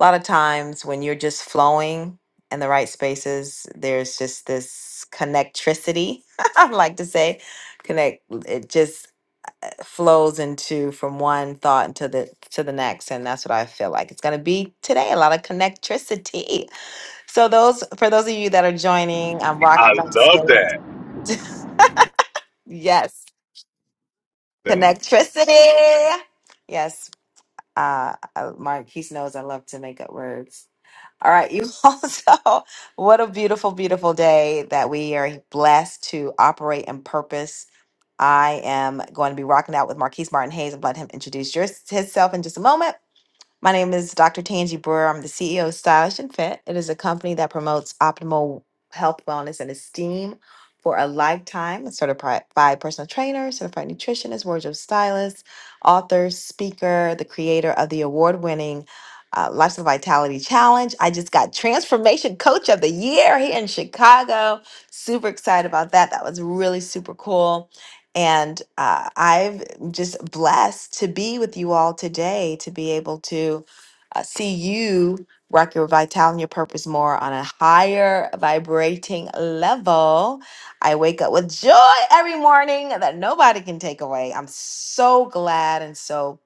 a lot of times when you're just flowing in the right spaces, there's just this connectricity, I like to say. Connect it just flows into from one thought into the to the next. And that's what I feel like. It's gonna be today, a lot of connectricity. So those for those of you that are joining, I'm
I
rocking up the
love
stage.
that.
Yes, connectricity. Yes, uh, uh, Marquise knows I love to make up words. All right, you also. What a beautiful, beautiful day that we are blessed to operate in purpose. I am going to be rocking out with Marquise Martin Hayes and letting him introduce yours, himself in just a moment. My name is Dr. Tangi Brewer. I'm the CEO of Stylish and Fit. It is a company that promotes optimal health, wellness, and esteem for a lifetime. It's certified by personal trainer, certified nutritionist, wardrobe stylist, author, speaker, the creator of the award-winning uh, Lifestyle Vitality Challenge. I just got Transformation Coach of the Year here in Chicago. Super excited about that. That was really super cool. And uh, I've just blessed to be with you all today, to be able to uh, see you rock your vitality and your purpose more on a higher vibrating level. I wake up with joy every morning that nobody can take away. I'm so glad and so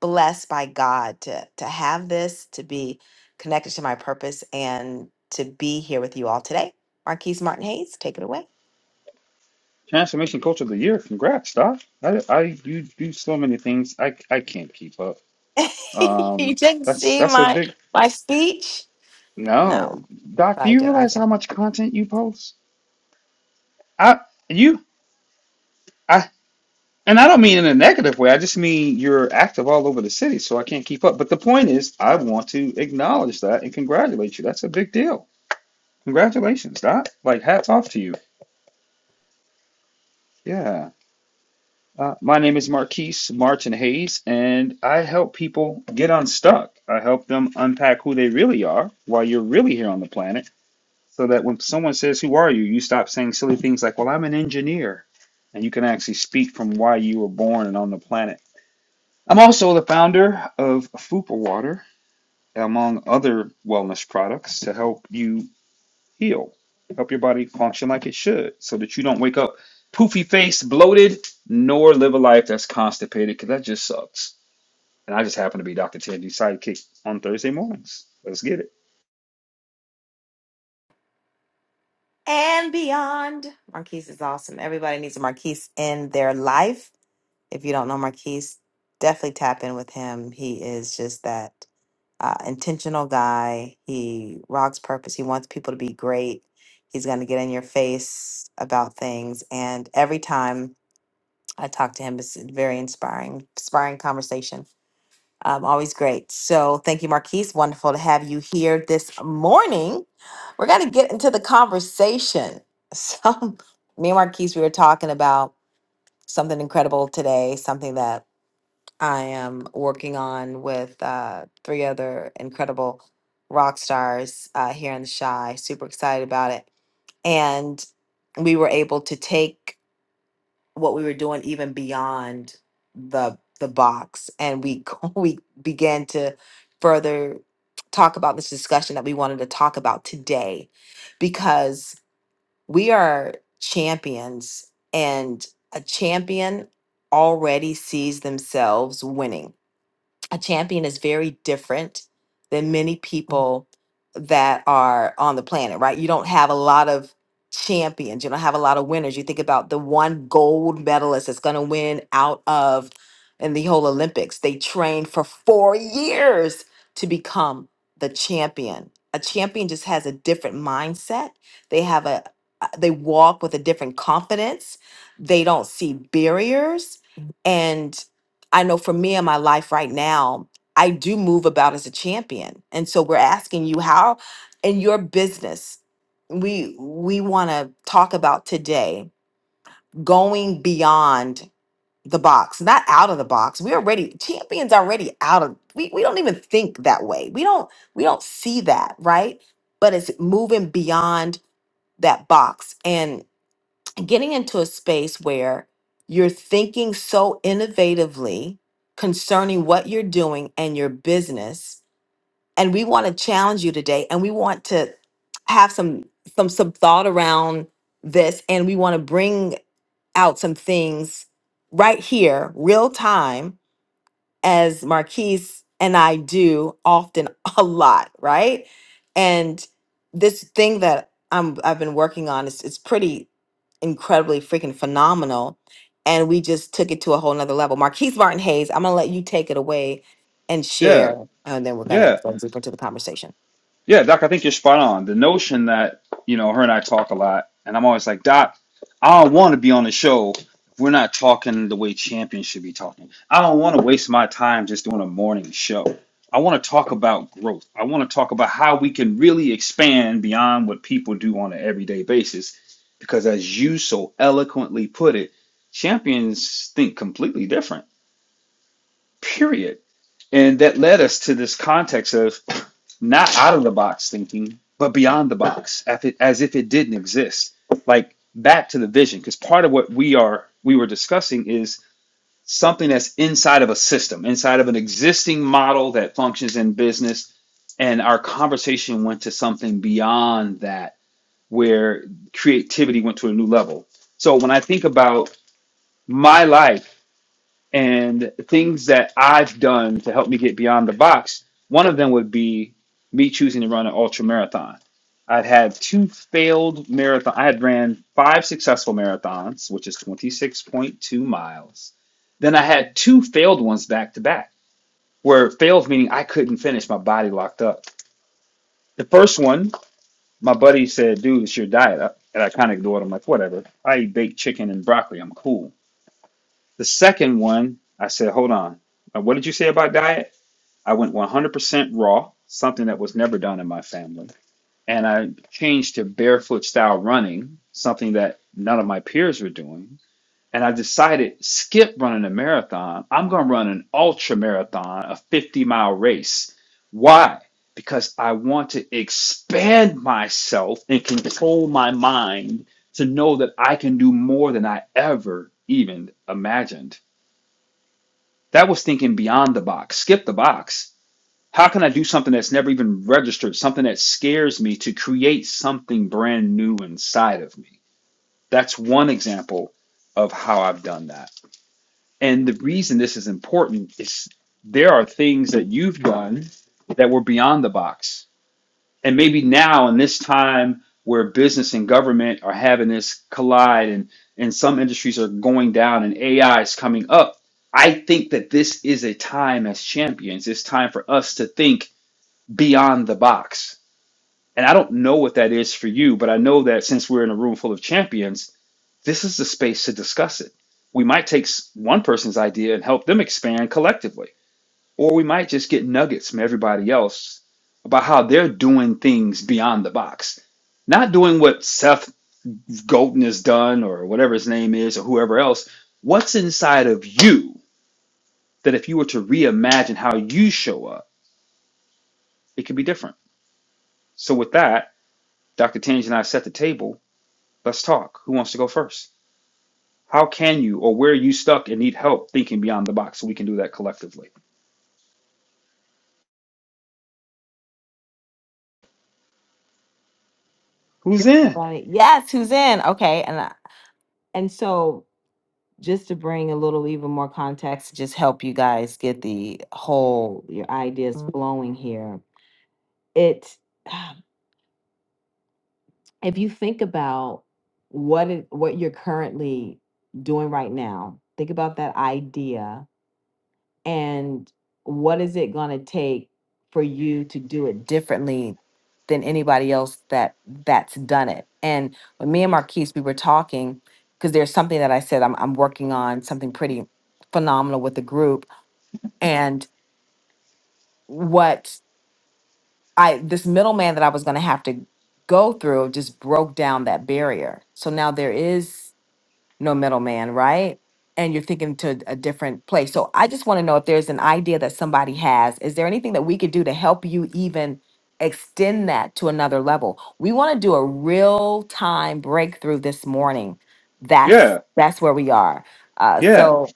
blessed by God to, to have this, to be connected to my purpose, and to be here with you all today. Marquise Martin Hayes, take it away.
Transformation Coach of the Year. Congrats, Doc. I, I you do so many things. I I can't keep up.
you
Um,
didn't
that's
see
that's a
my
big
my speech.
no.
No,
Doc,
but
do
I
you
did. I
realize
can't.
how much content you post? I you I and I don't mean in a negative way. I just mean you're active all over the city, so I can't keep up. But the point is, I want to acknowledge that and congratulate you. That's a big deal. Congratulations, Doc. Like hats off to you. Yeah. Uh, my name is Marquise Martin Hayes, and I help people get unstuck. I help them unpack who they really are while you're really here on the planet, so that when someone says, Who are you? you stop saying silly things like, Well, I'm an engineer. And you can actually speak from why you were born and on the planet. I'm also the founder of Fupa Water, among other wellness products, to help you heal, help your body function like it should, so that you don't wake up poofy faced, bloated, nor live a life that's constipated, because that just sucks. And I just happen to be Dr. Tangi's sidekick on Thursday mornings. Let's get it.
And beyond. Marquise is awesome. Everybody needs a Marquise in their life. If you don't know Marquise, definitely tap in with him. He is just that uh, intentional guy. He rocks purpose. He wants people to be great. He's going to get in your face about things. And every time I talk to him, it's a very inspiring, inspiring conversation. Um, always great. So thank you, Marquise. Wonderful to have you here this morning. We're going to get into the conversation. So, me and Marquise, we were talking about something incredible today, something that I am working on with uh, three other incredible rock stars uh, here in the Shy. Super excited about it. And we were able to take what we were doing even beyond the the box and we we began to further talk about this discussion that we wanted to talk about today because we are champions and a champion already sees themselves winning a champion is very different than many people that are on the planet, right? You don't have a lot of champions, you don't have a lot of winners. You think about the one gold medalist that's going to win out of in the whole Olympics. They trained for 4 years to become the champion. A champion just has a different mindset. They have a uh, they walk with a different confidence. They don't see barriers I know for me in my life right now, I do move about as a champion. And so we're asking you how in your business we we want to talk about today going beyond the box, not out of the box. We're already champions already out of we, we don't even think that way. We don't we don't see that, right? But it's moving beyond that box getting into a space where you're thinking so innovatively concerning what you're doing and your business and we want to challenge you today and we want to have some some some thought around this and we want to bring out some things right here real time as Marquise and I do often a lot, right? And this thing that I'm I've been working on is it's pretty incredibly freaking phenomenal. And we just took it to a whole nother level. Marquise Martin Hayes, I'm gonna let you take it away and
Yeah,
share, and then we're gonna
yeah.
go deeper into the conversation.
Yeah, Doc, I think you're spot on. The notion that, you know, her and I talk a lot, and I'm always like, Doc, I don't want to be on the show if we're not talking the way champions should be talking. I don't want to waste my time just doing a morning show. I want to talk about growth. I want to talk about how we can really expand beyond what people do on an everyday basis. Because as you so eloquently put it, champions think completely different, period and that led us to this context of not out of the box thinking, but beyond the box, as if it didn't exist. Like back to the vision, because part of what we are we were discussing is something that's inside of a system, inside of an existing model that functions in business. And our conversation went to something beyond that, where creativity went to a new level. So when I think about my life and things that I've done to help me get beyond the box, one of them would be me choosing to run an ultra marathon. I've had two failed marathon. I had ran five successful marathons, which is 26.2 miles. Then I had two failed ones back to back, where failed meaning I couldn't finish, my body locked up. The first one, my buddy said, dude, it's your diet. I- And I kind of ignored him, like, whatever. I eat baked chicken and broccoli. I'm cool. The second one, I said, hold on. Uh, What did you say about diet? I went 100% raw, something that was never done in my family. And I changed to barefoot style running, something that none of my peers were doing. And I decided, skip running a marathon. I'm going to run an ultra marathon, a 50 mile race. Why? Because I want to expand myself and control my mind to know that I can do more than I ever even imagined that was thinking beyond the box. Skip the box. How can I do something that's never even registered, something that scares me to create something brand new inside of me? That's one example of how I've done that. And the reason this is important is there are things that you've done that were beyond the box and maybe now in this time where business and government are having this collide and and some industries are going down and AI is coming up, I think that this is a time as champions. It's time for us to think beyond the box. And I don't know what that is for you, but I know that since we're in a room full of champions, this is the space to discuss it. We might take s- one person's idea and help them expand collectively or we might just get nuggets from everybody else about how they're doing things beyond the box. Not doing what Seth Golden has done or whatever his name is or whoever else. What's inside of you that if you were to reimagine how you show up, it could be different? So, with that, Dr. Tange and I set the table. Let's talk. Who wants to go first? How can you or where are you stuck and need help thinking beyond the box so we can do that collectively? Who's in?
Right. Yes, who's in? Okay, and I- and so just to bring a little even more context, just help you guys get the whole your ideas flowing here it if you think about what it, what you're currently doing right now think about that idea and what is it going to take for you to do it differently than anybody else that that's done it and when me and marquise we were talking because there's something that i said I'm, I'm working on something pretty phenomenal with the group and what I this middleman that I was going to have to go through just broke down that barrier. So now there is no middleman, right? And you're thinking to a different place. So I just want to know if there's an idea that somebody has. Is there anything that we could do to help you even extend that to another level? We want to do a real time breakthrough this morning. That's
Yeah,
that's where we are. Uh,
yeah.
so,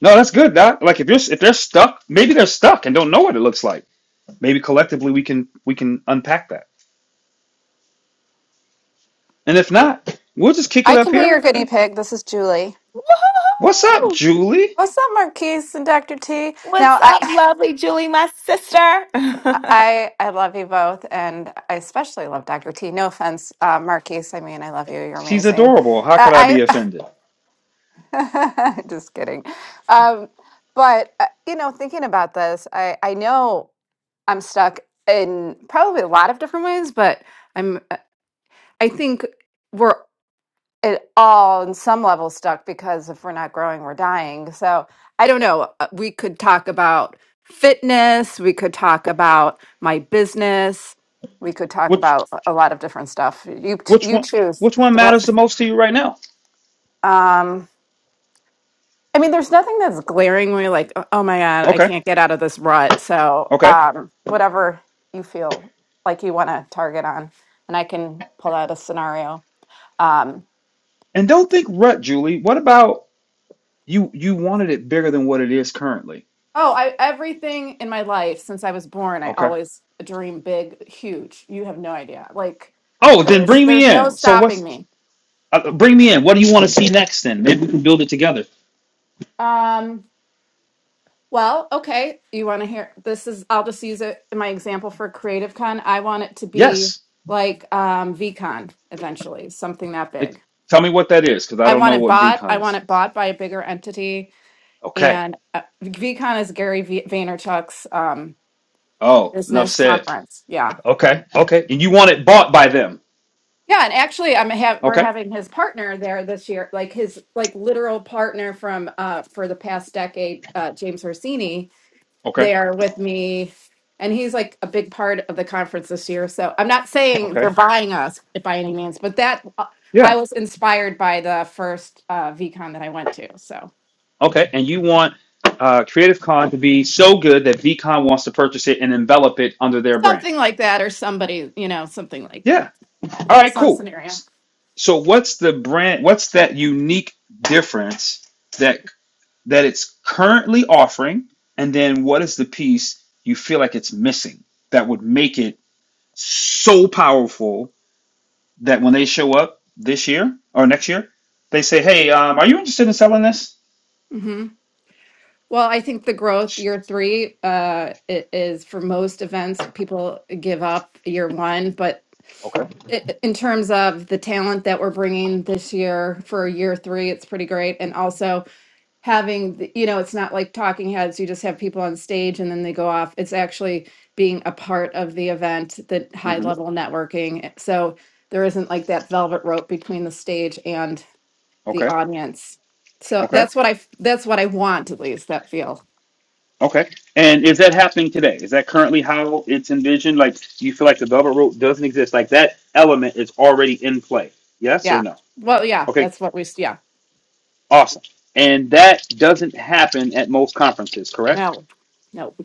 No, that's good. Doc. like if you're if they're stuck, maybe they're stuck and don't know what it looks like. Maybe collectively we can we can unpack that. And if not, we'll just kick it
I
up
can be your
here.
guinea
Eh,
pig. This is Julie.
What's up,
woo-hoo-hoo!
Julie?
What's up, Marquise and Dr. T? Now,
what's
I,
up, lovely Julie, my sister?
I, I love you both, and I especially love Dr. T. No offense, uh, Marquise. I mean, I love you. You're
She's
amazing.
adorable. How could I be
I,
offended?
I just kidding. Um, but uh, you know, thinking about this, I, I know I'm stuck in probably a lot of different ways, but I'm, uh, I think. we're. it all on some level stuck because if we're not growing we're dying so i don't know Uh, we could talk about fitness we could talk about my business we could talk
Which
about a a lot of different stuff you t-
which
you
one
choose
which one
Thro-
matters the most to you right now?
um i mean there's nothing that's glaring where you're like oh oh my god i
Okay,
can't get out of this rut so
okay.
um whatever you feel like you want to target on and i can pull out a scenario Um.
And don't think rut, Julie. What about you? You wanted it bigger than what it is currently.
Oh, I everything in my life since I was born, I
Okay.
always dream big, huge. You have no idea. Like
Oh, then
there's
bring me
there's no
in. So
stopping
what's
me.
uh, bring me in? What do you want to see next? Then maybe we can build it together.
Um, well, okay. You want to hear this is I'll just use it in my example for Creative Con. I want it to be
Yes.
like um VCon eventually, something that
Ex-
big.
Tell me what that is, because I
I
don't
want
know
it
what
bought. I
VCon
want
is.
it bought by a bigger entity
Okay.
and uh, VCon is Gary v- Vaynerchuk's um
Oh, enough
business
said.
conference. Yeah.
Okay. Okay. And you want it bought by them.
Yeah, and actually, I'm ha we're
Okay.
having his partner there this year, like his like literal partner from uh for the past decade, uh James Orsini,
Okay.
there with me, and he's like a big part of the conference this year. So I'm not saying they're
Okay.
buying us by any means, but that uh, I
Yeah.
was inspired by the first uh VCon that I went to, so
Okay. And you want uh, Creative Con to be so good that VCon wants to purchase it and envelop it under their brand.
something like that, or somebody, you know, something like
Yeah.
that,
All right.
some
Cool.
scenario.
S- So what's the brand? What's that unique difference that that it's currently offering? And then what is the piece you feel like it's missing that would make it? so powerful that when they show up this year or next year, they say, "Hey, um, are you interested in selling this?"
Well, I think the growth year three uh, i- is for most events, people give up year one. But
Okay.
i- in terms of the talent that we're bringing this year for year three, it's pretty great. And also having, the, you know, it's not like talking heads, you just have people on stage and then they go off. It's actually being a part of the event, the high
hmm
level networking. So there isn't like that velvet rope between the stage and the
Okay.
audience. So
Okay.
that's what I that's what I want at least that feel.
Okay. And is that happening today? Is that currently how it's envisioned? Like, do you feel like the velvet rope doesn't exist? Like that element is already in play. Yes or
Yeah.
no?
Well, yeah,
Okay.
that's what we s- yeah.
Awesome. And that doesn't happen at most conferences, correct?
No. No.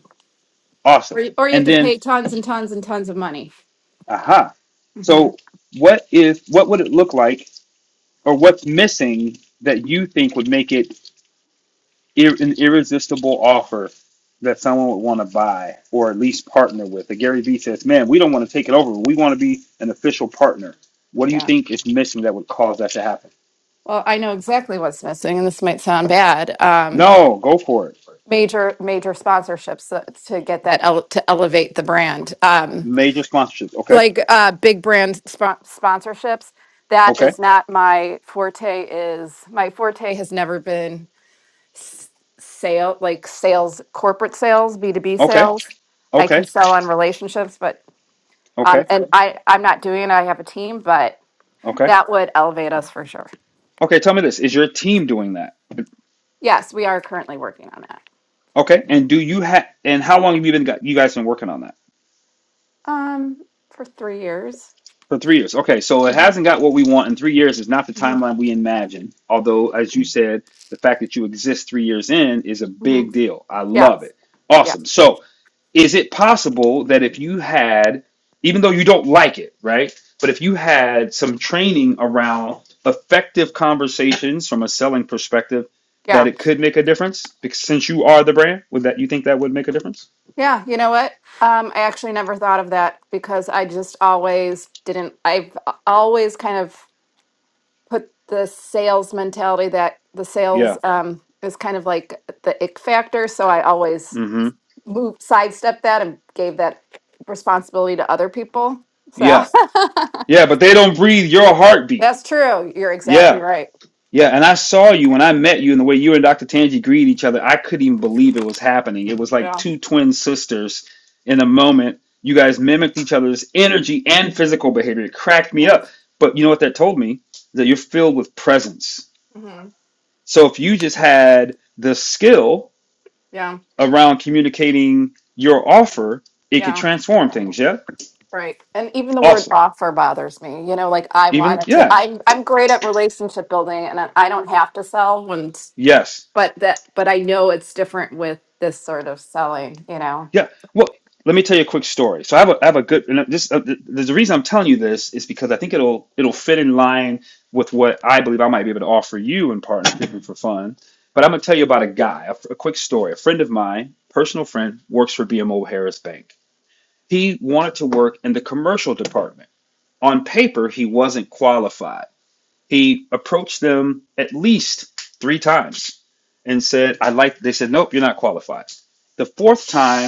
Or
Awesome.
you- or you have
And
to
then,
pay tons and tons and tons of money.
aha.
hmm
So, what is what would it look like or what's missing that you think would make it ir- an irresistible offer that someone would want to buy or at least partner with? That Gary Vee says, "Man, we don't want to take it over. We want to be an official partner." What do you
Yeah.
think is missing that would cause that to happen?
Well, I know exactly what's missing and this might sound bad. Um
No, go for it.
major major sponsorships uh, to get that ele- to elevate the brand. Um
Major sponsorships. Okay,
like uh big brand spo- sponsorships. That
okay,
is not my forte is my forte has never been s- sale, like sales, corporate sales, B2B
okay,
sales. I
okay,
can sell on relationships, but, um,
okay,
and I, I'm not doing it. I have a team, but
okay,
that would elevate us for sure.
okay. Tell me this: Is your team doing that?
Yes, we are currently working on that.
Okay, and do you have? And how long have you been got you guys been working on that?
Um, for three years.
For three years. Okay, so it
Mhm,
hasn't got what we want in three years is not the
mhm,
timeline we imagine. Although, as you said, the fact that you exist three years in is a big
mhm.
deal. I
Yeah,
love it.
yeah,
Awesome. So, is it possible that if you had, even though you don't like it, right? But if you had some training around effective conversations from a selling perspective, that
yeah,
it could make a difference? Because since you are the brand, would that you think that would make a difference?
yeah. You know what? Um, I actually never thought of that because I just always didn't, I've always kind of put the sales mentality that the sales
Yeah.
um, is kind of like the ick factor. So I always
Mm-hmm.
moved, sidestepped that and gave that responsibility to other people. So
Yeah. Yeah, but they don't breathe your heartbeat.
that's true. You're
Yeah.
exactly right.
Yeah, and I saw you when I met you, and the way you and Dr. Tanji greeted each other, I couldn't even believe it was happening. It was like
Yeah.
two twin sisters in a moment. You guys mimicked each other's energy and physical behavior. It cracked me
Right.
up. But you know what that told me? That you're filled with presence.
hmm
So if you just had the skill
Yeah.
around communicating your offer, it could
Yeah.
transform things. Yeah?
Right. And even the word
Awesome.
offer bothers me. You know, like I
Even,
wanted to,
yeah.
I'm, I'm great at relationship building and I I don't have to sell when,
Yes.
but that, but I know it's different with this sort of selling, you know.
Yeah. Well, let me tell you a quick story. So I have a, I have a good, and this, uh, th- there's a reason I'm telling you this is because I think it'll, it'll fit in line with what I believe I might be able to offer you in partnership and for fun. But I'm going to tell you about a guy, a, f- a quick story. A friend of mine, personal friend, works for BMO Harris Bank. He wanted to work in the commercial department. On paper, he wasn't qualified. He approached them at least three times and said, I like, they said, nope, you're not qualified. The fourth time,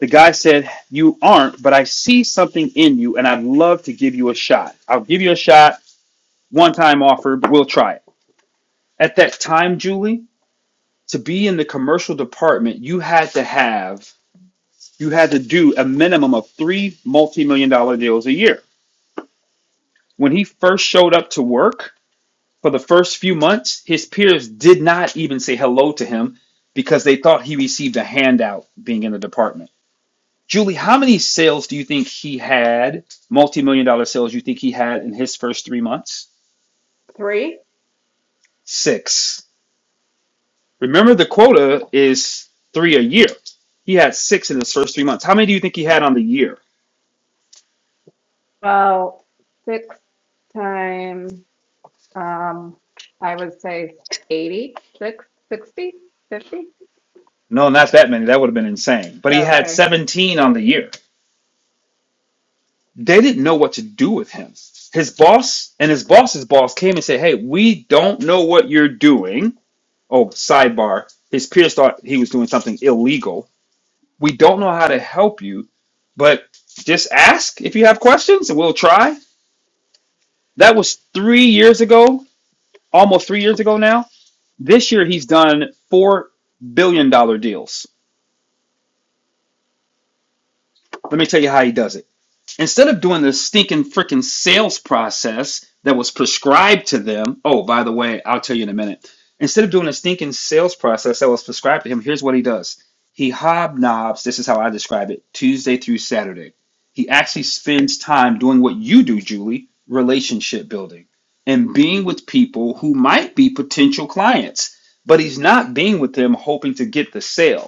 the guy said, You aren't, but I see something in you and I'd love to give you a shot. I'll give you a shot, one time offer, but we'll try it. At that time, Julie, to be in the commercial department, you had to have, you had to do a minimum of three multi million dollar deals a year. When he first showed up to work for the first few months, his peers did not even say hello to him because they thought he received a handout being in the department. Julie, how many sales do you think he had, multi million dollar sales, you think he had in his first three months?
Three?
Six. Remember, the quota is three a year. He had six in his first three months. How many do you think he had on the year?
Well, six times, um, I would say eighty, six, sixty, fifty.
No, not that many. That would have been insane. But
Oh,
he had
okay.
17 on the year. They didn't know what to do with him. His boss and his boss's boss came and said, Hey, we don't know what you're doing. Oh, sidebar. His peers thought he was doing something illegal We don't know how to help you, but just ask if you have questions and we'll try. That was three years ago, almost three years ago now. This year, he's done $4 billion dollar deals. Let me tell you how he does it. Instead of doing the stinking freaking sales process that was prescribed to them, oh, by the way, I'll tell you in a minute. Instead of doing a stinking sales process that was prescribed to him, here's what he does. He hobnobs, this is how I describe it, Tuesday through Saturday. He actually spends time doing what you do, Julie, relationship building and being with people who might be potential clients, but he's not being with them hoping to get the sale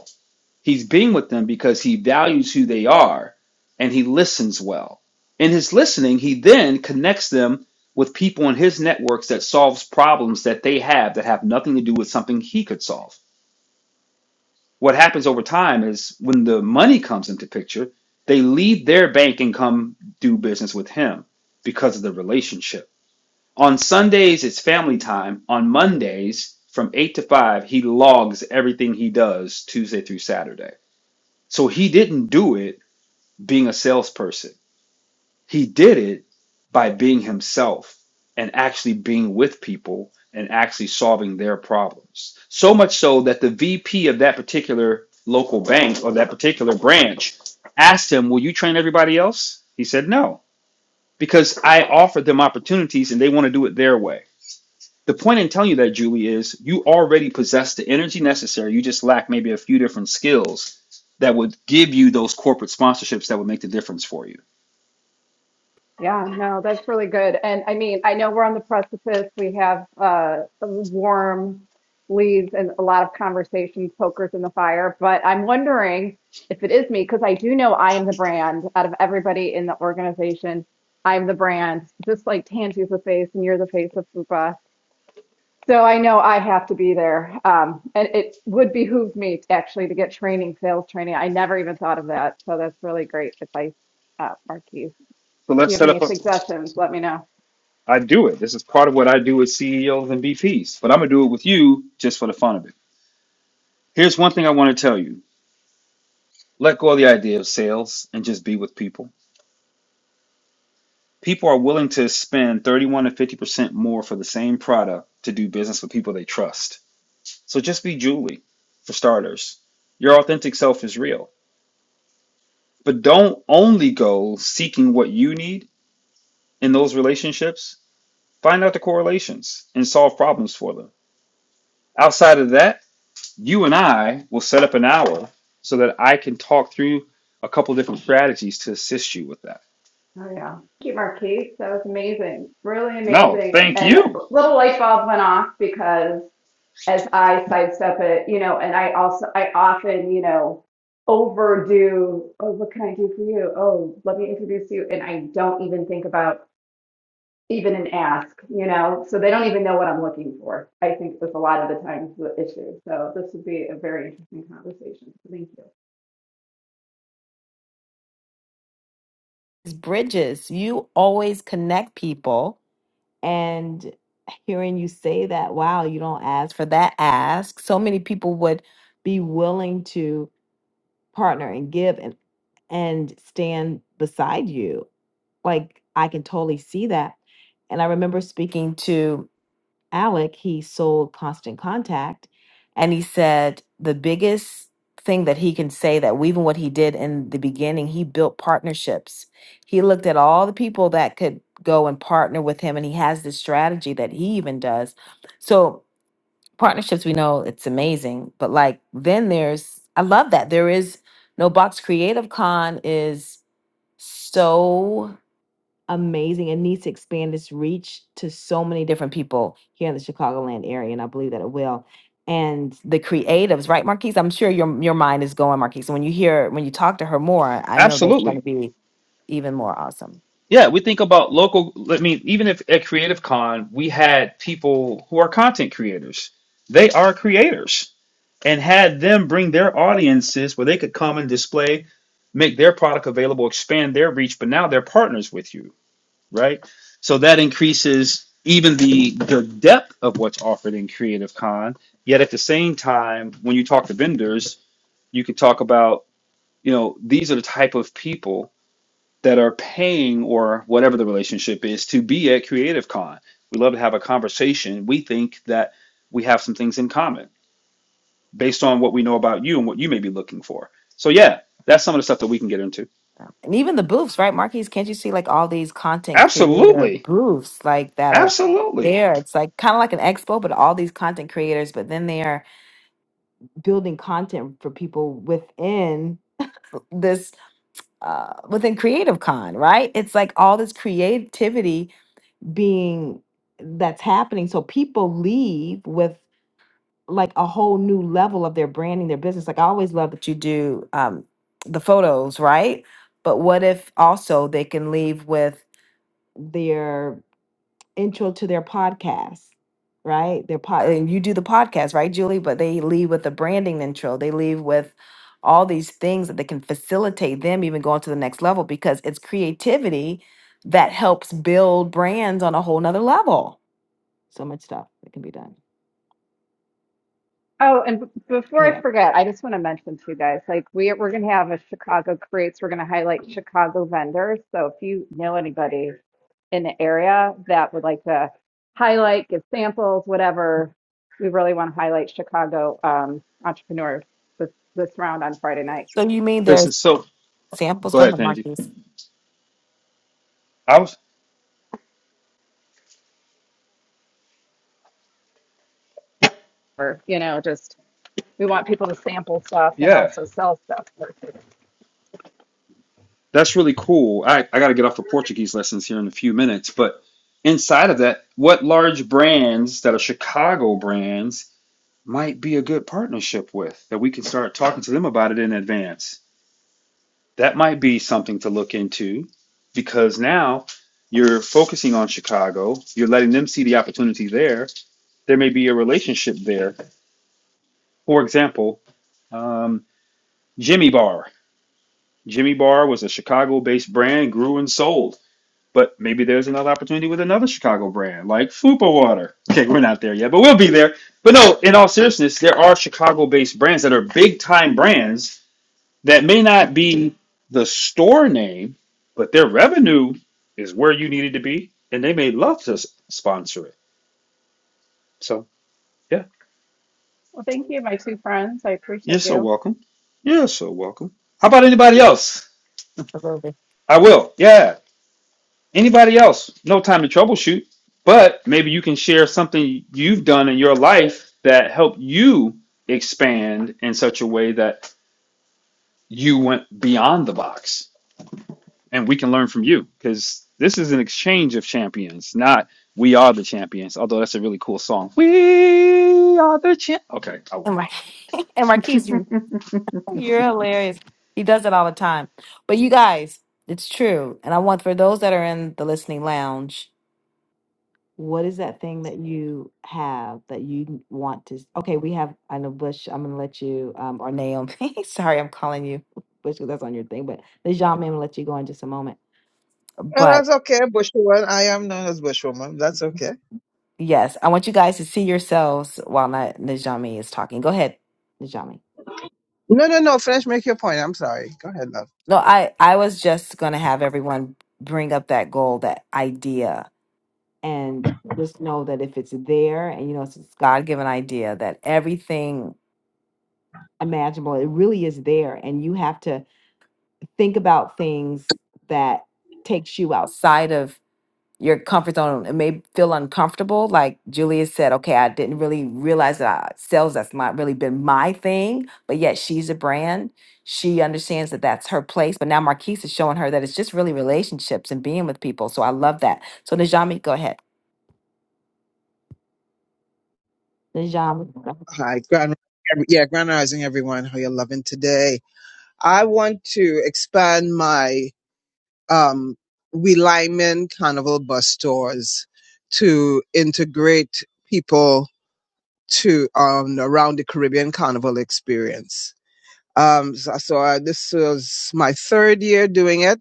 He's being with them because he values who they are and he listens well. In his listening, he then connects them with people in his networks that solves problems that they have that have nothing to do with something he could solve. What happens over time is when the money comes into picture, they leave their bank and come do business with him because of the relationship. On Sundays, it's family time. On Mondays, from 8 to 5, he logs everything he does Tuesday through Saturday. So he didn't do it being a salesperson. He did it by being himself and actually being with people and actually solving their problems. So much so that the VP of that particular local bank or that particular branch asked him, Will you train everybody else? He said, No, because I offered them opportunities and they want to do it their way. The point in telling you that, Julie, is you already possess the energy necessary. You just lack maybe a few different skills that would give you those corporate sponsorships that would make the difference for you.
Yeah, no, that's really good. And I mean, I know we're on the precipice. We have uh, warm leads and a lot of conversations, pokers in the fire. But I'm wondering if it is me, because I do know I am the brand out of everybody in the organization. I'm the brand, just like Tangi's the face and you're the face of Fupa. So I know I have to be there. Um, and it would behoove me to actually to get training, sales training. I never even thought of that. So that's really great advice, uh, Marquise.
So
If you
let's
have
set
any
up a.
suggestions, let me know.
I do it. This is part of what I do with CEOs and VPs, but I'm gonna do it with you just for the fun of it. Here's one thing I want to tell you: let go of the idea of sales and just be with people. People are willing to spend 31 to 50 percent more for the same product to do business with people they trust. So just be Julie, for starters. Your authentic self is real, but don't only go seeking what you need in those relationships. Find out the correlations and solve problems for them. Outside of that you and I will set up an hour so that I can talk through a couple different strategies to assist you with that.
Oh yeah. Thank you, Marquise. That was amazing. Really
No,
amazing.
thank
And a
you.
little light bulb went off because as I sidestep it, you know, and I also, I often, you know, overdo, oh, what can I do for you? Oh, let me introduce you. And I don't even think about even an ask, you know, so they don't even know what I'm looking for. I think with a lot of the times the issue. So this would be a very interesting conversation. So Thank you.
is bridges. You always connect people. And hearing you say that, wow, you don't ask for that ask. So many people would be willing to partner and give and and stand beside you. Like I can totally see that. And I remember speaking to Alec, he sold Constant Contact, and he said the biggest thing that he can say that even what he did in the beginning, he built partnerships. He looked at all the people that could go and partner with him, and he has this strategy that he even does. So partnerships, we know it's amazing, but like then there's I love that there is no box. Creative Con is so amazing and needs to expand its reach to so many different people here in the Chicagoland area, and I believe that it will. And the creatives, right, Marquise? I'm sure your your mind is going, Marquise. When you hear when you talk to her more, I know that's going to
Absolutely.
be even more awesome.
Yeah, we think about local. I mean, even if at Creative Con, we had people who are content creators, they are creators, and had them bring their audiences where they could come and display, make their product available, expand their reach, but now they're partners with you right? So that increases even the the depth of what's offered in Creative Con. Yet at the same time, when you talk to vendors, you can talk about, you know, these are the type of people that are paying or whatever the relationship is to be at Creative Con. We love to have a conversation. We think that we have some things in common based on what we know about you and what you may be looking for. So yeah, that's some of the stuff that we can get into.
And even the booths, right, Marquise? Can't you see like all these content creator
Absolutely.
booths like that are
Absolutely.
there? It's like kind of like an expo, but all these content creators, but then they are building content for people within this uh, within Creative Con, right? It's like all this creativity being that's happening. So people leave with like a whole new level of their branding, their business. Like I always love that you do um, the photos, right? But what if also they can leave with their intro to their podcast, right? Their pod, and you do the podcast, right, Julie? But they leave with a branding intro. They leave with all these things that they can facilitate them even going to the next level because it's creativity that helps build brands on a whole nother level. So much stuff that can be done.
Oh, and b- before I
Anyway,
forget, I just want to mention to you guys, like we we're gonna have a Chicago Creates. We're gonna highlight Chicago vendors. So if you know anybody in the area that would like to highlight, give samples, whatever, we really want to highlight Chicago um, entrepreneurs this this round on Friday night.
so you mean
Because
there's
it's so
samples?
go
Go
ahead,
ahead,
Tanji.
Marquise.
I was.
Or you know, just we want people to sample stuff and
Yeah,
also sell stuff.
that's really cool. I, I got to get off the Portuguese lessons here in a few minutes, but inside of that, what large brands that are Chicago brands might be a good partnership with that we can start talking to them about it in advance? That might be something to look into because now you're focusing on Chicago, you're letting them see the opportunity there. There may be a relationship there. For example, um, Jimmy Bar. Jimmy Bar was a Chicago-based brand, grew and sold. But maybe there's another opportunity with another Chicago brand like Fupa Water. Okay, we're not there yet, but we'll be there. But no, in all seriousness, there are Chicago based brands that are big time brands that may not be the store name, but their revenue is where you needed to be, and they may love to sponsor it. So, yeah,
Well, thank you, my two friends. I
you're
appreciate
so
you.
welcome. You're so welcome. How about anybody else?
Absolutely.
I will. Yeah. Anybody else? No time to troubleshoot, but maybe you can share something you've done in your life that helped you expand in such a way that you went beyond the box and we can learn from you because this is an exchange of champions, not we are the champions, although that's a really cool song. We are the champ. Okay, I
And
won't.
Mar- and Marquise, you, you're hilarious. He does it all the time. But you guys, it's true. And I want for those that are in the listening lounge, what is that thing that you have that you want to okay we have i know bush i'm gonna let you um or naomi sorry i'm calling you bush because that's on your thing but Najami, i'm gonna let you go in just a moment
Oh,
but
that's okay, Bushwoman. I am known as Bushwoman. That's okay.
yes i want you guys to see yourselves while not najami is talking go ahead najami
No, no, no. Finish. Make your point. I'm sorry. Go ahead, love.
no i i was just gonna have everyone bring up that goal that idea and just know that if it's there and you know it's god-given idea that everything imaginable it really is there and you have to think about things that takes you outside of your comfort zone it may feel uncomfortable like julia said okay i didn't really realize that I, sales that's not really been my thing but yet she's a brand she understands that that's her place but now marquise is showing her that it's just really relationships and being with people so i love that so najami go ahead najami
Hi, Grand. Yeah, Grand Rising, everyone. How you loving today? I want to expand my um we Lyman Carnival bus stores to integrate people to um around the Caribbean Carnival experience. Um, so, so I, this was my third year doing it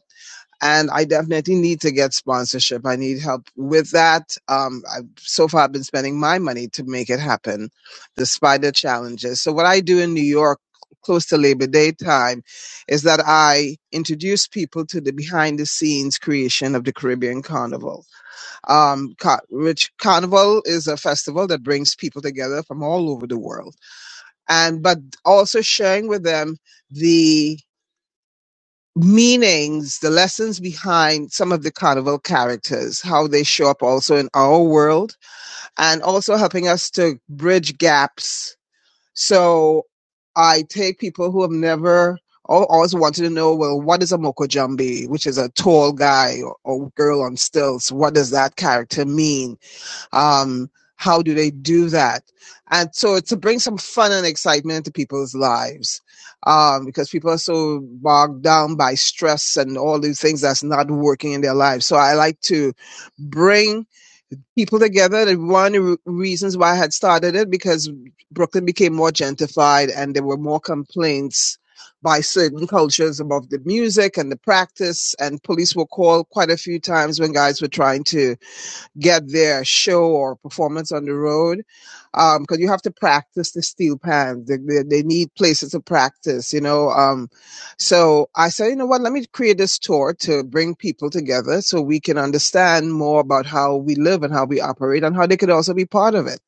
and I definitely need to get sponsorship. I need help with that. Um, I've so far I've been spending my money to make it happen, despite the challenges. So what I do in New York, close to Labor Day time, is that I introduce people to the behind the scenes creation of the Caribbean Carnival. Um, Car- which Carnival is a festival that brings people together from all over the world, and but also sharing with them the meanings, the lessons behind some of the carnival characters, how they show up also in our world, and also helping us to bridge gaps. So I take people who have never al- always wanted to know, well, what is a Moko Jambi, which is a tall guy or, or girl on stilts? What does that character mean? Um, how do they do that? And so to bring some fun and excitement into people's lives, um, because people are so bogged down by stress and all these things that's not working in their lives. So I like to bring people together. And one of the re- reasons why I had started it because Brooklyn became more gentrified and there were more complaints by certain cultures about the music and the practice and police were called quite a few times when guys were trying to get their show or performance on the road because um, you have to practice the steel pan they, they, they need places to practice you know um, so i said you know what let me create this tour to bring people together so we can understand more about how we live and how we operate and how they could also be part of it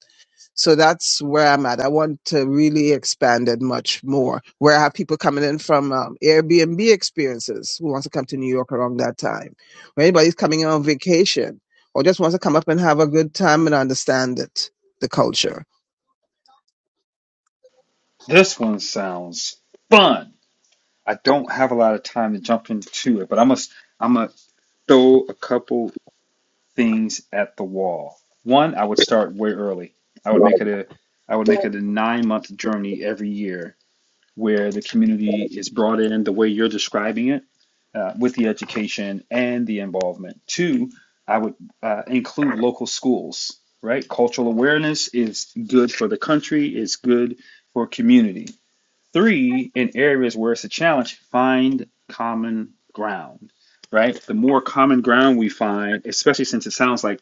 so that's where I'm at. I want to really expand it much more. Where I have people coming in from um, Airbnb experiences who wants to come to New York around that time, or anybody's coming on vacation or just wants to come up and have a good time and understand it, the culture.
This one sounds fun. I don't have a lot of time to jump into it, but I must. I'm gonna throw a couple. things at the wall. One, I would start way early. I would make it a I would make it a nine month journey every year where the community is brought in the way you're describing it uh, with the education and the involvement. Two, I would uh, include local schools, right? Cultural awareness is good for the country, is good for community. Three, in areas where it's a challenge, find common ground right? The more common ground we find, especially since it sounds like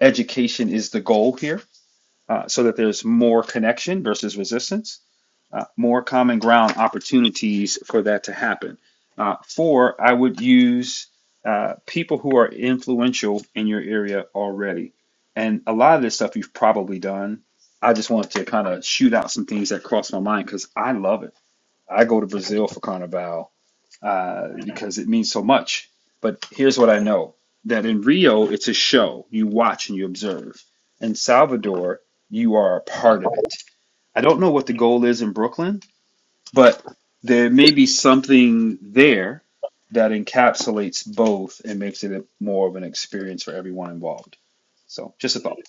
education is the goal here uh, so that there's more connection versus resistance, uh, more common ground opportunities for that to happen. Uh, four, I would use uh, people who are influential in your area already. And a lot of this stuff you've probably done. I just wanted to kind of shoot out some things that crossed my mind because I love it. I go to Brazil for Carnival uh, because it means so much. But here's what I know that in Rio, it's a show. You watch and you observe. In Salvador, you are a part of it. I don't know what the goal is in Brooklyn, but there may be something there that encapsulates both and makes it a- more of an experience for everyone involved. So, just a thought.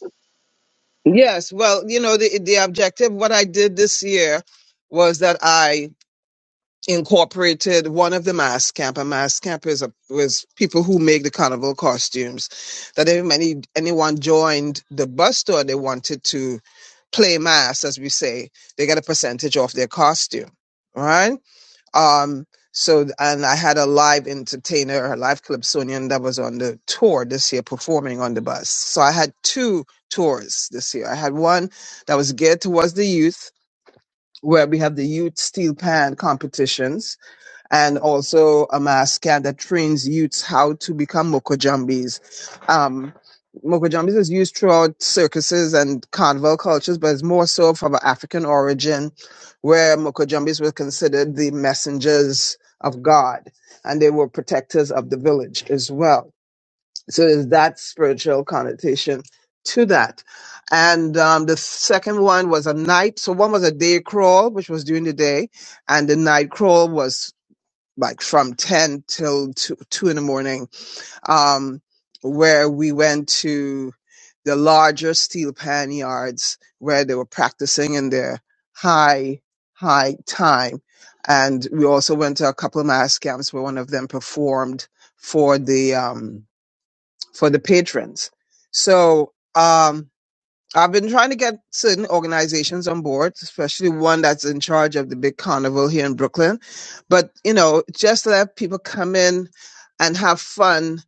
Yes, well, you know, the the objective, what I did this year was that I incorporated one of the mass camp. A mass camp is a was people who make the carnival costumes. That if any anyone joined the bus store, they wanted to play mass, as we say, they get a percentage off their costume. right? Um. So and I had a live entertainer, a live Calypsonian that was on the tour this year performing on the bus. So I had two tours this year. I had one that was geared towards the youth, where we have the youth steel pan competitions and also a mass camp that trains youths how to become mokojambis. Um, mokojambis is used throughout circuses and carnival cultures, but it's more so from an African origin, where mokojambis were considered the messengers of God, and they were protectors of the village as well. So there's that spiritual connotation to that. And um, the second one was a night. So one was a day crawl, which was during the day, and the night crawl was like from 10 till 2, 2 in the morning, um, where we went to the larger steel pan yards where they were practicing in their high, high time. And we also went to a couple of mass camps where one of them performed for the, um, for the patrons. So, um, I've been trying to get certain organizations on board, especially one that's in charge of the big carnival here in Brooklyn. But, you know, just to let people come in and have fun,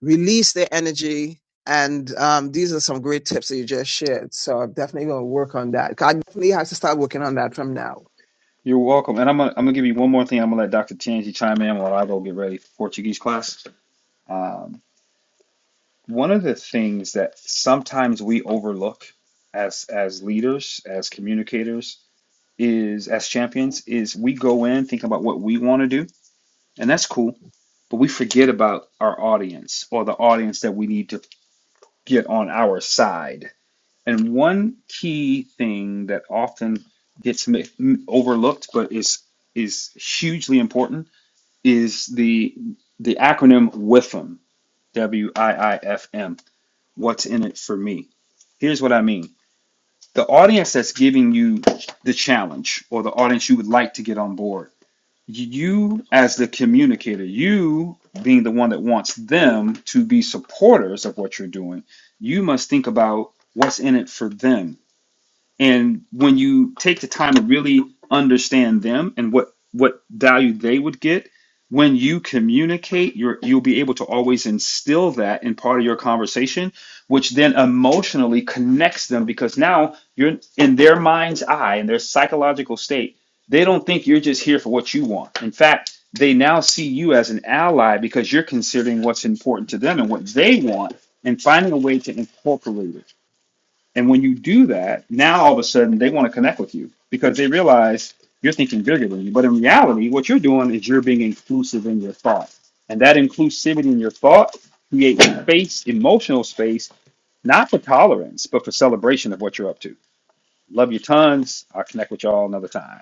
release their energy. And um, these are some great tips that you just shared. So I'm definitely going to work on that. I definitely have to start working on that from now.
You're welcome. And I'm gonna, I'm gonna give you one more thing. I'm gonna let Dr. Tanji chime in while I go get ready for Portuguese class. Um, one of the things that sometimes we overlook as as leaders, as communicators, is as champions, is we go in thinking about what we want to do, and that's cool, but we forget about our audience or the audience that we need to get on our side. And one key thing that often gets overlooked, but is is hugely important, is the the acronym WIFM, W I I F M what's in it for me. Here's what I mean the audience that's giving you the challenge or the audience you would like to get on board, you as the communicator, you being the one that wants them to be supporters of what you're doing, you must think about what's in it for them and when you take the time to really understand them and what what value they would get, when you communicate, you're you'll be able to always instill that in part of your conversation, which then emotionally connects them because now you're in their mind's eye, in their psychological state, they don't think you're just here for what you want. In fact, they now see you as an ally because you're considering what's important to them and what they want and finding a way to incorporate it. And when you do that, now all of a sudden they want to connect with you because they realize you're thinking bigger than you. But in reality, what you're doing is you're being inclusive in your thought. And that inclusivity in your thought creates space, emotional space, not for tolerance, but for celebration of what you're up to. Love you tons. I'll connect with y'all another time.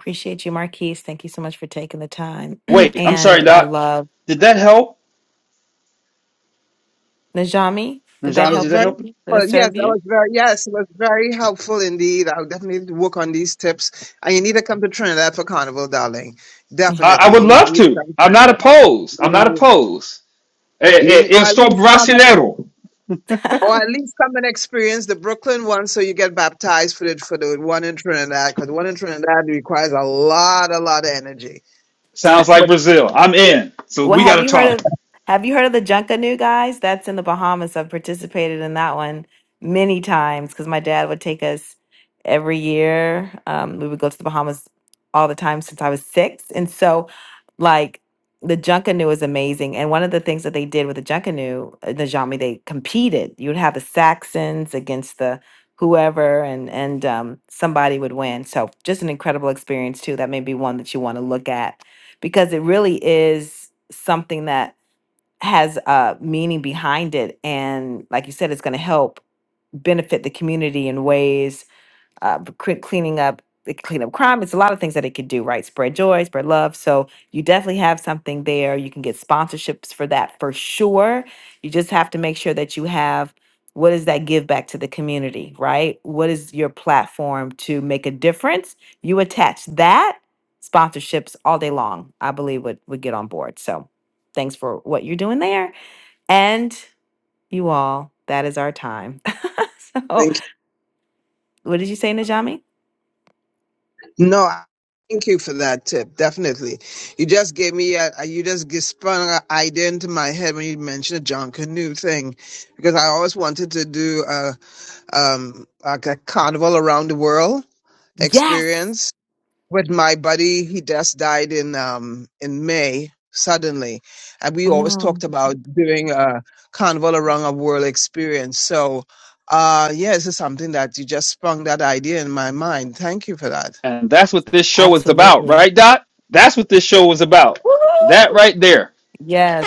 appreciate you marquise thank you so much for taking the time
Wait, I'm sorry,
and i
Doc.
love
Did that help?
najami did that
That
Najami,
was
did
help
that
very,
you
help?
did it
helpful. yes,
serve
that
you
was very, yes, it was very helpful indeed. I'll definitely work on these tips. And you need to come to Trinidad for Carnival, darling.
I, I
Definitely.
would
You
love
need to
to.
come to
I'm not
Trinidad.
opposed. I'm not
Mm.
opposed. Eh,
You,
eh,
need-
eu
or at
estou
least come and,
brasileiro.
or at least come and experience the Brooklyn one so you get baptized for the, for the one in Trinidad because the one in Trinidad requires a lot, a lot of energy.
Sounds like Brazil. I'm in. So
Well,
we got
have
to
you heard
talk.
of have you heard of the Junkanoo guys? That's in the Bahamas. I've participated in that one many times because my dad would take us every year. Um, we would go to the Bahamas all the time since I was six, and so like the Junkanoo is amazing. And one of the things that they did with the Junkanoo, uh, the Jami, they competed. You would have the Saxons against the whoever, and and um, somebody would win. So just an incredible experience too. That may be one that you want to look at because it really is something that has a meaning behind it and like you said it's going to help benefit the community in ways uh, cre- cleaning up it can clean up crime. It's a lot of things that it could do, right? Spread joy, spread love. So you definitely have something there. You can get sponsorships for that for sure. You just have to make sure that you have what is that give back to the community, right? What is your platform to make a difference? You attach that sponsorships all day long. I believe would would get on board. So thanks for what you're doing there, and you all. That is our time. so what did you say, Najami?
No, I- thank you for that tip. Definitely, you just gave me a, a- you just g spun an idea into my head when you mentioned the John Canoe thing, because I always wanted to do a um like a carnival around the world
Yes.
experience with my buddy. He just died in um in May suddenly, and we
Oh
always talked
no.
about doing a carnival around a world experience. So. Uh, yeah, this is something that you just sprung that idea in my mind. Thank you for that.
And that's what this show is about,
Absolutely.
right, Dot? That's what this show is about. That
Woo!
right there.
Yes.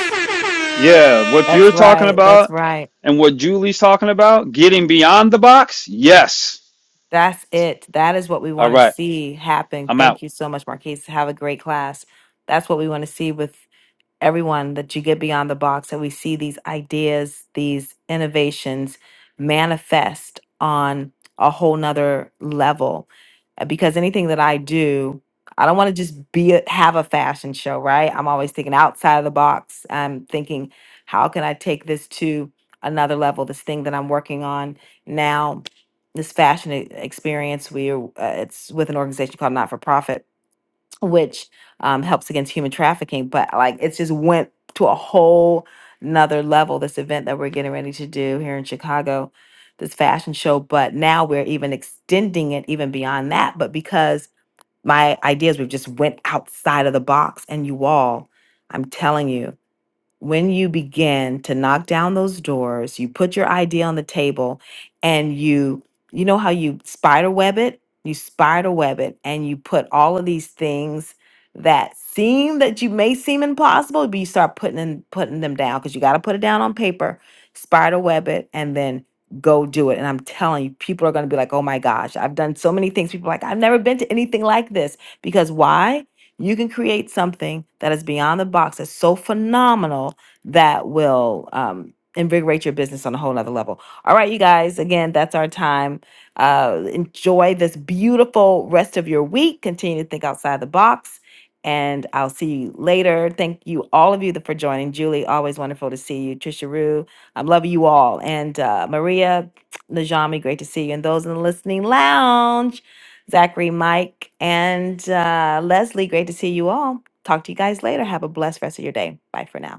Yeah, what you're
That's
talking
right. That's
about
right.
and what Julie's talking about, getting beyond the box. Yes.
That's it. That is what we
All
want to
right.
see happen.
I'm out.
Thank you so much, Marquise. Have a great class. That's what we want to see with everyone that you get beyond the box that we see these ideas, these innovations manifest on a whole nother level. Uh, Because anything that I do, I don't want to just be a, have a fashion show, right? I'm always thinking outside of the box. I'm thinking, how can I take this to another level? This thing that I'm working on now, this fashion e- experience, we are, uh, it's with an organization called Not for Profit which um, helps against human trafficking. But like, it's just went to a whole another level. This event that we're getting ready to do here in Chicago, this fashion show. But now we're even extending it even beyond that. But because my ideas, we've just went outside of the box, and you all, I'm telling you when you begin to knock down those doors, you put your idea on the table and you, you know how you spider web it? You spider web it and you put all of these things that seem that you may seem impossible, but you start putting in, putting them down because you got to put it down on paper, spider web it, and then go do it. And I'm telling you, people are going to be like, oh my gosh, I've done so many things. People are like, I've never been to anything like this. Because why? You can create something that is beyond the box that's so phenomenal that will um, invigorate your business on a whole nother level. All right, you guys, again, that's our time. Uh, enjoy this beautiful rest of your week. Continue to think outside the box. And I'll see you later. Thank you, all of you, that- for joining. Julie, always wonderful to see you. Trisha Rue, I am loving you all. And uh, Maria, Najami, great to see you. And those in the listening lounge, Zachary, Mike, and uh, Leslie. Great to see you all. Talk to you guys later. Have a blessed rest of your day. Bye for now.